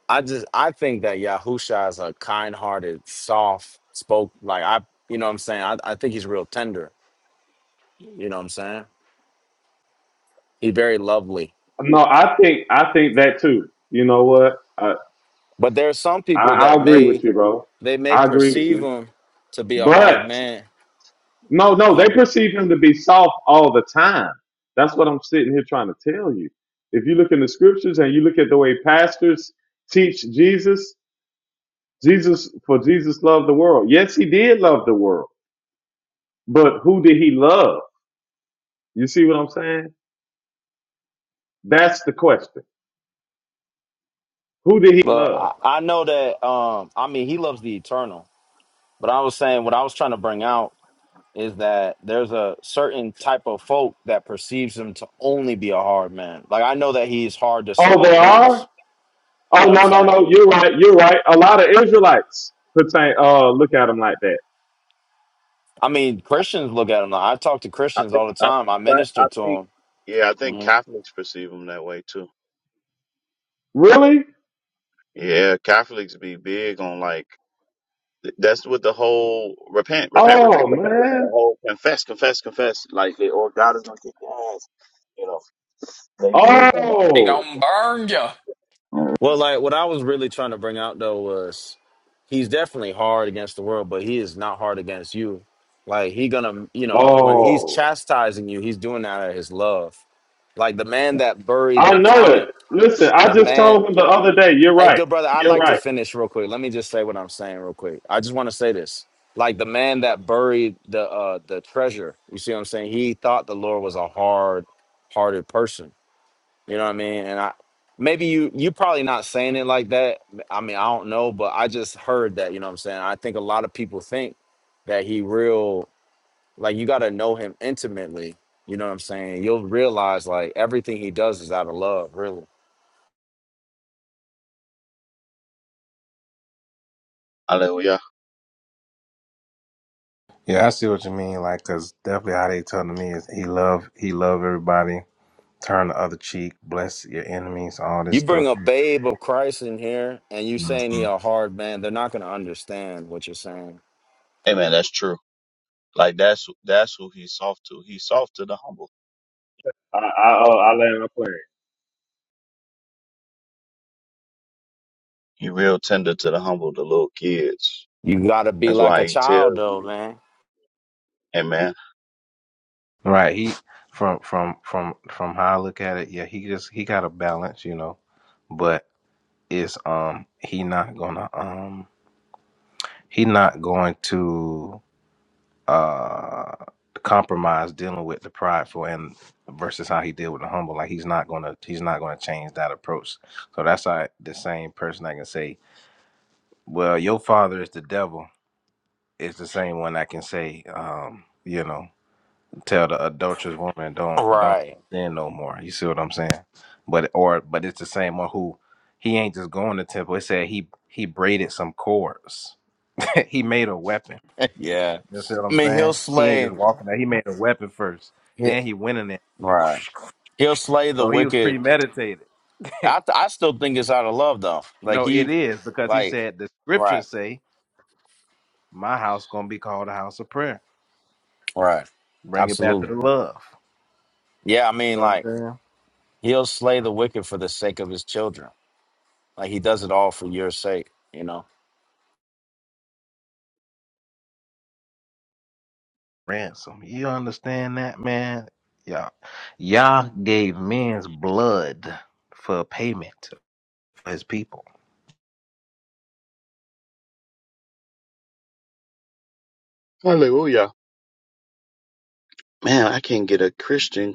G: I just I think that Yahusha is a kind-hearted, soft spoke. Like I, you know, what I'm saying. I, I think he's real tender. You know, what I'm saying. He's very lovely.
M: no I think I think that too you know what I
G: But there are some people
M: I,
G: that
M: I agree
G: may
M: with you bro
G: they may
M: I agree with
G: perceive
M: you
G: him to be a hard
M: but
G: man.
M: No, no, they
G: Uh-huh.
M: perceive him to be soft all the time. That's what I'm sitting here trying to tell you. If you look in the scriptures and you look at the way pastors teach Jesus, Jesus for Jesus loved the world. Yes, he did love the world, but who did he love? You see what I'm saying? That's the question. Who did he love?
G: Well, I, I know that um I mean he loves the eternal. But I was saying what I was trying to bring out is that there's a certain type of folk that perceives him to only be a hard man. Like I know that he's hard to
M: Oh,
G: certain
M: they
G: things.
M: are.
G: You
M: Oh
G: know what I'm
M: no, no,
G: saying?
M: no. You're right. You're right. A lot of Israelites pertain. Uh, look at him like that.
G: I mean, Christians look at him. Like, I talk to
C: I
G: Christians
C: think.
G: all the
C: I
G: time. I
C: think.
G: minister
C: I
G: to
C: think.
G: them.
C: Yeah, I think
G: hmm
C: Catholics perceive them that way too.
M: Really?
C: Yeah, Catholics be big on like th- that's what the whole repent, repent,
M: Oh
C: repent. like, The
M: man.
C: whole confess, confess, confess. Like they, or God is gonna kick your ass. You know, they big on
K: They
M: Oh.
C: that.
K: gonna burn ya.
C: Yeah.
G: Well, like what I was really trying to bring out though was he's definitely hard against the world, but he is not hard against you. Like he gonna, you know, when he's
M: Oh.
G: chastising you, he's doing that out of his love. Like the man that buried
M: I
G: the
M: know it.
G: talent,
M: Listen, I
G: the
M: just
G: man.
M: told him the other day. You're
G: Hey,
M: right.
G: good brother, I'd
M: You're
G: like to
M: right.
G: finish real quick. Let me just say what I'm saying real quick. I just want to say this. Like the man that buried the uh the treasure, you see what I'm saying? He thought the Lord was a hard hearted person you know what I mean? And I maybe you you probably not saying it like that. I mean, I don't know, but I just heard that, you know what I'm saying? I think a lot of people think that he real like you got to know him intimately. You know what I'm saying? You'll realize like everything he does is out of love, really.
C: Hallelujah.
I: Yeah, I see what you mean. Like, cause definitely how they telling me is he love he love everybody, turn the other cheek, bless your enemies, all this
G: You bring
I: stuff.
G: a babe of Christ in here and you saying he a hard man, they're not going to understand what you're saying.
C: Amen. That's true. Like that's that's who he's soft to. He's soft to the humble.
M: I I, oh, I land my plane.
C: He real tender to the humble, the little kids.
G: You got to be
C: That's
G: like a
C: why he tell
G: child though,
C: you,
G: man.
C: hey man,
I: Right. He from from from from how I look at it, yeah, he just he got a balance, you know. But it's um he not gonna um he not going to uh compromise dealing with the prideful and versus how he deal with the humble. Like he's not gonna he's not gonna change that approach. So that's how the same person I can say, Well, your father is the devil is the same one I can say, um, you know. tell the adulterous woman don't don't
G: Right.
I: sin no more. You see what I'm saying? But or but it's the same one who he ain't just going to temple. It said he he braided some cords. he made a weapon.
G: Yeah.
I: You see what
G: I
I: I'm
G: mean, he'll
I: saying? He ain't just
G: slay.
I: walking out. He made a weapon first.
G: he-
I: Then he went in there.
G: Right. He'll slay the
I: So he was
G: wicked
I: premeditated.
G: I I still think it's out of love though. Like
I: no, it
G: he
I: is because he
G: like
I: said the
G: right
I: scriptures say my house gonna be called a house of prayer.
G: right
I: Bring it back to
G: absolutely
I: the love.
G: yeah. I
I: You
G: mean
I: know what I'm
G: like
I: saying?
G: he'll slay the wicked for the sake of his children. Like he does it all for your sake. You know.
I: ransom. You understand that, man? Y'all, Yeah. Yah gave men's blood for payment for his people.
C: hallelujah. Man, I can't get a Christian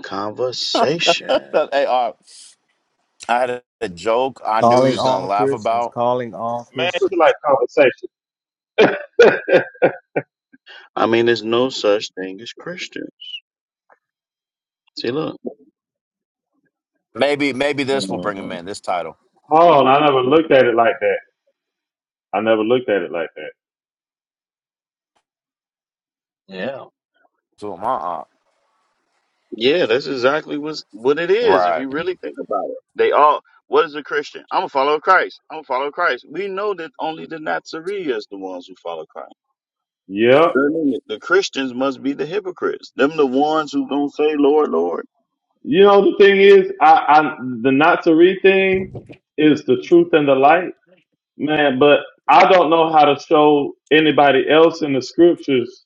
C: conversation.
G: hey, uh, I had a, a joke I knew he
I: Calling
G: was gonna
I: all
G: laugh
I: Christians.
G: about.
I: Calling all
M: Man, you
I: Christians.
M: like conversation.
C: I mean, there's no such thing as Christians. See, look.
G: Maybe maybe this will bring him
C: Mhm.
G: in. This title
M: Hold on, I never looked at it like that. I never looked at it like that.
C: Yeah.
G: to him. Uh uh
C: Yeah, that's exactly what's, what it is if
G: Right.
C: you really think about it. They all, what is a Christian? I'm a follower of Christ. I'm a follower of Christ. We know that only the Nazarenes is the ones who follow Christ.
M: Yep.
C: The Christians must be the hypocrites. Them the ones who gonna say, "Lord, Lord."
M: You know the thing is, I, I the not to read thing is the truth and the light, man. But I don't know how to show anybody else in the scriptures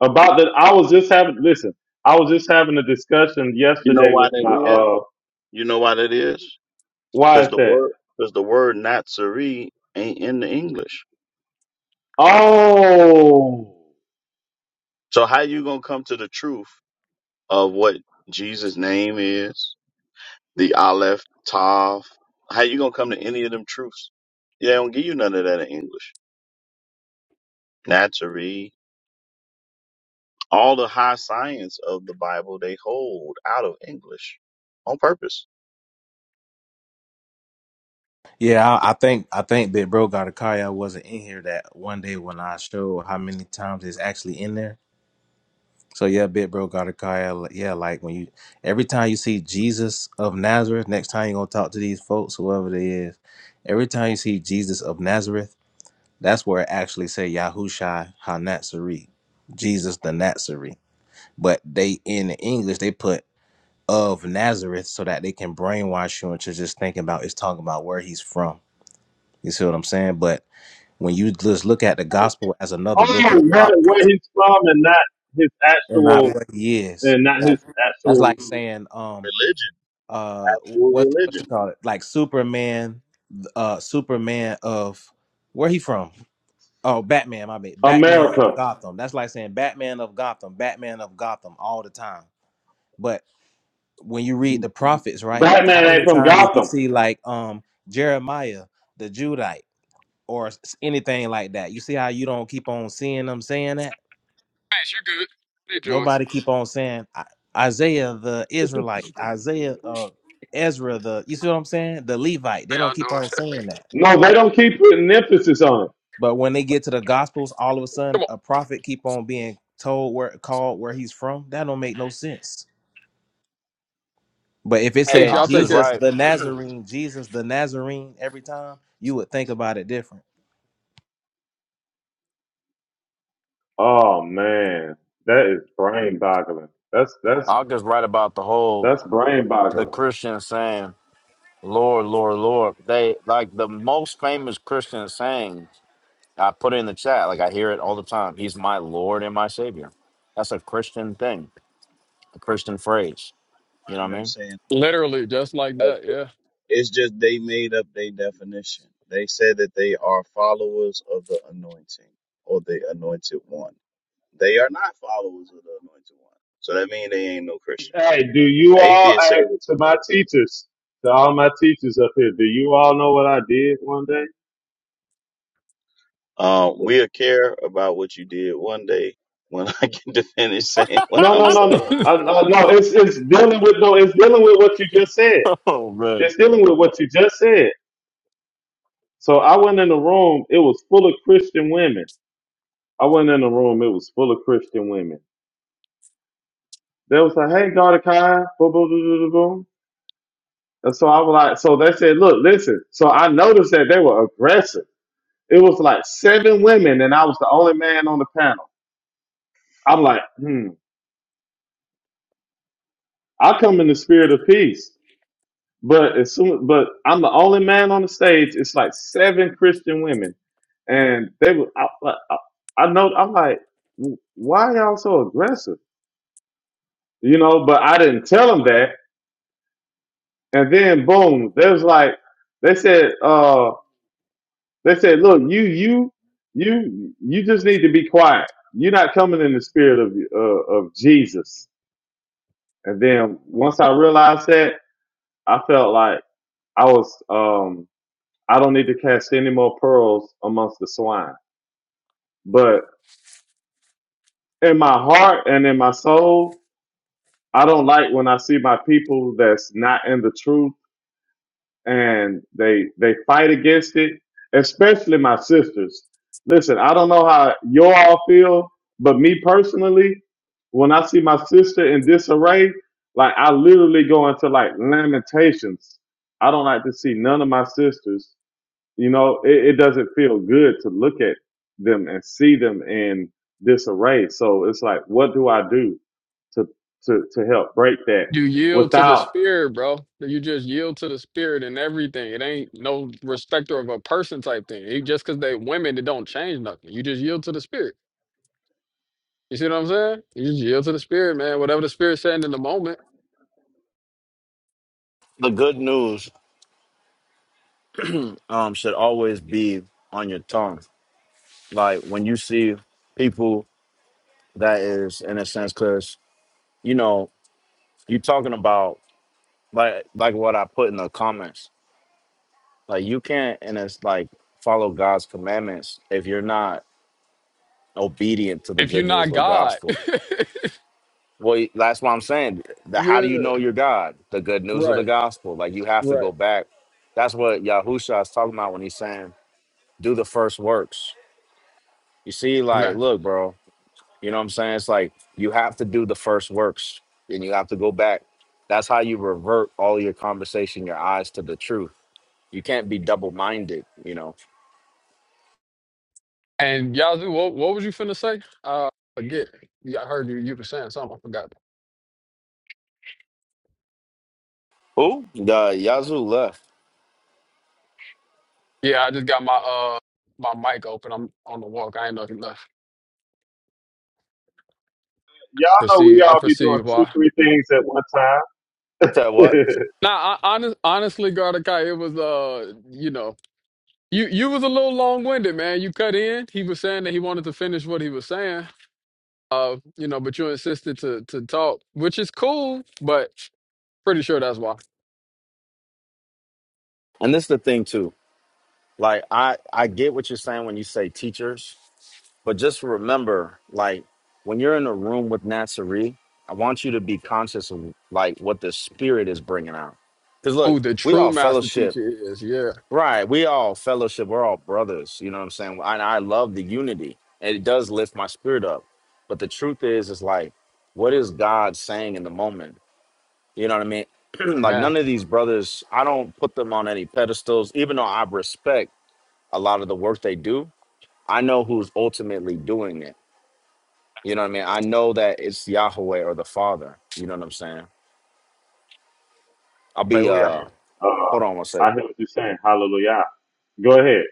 M: about that. I was just having listen. I was just having a discussion
C: You know
M: yesterday
C: why
M: with
C: that
M: my
C: is?
M: uh.
C: You know why that is?
M: Why
C: Because
M: is
C: the
M: that?
C: word, because the word Nazarene ain't in the English.
M: Oh,
C: So how you gonna come to the truth of what Jesus' name is? The Aleph, Tav. How you gonna come to any of them truths? Yeah, they don't give you none of that in English. Nazarene. All the high science of the Bible they hold out of English on purpose.
I: Yeah, I, I think I think Big Bro got a car. I wasn't in here that one day when I showed how many times it's actually in there. So yeah, Big Bro got a car. li- Yeah, like when you every time you see Jesus of Nazareth, next time you gonna talk to these folks, whoever they is. Every time you see Jesus of Nazareth. That's where it actually say Yahushai HaNazari, Jesus the Nazarene. But they in the English they put of Nazareth so that they can brainwash you into just thinking about it's talking about where he's from. You see what I'm saying? But when you just look at the gospel as another
M: oh,
I: book of the
M: where, where
I: prophets
M: he's from and not his
I: and not
M: actual
I: what he is.
M: and not his
I: Exactly. That's
M: actual
I: like saying um
C: Religion.
I: uh
C: That's
I: what
C: your
I: what's
C: religion.
I: it called? Like Superman uh Superman of where he from? Oh, Batman, my bad. Batman of
M: America.
I: Gotham. That's like saying Batman of Gotham, Batman of Gotham all the time. But when you read the prophets, right? How
M: Batman ain't
I: many
M: from
I: times did you
M: Gotham.
I: see like um Jeremiah, the Judite, or s- anything like that? You see how you don't keep on seeing them saying that?
K: Peace, you good. Hey, Joey.
I: Nobody keep on saying I- Isaiah the Israelite, Isaiah uh Ezra the you see what I'm saying? The Levite.
K: How
I: They don't
K: y'all
I: keep
K: doing?
I: on saying that.
M: No, they don't keep putting emphasis on it.
I: But when they get to the Gospels, all of a
K: Come
I: sudden
K: on.
I: a prophet keep on being told where called where he's from. That don't make no sense. But if it
G: Hey,
K: Peace,
I: said
K: y'all
G: Ankh
K: take
G: is
K: care.
I: Jesus
G: right.
I: the Nazarene, Jesus the Nazarene every time, you would think about it different.
M: Oh man, that is brain boggling. That's that's
G: Ankh is right about the whole
M: that's brain
G: the
M: boggling.
G: Christian saying, "Lord, Lord, Lord." They like the most famous Christian saying I put it in the chat. Like I hear it all the time. He's my Lord and my Savior. That's a Christian thing, a Christian phrase. You know
C: find
G: what I
C: them
G: mean?
C: saying
K: Literally, just like that.
C: okay.
K: Yeah.
C: it's just they made up their definition. They said that they are followers of the anointing or the anointed one. They are not followers of the anointed one. So that means they ain't no Christians.
M: Hey, do you all
C: Atheists say
M: hey,
C: that
M: to my teachers, to all my teachers up here? Do you all know what I did one day?
C: um, we'll care about what you did one day when I get to finish saying what
M: No, no,
C: I'm
M: no, no,
C: saying.
M: uh, no, no. It's it's dealing with no. It's dealing with what you just said.
G: Oh man.
M: It's dealing with what you just said. So I went in the room, it was full of Christian women. I went in the room, it was full of Christian women. They was like, hey, God, Kai, boom, boom, boom, boom, boom. boom." And so I was like, so they said, look, listen. So I noticed that they were aggressive. It was like seven women, and I was the only man on the panel. I'm like, hmm, I come in the spirit of peace. But as soon, but I'm the only man on the stage. It's like seven Christian women, and they were. I, I, I know. I'm like, why are y'all so aggressive? You know. But I didn't tell them that. And then boom, there's like they said. Uh, they said, look, you, you, you, you just need to be quiet. You're not coming in the spirit of uh, of Jesus. And then once I realized that, I felt like I was. Um, I don't need to cast any more pearls amongst the swine. But in my heart and in my soul, I don't like when I see my people that's not in the truth and they they fight against it, especially my sisters. Listen, I don't know how you all feel, but me personally, when I see my sister in disarray, like I literally go into like lamentations. I don't like to see none of my sisters You know, it, it doesn't feel good to look at them and see them in disarray. So it's like, what do I do to to to help break that
K: You yield to the
M: without
K: spirit, bro. You just yield to the spirit and everything. It ain't no respecter of a person type thing. You, just because they women, it don't change nothing. You just yield to the spirit. You see what I'm saying? You just yield to the spirit, man. Whatever the spirit's saying in the moment.
G: The good news um should always be on your tongue. Like when you see people that is in a sense because you know, you talking about like like what I put in the comments. Like you can't and it's like follow God's commandments if you're not obedient to the
K: If you're
G: good news
K: not
G: of the
K: God,
G: gospel Well, that's what I'm saying. The, how
K: yeah,
G: do you know your God? The good news of the
K: right,
G: gospel. Like you have to
K: right,
G: go back. That's what Yahusha is talking about when he's saying, do the first works. You see, like,
K: man.
G: look, bro, you know what I'm saying? It's like you have to do the first works and you have to go back. That's how you revert all your conversation, your eyes to the truth. You can't be double minded, you know.
K: And Yazoo, what, what was you finna say? Uh, forget. Yeah, I heard you. You were saying something. I forgot.
G: Who? The Yazoo left.
K: Yeah, I just got my uh my mic open. I'm on the walk. I ain't know if you left.
M: y'all know we
K: Perceive. I
M: all be doing
K: perceive
M: two
K: why.
M: three things at one time.
G: Said what?
K: Nah, I, honest, honestly, Gardakai, it was uh, you know, you you was a little long winded, man. You cut in. He was saying that he wanted to finish what he was saying. Uh, you know, but you insisted to to talk, which is cool. But pretty sure that's why.
G: And this is the thing too. Like I, I get what you're saying when you say teachers But just remember, like when you're in a room with Natsuri, I want you to be conscious of like what the spirit is bringing out. Because look,
K: Who the
G: we
K: true
G: all
K: master
G: fellowship,
K: teacher is? Yeah,
G: right? We all fellowship. We're all brothers. You know what I'm saying? And I love the unity, and it does lift my spirit up. But the truth is, is like, what is God saying in the moment? You know what I mean? like
K: man.
G: none of these brothers, I don't put them on any pedestals, even though I respect a lot of the work they do. I know who's ultimately doing it. You know what I mean? I know that it's Yahweh or the Father. You know what I'm saying? I'll be
K: Hallelujah.
G: uh
M: uh,
G: hold on one second.
M: I hear what you're saying. Hallelujah. Go ahead.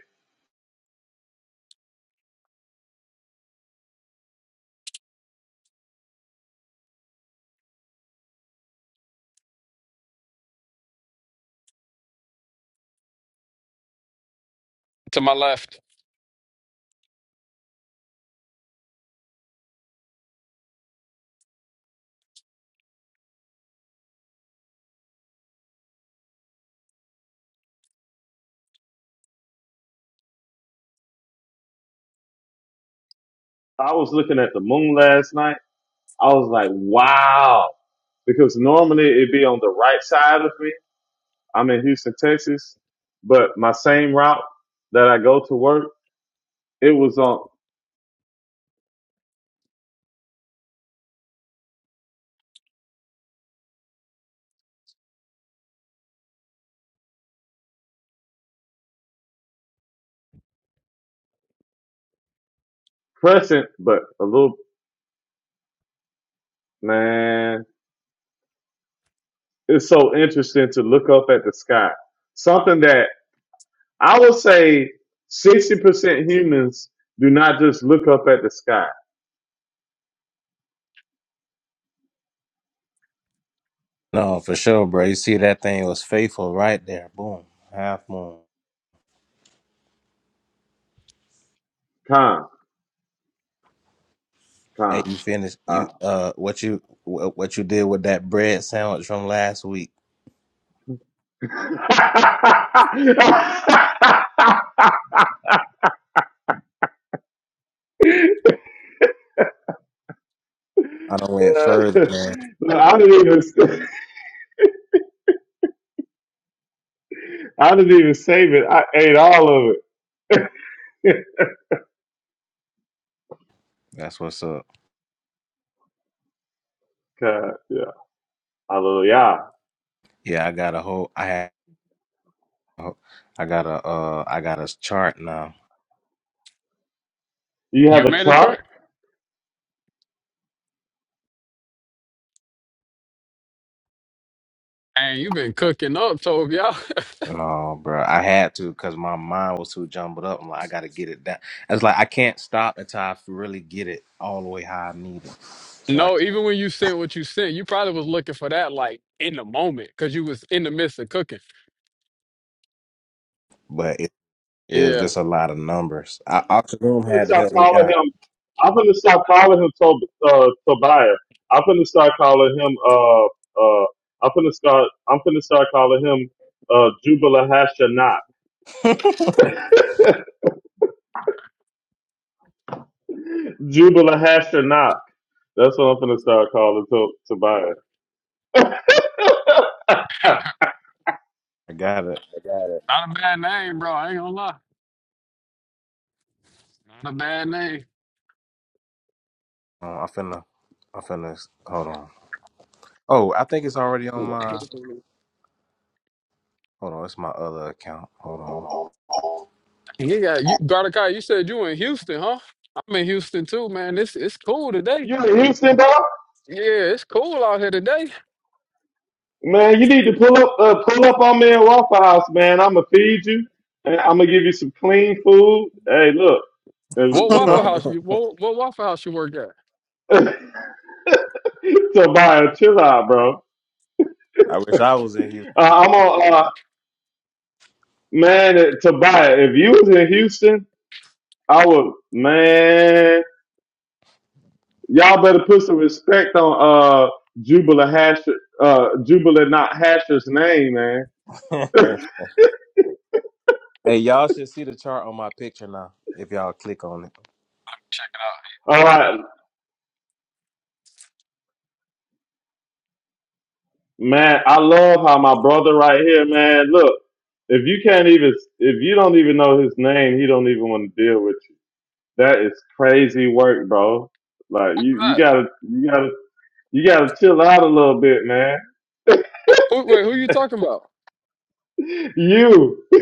K: To my left,
M: I was looking at the moon last night. I was like, wow, because normally it'd be on the right side of me. I'm in Houston, Texas, but my same route that I go to work, it was on. present, but a little man. It's so interesting to look up at the sky. Something that I would say sixty percent humans do not just look up at the sky.
I: No, for sure, bro. You see that thing was faithful right there. Boom, half moon.
M: Calm,
I: Hey,
M: calm.
I: you finished you
M: calm.
I: uh what you wh- what you did with that bread sandwich from last week. I don't went further, man.
M: Look, I didn't even, I didn't even save it. I ate all of it.
I: That's what's up.
M: God, yeah, hallelujah.
I: Yeah, I got a whole I had I got a uh I got a chart now
M: You have
K: you
M: a
K: made a
M: chart?
K: chart, and you've been cooking up, Tove. Y'all.
I: No, bro. I had to because my mind was too jumbled up. I'm like, I gotta get it down. It's like I can't stop until I really get it all the way how I need it. So I,
K: no, even when you sent what you sent, you probably was looking for that like in the moment because you was in the midst of cooking.
I: but it, it was
K: Yeah.
I: just a lot of numbers. I, Octoroom
M: I'm gonna
I: had to
M: start
I: help me
M: calling
I: out.
M: him. I'm gonna start calling him Tob- uh, Tobiah. I'm gonna start calling him. Uh, uh, I'm gonna start. I'm gonna start calling him uh, Jubala Hashanah. Jubala Hashanah. That's what I'm gonna start calling to- Tobiah.
I: I got it.
K: Not a bad name, bro. I ain't gonna lie. Not a bad name.
I: Uh, I'm finna, I'm finna. Hold on. Oh, I think it's already on my. Hold on, it's my other account. Hold
K: You got you Gardakai, you said you in Houston, huh? I'm in Houston too, man. It's it's cool today.
M: you in Houston, dog?
K: Yeah, it's cool out here today.
M: Man, you need to pull up. Uh, pull up on me at Waffle House, man. I'm gonna feed you. And I'm gonna give you some clean food. Hey, look. uh,
I: on.
K: What waffle
M: You
K: house you what what waffle house you work at?
M: know. Tobiah, chill out, bro.
I: I wish I was in
M: Uh,
I: Houston.
M: I'm on, uh, man, uh, Tobiah, if you was in Houston, I would, man, y'all better put some respect on uh, Jubilee Hash, uh, Jubilee not Hasher's name, man.
I: hey, y'all should see the chart on my picture now. If y'all click on it.
M: All right, man, I love how my brother right here, man, look, if you can't even, if you don't even know his name, he don't even want to deal with you. That is crazy work, bro. Like you, you
K: Right.
M: gotta, you gotta You gotta chill out a little bit, man.
K: Who, wait, who you talking about?
M: You,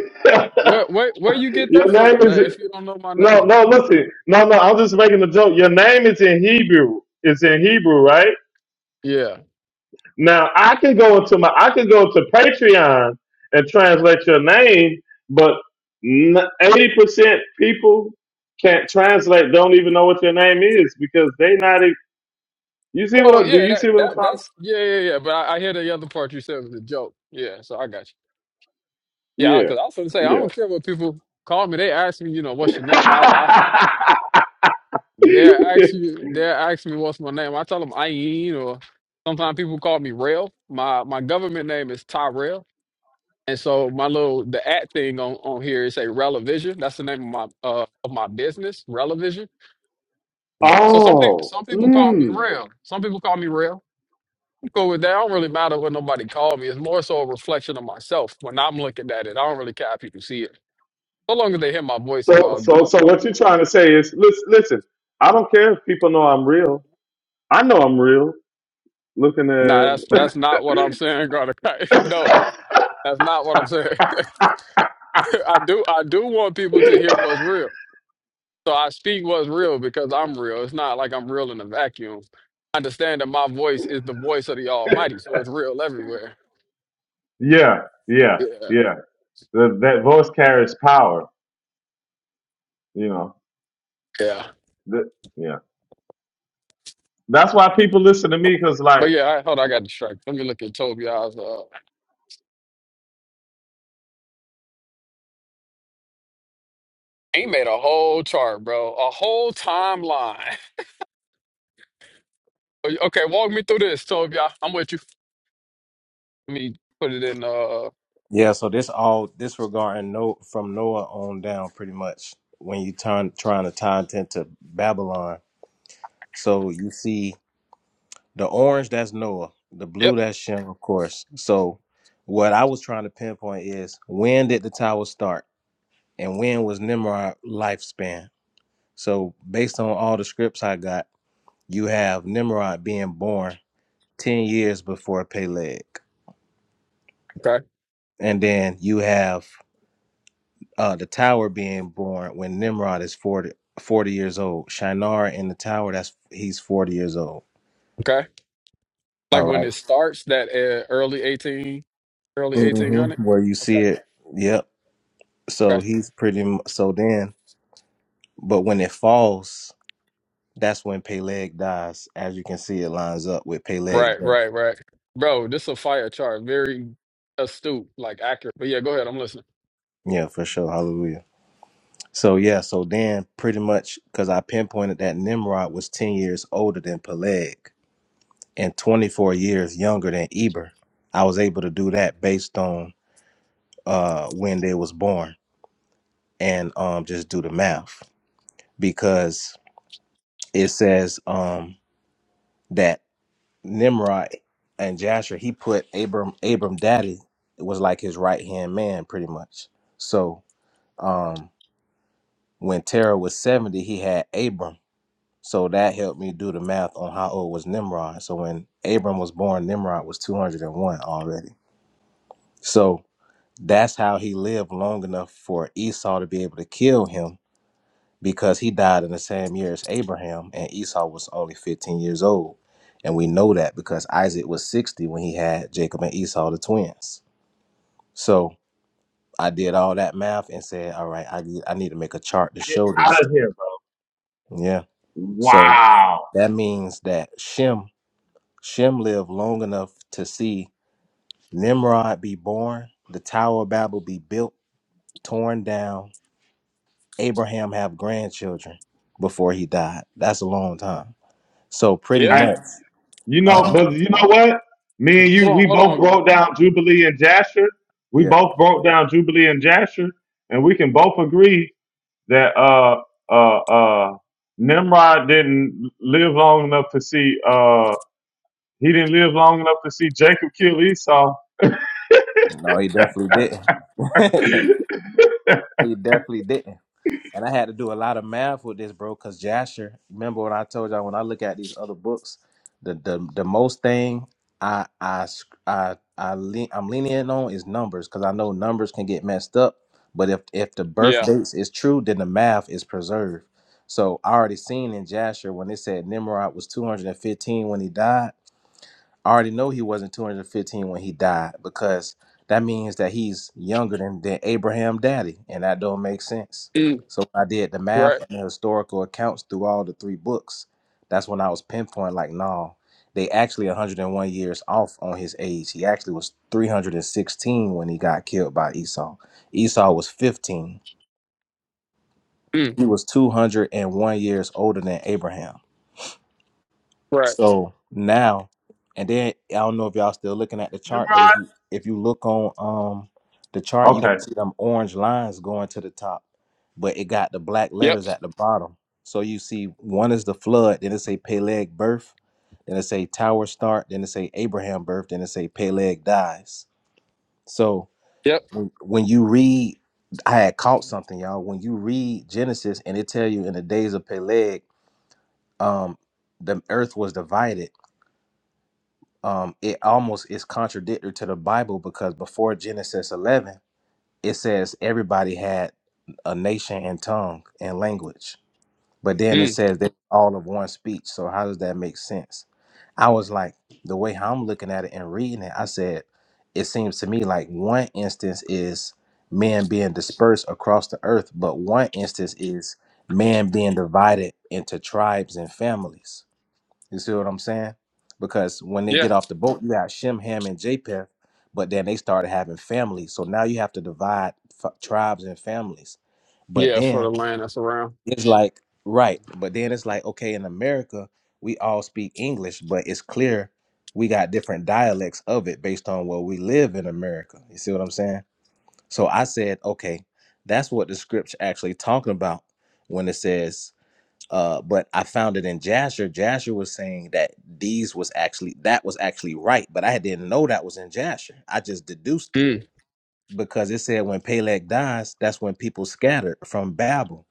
K: Where where where you get that
M: your name
K: from?
M: is
K: That if you don't know my
M: no,
K: name.
M: no. Listen, no, no. I'm just making a joke. Your name is in Hebrew. It's in Hebrew, right?
K: Yeah.
M: Now I can go into my, I can go to Patreon and translate your name, but eighty percent people can't translate. Don't even know what your name is because they not. e- You see what?
K: Oh
M: I- Do
K: yeah,
M: you
K: that
M: see what I'm
K: that
M: trying to?
K: that's
M: s-
K: yeah, yeah, yeah. But I, I hear the other part you said was a joke. Yeah, so I got you. Yeah,
M: Yeah,
K: because I, 'cause I was gonna say I don't
M: yeah.
K: care what people call me. They ask me, you know, what's your name? I, I They're actually they're asking me what's my name. I tell them Ayin or sometimes people call me Rail. My my government name is Tyrell. And so my little the at thing on, on here is a Relevision. That's the name of my uh of my business, Relevision. So some people
M: Oh,
K: some people call me
M: mm.
K: Rail. Some people call me Rail. I'm cool with that. I don't really matter what nobody call me. It's more so a reflection of myself when I'm looking at it. I don't really care if people see it. So long as they hear my voice, it's
M: so
K: all
M: so
K: good.
M: so what you're trying to say is listen, listen. I don't care if people know I'm real. I know I'm real. Looking
K: Nah,
M: at
K: that's that's not what I'm saying, Garner. No, that's not what I'm saying. I do I do want people to hear what's real. So I speak what's real because I'm real. It's not like I'm real in a vacuum. I Understand that my voice is the voice of the Almighty, so it's real everywhere.
M: yeah, yeah,
K: Yeah,
M: yeah. That that voice carries power. You know,
K: yeah.
M: That- yeah. That's why people listen to me because like
K: But yeah, I, hold on, I got distracted. Let me look at Tobias. Uh, he made a whole chart, bro, a whole timeline. Okay, walk me through this, Tobias. I'm with you. Let me put it in. Uh,
I: Yeah, so this all disregarding no from Noah on down, pretty much when you turn trying to tie it into Babylon. So you see the orange that's Noah, the blue
K: yep.
I: that's Shem, of course. So what I was trying to pinpoint is when did the tower start, and when was Nimrod lifespan? So based on all the scripts I got, you have Nimrod being born ten years before Peleg,
K: Okay.
I: and then you have uh, the tower being born when Nimrod is 40 40 years old. Shinar in the tower, that's he's 40 years old.
K: Okay. Like
I: All
K: when
I: right,
K: it starts, that uh, early eighteen, early eighteen hundred.
I: Mm-hmm. Where you
K: Okay.
I: see it. Yep.
K: okay.
I: So he's pretty, mu- so then, but when it falls, that's when Peleg dies. As you can see, it lines up with Peleg.
K: Right,
I: death.
K: right, right. Bro, this is a fire chart. Very astute, like accurate. But yeah, go ahead. I'm listening.
I: Yeah, for sure. Hallelujah. So yeah, so then pretty much because I pinpointed that Nimrod was 10 years older than Peleg and 24 years younger than Eber. I was able to do that based on uh, when they was born and um, just do the math because it says um, that Nimrod and Jasher he put Abram Abram daddy was like his right hand man pretty much. So um, when Terah was seventy, he had Abram. So that helped me do the math on how old was Nimrod. So when Abram was born, Nimrod was two hundred and one already. So that's how he lived long enough for Esau to be able to kill him because he died in the same year as Abraham, and Esau was only 15 years old. And we know that because Isaac was 60 when he had Jacob and Esau, the twins. So I did all that math and said, all right, I need, I need to make a chart to show this.
M: out of here, bro.
I: Yeah. So
M: Wow.
I: that means that Shem, Shem lived long enough to see Nimrod be born, the Tower of Babel be built, torn down, Abraham have grandchildren before he died. That's a long time. So pretty
K: Yeah.
M: And
I: much
M: you know,
I: Um,
M: but you know what? Me and you,
K: Hold on,
M: we
K: hold
M: both
K: on.
M: broke down Jubilee and Jasher. We
I: yeah,
M: both broke down Jubilee and Jasher, and we can both agree that uh uh uh Nimrod didn't live long enough to see uh he didn't live long enough to see Jacob kill Esau.
I: no, he definitely didn't.
M: Nimrod.
I: he definitely didn't. And I had to do a lot of math with this, bro, because Jasher, remember when I told y'all when I look at these other books, the the, the most thing I I sc- I, I lean, I'm leaning on is numbers because I know numbers can get messed up. But if if the birth
K: Yeah.
I: dates is true, then the math is preserved. So I already seen in Jasher when they said Nimrod was 215 when he died I already know he wasn't 215 when he died because that means that he's younger than, than Abraham daddy, and that don't make sense.
K: Mm,
I: So when I did the math
K: right.
I: and the historical accounts through all the three books, that's when I was pinpoint like, no, they actually 101 years off on his age. He actually was 316 when he got killed by Esau. Esau was 15.
K: Mm,
I: He was 201 years older than Abraham.
K: right.
I: So now, and then I don't know if y'all still looking at the chart, but if you if you look on um the chart, you can
M: Okay,
I: see them orange lines going to the top, but it got the black
K: Yep.
I: letters at the bottom. So you see one is the flood, then it say Peleg birth, then it say tower start, then it say Abraham birth, then it say Peleg dies. So
K: Yep.
I: when, when you read, I had caught something, y'all. When you read Genesis and it tell you in the days of Peleg, um, the earth was divided um, it almost is contradictory to the Bible because before Genesis 11, it says everybody had a nation and tongue and language, but then it
K: Mm,
I: says they all of one speech. So how does that make sense? I was like, the way how I'm looking at it and reading it, I said, it seems to me like one instance is man being dispersed across the earth, but one instance is man being divided into tribes and families you see what I'm saying? Because when they
K: yeah.
I: get off the boat, you got Shem, Ham, and Japheth, but then they started having families. So now you have to divide f- tribes and families. But
K: Yeah, for the
I: then
K: land that's around.
I: it's like, right. But then it's like, okay, in America, we all speak English, but it's clear we got different dialects of it based on where we live in America. You see what I'm saying? So I said, okay, that's what the scripture actually talking about when it says uh, but I found it in Jasher. Jasher was saying that these was actually that was actually right, but I didn't know that was in Jasher. I just deduced it
K: Mm,
I: because it said when Peleg dies, that's when people scattered from Babel.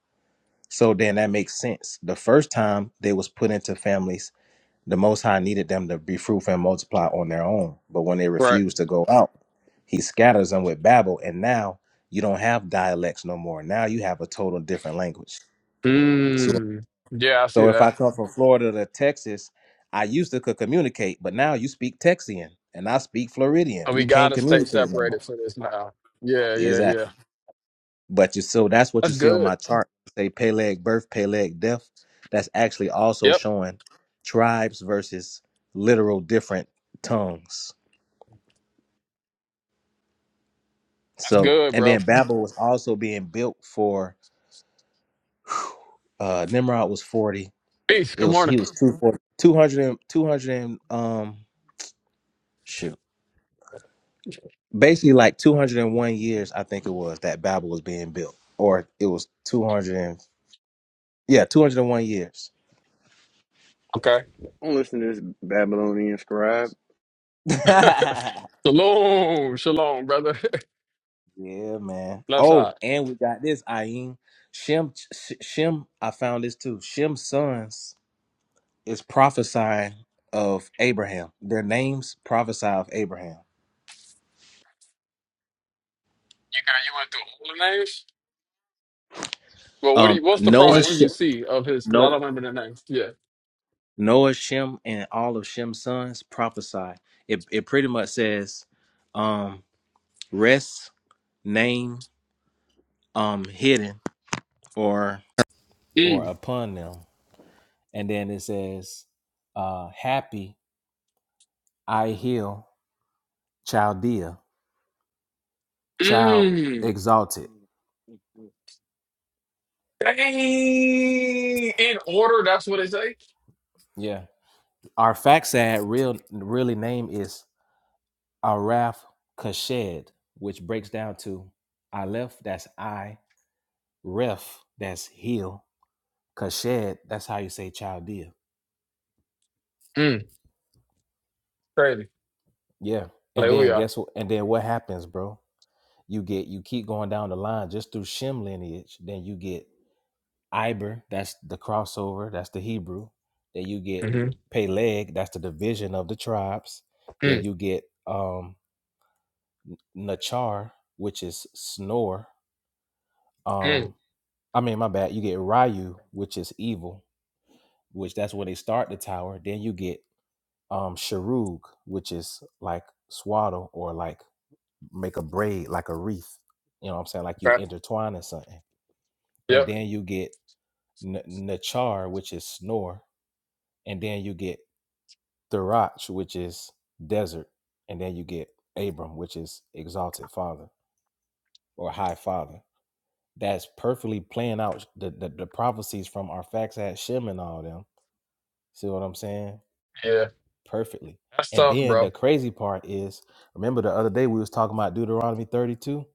I: So then that makes sense. The first time they was put into families, the Most High needed them to be fruitful and multiply on their own. But when they
K: right.
I: refused to go out, He scatters them with Babel, and now you don't have dialects no more. Now you have a total different language. So
K: Mm. Yeah, I see
I: so if I
K: that.
I: come from Florida to Texas, I used to could communicate, but now you speak Texian and I speak Floridian.
K: And we
I: We can't
K: gotta stay
I: communicate no
K: separated
I: more.
K: for this now. Yeah, yeah, yeah.
I: Exactly. But you so that's what you
K: That's
I: see on
K: good.
I: my chart. Say Peleg birth, Peleg death. That's actually also
K: Yep,
I: showing tribes versus literal different tongues.
K: that's
I: So
K: good,
I: and
K: bro.
I: then Babel was also being built for uh Nimrod was 40.
K: Peace.
I: It
K: Good
I: was he
K: morning.
I: was two forty two hundred and two hundred and um shoot. basically like 201 years i think it was that babel was being built or it was 200 and yeah 201 years
K: Okay.
A: i I'm listening to this Babylonian scribe
I: yeah
K: shalom, shalom, brother.
I: man
K: Left side.
I: oh and we got this ayin shem Sh- shem i found this too shem's sons is prophesying of abraham their names prophesy of abraham
K: You got you went through all the names? Well, what do
I: um
K: you, what's the
I: noah
K: prophecy
I: Sh-
K: you see of his? Because I don't remember the name. Yeah.
I: noah shem and all of shem's sons prophesy it, it pretty much says um rest name um hidden or or
K: Mm.
I: upon them. And then it says, uh, happy I heal Chaldea, child
K: Mm.
I: exalted.
K: Dang. In order, that's what it say.
I: Yeah. Our Faxad real really name is Araf Kashed, which breaks down to Aleph, that's I, Ref, that's heal, Kashed, that's how you say Chaldea.
K: Mm. Crazy.
I: Yeah. And then
K: Hallelujah.
I: guess what and then what happens, bro? You get you keep going down the line just through Shem lineage, then you get Iber, that's the crossover, that's the Hebrew. Then you get
K: Mm-hmm.
I: Peleg, that's the division of the tribes. Then
K: Mm.
I: you get um Nachar, which is snore.
K: Mm.
I: Um, I mean my bad, you get Ryu, which is evil, which that's where they start the tower. Then you get um Sharug, which is like swaddle or like make a braid, like a wreath. You know what I'm saying? Like you
K: Okay.
I: intertwine or something. And
K: Yep.
I: then you get N- Nachar, which is snore. And then you get Thirach, which is desert, and then you get Abram, which is exalted father or high father. That's perfectly playing out the, the, the prophecies from Arphaxad, Shem, and all them. See what I'm saying?
K: Yeah.
I: Perfectly.
K: That's
I: And
K: tough,
I: then
K: bro.
I: the crazy part is, remember the other day we was talking about Deuteronomy 32?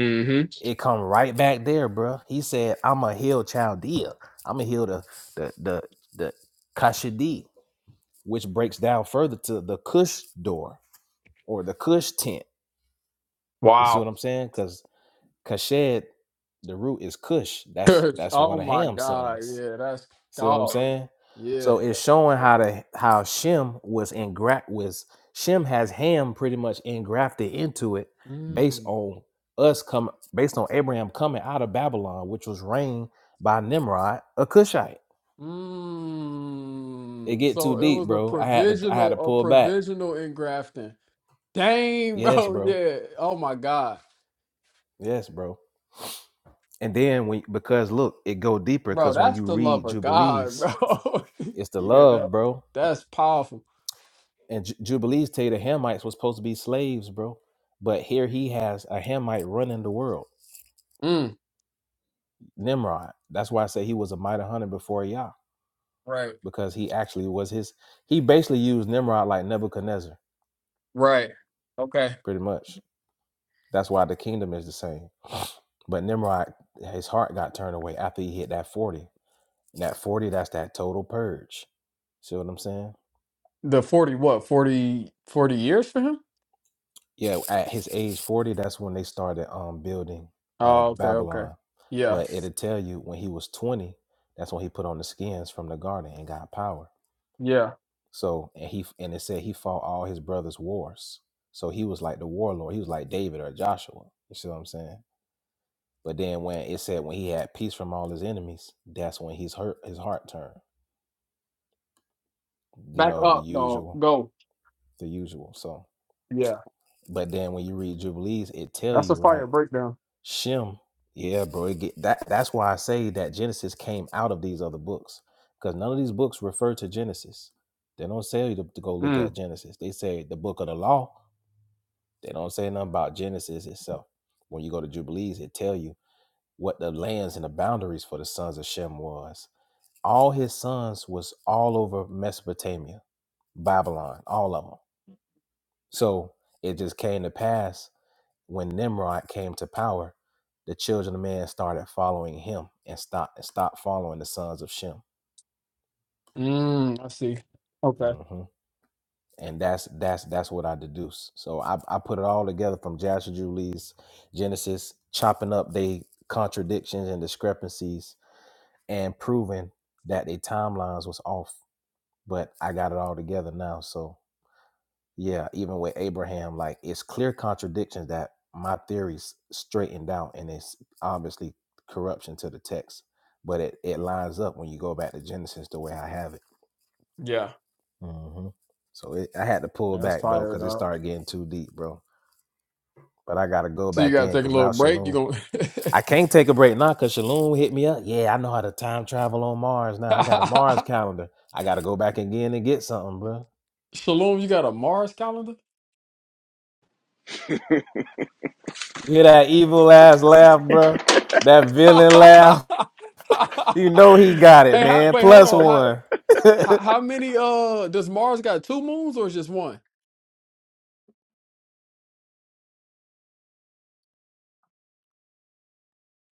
K: Mm-hmm.
I: It come right back there, bruh. He said, "I'm a heal Chaldea. I'm a heal the the the the Kashidi, which breaks down further to the Cush door or the Cush tent." You see
K: Wow.
I: what I'm saying? Because Kashed, the root is Cush. That's that's
K: oh
I: one of
K: my
I: Ham's
K: God.
I: sons.
K: Yeah, that's
I: See what I'm
K: dog.
I: saying?
K: Yeah.
I: So it's showing how the how Shem was engraft was Shem has Ham pretty much engrafted into it based
K: Mm.
I: on us come based on Abraham coming out of Babylon, which was reigned by Nimrod, a Cushite. It
K: Mm.
I: get too
K: So it
I: deep,
K: was a
I: bro. I had to I had to
K: provisional, a
I: pull back.
K: provisional engrafting. Dang,
I: Yes,
K: bro.
I: bro.
K: Yeah. Oh my God.
I: Yes, bro. And then when because look, it go deeper
K: Bro,
I: because when
K: that's
I: you
K: the love
I: read
K: of God,
I: Jubilees,
K: bro.
I: It's the
K: yeah. that-
I: love, bro.
K: that's powerful.
I: And Ju- Jubilees tell you the Hamites was supposed to be slaves, bro. But here he has a Hamite running the world,
K: Mm,
I: Nimrod. That's why I say he was a mighty hunter before Yah,
K: right.
I: because he actually was his. He basically used Nimrod like Nebuchadnezzar,
K: Right. Okay.
I: pretty much. That's why the kingdom is the same. But Nimrod, his heart got turned away after he hit that 40. That 40, that's that total purge. See what I'm saying?
K: The 40, what, forty, forty years for him?
I: yeah, at his age 40, that's when they started um building uh
K: Oh, okay. Okay.
I: Babylon.
K: Yeah.
I: But it'll tell you when he was 20, that's when he put on the skins from the garden and got power.
K: Yeah.
I: So and he and it said he fought all his brothers' wars. So he was like the warlord. He was like David or Joshua. You see what I'm saying? But then when it said when he had peace from all his enemies, that's when his hurt his heart turned. You
K: Back
I: know, the
K: up, dog.
I: usual.
K: Go.
I: The usual. So
K: Yeah.
I: but then when you read Jubilees, it tell
K: That's a
I: you,
K: fire
I: right?
K: breakdown.
I: Shem. Yeah, bro. It get, that that's why I say that Genesis came out of these other books because none of these books refer to Genesis. They don't say you to, to go look
K: Mm.
I: at Genesis. They say the book of the law. They don't say nothing about Genesis itself. When you go to Jubilees, it tell you what the lands and the boundaries for the sons of Shem was. All his sons was all over Mesopotamia, Babylon, all of them. So it just came to pass when Nimrod came to power, the children of man started following him and stopped and stopped following the sons of Shem.
K: Mm, I see. Okay.
I: hmm And that's that's that's what I deduce. So I, I put it all together from Joshua Julie's Genesis, chopping up they contradictions and discrepancies and proving that their timelines was off. But I got it all together now. So yeah, even with Abraham, like it's clear contradictions that my theories straightened out, and it's obviously corruption to the text, but it, it lines up when you go back to Genesis the way I have it.
K: Yeah.
I: hmm So it, I had to pull
K: yeah that's
I: back though
K: fired
I: because it
K: up.
I: started getting too deep, bro. But I gotta go
K: So you
I: back
K: gotta
I: in
K: take a
I: because
K: little
I: now
K: break. You
I: Shalom,
K: gonna
I: I can't take a break now because Shalom hit me up. Yeah, I know how to time travel on Mars now. I got a Mars calendar. I gotta go back again and get something, bro.
K: Shalom, you got a Mars calendar?
I: You hear that evil ass laugh, bro? That villain laugh. You know he got it,
K: hey, how,
I: man.
K: wait, hold
I: Plus
K: on. How,
I: one.
K: how how many uh does Mars got two moons or just one?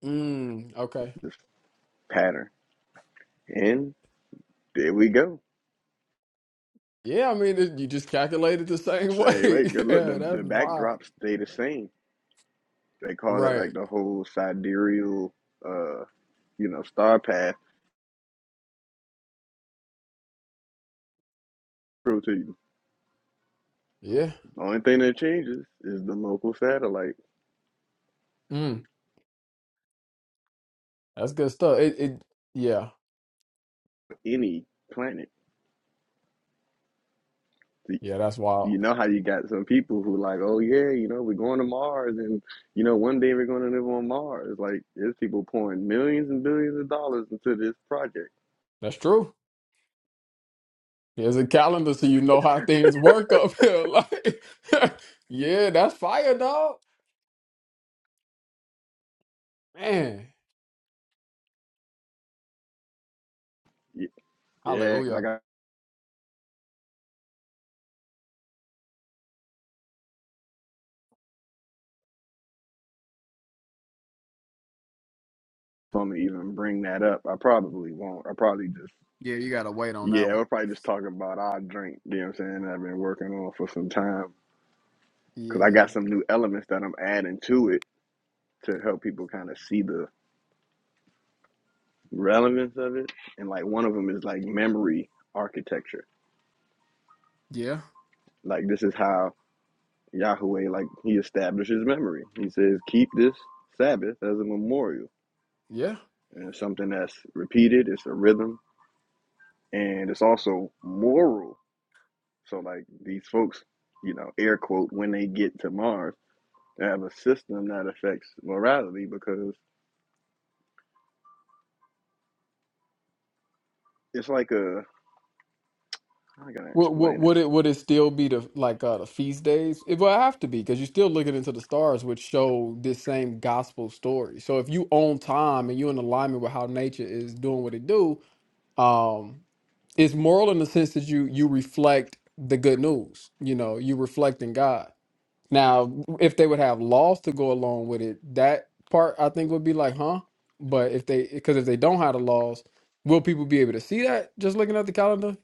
K: Mm, okay.
A: pattern. And there we go.
K: Yeah, I mean it, you just calculated the same
A: Say,
K: way.
A: wait, good look, the,
K: yeah, that's
A: the
K: wild.
A: backdrops stay the same. They call it
K: Right.
A: like the whole sidereal, uh, you know, star path. Prove to you.
K: Yeah.
A: The only thing that changes is the local satellite,
K: Mm, that's good stuff. It it yeah.
A: any planet.
K: Yeah, that's wild.
A: you know how you got some people who like, oh yeah, you know, we're going to Mars and you know, one day we're gonna live on Mars. Like there's people pouring millions and billions of dollars into this project.
K: That's true. There's a calendar so you know how things work up here. Like Yeah, that's fire, dog. Man.
A: Yeah, because I
K: Hallelujah.
A: got fun to even bring that up. I probably won't. I probably just
K: Yeah, you gotta wait on that
A: yeah,
K: one.
A: we'll probably just talk about our drink, you know what I'm saying, I've been working on for some time. Cause I
K: Yeah.
A: got some new elements that I'm adding to it to help people kind of see the relevance of it. And like one of them is like memory architecture.
K: yeah.
A: Like this is how Yahweh, like he establishes memory. He says, keep this Sabbath as a memorial.
K: Yeah.
A: And it's something that's repeated, it's a rhythm, and it's also moral. So, like these folks, you know, air quote, when they get to Mars, they have a system that affects morality because it's like a, how can I
K: Would, would
A: explain
K: would it would it still be the like uh the feast days? It would have to be because you're still looking into the stars, which show this same gospel story. So if you own time and you're in alignment with how nature is doing what it do, um, it's moral in the sense that you you reflect the good news. You know, you reflecting God. Now, if they would have laws to go along with it, that part I think would be like, huh? But if they, because if they don't have the laws, will people be able to see that just looking at the calendar?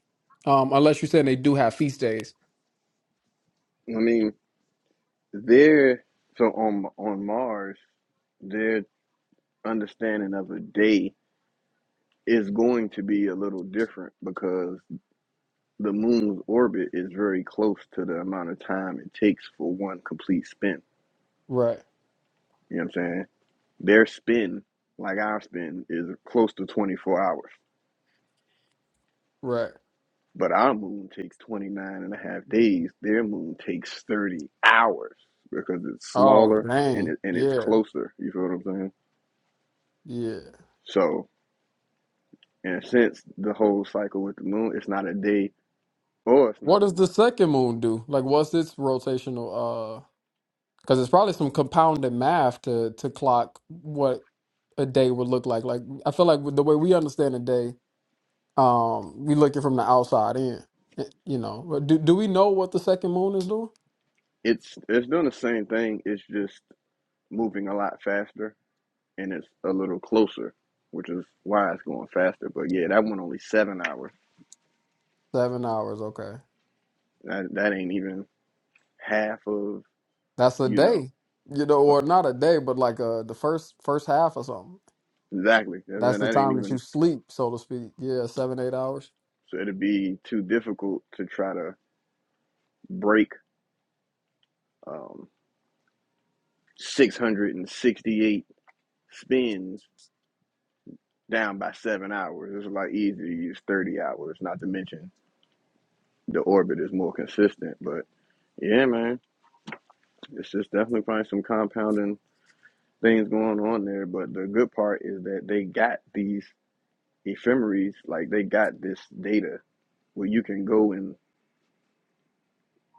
K: Um, unless you're saying they do have feast days.
A: it? I mean, they're, so on, on Mars, their understanding of a day is going to be a little different because the moon's orbit is very close to the amount of time it takes for one complete spin.
K: Right,
A: You know what I'm saying? Their spin, like our spin, is close to 24 hours.
K: right.
A: But our moon takes 29 and a half days. Their moon takes 30 hours because it's
K: Oh,
A: smaller and,
K: dang.
A: it, and it's
K: Yeah,
A: closer. You feel what I'm saying?
K: yeah.
A: So, in a sense, the whole cycle with the moon, it's not a day or it's
K: What
A: not a
K: does the
A: month.
K: second moon do? Like, what's its rotational, uh, because it's probably some compounded math to to clock what a day would look like. Like, I feel like with the way we understand a day, Um, we looking from the outside in, Eh, you know. But do do we know what the second moon is doing?
A: It's, it's doing the same thing. It's just moving a lot faster and it's a little closer, which is why it's going faster. But yeah, that one only seven hours.
K: Seven hours, okay.
A: That that ain't even half of
K: That's a
A: you know
K: day, you know,
A: uh,
K: or not a day, but like uh the first first half or something.
A: exactly. And
K: That's the
A: that ain't
K: time that you
A: even
K: sleep, so to speak. Yeah, seven eight hours.
A: so it'd be too difficult to try to break um, six hundred and sixty eight spins down by seven hours. It's a lot easier to use thirty hours. Not to mention the orbit is more consistent. But yeah, man, it's just definitely probably some compounding things going on there. But the good part is that they got these ephemeries, like they got this data where you can go and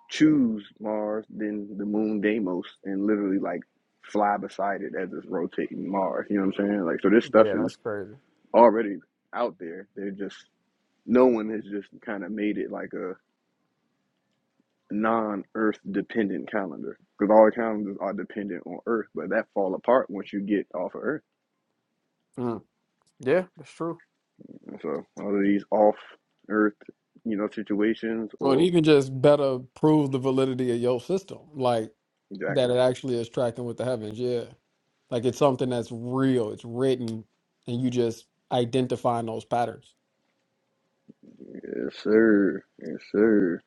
A: choose Mars, then the moon Deimos, and literally like fly beside it as it's rotating Mars. You know what I'm saying? Like, so this stuff
K: Yeah,
A: is
K: that's crazy.
A: already out there. They're just, no one has just kind of made it like a non-Earth dependent calendar because all the calendars are dependent on Earth, but that fall apart once you get off of Earth.
K: Mm, yeah, that's true.
A: And So all of these off earth, you know, situations
K: So it
A: or
K: even just better prove the validity of your system, like that
A: exactly.
K: it actually is tracking with the heavens. Yeah, like it's something that's real. It's written, and you just identifying those patterns.
A: Yes, sir. Yes, sir.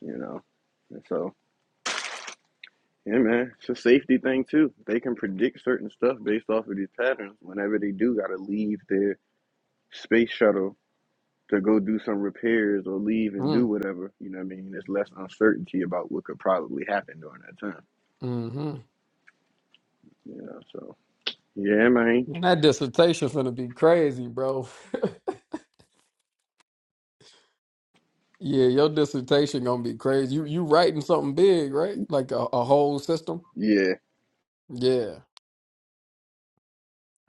A: You know. And so yeah, man, it's a safety thing too. They can predict certain stuff based off of these patterns. Whenever they do gotta leave their space shuttle to go do some repairs or leave and do whatever, you know what I mean? There's less uncertainty about what could probably happen during that time.
K: hmm
A: You know, so yeah, man.
K: That dissertation gonna be crazy, bro. Yeah, your dissertation gonna be crazy. You you writing something big, right? Like a, a whole system.
A: Yeah.
K: Yeah.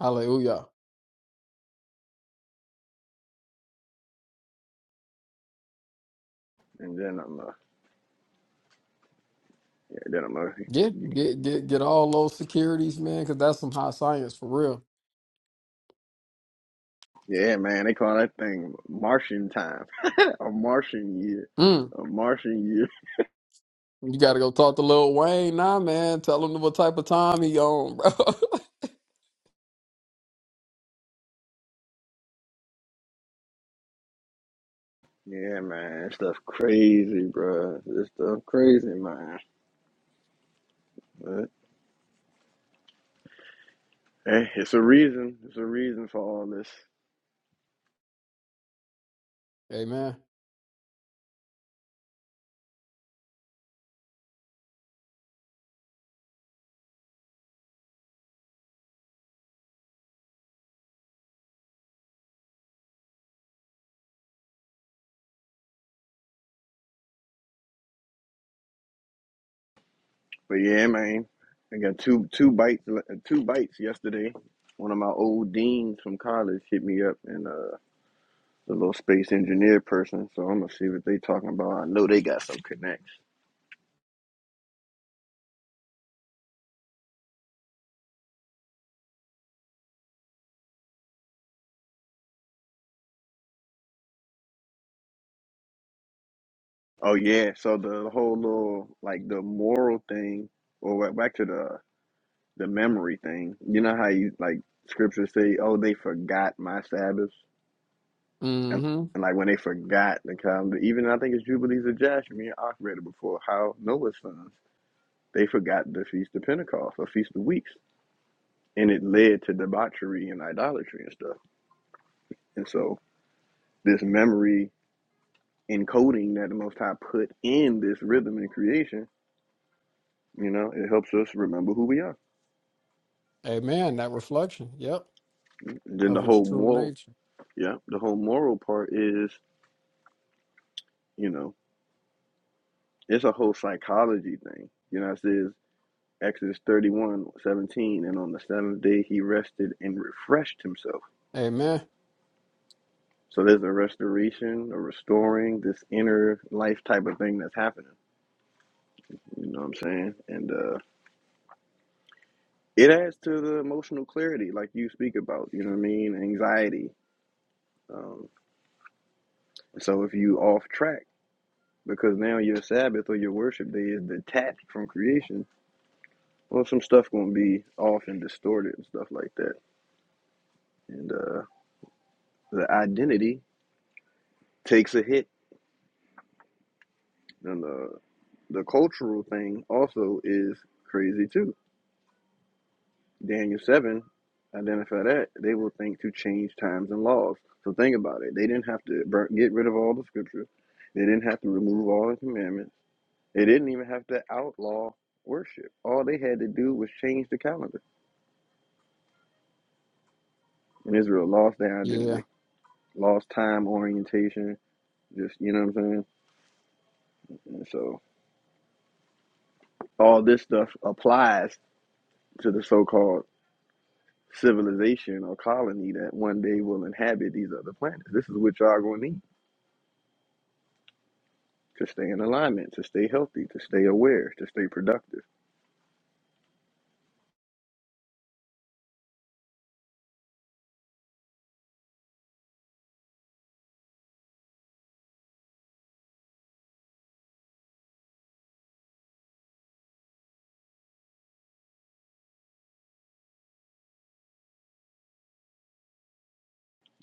K: Hallelujah.
A: And then I'm uh, yeah, then I'm uh,
K: Get get get get all those securities, man, because that's some high science for real.
A: Yeah, man, they call that thing Martian time, a Martian year,
K: Mm.
A: a Martian year.
K: You gotta go talk to Lil Wayne now, man. Tell him what type of time he on, bro.
A: Yeah, man, stuff crazy, bro. This stuff crazy, man. But, hey, it's a reason. It's a reason for all this.
K: Amen.
A: But yeah, man, I got two two bites le- two bites yesterday. One of my old deans from college hit me up, and uh, the little space engineer person. So I'm gonna see what they talking about. I know they got some connections. Oh yeah, so the whole little like the moral thing, or wa- back to the the memory thing. You know how you like scriptures say, "Oh, they forgot my Sabbaths," and
K: Mm-hmm.
A: and like when they forgot the calendar, even I think it's Jubilees of Jasher. Me and Ak read it before. How Noah's sons they forgot the feast of Pentecost or feast of weeks, and it led to debauchery and idolatry and stuff. And so this memory encoding that the Most High put in this rhythm in creation, you know, it helps us remember who we are.
K: Amen. That reflection. Yep.
A: then
K: Of
A: the
K: his
A: whole
K: true
A: moral
K: nature.
A: yeah the whole moral part is you know it's a whole psychology thing you know it says exodus 31 17, and on the seventh day he rested and refreshed himself
K: Amen.
A: so there's a restoration a restoring this inner life type of thing that's happening you know what i'm saying and uh it adds to the emotional clarity like you speak about you know what i mean anxiety um so if you off track because now your sabbath or your worship day is detached from creation Well, some stuff gonna be off and distorted and stuff like that, and uh, the identity takes a hit, and the the cultural thing also is crazy too. Daniel seven identify that they will think to change times and laws. So think about it. They didn't have to burn, get rid of all the scriptures. They didn't have to remove all the commandments. They didn't even have to outlaw worship. All they had to do was change the calendar, and Israel lost their
K: Yeah.
A: identity, lost time orientation. Just you know what I'm saying And so all this stuff applies to the so-called civilization or colony that one day will inhabit these other planets. This is what y'all gonna need to stay in alignment, to stay healthy, to stay aware, to stay productive.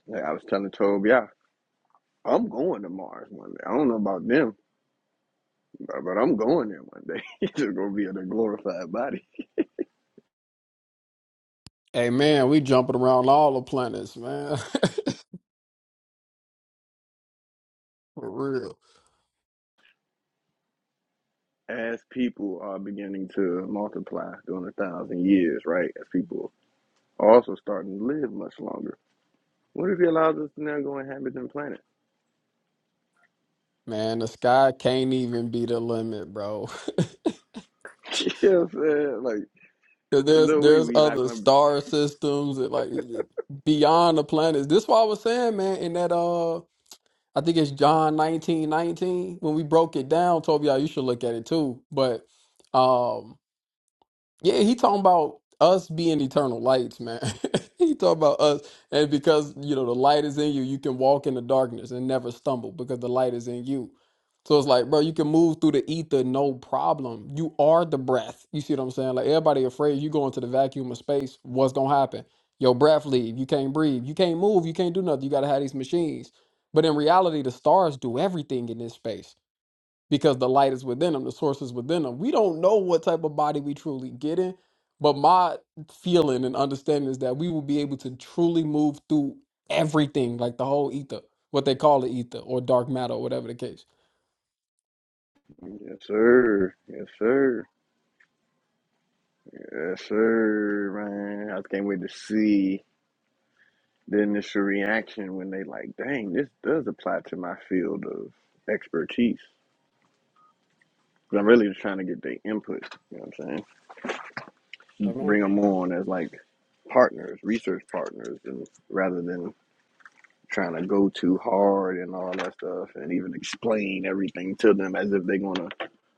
A: Like I was telling Tobia, I'm going to Mars one day. I don't know about them, but but I'm going there one day. it's just gonna be in a glorified body.
K: Hey man, we jumping around all the planets, man. For real.
A: As people are beginning to multiply during a thousand years, right? As people are also starting to live much longer. What if he allows us to now go inhabit them planets?
K: Man, the sky can't even be the limit, bro.
A: You know what I'm saying? Like,
K: 'Cause
A: there's
K: there's
A: no way
K: there's
A: we not
K: other
A: gonna be.
K: star systems that like beyond the planets. This what I was saying, man, in that uh I think it's John nineteen nineteen. When we broke it down, Told y'all you should look at it too. But um Yeah, he talking about us being eternal lights, man. he talking about us, and because you know the light is in you, you can walk in the darkness and never stumble because the light is in you. So it's like, bro, you can move through the ether, no problem. You are the breath. You see what I'm saying? Like everybody afraid you go into the vacuum of space. What's gonna happen? Your breath leave. You can't breathe. You can't move. You can't do nothing. You gotta have these machines. But in reality, the stars do everything in this space because the light is within them, the source is within them. We don't know what type of body we truly get in, but my feeling and understanding is that we will be able to truly move through everything, like the whole ether, what they call the ether or dark matter or whatever the case.
A: Yes, sir. Yes, sir. Yes, sir, man. I just can't wait to see the initial reaction when they like, dang, this does apply to my field of expertise. 'Cause I'm really just trying to get their input. You know what I'm saying? Bring
K: Amen.
A: them on as like partners, research partners, and rather than trying to go too hard and all that stuff, and even explain everything to them as if they're gonna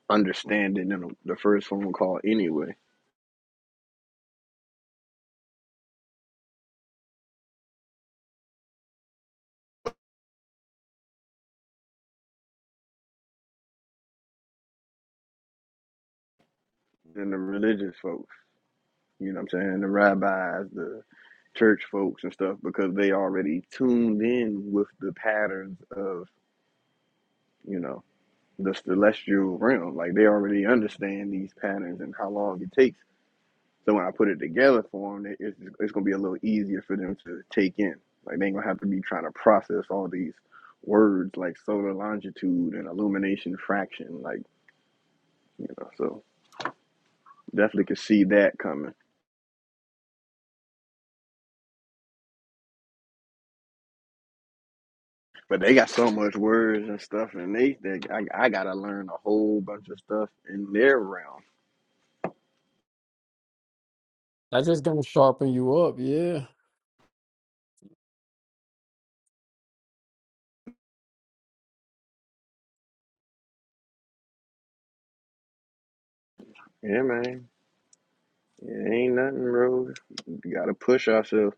A: understand it in the first phone call anyway. than the religious folks. You know what I'm saying? The rabbis, the church folks and stuff, because they already tuned in with the patterns of, you know, the celestial realm. Like they already understand these patterns and how long it takes. So when I put it together for them, it's, it's going to be a little easier for them to take in. Like they ain't going to have to be trying to process all these words like solar longitude and illumination fraction. Like, you know, so definitely could see that coming. But they got so much words and stuff, and they, they I, I gotta learn a whole bunch of stuff in their realm.
K: That's just gonna sharpen you up, yeah.
A: Yeah, man, it ain't nothing, bro. You gotta push ourselves.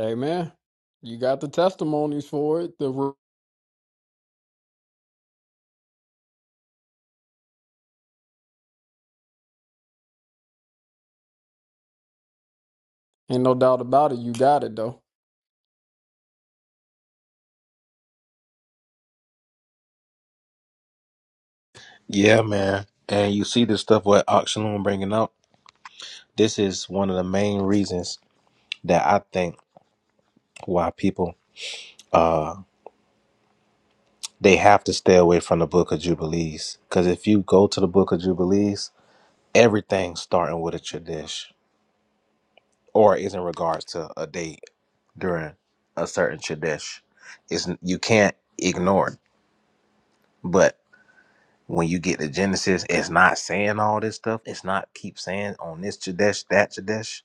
K: Amen. You got the testimonies for it. The re- ain't no doubt about it. You got it though.
I: Yeah, man. And you see this stuff what Auctionloom bringing up. This is one of the main reasons that I think why people they have to stay away from the Book of Jubilees. Because if you go to the Book of Jubilees, everything's starting with a Chadesh, or is in regards to a date during a certain Chadesh. Is you can't ignore it. But when you get to Genesis, it's not saying all this stuff. It's not keep saying on this Chadesh, that Chadesh.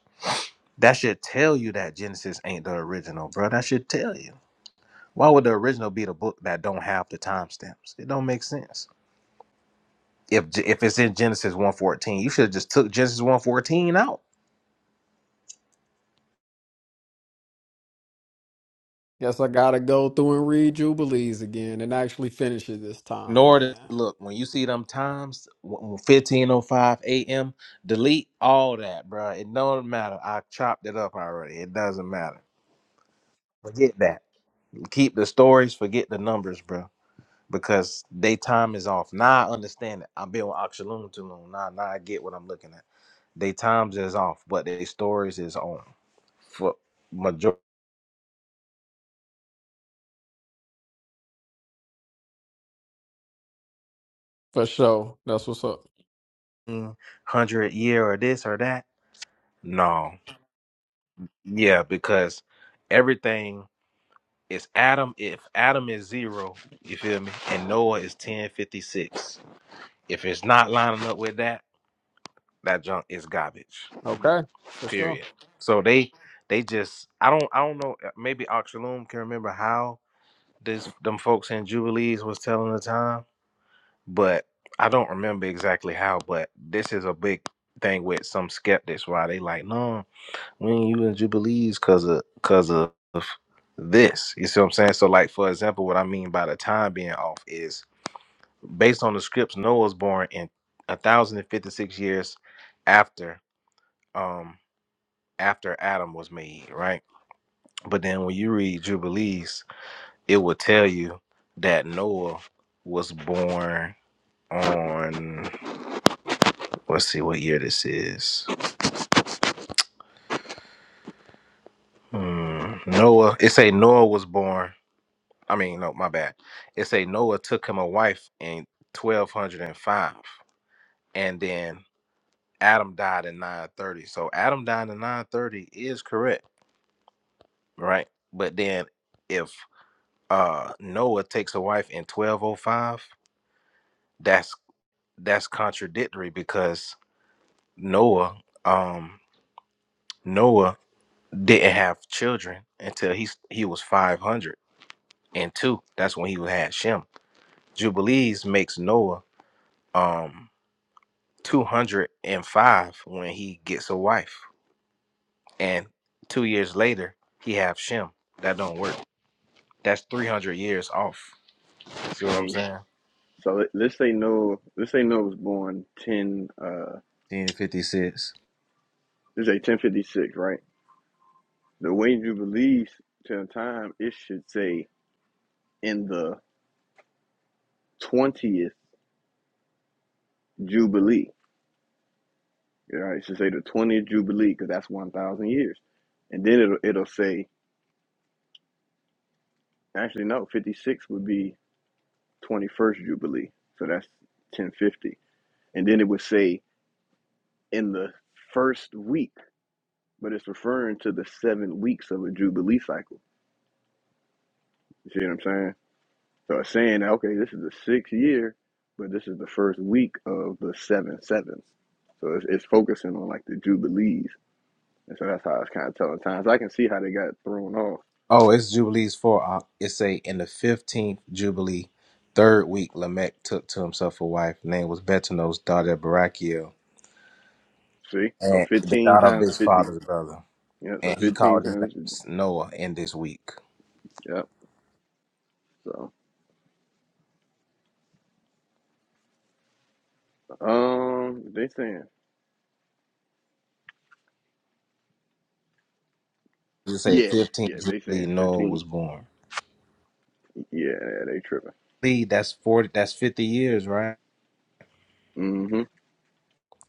I: That should tell you that Genesis ain't the original, bro. That should tell you. Why would the original be the book that don't have the timestamps? It don't make sense. If G- if it's in Genesis 114, you should have just took Genesis 114 out.
K: Guess I gotta go through and read Jubilees again and actually finish it this time,
I: Nor the,
K: man.
I: look, when you see them times, 1505 a.m., delete all that, bro. It don't matter. I chopped it up already. It doesn't matter. Forget that. Keep the stories, forget the numbers, bro. Because they time is off. Now I understand it. I've been with Oxaloon too long. Now, now I get what I'm looking at. They times is off, but they stories is on. For majority
K: For sure. That's what's up.
I: hundred year or this or that. No. Yeah, because everything is Adam. If Adam is zero, you feel me? And Noah is ten fifty six. If it's not lining up with that, that junk is garbage.
K: Okay. For sure.
I: period. So they they just I don't I don't know eh, maybe Oxaloom can remember how this them folks in Jubilees was telling the time, but I don't remember exactly how. But this is a big thing with some skeptics why they like no we ain't using Jubilees because of because of this. You see what I'm saying? So like for example, what I mean by the time being off is based on the scripts. Noah was born in a thousand and fifty six years after um after Adam was made, right? But then when you read Jubilees, it will tell you that Noah was born on let's see what year this is. Hmm. Noah. It say Noah was born. I mean, no, my bad. It say Noah took him a wife in twelve hundred and five, and then Adam died in nine thirty. So Adam died in nine thirty is correct, right? But then if uh Noah takes a wife in twelve oh five, that's that's contradictory because Noah, um, Noah didn't have children until he he was five hundred and two. That's when he had Shem. Jubilees makes Noah um two hundred and five when he gets a wife, and two years later he have Shem. That don't work. That's three hundred years off. See what I'm
A: Hey,
I: saying?
A: so let- let's say no, let's say no was born ten, uh,
I: Ten fifty six.
A: let's say ten fifty six, right? The way jubilees to the time, it should say in the twentieth jubilee. Right, it should say the twentieth jubilee because that's one thousand years, and then it'll it'll say actually no, fifty six would be 21st Jubilee. So that's 1050. And then it would say in the first week, but it's referring to the seven weeks of a Jubilee cycle. You see what I'm saying? So it's saying, okay, this is the sixth year, but this is the first week of the seven sevens. So it's, it's focusing on like the Jubilees. And so that's how it's kind of telling times. I can see how they got thrown off.
I: Oh, it's Jubilees for uh, it say in the fifteenth Jubilee, third week, Lamech took to himself a wife. Name was Betanos, daughter of Barachiel,
A: See? So
I: and the
A: 15
I: daughter of
A: times
I: his
A: 50.
I: father's brother.
A: Yeah, so
I: And he
A: 15
I: called his
A: times 50.
I: name Noah in this week.
A: Yep. So, um, they saying
I: It say
A: Yeah,
I: fifteenth
A: yeah. They
I: Jubilee,
A: saying
I: Noah
A: fifteen.
I: was born.
A: Yeah, yeah, they tripping.
I: Lee, that's forty that's fifty years, right?
A: hmm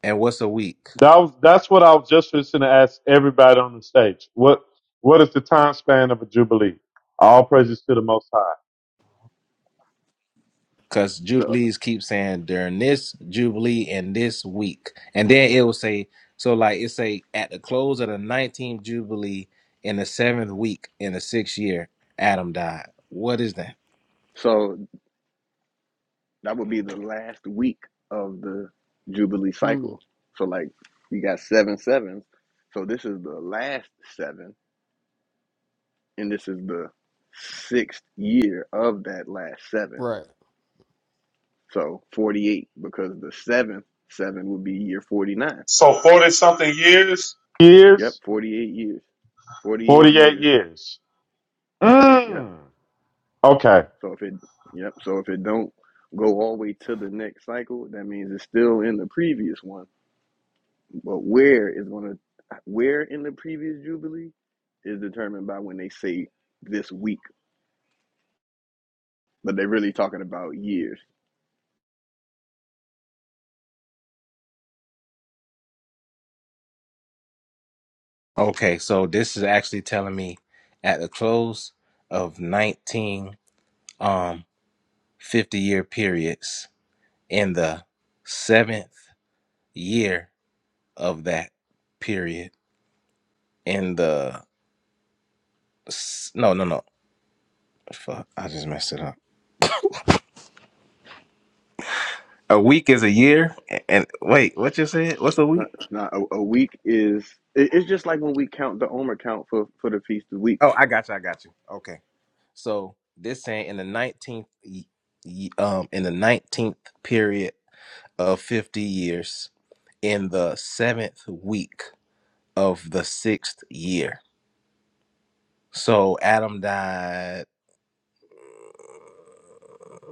I: And what's a week?
M: That was that's what I was just going to ask everybody on the stage. What what is the time span of a jubilee? All praises to the Most High.
I: because
A: So,
I: jubilees keep saying during this jubilee and this week, and then it will say so like it say at the close of the nineteenth jubilee in the seventh week in the sixth year, Adam died. What is that?
A: so that would be the last week of the Jubilee
K: Mm,
A: cycle. So, like, we got seven sevens. So this is the last seven, and this is the sixth year of that last seven.
K: right.
A: So forty-eight, because the seventh seven would be year forty-nine.
M: so forty something years. Years
A: Yep, forty-eight years. Forty-eight
M: 48
A: years.
M: years.
A: Yep.
M: Mm. Okay.
A: So if it, yep. So if it don't go all the way to the next cycle, that means it's still in the previous one. But where is going to, where in the previous jubilee, is determined by when they say this week, but they're really talking about years.
I: Okay, so this is actually telling me at the close of nineteen um fifty year periods in the seventh year of that period in the s- no no no fuck I just messed it up A week is a year. And wait, what you said? What's a
A: Not,
I: week?
A: not a, a week is. It, it's just like when we count the Omer count for for the feast of weeks.
I: Oh, I got you. I got you. Okay. So this saying in the nineteenth, y- y- um, in the nineteenth period of fifty years, in the seventh week of the sixth year. So Adam died.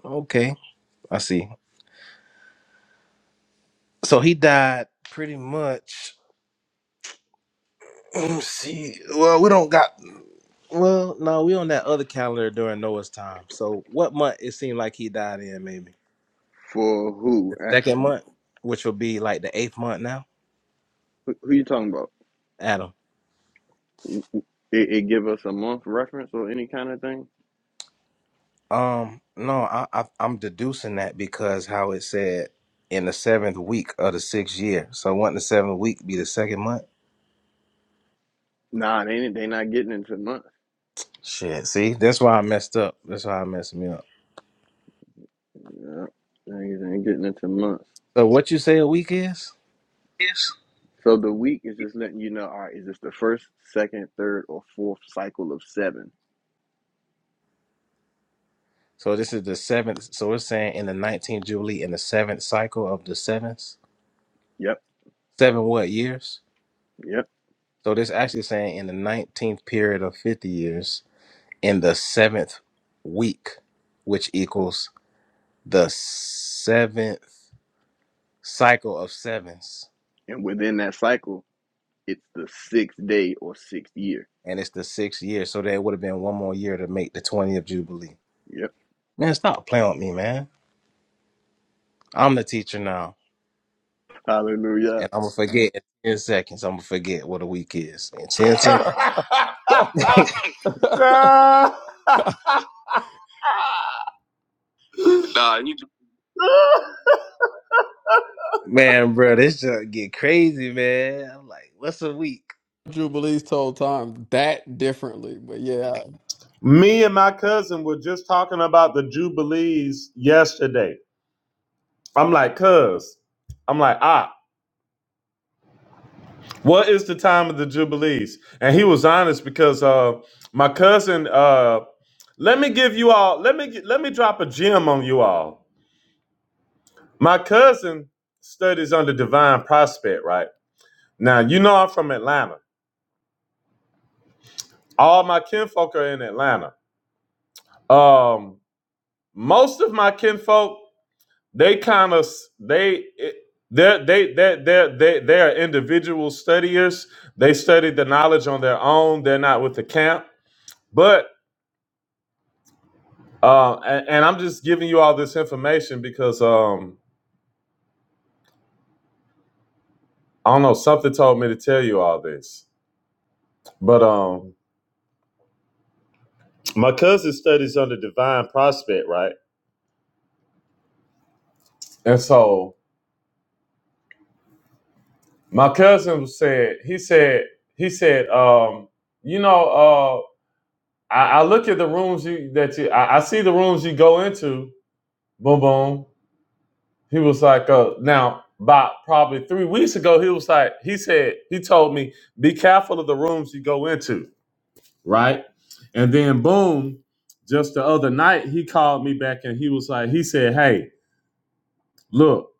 I: Okay, I see. So he died pretty much. let me see, well, we don't got. Well, no, we on that other calendar during Noah's time. So what month it seemed like he died in, maybe.
A: For who?
I: the
A: Uh,
I: second month,
A: Who
I: which will be like the eighth month now,
A: who you talking about?
I: Adam.
A: It, it give us a month reference or any kind of thing?
I: Um, no, I, I I'm deducing that because how it said in the seventh week of the sixth year. So wouldn't the seventh week be the second month?
A: Nah, they ain't- they not getting into months.
I: Shit. See, that's why I messed up. That's why I messed me up.
A: Yeah, niggas ain't getting into months.
I: So what you say a week is?
A: So the week is just letting you know, all right, is this the first, second, third, or fourth cycle of seven?
I: So this is the seventh. So it's saying in the nineteenth jubilee in the seventh cycle of the seventh,
A: Yep,
I: seven what years?
A: yep.
I: So this actually saying in the nineteenth period of fifty years. in the seventh week, which equals the seventh cycle of sevens.
A: And within that cycle, it's the sixth day or sixth year.
I: And it's the sixth year. So there would have been one more year to make the 20th Jubilee.
A: Yep.
I: Man, stop playing with me, man. I'm the teacher now.
A: Hallelujah.
I: And I'm going to forget in 10 seconds. I'm going to forget what a week is in 10 seconds.
M: Nah, you
I: man, bro, this just get crazy, man. I'm like, what's a week?
K: Jubilees told time that differently, but yeah,
M: Me and my cousin were just talking about the Jubilees yesterday. I'm like, cuz, I'm like, ah, what is the time of the Jubilees? And he was honest because uh my cousin uh let me give you all let me let me drop a gem on you all. My cousin studies under Divine Prospect, right? Now you know I'm from Atlanta. All my kinfolk are in Atlanta. Um most of my kinfolk they kind of they they they they they they are individual studiers. They study the knowledge on their own. They're not with the camp. But uh, and, and I'm just giving you all this information because um, I don't know something told me to tell you all this. But um, my cousin studies under Divine Prospect, right? And so my cousin said he said he said um, you know uh, I, I look at the rooms you that you I, I see the rooms you go into. Boom boom. He was like, uh, now about probably three weeks ago, he was like, he said, he told me, be careful of the rooms you go into, right? And then boom, just the other night, he called me back and he was like, he said, Hey, look,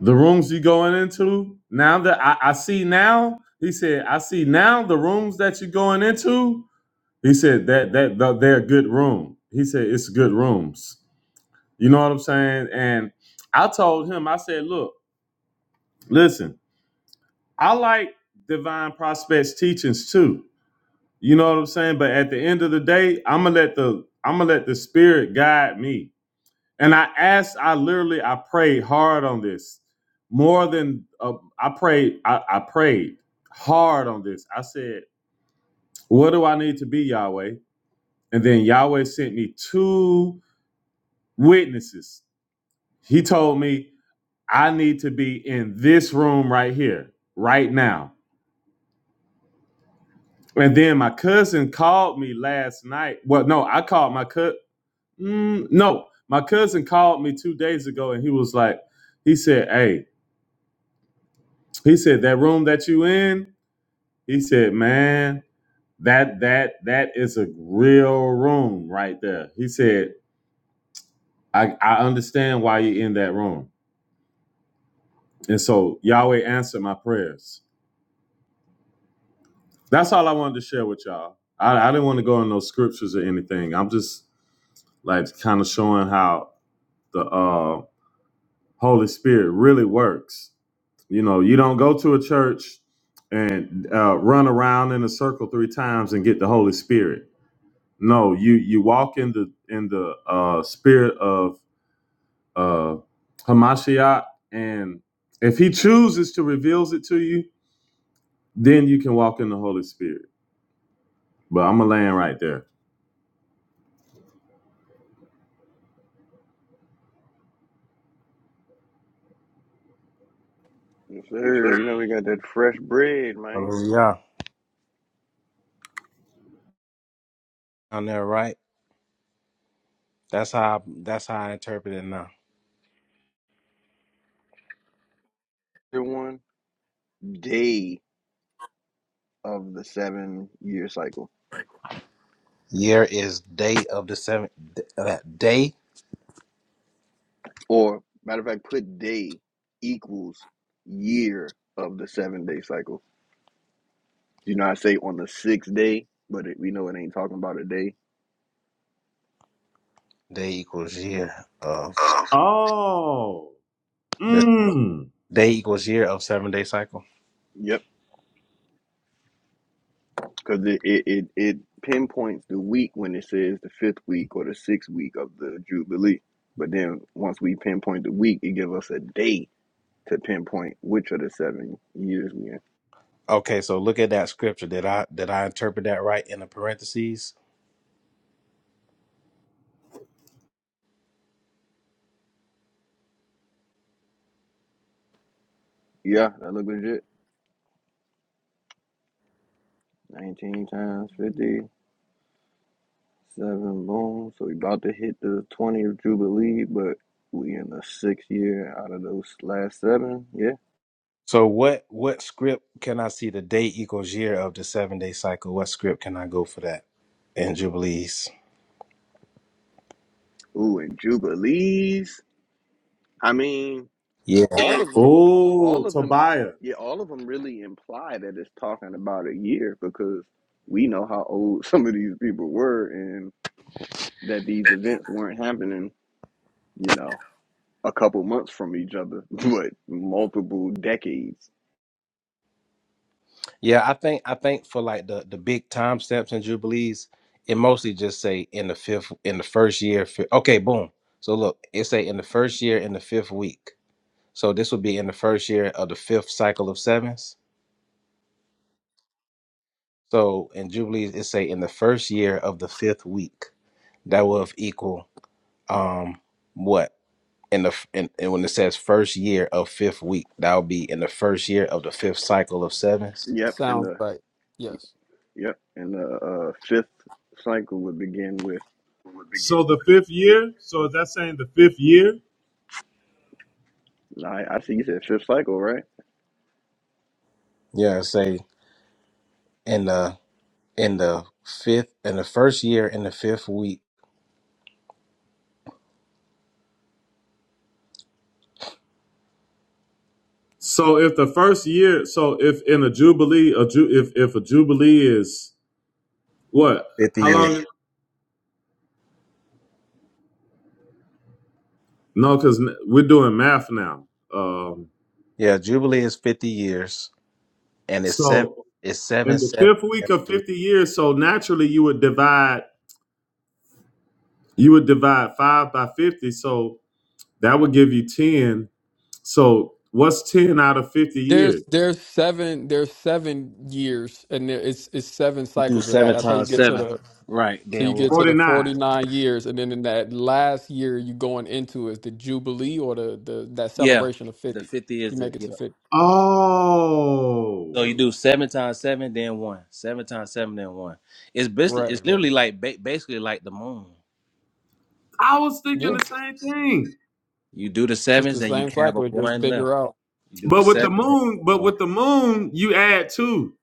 M: the rooms you going into, now that I, I see now, he said, I see now the rooms that you're going into. He said that that, that they're good room. He said it's good rooms. You know what I'm saying? And I told him, I said, look, listen, I like divine prospects teachings too. You know what I'm saying? But at the end of the day, I'm gonna let the I'm gonna let the spirit guide me. And I asked, I literally I prayed hard on this. More than uh, I prayed, I, I prayed hard on this. I said, What do I need to be, Yahweh? And then Yahweh sent me two witnesses. He told me I need to be in this room right here, right now. And then my cousin called me last night. Well, no, I called my cousin. Mm, no, my cousin called me two days ago and he was like, he said, hey, he said, that room that you in, he said, man, that that that is a real room right there. He said, I, I understand why you are in that room. And so Yahweh answered my prayers. That's all I wanted to share with y'all. I, I didn't want to go in those scriptures or anything. I'm just like kind of showing how the uh, Holy Spirit really works. You know, you don't go to a church and uh, run around in a circle three times and get the Holy Spirit. No, you you walk in the in the uh, spirit of uh, Hamashiach, and if He chooses to reveals it to you, then you can walk in the Holy Spirit. But I'm gonna land right there.
A: Yes, sir. You know we got that fresh bread, man.
I: Oh, yeah. am there, right? That's how I, that's how I interpret it now.
A: The one day of the seven year cycle.
I: Year is day of the seventh uh, day.
A: Or matter of fact, put day equals year of the seven day cycle. You know, I say on the sixth day, but it, we know it ain't talking about a day.
I: Day equals year of
M: Oh.
I: this
M: Mm.
I: day equals year of seven day cycle.
A: Yep, because it, it it it pinpoints the week when it says the fifth week or the sixth week of the jubilee. But then once we pinpoint the week, it gives us a day to pinpoint which of the seven years we in.
I: Okay, so look at that scripture. Did I did I interpret that right in the parentheses?
A: Yeah, that look legit. Nineteen times fifty seven, boom. So we about to hit the twentieth jubilee, but we in the sixth year out of those last seven. Yeah.
I: So what what script can I see the day equals year of the seven day cycle? What script can I go for that in Jubilees?
A: Ooh, and jubilees. I mean. all of them all
M: Oh,
A: of them
M: Tobiah.
A: yeah all of them really imply that it's talking about a year because we know how old some of these people were and that these events weren't happening you know a couple months from each other but multiple decades
I: Yeah, I think I think for like the the big time steps and jubilees, it mostly just say in the fifth in the first year. Fi- okay, boom. So look, it say in the first year in the fifth week. So this would be in the first year of the fifth cycle of sevens. So in jubilees, it say in the first year of the fifth week. That will equal um what in the f- in, and when it says first year of fifth week, that will be in the first year of the fifth cycle of sevens.
A: yep and
K: sounds
A: the
K: right. Yes.
A: yep and the uh, fifth cycle would begin with
M: So the fifth year. So is that saying the fifth year?
A: I, I see you said fifth cycle right
I: Yeah, it say in the in the fifth in the first year in the fifth week.
M: So if the first year, so if in a jubilee, a ju, if if a jubilee is what?
I: Fifty
M: How
I: years.
M: long? No, because we're doing math now. Um,
I: Yeah, Jubilee is fifty years, and it's seven.
M: so
I: It's seven
M: in the
I: seven.
M: fifth week of fifty
I: You
M: years, so naturally you would divide, you would divide five by fifty, so that would give you ten. So what's ten out of fifty
K: There's
M: years?
K: there's seven there's seven years and there, it's it's seven
I: do
K: cycles of that.
I: seven
K: That's how you
I: times
K: get to
I: seven,
K: the
I: right?
K: so you
I: Then
K: get
I: one.
K: to the
M: 49.
K: 49 years and then in that last year you going into is the jubilee or the the that
I: Yeah,
K: celebration of
I: the
K: 50.
I: fifty
K: You
I: is the
K: make it
I: yeah.
K: to 50.
I: So you
M: Oh.
I: do seven times seven, then one. Seven times seven, then one. It's basically
K: Right,
I: it's
K: right.
I: literally like ba- basically like the moon.
M: I was
K: Yeah.
M: thinking the same thing.
I: You do the
K: It's
I: sevens,
K: the
I: then you
K: same
I: have a
K: cycle, it's just
I: one left.
K: bigger out.
I: You do the
M: But with the
I: sevens, then
M: moon,
I: you have
M: but
I: one
M: with the moon, you add two.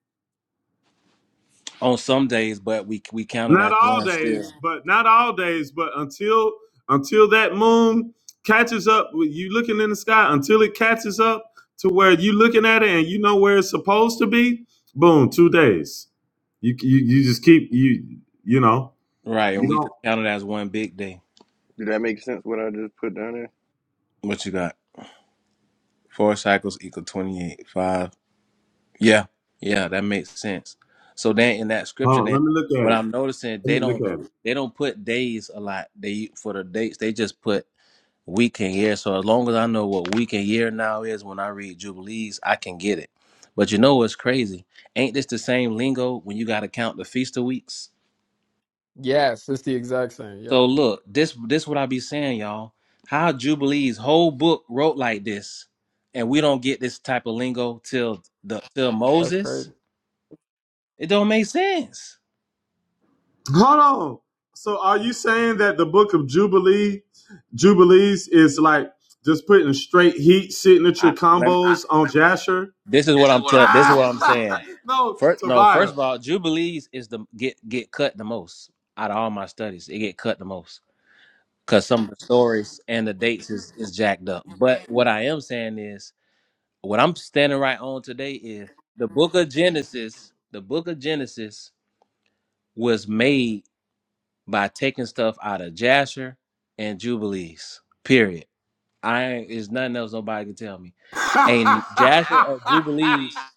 I: on some days, but we we count it
M: Not
I: as
M: all
I: one still.
M: days, but not all days, but until until that moon catches up with you looking in the sky, until it catches up to where you looking at it and you know where it's supposed to be, boom, two days. You you, you just keep you you know,
I: Right, or
M: you
I: we
M: don't
I: just count it as one big day.
A: did that make sense what I just put down
I: What you got? Four cycles equal 28. Five. Yeah. Yeah, that makes sense. So then in that scripture
M: hold on,
I: then
M: let me look at
I: what
M: it.
I: I'm noticing
M: Let
I: they
M: me look
I: don't
M: at it.
I: they don't put days a lot. They for the dates they just put week and year. So as long as I know what week and year now is when I read jubilees, I can get it. But you know what's crazy? Ain't this the same lingo when you got to count the feast of weeks?
K: Yes, it's the exact same. Yep.
I: So look, this this what I be saying, y'all. How Jubilee's whole book wrote like this, and we don't get this type of lingo till the till
K: That's crazy.
I: Moses. It don't make sense.
M: Hold on. So are you saying that the book of Jubilee, Jubilees is like just putting straight heat signature
I: I let
M: combos I, on Jasher?
I: this is
M: This
I: what
M: is
I: I'm
M: what I'm,
I: telling. This is
M: ah! this
I: what
M: is
I: I'm
M: what I'm
I: saying.
M: saying. No,
I: First, no,
M: Tobiah.
I: first of all, Jubilees is the get get cut the most out of all my studies. It get cut the most because some of the stories and the dates is is jacked up. But what I am saying is, what I'm standing right on today is the Book of Genesis. The Book of Genesis was made by taking stuff out of Jasher and Jubilees. Period. I ain't there's nothing else nobody can tell me. And Jasher or Jubilees,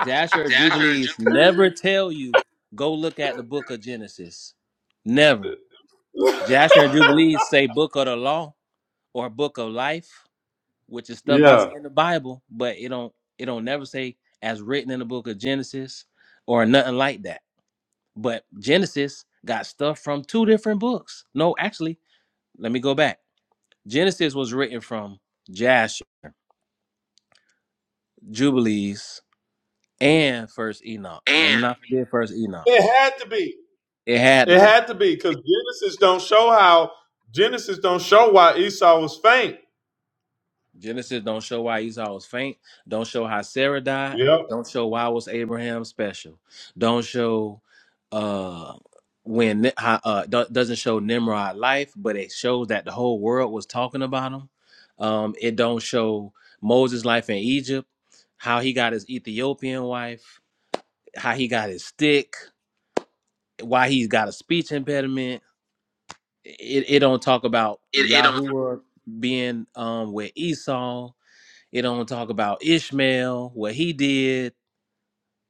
I: Jasher or
M: Jasher, Jasher,
I: Jubilees
M: Jubilee.
I: never tell you go look at the book of Genesis. Never. Jasher and Jubilees say book of the law or book of life, which is stuff I
M: Yeah.
I: see in the Bible, but it don't it don't never say as written in the book of Genesis or nothing like that. But Genesis got stuff from two different books. No, actually, let me go back. Genesis was written from Jasher, Jubilees, and First Enoch. Let me
M: And
I: not forget First Enoch.
M: it had to be.
I: It had to
M: It
I: be.
M: had to be because Genesis don't show how Genesis don't show why Esau was faint.
I: Genesis don't show why Esau was faint. Don't show how Sarah died.
M: Yep.
I: Don't show why was Abraham special. Don't show uh when Ni- how, uh do- doesn't show Nimrod life, but it shows that the whole world was talking about him. Um, it don't show Moses' life in Egypt, how he got his Ethiopian wife, how he got his stick, why he's got a speech impediment. It, it don't talk about
M: It, it don't.
I: Yahuwah being um with Esau it don't talk about Ishmael, what he did,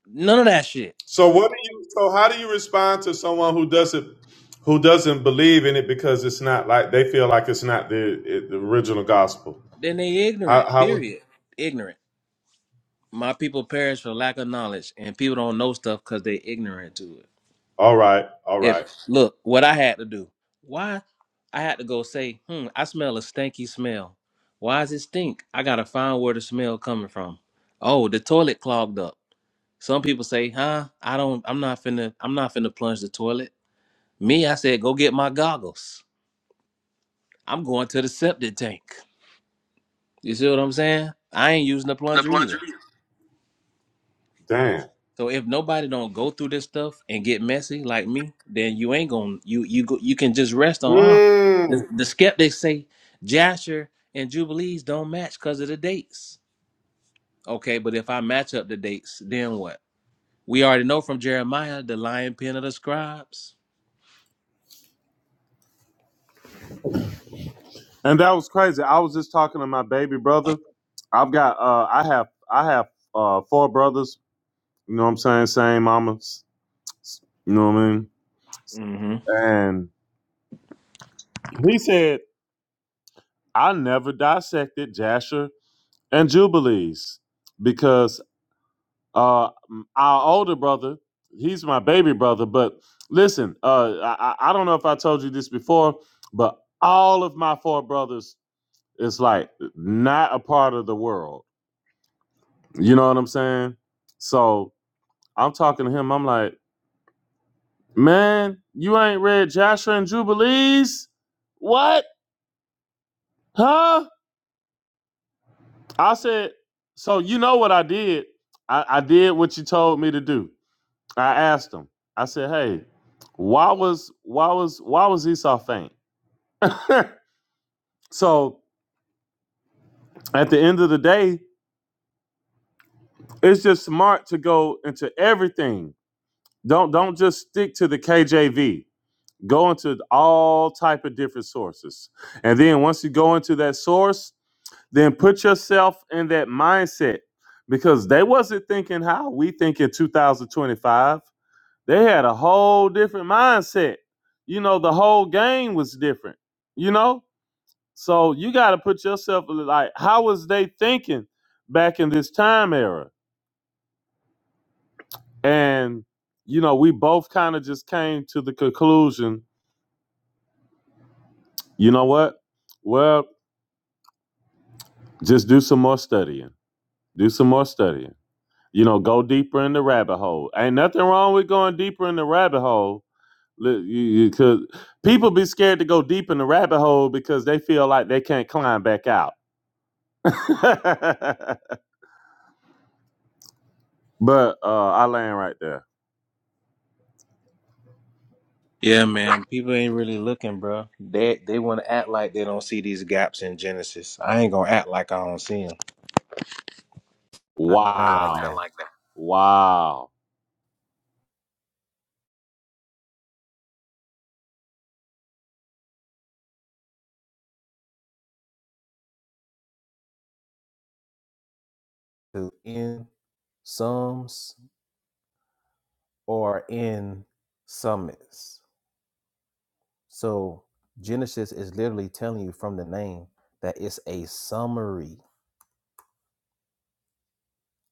I: none of that shit.
M: So what do you? So how do you respond to someone who doesn't who doesn't believe in it because it's not like they feel like it's not the it, the original gospel?
I: Then they
M: How
I: ignorant,
M: how would?
I: period. Ignorant. My people perish for lack of knowledge, and people don't know stuff because they ignorant to it.
M: All right, all
I: If
M: right.
I: look, what I had to do, why I had to go say, hmm, I smell a stinky smell. Why does it stink? I gotta find where the smell coming from. Oh, the toilet clogged up. Some people say, huh, I don't I'm not finna I'm not finna plunge the toilet. Me, I said, go get my goggles. I'm going to the septic tank. You see what I'm saying? I ain't using the
M: The
I: plunger
M: plunger.
I: either.
M: Damn.
I: So if nobody don't go through this stuff and get messy like me, then you ain't gonna you you go you can just rest on. Oh, the,
M: Mm.
I: the skeptics say Jasher and Jubilees don't match because of the dates. Okay, but if I match up the dates, then what? We already know from Jeremiah the lion pen of the scribes.
M: And that was crazy. I was just talking to my baby brother. I've got uh I have I have uh four brothers, you know what I'm saying, same mamas, you know what I mean?
I: hmm
M: And he said I never dissected Jasher and Jubilees because uh m- our older brother he's my baby brother but listen uh I, I I don't know if i told you this before but all of my four brothers is like not a part of the world you know what i'm saying so i'm talking to him i'm like man you ain't read joshua and jubilees what huh i said so you know what i did i, I did what you told me to do I asked him. I said, "Hey, why was why was why was Esau faint?" so at the end of the day, it's just smart to go into everything. Don't don't just stick to the KJV. Go into all type of different sources, and then once you go into that source, then put yourself in that mindset because they wasn't thinking how we think in 2025. They had a whole different mindset. You know, the whole game was different. You know, so you got to put yourself like, how was they thinking back in this time era? And you know, we both kind of just came to the conclusion. You know what? Well, just do some more studying. Do some more studying. You know, go deeper in the rabbit hole. Ain't nothing wrong with going deeper in the rabbit hole Look, you, you could. People be scared to go deep in the rabbit hole because they feel like they can't climb back out. but uh, I land right there.
I: Yeah, man. People ain't really looking, bro. They they want to act like they don't see these gaps in Genesis. I ain't gonna act like I don't see them. I ain't gonna act like
M: Wow. I
I: that.
M: like that. Wow.
I: to in sums or in summits. So Genesis is literally telling you from the name that it's a summary.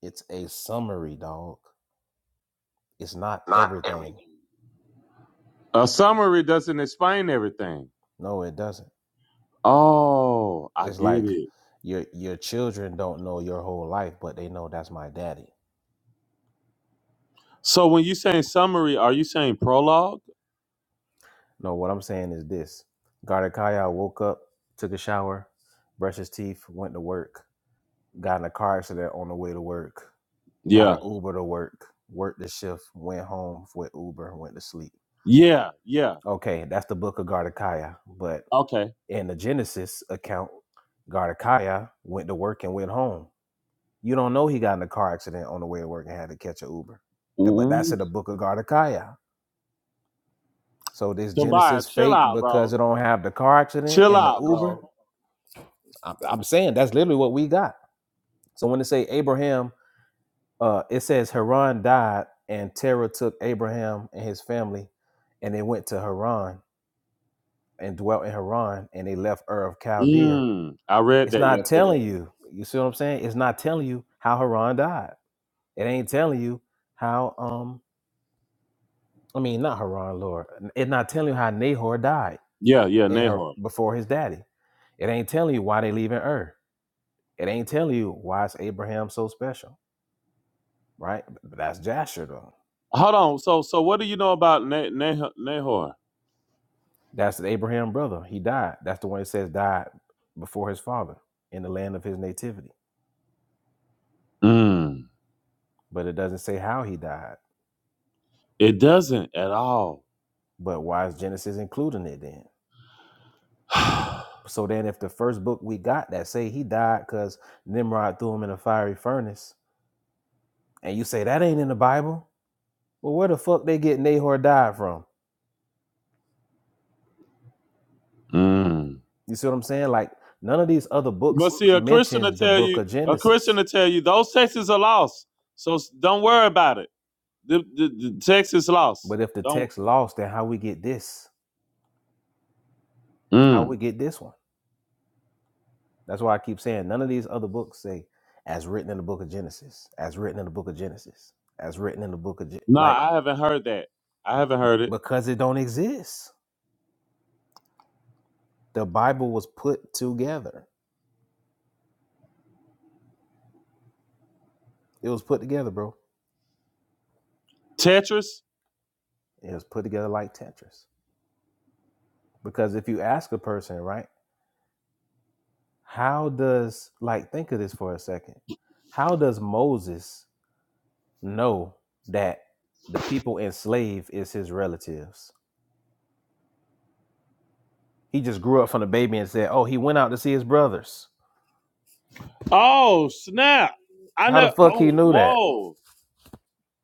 I: It's a summary, dog. It's not
M: Not everything.
I: everything.
M: A summary doesn't explain everything.
I: No, it doesn't.
M: Oh, I
I: It's
M: get
I: like
M: it.
I: your your children don't know your whole life, but they know that's my daddy.
M: So when you saying summary, are you saying prologue?
I: No, what I'm saying is this. Gardakaya woke up, took a shower, brushed his teeth, went to work Got in a car accident on the way to work. Got an
M: Yeah.
I: Uber to work. Worked the shift. Went home with Uber. Went to sleep.
M: Yeah. Yeah.
I: Okay, that's the book of Gardekiah. But
M: Okay.
I: in the Genesis account, Gardekiah went to work and went home. You don't know he got in a car accident on the way to work and had to catch an Uber. Th- But that's
M: Mm.
I: in the book of Gardekiah. So this
M: Tobiah,
I: Genesis
M: chill
I: fake
M: out,
I: because
M: bro.
I: it don't have the car accident
M: Chill
I: and the
M: out,
I: Uber.
M: bro.
I: I'm I'm saying that's literally what we got. So when they say Abraham Uh, it says Haran died, and Terah took Abraham and his family, and they went to Haran and dwelt in Haran, and they left Ur of Chaldea.
M: Mm, I read
I: It's
M: that
I: not
M: yesterday.
I: telling you. You see what I'm saying? It's not telling you how Haran died. It ain't telling you how. Um, I mean, not Haran, Lord. It's not telling you how Nahor died
M: Yeah, yeah,
I: in her
M: Nahor.
I: before his daddy. It ain't telling you why they leaving Ur. It ain't telling you why is Abraham so special, right? That's Jasher though.
M: Hold on. So, so what do you know about Na- Nah- Nahor?
I: That's the Abraham brother. He died. That's the one that says died before his father in the land of his nativity.
M: Mm,
I: But it doesn't say how he died.
M: it doesn't at all.
I: But why is Genesis including it then? So then if the first book we got that say he died because Nimrod threw him in a fiery furnace, and you say that ain't in the Bible, well where the fuck they get Nahor died from?
M: mm.
I: You see what I'm saying? Like none of these other
M: But
I: books
M: see, a Christian will
I: mention the
M: tell
I: book
M: you,
I: of
M: a Christian
I: Genesis.
M: will tell you, those texts are lost. So s- don't worry about it. The, the, the text is lost.
I: But if the
M: Don't.
I: text lost, then how we get this? How
M: Mm.
I: we get this one? That's why I keep saying none of these other books say, as written in the book of Genesis, as written in the book of Genesis, as written in the book of, Ge-.
M: No,
I: like,
M: I haven't heard that. I haven't heard it.
I: because it don't exist. The Bible was put together. It was put together, bro.
M: Tetris.
I: It was put together like Tetris. Because if you ask a person, right, how does, like, think of this for a second. How does Moses know that the people enslaved is his relatives? He just grew up from a baby and said, oh, he went out to see his brothers.
M: Oh snap! I
I: How the
M: know.
I: fuck
M: Oh
I: he knew that?
M: whoa.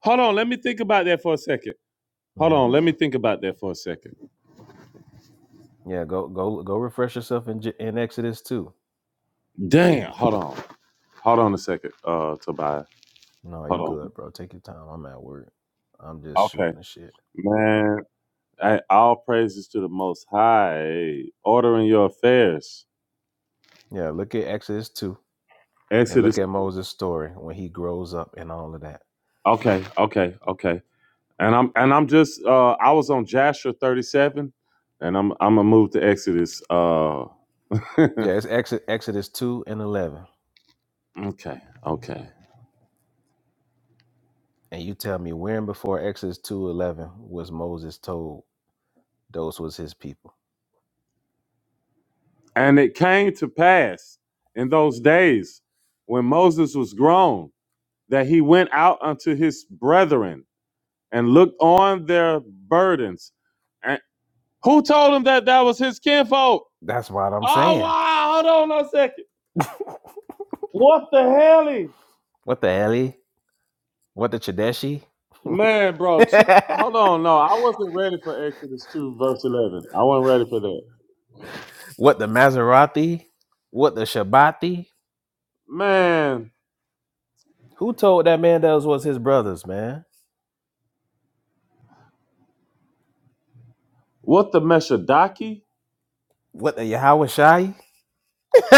M: Hold on. Let me think about that for a second. Hold
I: hmm
M: on. Let me think about that for a second.
I: Yeah, go go go refresh yourself in J- in Exodus too.
M: Damn. Hold on. Hold on a second, uh, Tobias.
I: No, you
M: Hold on.
I: good, bro. Take your time. I'm at work. I'm just shooting
M: Okay.
I: the shit.
M: Man, I, all praises to the Most High. Ordering your affairs.
I: Yeah, look at Exodus two and look
M: Exodus.
I: at Moses' story when he grows up and all of that.
M: Okay. Okay. Okay. And I'm and I'm just uh, I was on Joshua 37, and I'm I'm gonna move to Exodus. Uh,
I: Yeah, it's Exodus, Exodus two and eleven.
M: okay. Okay.
I: And you tell me when before Exodus two eleven was Moses told those was his people?
M: And it came to pass in those days when Moses was grown that he went out unto his brethren and looked on their burdens. And who told him that that was his kinfolk?
I: That's what I'm
M: Oh
I: saying.
M: wow, hold on a second. What the hell? is-
I: What the hell? What the Chadeshi?
M: Man, bro, chill. hold on. No, I wasn't ready for Exodus 2, verse 11. I wasn't ready for that.
I: What the Maserati? What the Shabbati?
M: Man,
I: Who told that man those was his brothers, man?
M: what the Meshadaki?
I: What the Yahweh Shai?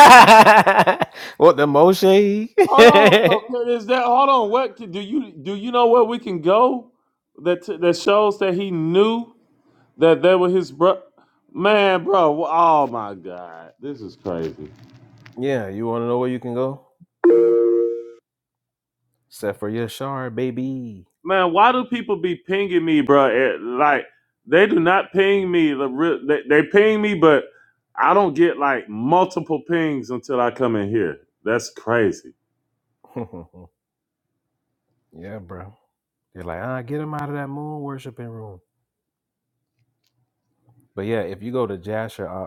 I: what the Moshe?
M: Hold on. So is that hold on? What do you do? You know where we can go that that shows that he knew that they were his bro. Man, bro. Oh my God, this is crazy.
I: yeah, you want to know where you can go? Except for Yashar, baby.
M: man, why do people be pinging me, bro? It, like they do not ping me. The real, they, they ping me, but I don't get like multiple pings until I come in here. That's crazy.
I: yeah, bro. You're like, ah, get him out of that moon worshiping room. But yeah, if you go to Jasher, uh,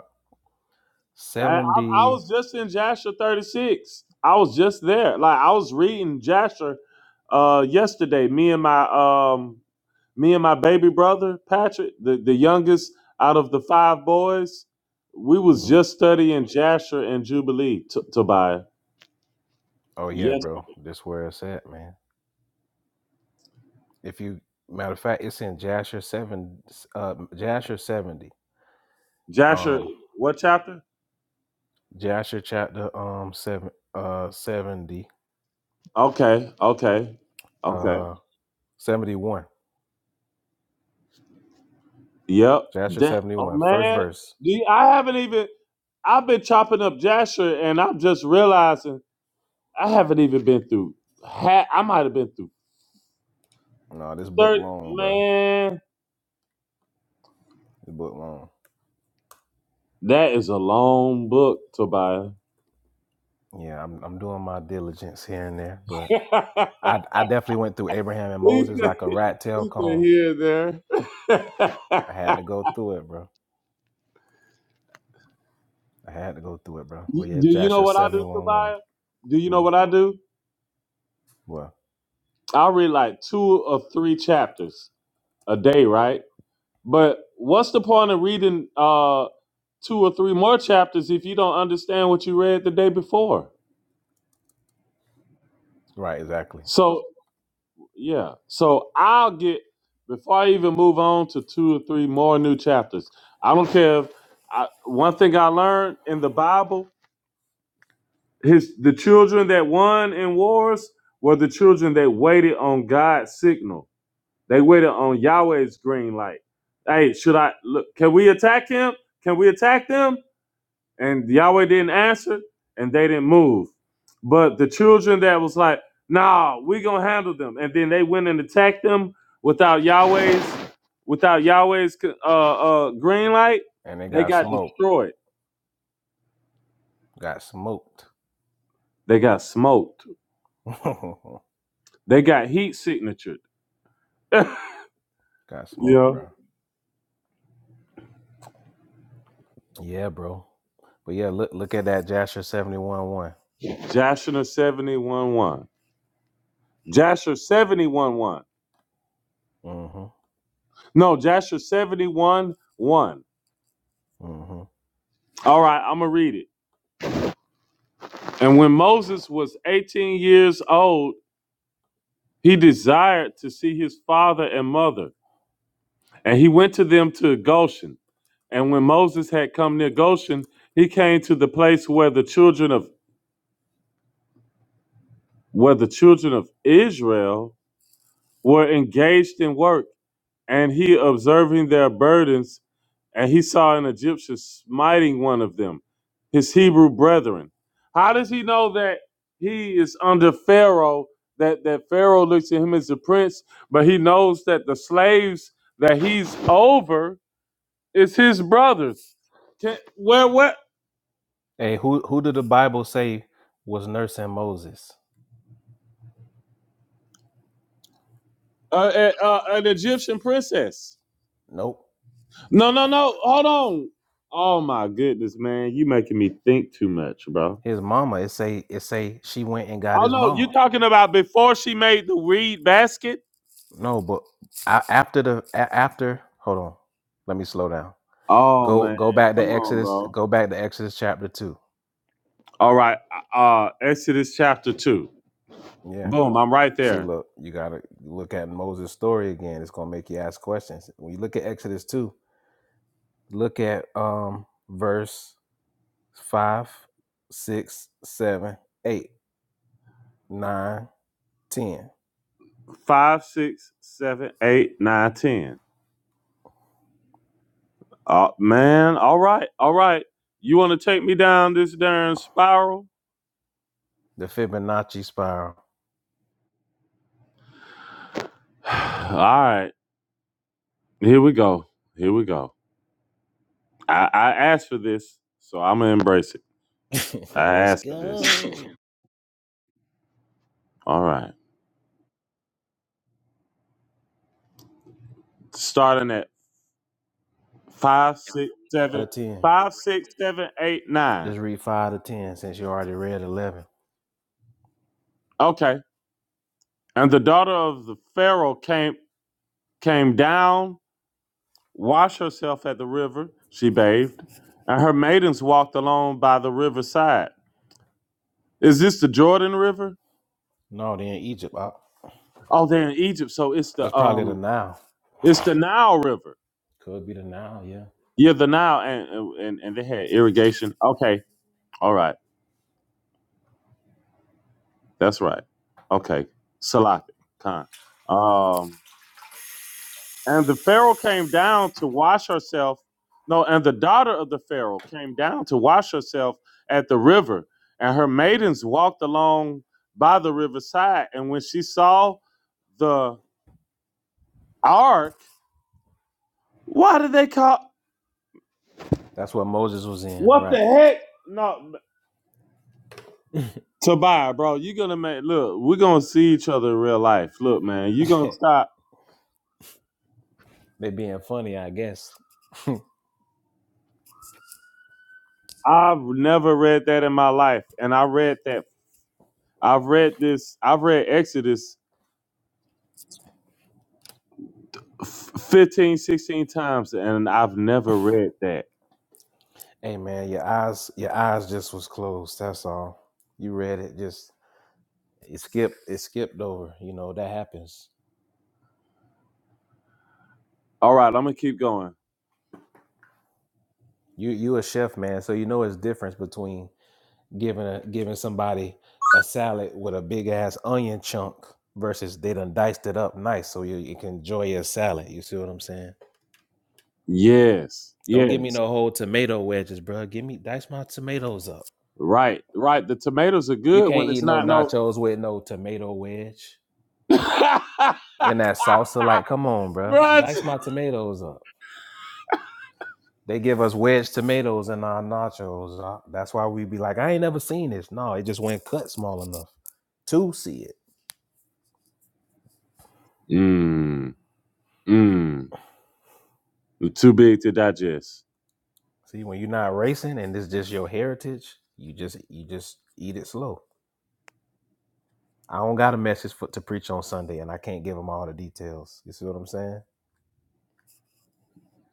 M: I, I, I
I: 70
M: was just in Jasher 36. I was just there. Like I was reading Jasher uh, yesterday. Me and my um, me and my baby brother Patrick, the, the youngest out of the five boys, we was
I: mhm.
M: just studying Jasher and Jubilee, T- Tobiah.
I: oh yeah
M: Yesterday.
I: bro this where it's at man if you matter of fact it's in jasher 7 uh jasher 70
M: Jasher,
I: um
M: what chapter?
I: jasher chapter um 7 uh 70
M: Okay, okay, okay.
I: uh 71
M: Yep.
I: jasher
M: Damn,
I: seventy
M: oh
I: one, first
M: man,
I: verse
M: Do I haven't even. I've been chopping up Jasher, and I'm just realizing I haven't even been through. Ha- I might have been through
I: No, this book
M: thirty.
I: long, bro.
M: Man,
I: This book long.
M: that is a long book, Tobiah.
I: Yeah, I'm I'm doing my diligence here and there, but
M: he said,
I: I I definitely went through Abraham and
M: he
I: Moses
M: said
I: like a rat tail comb.
M: here and there.
I: I had to go through it, bro. I had to go through it, bro. But
M: Y-
I: yeah,
M: do
I: it's
M: you know
I: Joshua
M: what I
I: seventy
M: do,
I: one one.
M: Tobiah? Do you know
I: Mm.
M: what I do?
I: Well,
M: I read like two or three chapters a day, right? But what's the point of reading uh two or three more chapters if you don't understand what you read the day before?
I: right, exactly.
M: So yeah. So I'll get before I even move on to two or three more new chapters. I don't care if I, one thing I learned in the Bible, his the children that won in wars were the children that waited on God's signal. They waited on Yahweh's green light. Hey, should I look? Can we attack him? Can we attack them? and Yahweh didn't answer, and they didn't move. But the children that was like, "Nah, we gonna handle them," and then they went and attacked them without Yahweh's without Yahweh's uh, uh, green light.
I: And they
M: They
I: got
M: got
I: smoked.
M: destroyed.
I: Got smoked.
M: They got smoked.
I: got
M: They got heat signatured.
I: smoked,
M: yeah,
I: bro. Yeah, bro. But yeah, look look at that Joshua seventy one one.
M: Joshua seventy one one. Joshua seventy one one.
I: Mm-hmm.
M: No, Joshua seventy one one.
I: Mm-hmm.
M: All right, I'm gonna read it. And when Moses was eighteen years old He desired to see his father and mother, and he went to them to Goshen. And when Moses had come near Goshen, he came to the place where the children of where the children of Israel were engaged in work, and he observing their burdens, and he saw an Egyptian smiting one of them, his Hebrew brethren. How does he know that he is under Pharaoh? That that Pharaoh looks at him as a prince, but he knows that the slaves that he's over is his brothers. Can, where what?
I: Hey, who who did the Bible say was nursing Moses?
M: Uh, uh, uh, an Egyptian princess?
I: Nope.
M: No, no, no. Hold on. Oh my goodness, man! You making me think too much, bro.
I: his mama. It say it say she went and got
M: Oh
I: his
M: no, you
I: mama.
M: talking about before she made the reed basket?
I: No, but a- after the a- after hold on, let me slow down.
M: Oh
I: Go
M: man,
I: go back to
M: come on,
I: Exodus.
M: bro.
I: Go back to Exodus chapter two.
M: All right, uh, Exodus chapter two.
I: Yeah.
M: Boom, I'm right
I: See,
M: there.
I: look, you gotta look at Moses' story again. It's gonna make you ask questions. When you look at Exodus two, look at um verse five, six, seven, eight, nine, ten.
M: Five, six, seven, eight, nine, ten. Uh, man, all right, all right. You want to take me down this darn spiral?
I: The Fibonacci spiral.
M: all right, here we go. Here we go. I, I asked for this, so I'm gonna embrace it. I
I: Let's
M: asked for this.
I: go.
M: all right, starting at Five, six,
I: Out
M: seven,
I: of ten.
M: five, six, seven, eight, nine.
I: Just read five to ten since you already read eleven.
M: Okay. And the daughter of the Pharaoh came came down, washed herself at the river. She bathed, and her maidens walked along by the riverside. Is this the Jordan River?
I: No, they're in Egypt. Op.
M: Oh, they're in Egypt, so it's
I: That's
M: the
I: probably the
M: um,
I: Nile.
M: it's the Nile River.
I: Could be the Nile, yeah.
M: Yeah, the Nile, and and and they had irrigation. Okay, all right, that's right. Okay, Salafi Khan. Um. And the Pharaoh came down to wash herself. No, and the daughter of the Pharaoh came down to wash herself at the river. And her maidens walked along by the riverside. And when she saw the ark, why did they call?
I: That's what Moses was in,
M: What the
I: right?
M: heck? No, Tobiah, bro, you gonna make look. We're gonna see each other in real life. Look, man, you gonna stop.
I: they being funny, I guess.
M: I've never read that in my life, and I read that. I've read this. I've read Exodus f- 15, sixteen times, and I've never read that.
I: Hey man, your eyes your eyes just was closed. That's all. You read it, just it skipped it skipped over. You know, that happens.
M: All right, I'm gonna keep going.
I: You you a chef, man, so you know it's difference between giving a, giving somebody a salad with a big ass onion chunk versus they done diced it up nice so you, you can enjoy your salad. You see what I'm saying?
M: Yes,
I: Don't give me
M: yes,
I: no whole tomato wedges, bro. Give me dice my tomatoes up.
M: right, right. The tomatoes are
I: You
M: good when
I: can't
M: it's
I: eat no
M: not no.
I: nachos with no tomato wedge and that salsa. Like, come on, bro. Dice
M: Brunch.
I: my tomatoes up. They give us wedge tomatoes in our nachos. Uh, That's why we be like, I ain't never seen this. No, it just went cut small enough to see it.
M: Mmm, mmm. Too big to digest.
I: See, when you're not racing and this just your heritage, you just you just eat it slow. I don't got a message for, to preach on Sunday, and I can't give them all the details. You see what I'm saying?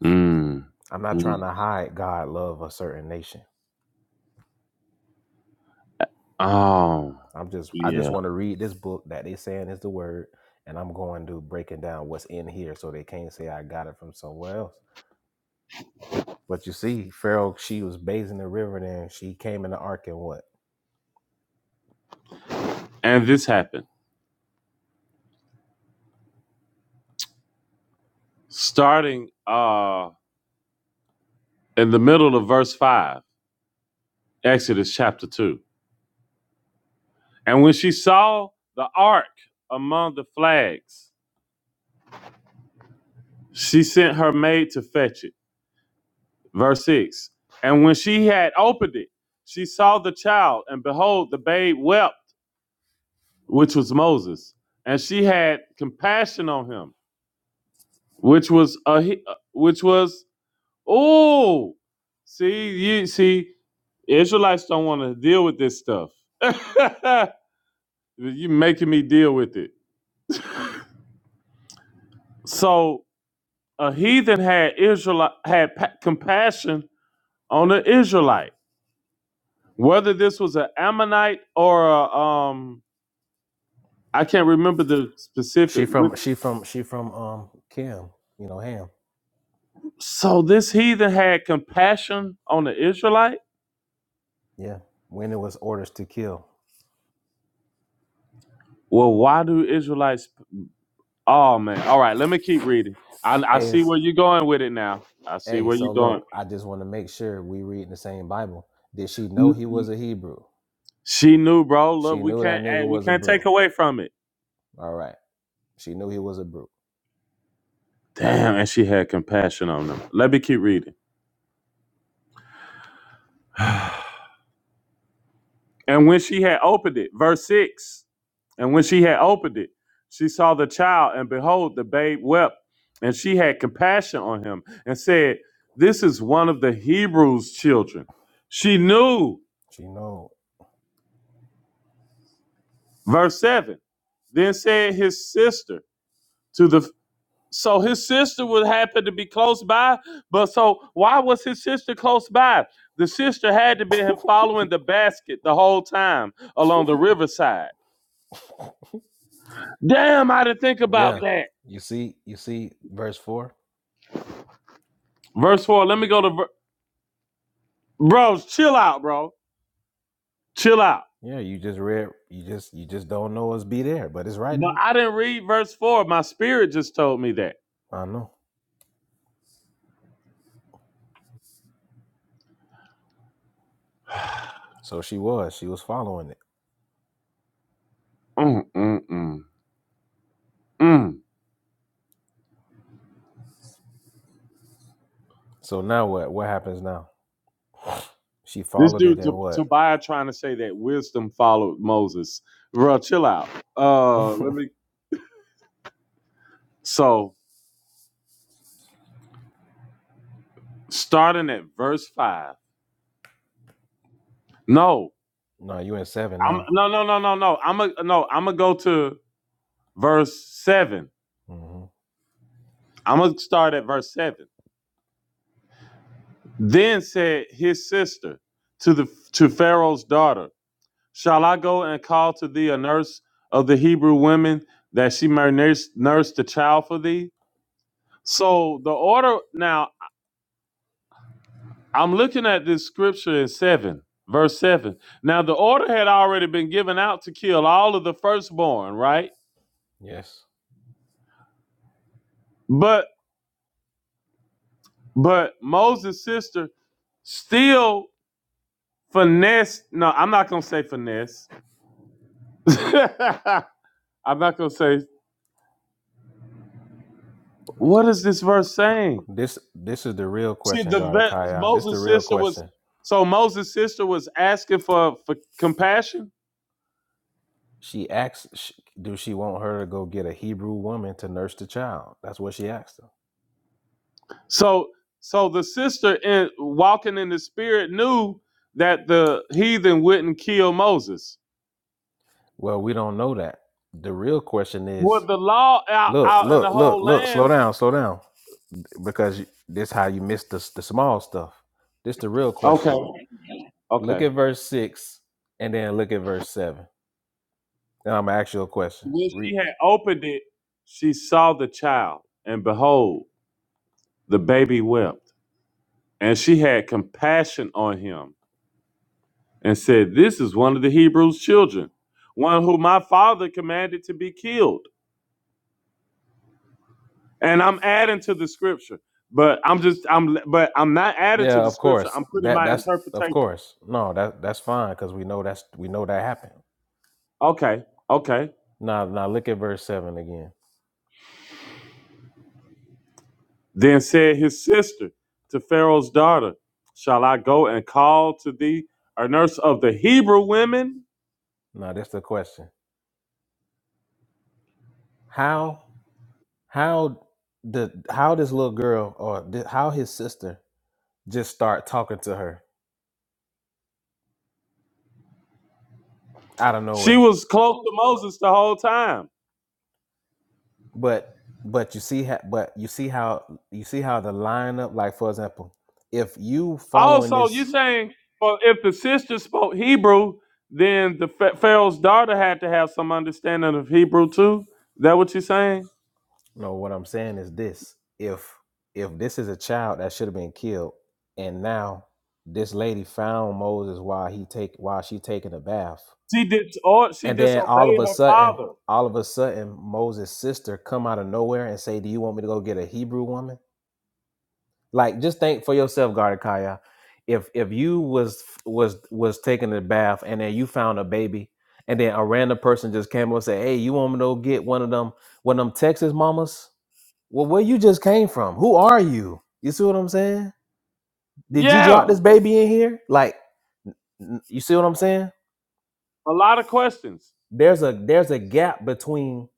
M: Mmm.
I: I'm not
M: Mm.
I: trying to hide God love a certain nation.
M: Oh,
I: I'm just I just
M: yeah.
I: want to read this book that they saying is the word, and I'm going to breaking down what's in here so they can't say I got it from somewhere else. But you see, Pharaoh, she was bathing the river, and then she came in the ark, and what?
M: And this happened starting uh in the middle of verse five, Exodus chapter two. And when she saw the ark among the flags. She sent her maid to fetch it. Verse 6. And when she had opened it, she saw the child, and behold, the babe wept, which was Moses. And she had compassion on him, which was a uh, which was oh, see you see, Israelites don't want to deal with this stuff. you making me deal with it. So a heathen had Israel had pa- compassion on an Israelite. Whether this was an Ammonite or a, um, I can't remember the specific.
I: She from she from she from um Kim, you know Ham.
M: So this heathen had compassion on the Israelite.
I: Yeah, when it was orders to kill.
M: Well, why do Israelites? Oh man! All right, let me keep reading. I, I see
I: As
M: where you're going with it now. I see
I: hey,
M: where you're
I: so
M: going.
I: look, I just want to make sure we reading the same Bible. Did she know
M: N-
I: he was a Hebrew?
M: She knew, bro. Look,
I: She
M: we
I: knew
M: can't
I: that
M: eh,
I: nigga
M: we
I: was a
M: can't take
I: brew.
M: away from it.
I: All right. She knew he was a brew.
M: Damn, and she had compassion on them. Let me keep reading. And when she had opened it, verse 6, and when she had opened it, she saw the child, and behold, the babe wept. And she had compassion on him and said, This is one of the Hebrews' children. She knew,
I: She know.
M: verse 7, then said his sister to the so his sister would happen to be close by, but so why was his sister close by? The sister had to be following the basket the whole time along the riverside. Damn, I didn't think about
I: yeah.
M: that.
I: You see, you see verse four?
M: Verse four. Let me go to ver- bros. Chill out, bro. Chill out.
I: Yeah, you just read you just you just don't know us be there, but it's right
M: But
I: there.
M: I didn't read verse four. My spirit just told me that.
I: I know. So she was. She was following it.
M: Mm, mm, mm, mm.
I: So now what? What happens now? She
M: This
I: followed it
M: dude T-
I: and what?
M: Tobiah trying to say that wisdom followed Moses. Bro, chill out. Uh, let
I: no,
M: me. So starting at verse five. No,
I: you in seven
M: I'm
I: now.
M: no no no no no. I'm a no. I'm gonna go to verse seven.
I: hmm
M: I'm gonna start at verse seven. Then said his sister to the to Pharaoh's daughter. Shall I go and call to thee a nurse of the Hebrew women that she may nurse, nurse the child for thee? So the order, now I'm looking at this scripture in 7, verse 7. Now the order had already been given out to kill all of the firstborn, right?
I: Yes.
M: But but Moses' sister still finesse. No, I'm not gonna say finesse. I'm not gonna say what is this verse saying?
I: This this is the real
M: See,
I: question,
M: the
I: Garda
M: vet,
I: This the
M: Moses'
I: real
M: sister was
I: question.
M: so Moses' sister was asking for for compassion.
I: She asks, sh- do she want her to go get a Hebrew woman to nurse the child? That's what she asked him.
M: So so the sister in walking in the spirit knew that the heathen wouldn't kill Moses.
I: Well, we don't know that. The real question
M: With
I: is,
M: the law out
I: look,
M: out in the
I: look, look,
M: whole
I: look. Slow
M: land.
I: down, slow down, because you- this how you miss the s- the small stuff. This the real
M: Okay.
I: question. Look
M: Okay.
I: at verse six, and then look at verse seven. And I'm gonna ask you a question.
M: When she
I: Read.
M: had opened it, she saw the child, and behold, the baby wept, and she had compassion on him and said, This is one of the Hebrews' children, one whom my father commanded to be killed. And I'm adding to the scripture. But I'm just I'm but I'm not adding to
I: Yeah,
M: the
I: of
M: scripture.
I: course.
M: I'm putting
I: That
M: my
I: that's of
M: interpretation.
I: course. No, that that's fine because we know that's we know that happened.
M: Okay, okay.
I: Now, now look at verse seven again.
M: Then said his sister to Pharaoh's daughter, Shall I go and call to thee a nurse of the Hebrew women?
I: Now that's the question. How how the how this little girl or th- how his sister just start talking to her out of
M: She
I: nowhere?
M: was close to Moses the whole time.
I: But but you see how but you see how you see how the lineup like for example, if you following
M: Also, you
I: this,
M: saying, well, if the sister spoke Hebrew, then the Pha- Pharaoh's daughter had to have some understanding of Hebrew too. Is that what you're saying?
I: no, what I'm saying is this: if if this is a child that should have been killed, and now this lady found Moses while he take while she taking a bath
M: She did, or she
I: And then all
M: disobeyed
I: of a
M: her
I: sudden,
M: father.
I: all of a sudden, Moses' sister come out of nowhere and say, "Do you want me to go get a Hebrew woman?" Like, just think for yourself, Gardekaya. If if you was was was taking a bath and then you found a baby, and then a random person just came up and said, "Hey, you want me to go get one of them one of them Texas mamas?" Well, where you just came from? Who are you? You see what I'm saying? Did you drop
M: Yeah,
I: this baby in here? Like, n- you see what I'm saying?
M: a lot of questions,
I: There's a there's a gap between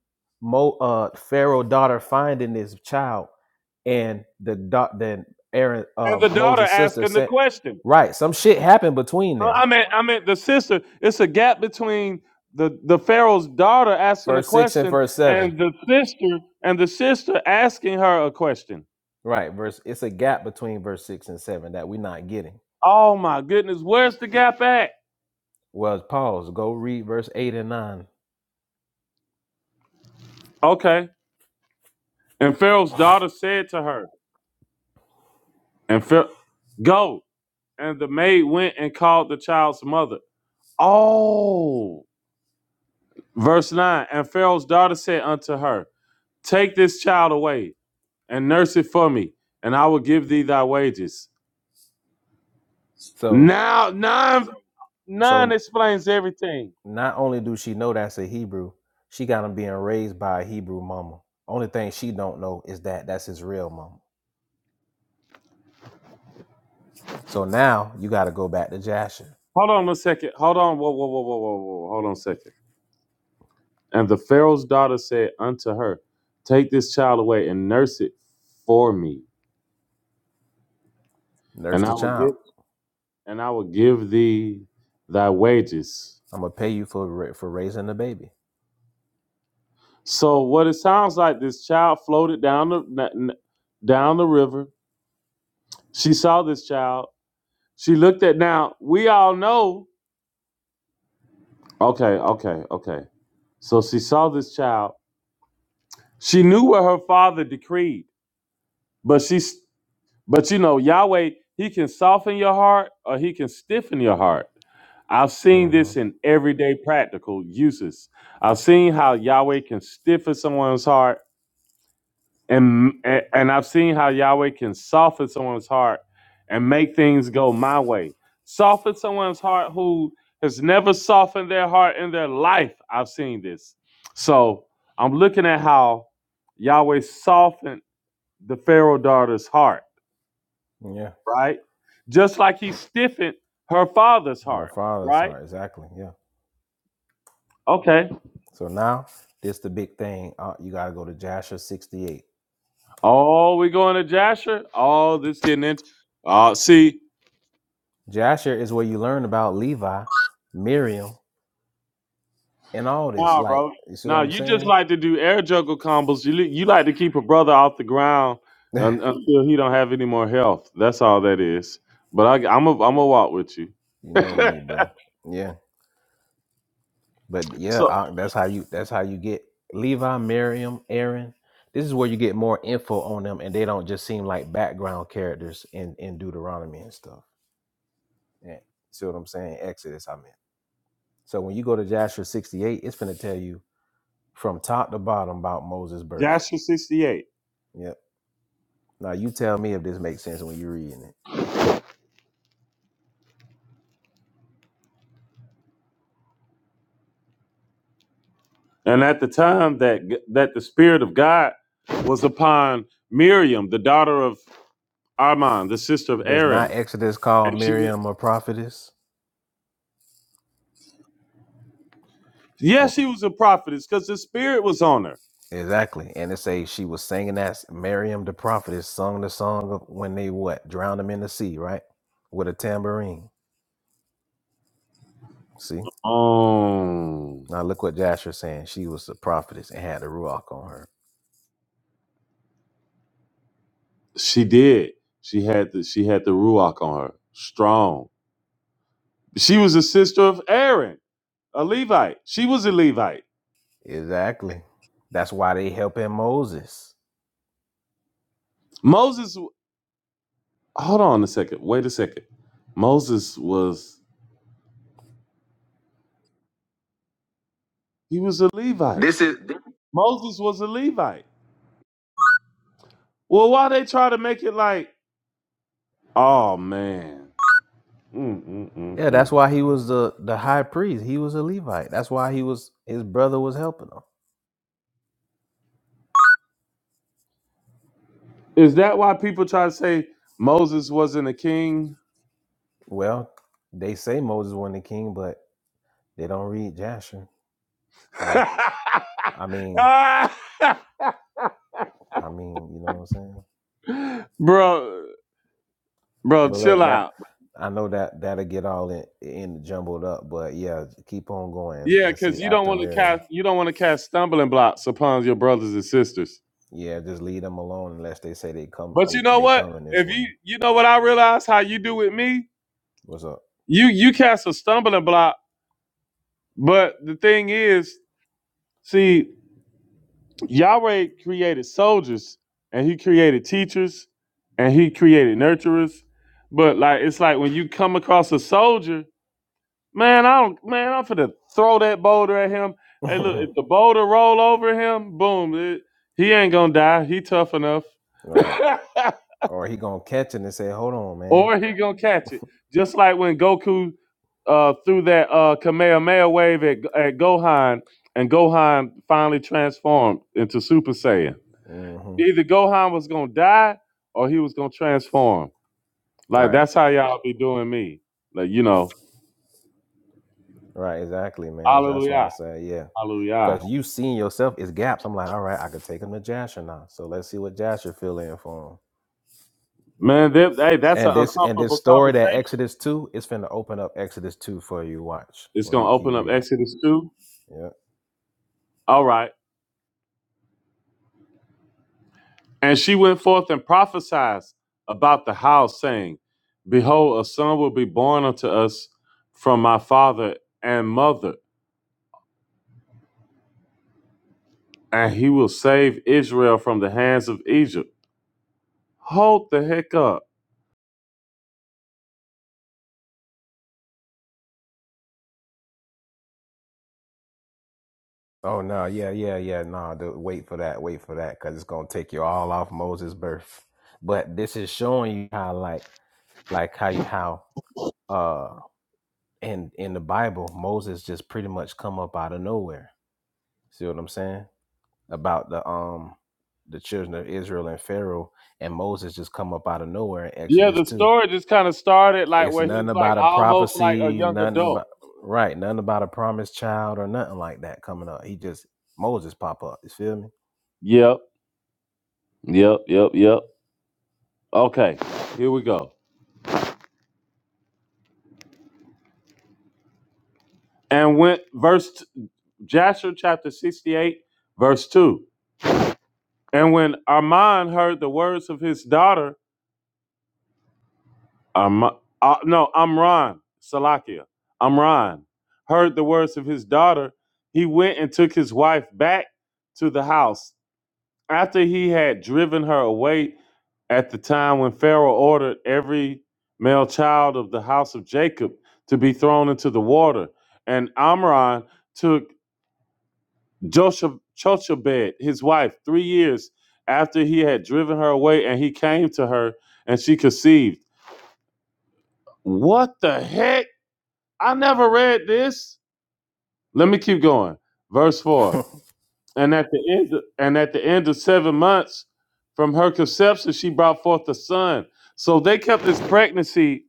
I: Mo uh Pharaoh daughter finding this child and the doc then Aaron
M: and
I: uh,
M: the daughter
I: Moses sister
M: asking the
I: said
M: question.
I: right some shit happened between
M: Uh, I
I: there
M: mean, I mean the sister. It's a gap between the the Pharaoh's daughter asking a
I: verse six and
M: question
I: verse seven
M: and the sister and the sister asking her a question.
I: right verse it's a gap between verse six and seven that we're not getting
M: Oh my goodness, where's the gap at?
I: well pause go read verse eight and nine
M: Okay. And Pharaoh's daughter said to her, and Pharaoh, go. And the maid went and called the child's mother. Oh. Verse 9. And Pharaoh's daughter said unto her, Take this child away and nurse it for me, and I will give thee thy wages.
I: so
M: Now, nine. Nine
I: so
M: explains everything.
I: not only do she know that's a Hebrew she got him being raised by a Hebrew mama only thing she don't know is that that's his real mama So now you got to go back to Jasher,
M: Hold on a second. Hold on. Whoa, whoa, whoa, whoa, whoa, whoa. Hold on a second. And the Pharaoh's daughter said unto her, Take this child away and nurse it for me,
I: nurse
M: and I
I: the
M: will
I: child.
M: give and I will give thee thy wages.
I: I'm gonna pay you for ra- for raising the baby.
M: So what it sounds like, this child floated down the n- n- down the river. She saw this child. She looked at now. We all know. Okay, okay, okay. So she saw this child. She knew what her father decreed but she But you know, Yahweh, He can soften your heart or He can stiffen your heart. I've seen
I: hmm
M: this in everyday practical uses. I've seen how Yahweh can stiffen someone's heart, and and and I've seen how Yahweh can soften someone's heart and make things go my way. Soften someone's heart who has never softened their heart in their life. I've seen this. So I'm looking at how Yahweh softened the Pharaoh daughter's heart
I: Yeah,
M: right? Just like he stiffened her father's
I: her
M: heart,
I: father's
M: right?
I: heart exactly. Yeah.
M: Okay.
I: So now this the big thing. Uh, you got to go to Jasher 68.
M: Oh, we going to Jasher? Oh, this getting into. Uh, see,
I: Jasher is where you learn about Levi, Miriam, and all this.
M: nah,
I: Like
M: bro.
I: you see what
M: Nah,
I: I'm
M: you just
I: saying?
M: like to do air juggle combos. You li- you like to keep a brother off the ground
I: you
M: un- until he don't have any more health. That's all that is. But I, I'm a, I'm a walk with you.
I: know me, bro. Yeah. But yeah,
M: so
I: uh, that's how you that's how you get Levi, Miriam, Aaron. This is where you get more info on them, and they don't just seem like background characters in in Deuteronomy and stuff. Yeah, see what I'm saying? Exodus, I meant. So when you go to Joshua 68, it's gonna tell you from top to bottom about Moses' birth.
M: Jasher 68.
I: Yep. Now you tell me if this makes sense when you're reading it.
M: And at the time that that the spirit of God was upon Miriam, the daughter of Arman, the sister of
I: Does not
M: Aaron.
I: Exodus call
M: And she
I: Miriam a prophetess?
M: Yes, she was a prophetess because the spirit was on her.
I: Exactly. And it say she was singing that Miriam the prophetess sung the song of when they what? Drowned him in the sea, right? With a tambourine. See?
M: Um
I: Now look what Jasher saying. She was the prophetess and had the ruach on her.
M: she did. She had the she had the ruach on her. Strong. She was a sister of Aaron, a Levite. She was a Levite.
I: Exactly. That's why they helping Moses.
M: Moses hold on a second. Wait a second. Moses was he was a Levite. This is Moses was a Levite. Well, why they try to make it like, oh man. Mm, mm, mm,
I: Yeah,
M: mm.
I: that's why he was the, the high priest. He was a Levite. That's why he was his brother was helping him.
M: Is that why people try to say Moses wasn't a king?
I: Well, they say Moses wasn't the king, but they don't read Jasher. So I mean, I mean, you know what I'm saying?
M: bro, bro,
I: But
M: chill
I: look, that
M: out.
I: I know that that'll get all in, in jumbled up. But yeah, keep on going
M: Yeah,
I: and
M: because
I: see
M: you don't
I: after
M: want to
I: Miriam.
M: cast you don't want to cast stumbling blocks upon your brothers and sisters.
I: Yeah, just leave them alone unless they say they come
M: But you
I: they
M: know
I: they
M: what?
I: coming this
M: If
I: way.
M: you you know what I realize how you do with me,
I: What's up?
M: you you cast a stumbling block. But the thing is, see. Yahweh created soldiers and he created teachers and he created nurturers. But like it's like when you come across a soldier, man, I don't man, I'm finna throw that boulder at him. Hey, look,
I: All
M: if the boulder roll over him, boom, it- he ain't gonna die. He tough enough.
I: right. Or he gonna catch it and say, "Hold on, man."
M: or he gonna catch it. Just like when Goku uh, threw that uh, Kamehameha wave at, at Gohan, and Gohan finally transformed into Super Saiyan
I: hmm
M: Either Gohan was gonna die or he was gonna transform. Like
I: Right.
M: that's how y'all be doing me. Like you know,
I: Right. Exactly, man. So that's why I
M: hallelujah,
I: say, yeah,
M: hallelujah.
I: because you seeing yourself is gaps. I'm like, all right, I could take him to Jasher now. So let's see what Jasher fill in for him.
M: Man, that, hey, that's an
I: And this and this
M: uncomfortable
I: story that
M: conversation.
I: Exodus two is finna open up Exodus two for you. Watch
M: It's
I: when
M: gonna
I: you keep
M: open up
I: reading.
M: Exodus two.
I: Yeah.
M: All right. And she went forth and prophesied about the house, saying, "Behold, a son will be born unto us from my father and mother, and he will save Israel from the hands of Egypt." Hold the heck up.
I: Oh no, yeah, yeah, yeah. No, dude, wait for that. Wait for that, cause it's gonna take you all off Moses' birth. But this is showing you how, like, like how you how uh in in the Bible, Moses just pretty much come up out of nowhere. See what I'm saying? About the um the children of Israel and Pharaoh and Moses just come up out of nowhere in
M: Yeah,
I: Exodus
M: the
I: two.
M: story just kind of started like
I: It's
M: where
I: nothing
M: he's like
I: about a
M: almost like a
I: prophecy,
M: young
I: nothing
M: adult.
I: about right, nothing about a promised child or nothing like that coming up. He just Moses pop up. You feel me?
M: Yep, yep, yep, yep. Okay, here we go. And when verse Jasher chapter 68, verse 2. And when Armon heard the words of his daughter, Arma, uh, no, Amran, Salakia, Amran heard the words of his daughter, he went and took his wife back to the house after he had driven her away at the time when Pharaoh ordered every male child of the house of Jacob to be thrown into the water. And Amram took Jochebed, his wife, three years after he had driven her away, and he came to her and she conceived. What the heck? I never read this. Let me keep going. Verse 4. And at the end, and at the end of seven months from her conception, she brought forth a son. So they kept this pregnancy.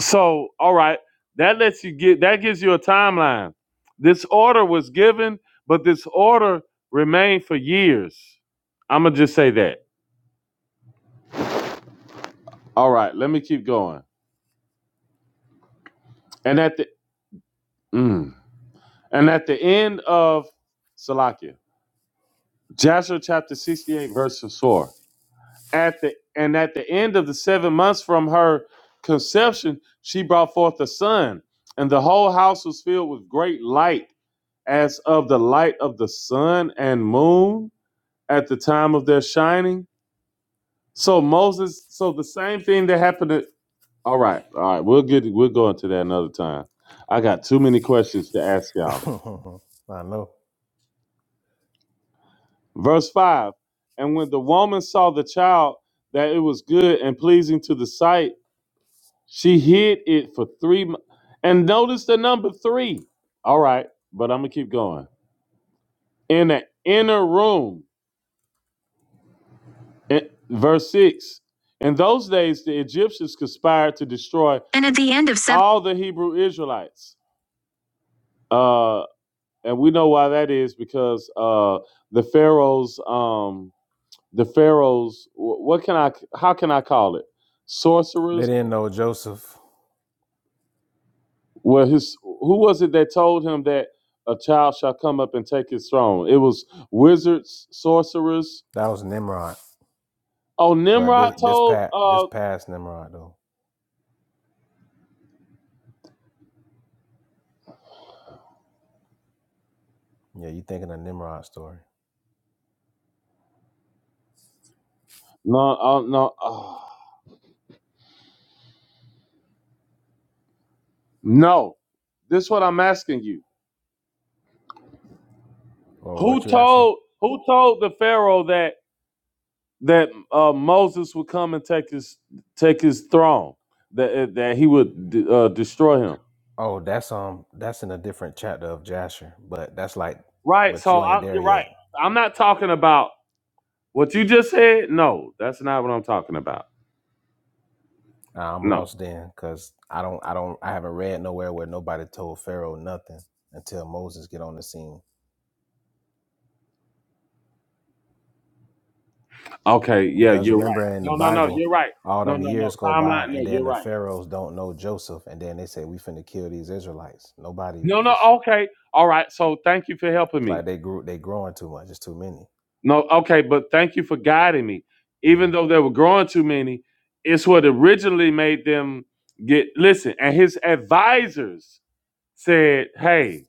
M: So all right, that lets you get that gives you a timeline. This order was given, but this order remained for years. I'm gonna just say that. All right, let me keep going. And at the mm, and at the end of Salakia, Joshua chapter 68, verse 4. at the and at the end of the seven months from her conception, she brought forth a son, and the whole house was filled with great light, as of the light of the sun and moon at the time of their shining. So Moses, so the same thing that happened. To, all right, all right, we'll get we'll go into that another time. I got too many questions to ask y'all.
I: I know.
M: Verse five, and when the woman saw the child that it was good and pleasing to the sight She hid it for three months. And notice the number three. All right, but I'm going to keep going. In the inner room, in- verse 6. In those days, the Egyptians conspired to destroy Of all the Hebrew Israelites. Uh, and we know why that is because uh, the Pharaoh's, um, the Pharaoh's, wh- what can I, how can I call it?
I: They
M: Sorcerers?
I: didn't know Joseph.
M: Well, his who was it that told him that a child shall come up and take his throne? It was wizards, sorcerers.
I: That was Nimrod.
M: Oh,
I: But
M: Nimrod
I: this this
M: told.
I: pat this
M: Uh,
I: past Nimrod though. Yeah, you thinking of Nimrod story.
M: no, uh, no, uh, no. This is what I'm asking you.
I: Or
M: Who
I: what you asking?
M: told? Who told the Pharaoh that that uh, Moses would come and take his take his throne? That uh, that he would d- uh, destroy him.
I: Oh, that's um that's in a different chapter of Jasher. But that's like
M: Right.
I: but
M: So
I: you ain't
M: I,
I: there
M: you're right.
I: yet.
M: I'm not talking about what you just said. No, that's not what I'm talking about.
I: Nah, I'm
M: No.
I: lost then because I don't I don't I haven't read nowhere where nobody told Pharaoh nothing until Moses get on the scene.
M: Okay, yeah,
I: Because
M: you're right.
I: remember in the
M: No, no, no,
I: Bible,
M: you're right.
I: all
M: No,
I: them
M: no, no.
I: years go
M: Timeline,
I: by
M: no,
I: and then
M: you're
I: the
M: right.
I: Pharaohs don't know Joseph and then they say we finna kill these Israelites. Nobody
M: No, no,
I: was
M: okay. All right. So thank you for helping
I: it's like
M: me.
I: they grew they growing too much, it's too many.
M: No, okay, but thank you for guiding me. Even
I: Mhm.
M: though they were growing too many, it's what originally made them get listen, and his advisors said, Hey,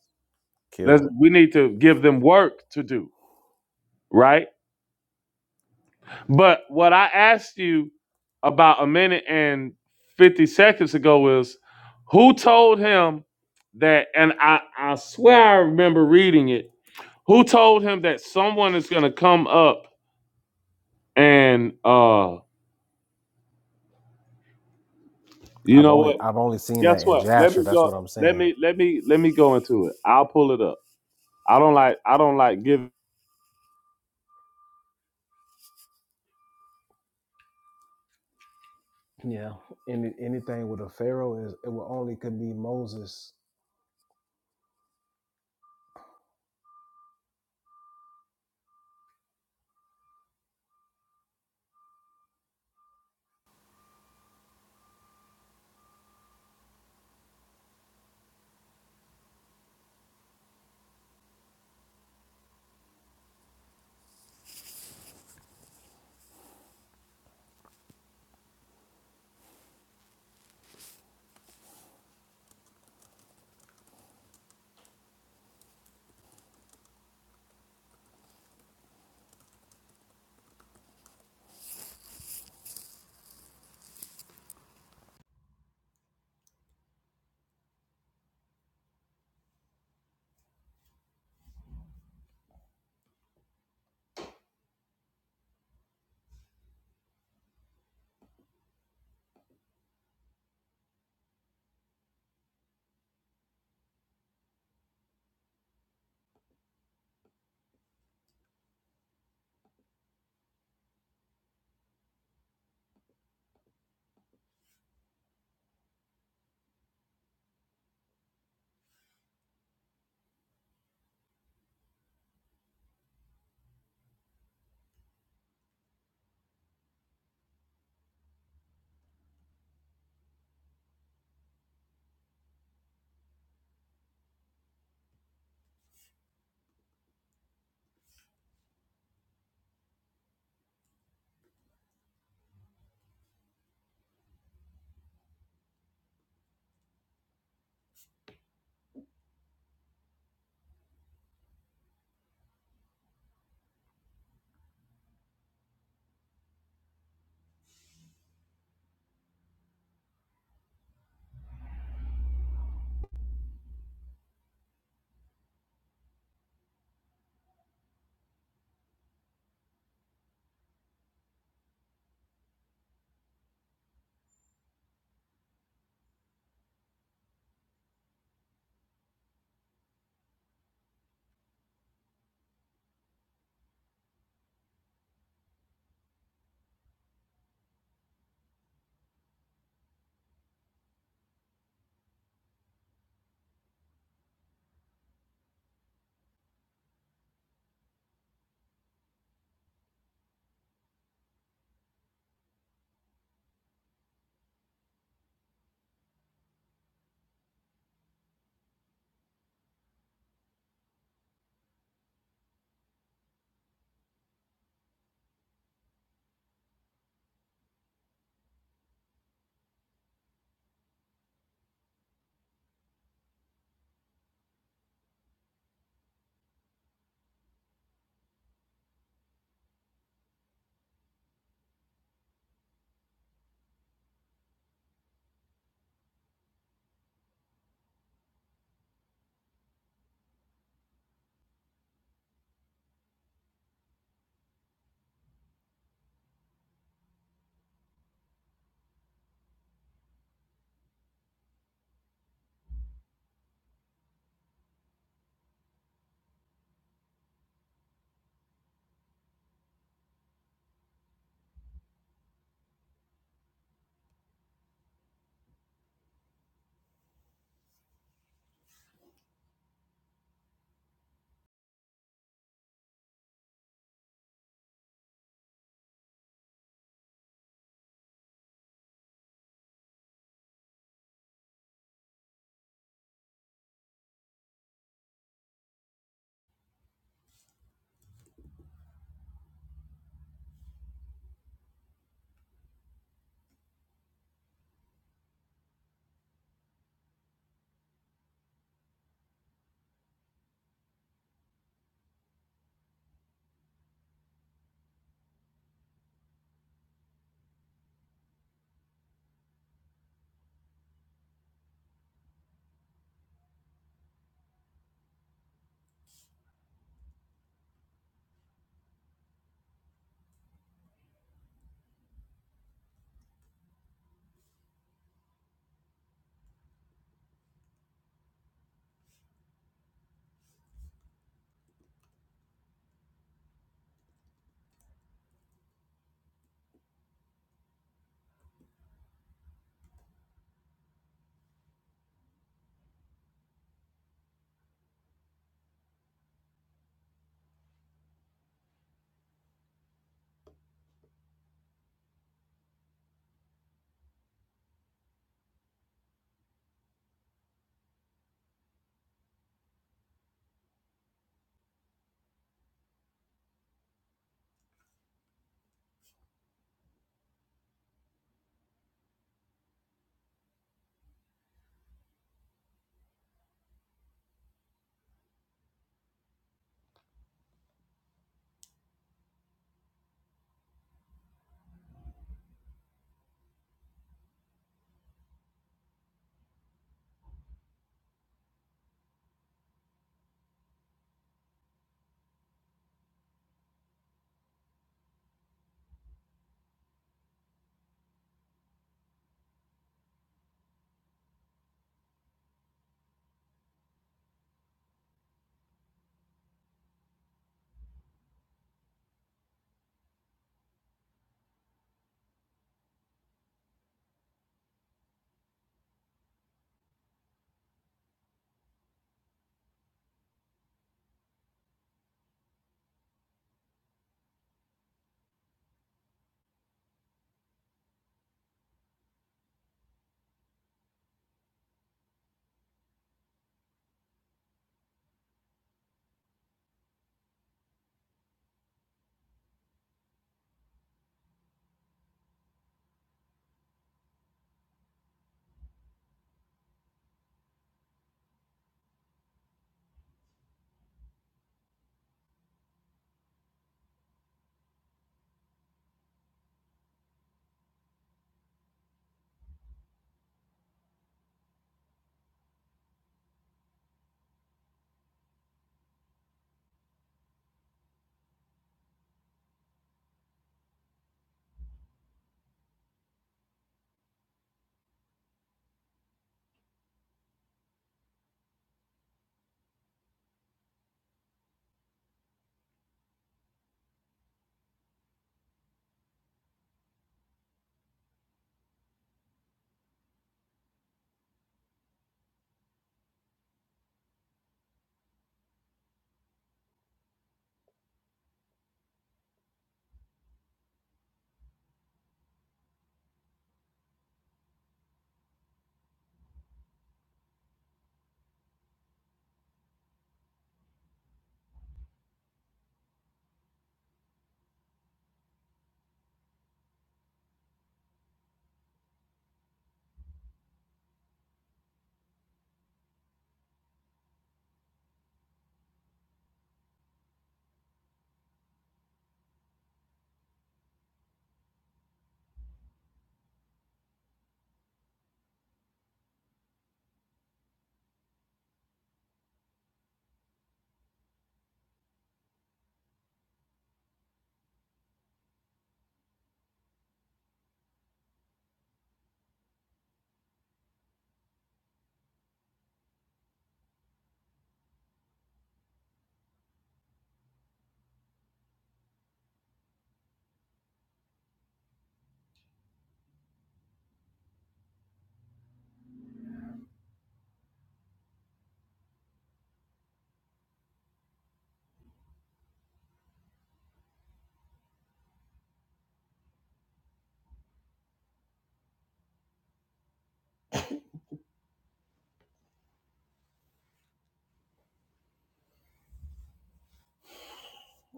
I: Kill
M: let's
I: 'em.
M: we need to give them work to do, right? But what I asked you about a minute and 50 seconds ago is who told him that, and I, I swear I remember reading it, who told him that someone is going to come up and, uh, you
I: I've
M: know
I: only
M: what?
I: I've only seen that
M: Guess
I: in
M: what? Let
I: Jasher.
M: me
I: That's
M: go.
I: what I'm
M: Let
I: saying.
M: me let me let me go into it. I'll pull it up. I don't like I don't like giving.
I: Yeah. Any anything with a pharaoh is it will only could be Moses.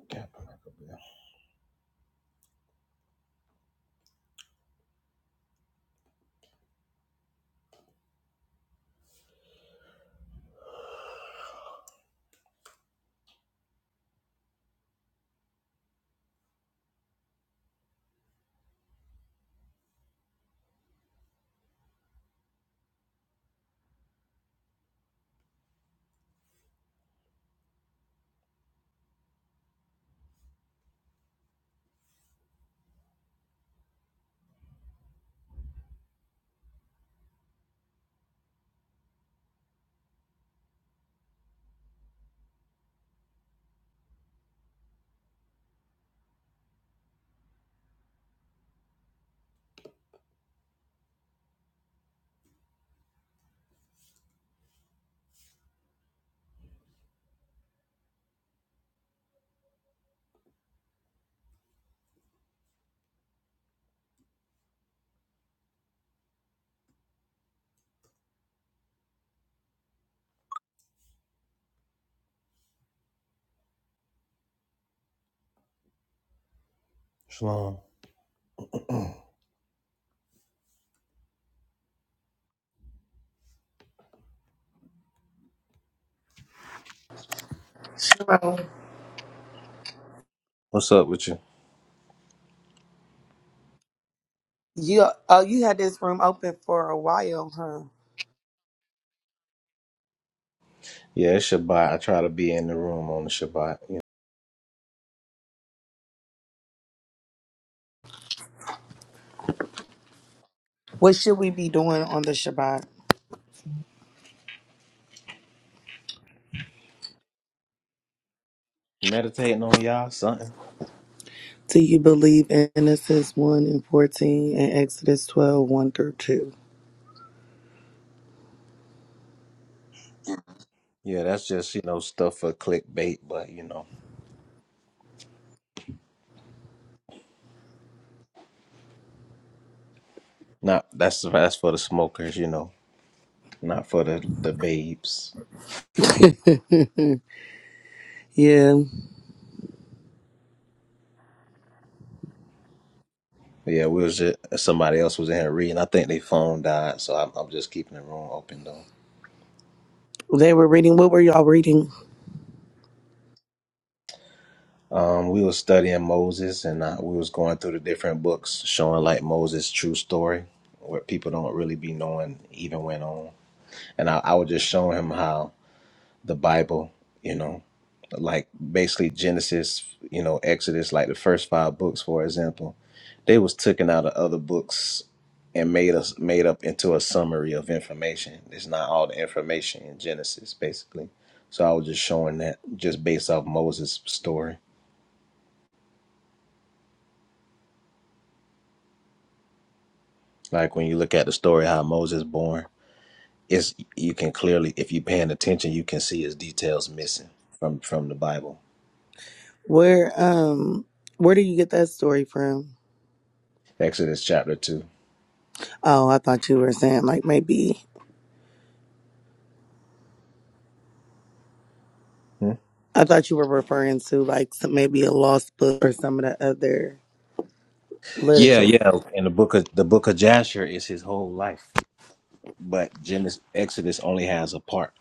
I: Can't put that up there. Shalom.
O: Hello.
I: What's up with you?
O: You oh you had this room open for a while, huh?
I: Yeah, it's Shabbat. I try to be in the room on the Shabbat. You
O: What should we be doing on the Shabbat?
I: know, meditating on y'all something.
O: Do you believe in Genesis 1 and 14 and Exodus twelve one through 2?
I: Yeah, that's just you know stuff for clickbait, but you know, not that's that's for the smokers. You know, not for the the babes.
O: yeah,
I: But Yeah, we was just, somebody else was in here reading. I think they phone died, so I'm, I'm just keeping the room open though.
O: they were reading. What were y'all reading?
I: Um, we was studying Moses, and uh, we was going through the different books, showing like Moses' true story, where people don't really be knowing even went on. And I, I was just showing him how the Bible, you know, like basically Genesis, you know, Exodus, like the first five books, for example, they was taken out of other books and made us made up into a summary of information. It's not all the information in Genesis, basically. So I was just showing that just based off Moses' story. Like when you look at the story how Moses born, it's you can clearly, if you're paying attention, you can see his details missing from from the Bible.
O: Where, um, where do you get that story from?
I: Exodus chapter two.
O: Oh, I thought you were saying like maybe,
I: Hmm?
O: I thought you were referring to like some, maybe a lost book or some of the other
I: Yeah,
O: literature.
I: yeah. And the book of the book of Jasher is his whole life, but Genesis Exodus only has a part.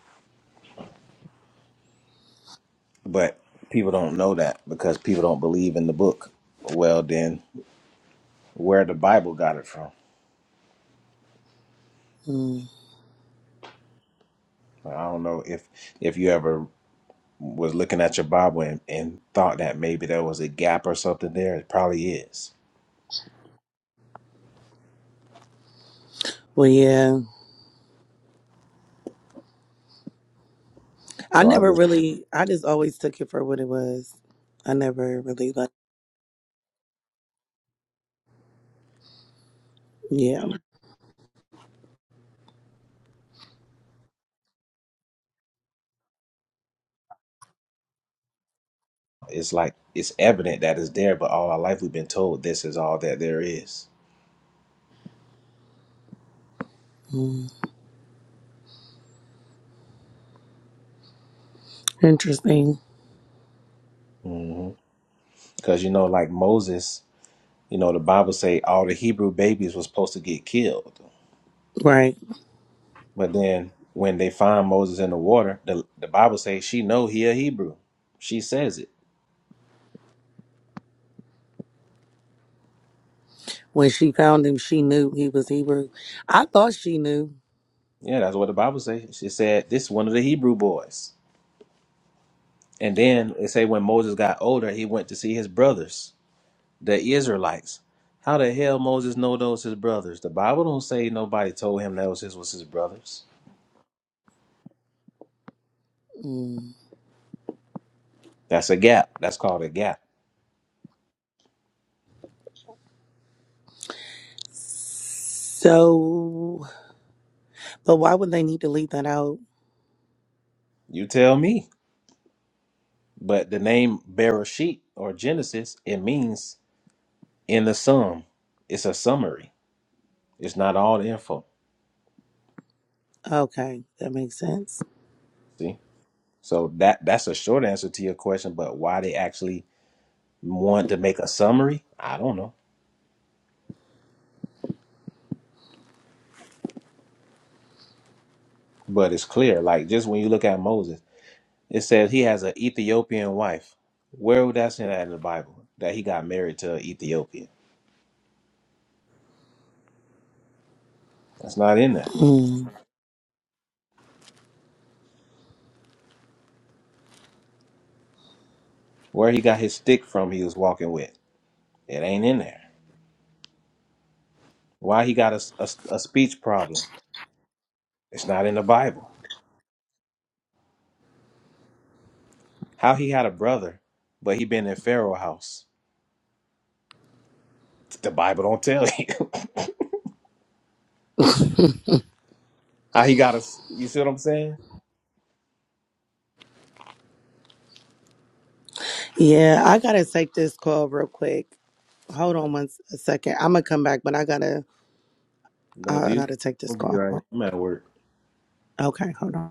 I: But people don't know that because people don't believe in the book. Well, then where the Bible got it from?
O: Mm.
I: Like, I don't know if if you ever was looking at your Bible and, and thought that maybe there was a gap or something there. It probably is
O: Well, yeah. I
I: So I
O: never
I: just,
O: really, I just always took it for what it was. I never really like, yeah.
I: it's like, it's evident that it's there, but all our life we've been told this is all that there is.
O: Mm. Interesting.
I: Because, you know, like Moses, you know, the Bible say all the Hebrew babies was supposed to get killed.
O: Right.
I: But then when they find Moses in the water, the, the Bible say she know he a Hebrew. She says it.
O: When she found him, she knew he was Hebrew. I thought she knew.
I: Yeah, that's what the Bible say. She said, this one of the Hebrew boys. And then it say when Moses got older, he went to see his brothers. The Israelites. How the hell Moses know those his brothers? The Bible don't say nobody told him that was his was his brothers.
O: Mm.
I: That's a gap. That's called a gap.
O: So, but why would they need to leave that out?
I: You tell me. But the name Bereshit or Genesis, it means in the sum. It's a summary. It's not all the info.
O: Okay, that makes sense.
I: See? So that that's a short answer to your question, but why they actually want to make a summary, I don't know. But it's clear. Like just when you look at Moses. It says he has an Ethiopian wife. Where would that say that in the Bible? That he got married to an Ethiopian. That's not in there.
O: Mm.
I: Where he got his stick from he was walking with. It ain't in there. Why he got a, a, a speech problem. It's not in the Bible. How he had a brother, but he been in Pharaoh house. The Bible don't tell you. How he got a, s- you see what I'm saying?
O: Yeah, I gotta take this call real quick. Hold
I: Okay.
O: on one s- a second. I'm gonna come back, but I gotta,
I: No, do
O: I
I: you?
O: gotta take this
I: We'll be
O: call.
I: right. I'm at work.
O: Okay, hold on.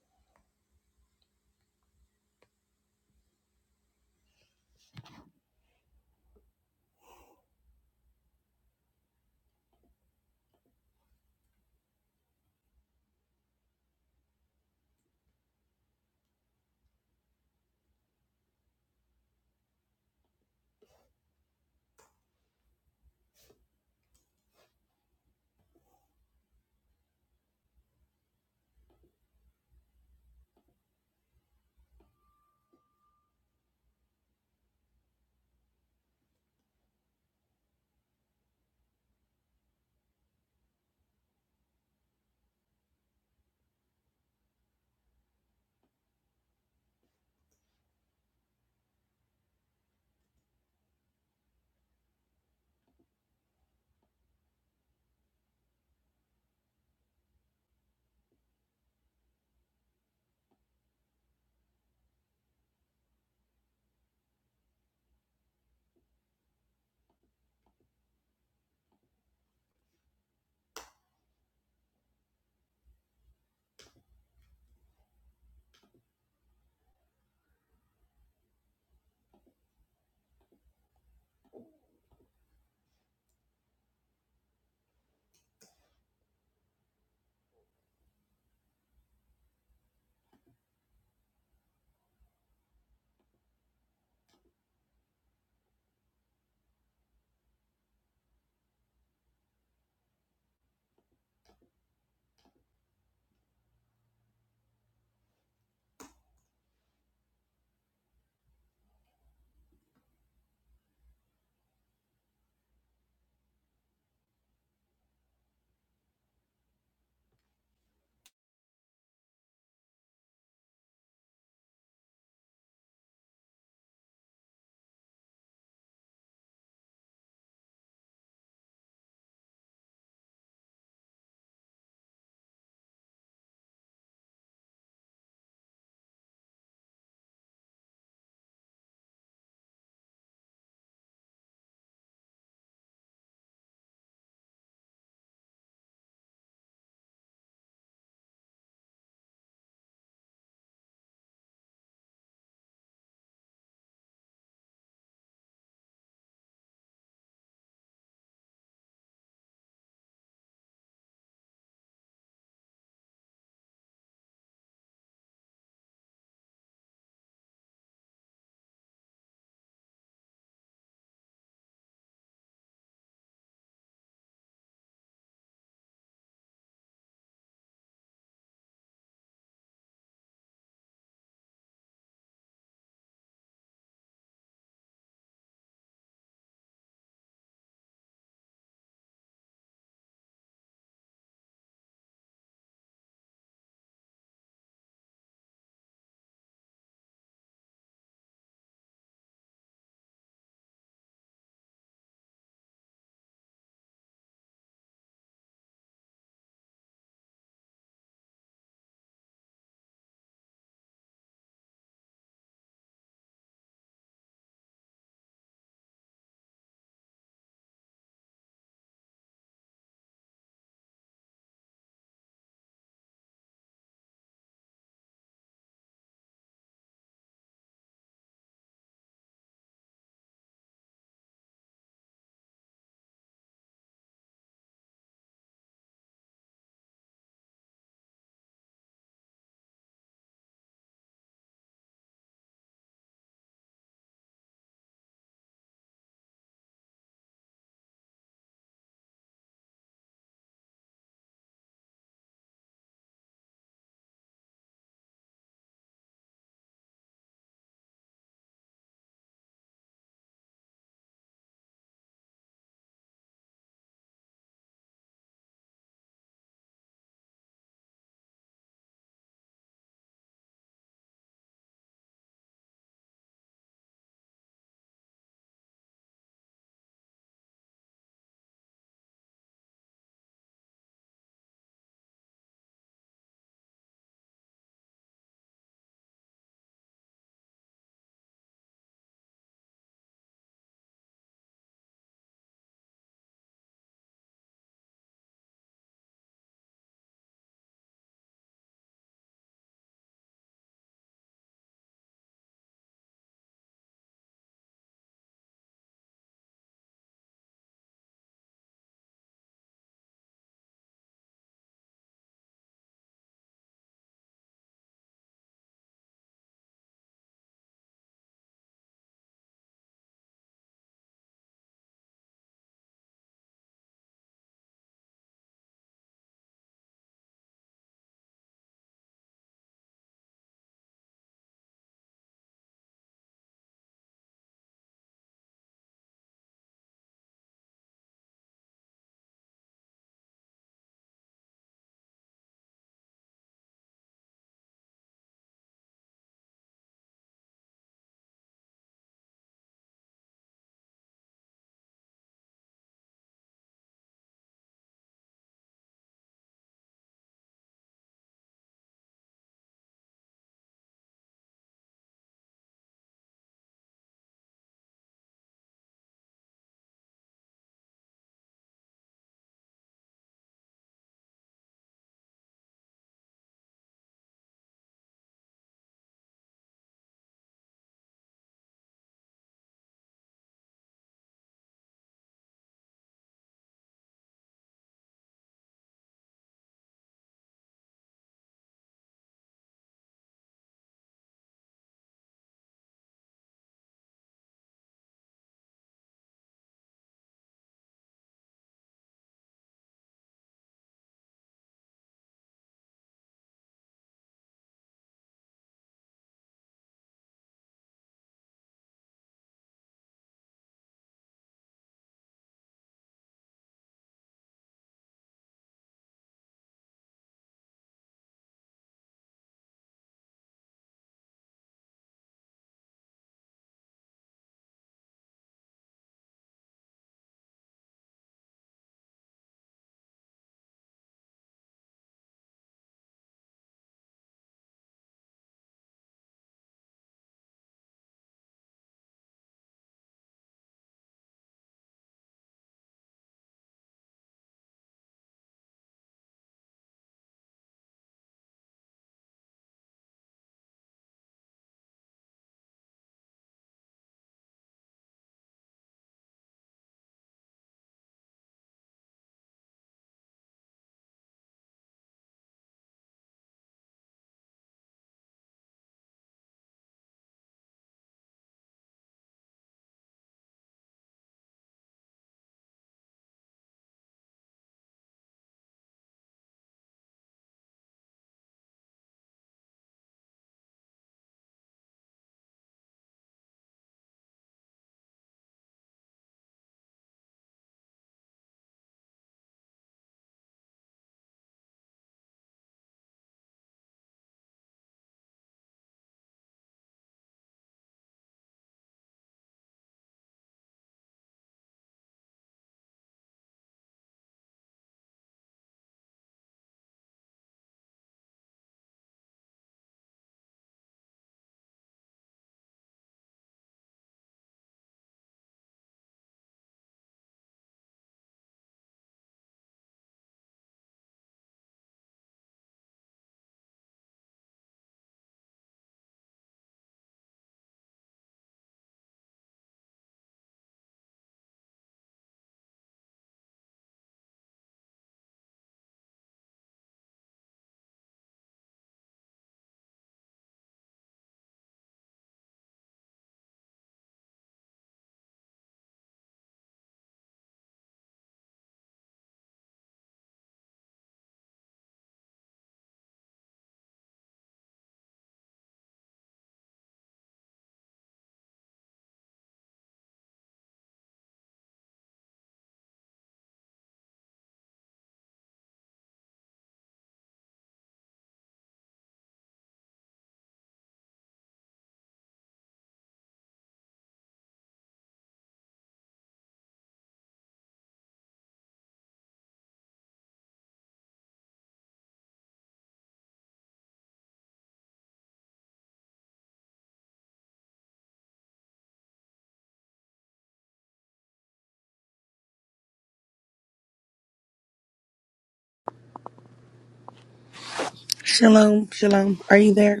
O: Shalom, shalom. Are you there?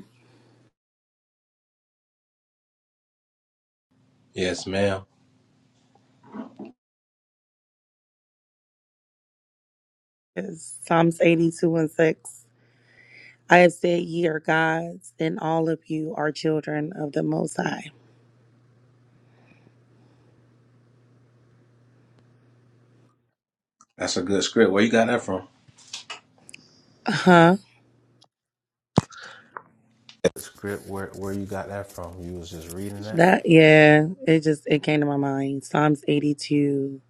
I: Yes, ma'am.
O: It's Psalms 82 and 6. I have said, Ye are gods, and all of you are children of the Most High.
I: That's a good script. Where you got that from?
O: Huh?
I: the script where where you got that from you was just reading that
O: That, yeah, it just, it came to my mind. Psalms 82,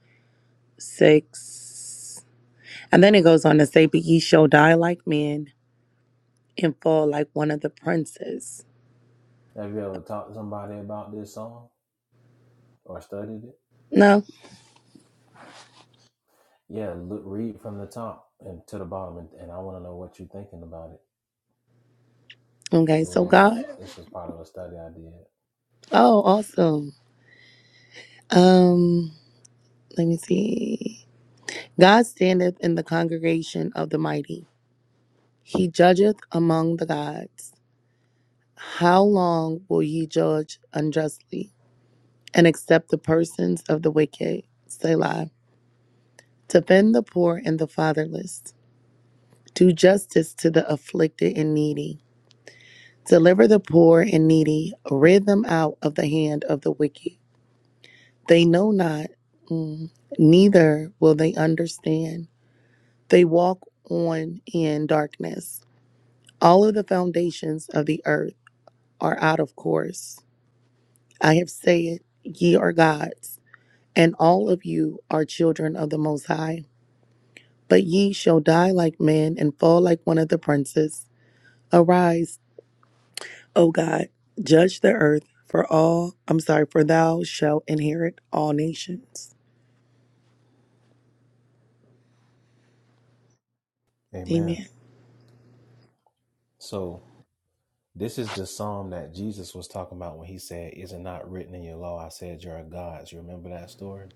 O: 6. And then it goes on to say, But ye shall die like men and fall like one of the princes.
I: have you ever talked to somebody about this song or studied it
O: No?
I: yeah look read from the top and to the bottom and, and i want to know what you're thinking about it
O: Okay,
I: this is
O: so
I: one of
O: God.
I: this was part of a study i did
O: Oh, awesome. Um, let me see. God standeth in the congregation of the mighty. He judgeth among the gods. How long will ye judge unjustly and accept the persons of the wicked? Selah. Defend the poor and the fatherless. Do justice to the afflicted and needy. Deliver the poor and needy. Rid them out of the hand of the wicked. They know not, mm, neither will they understand. They walk on in darkness. All of the foundations of the earth are out of course. I have said, Ye are gods, and all of you are children of the Most High. But ye shall die like men and fall like one of the princes. Arise, O God, judge the earth, for all, I'm sorry, for thou shalt inherit all nations.
I: amen
O: Amen.
I: so this is the psalm that jesus was talking about when he said is it not written in your law i said you're a you remember that story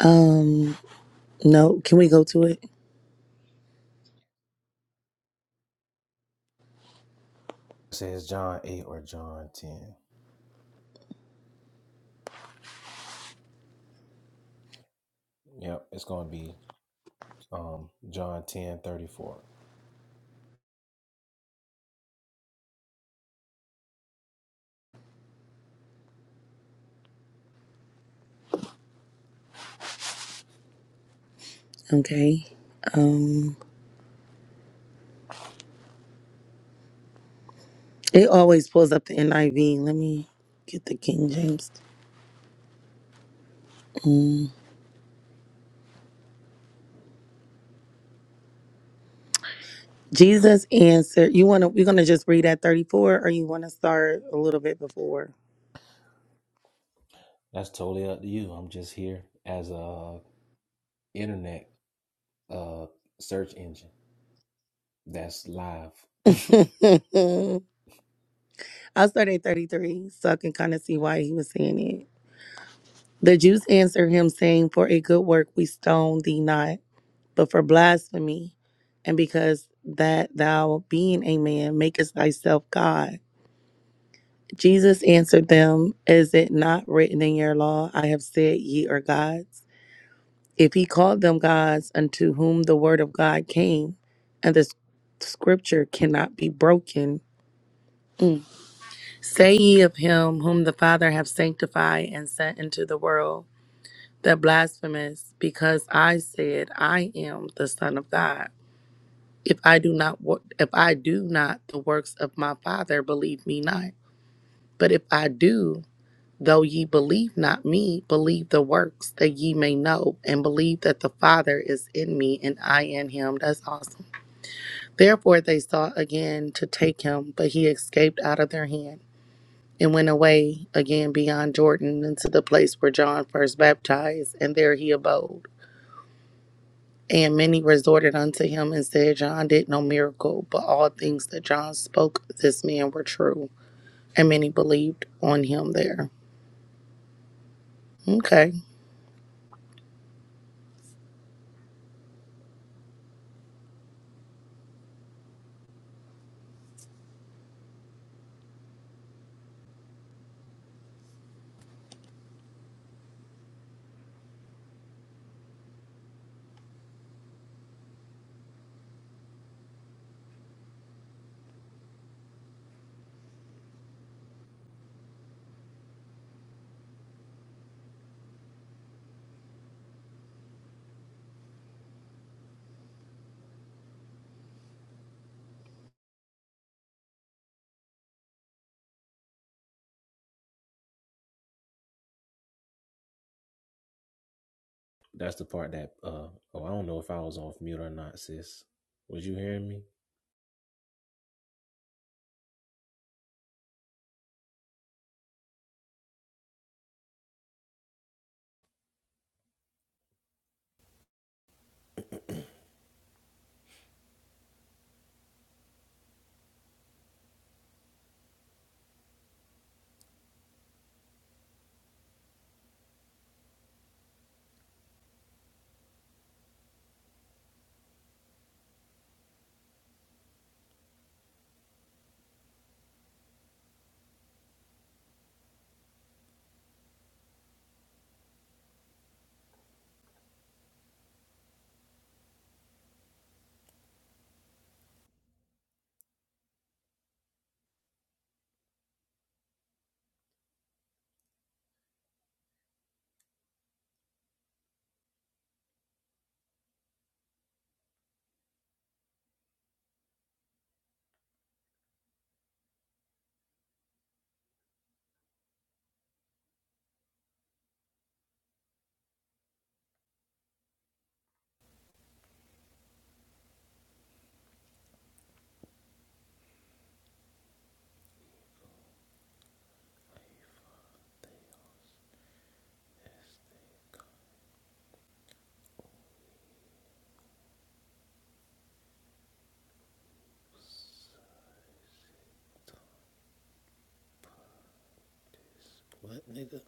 O: Um, no, can we go to it?
I: it says john 8 or john 10 yep it's going to be um john 10 34.
O: Okay. Um, it always pulls up the NIV. Let me get the King James. Mm. Jesus answered, you want to we're going to just read at 34 or you want to start a little bit before?
I: That's totally up to you. I'm just here as a internet uh search engine that's live.
O: I'll start at 33 so I can kind of see why he was saying it. The Jews answered him saying, "For a good work we stone thee not, but for blasphemy, and because that thou being a man makest thyself God." Jesus answered them, "Is it not written in your law, I have said ye are gods?" If he called them gods unto whom the word of God came, and the scripture cannot be broken, Mm. say ye of him whom the Father hath sanctified and sent into the world, that blasphemous, because I said I am the Son of God. If I do not wo- if I do not the works of my Father, believe me not. But if I do, Though ye believe not me, believe the works that ye may know, and believe that the Father is in me and I in him. That's awesome. Therefore they sought again to take him, but he escaped out of their hand and went away again beyond Jordan into the place where John first baptized, and there he abode. And many resorted unto him and said, John did no miracle, but all things that John spoke of this man were true. And many believed on him there. Okay.
I: that's the part that uh oh I don't know if I was off mute or not, sis. Was you hearing me? What, nigga?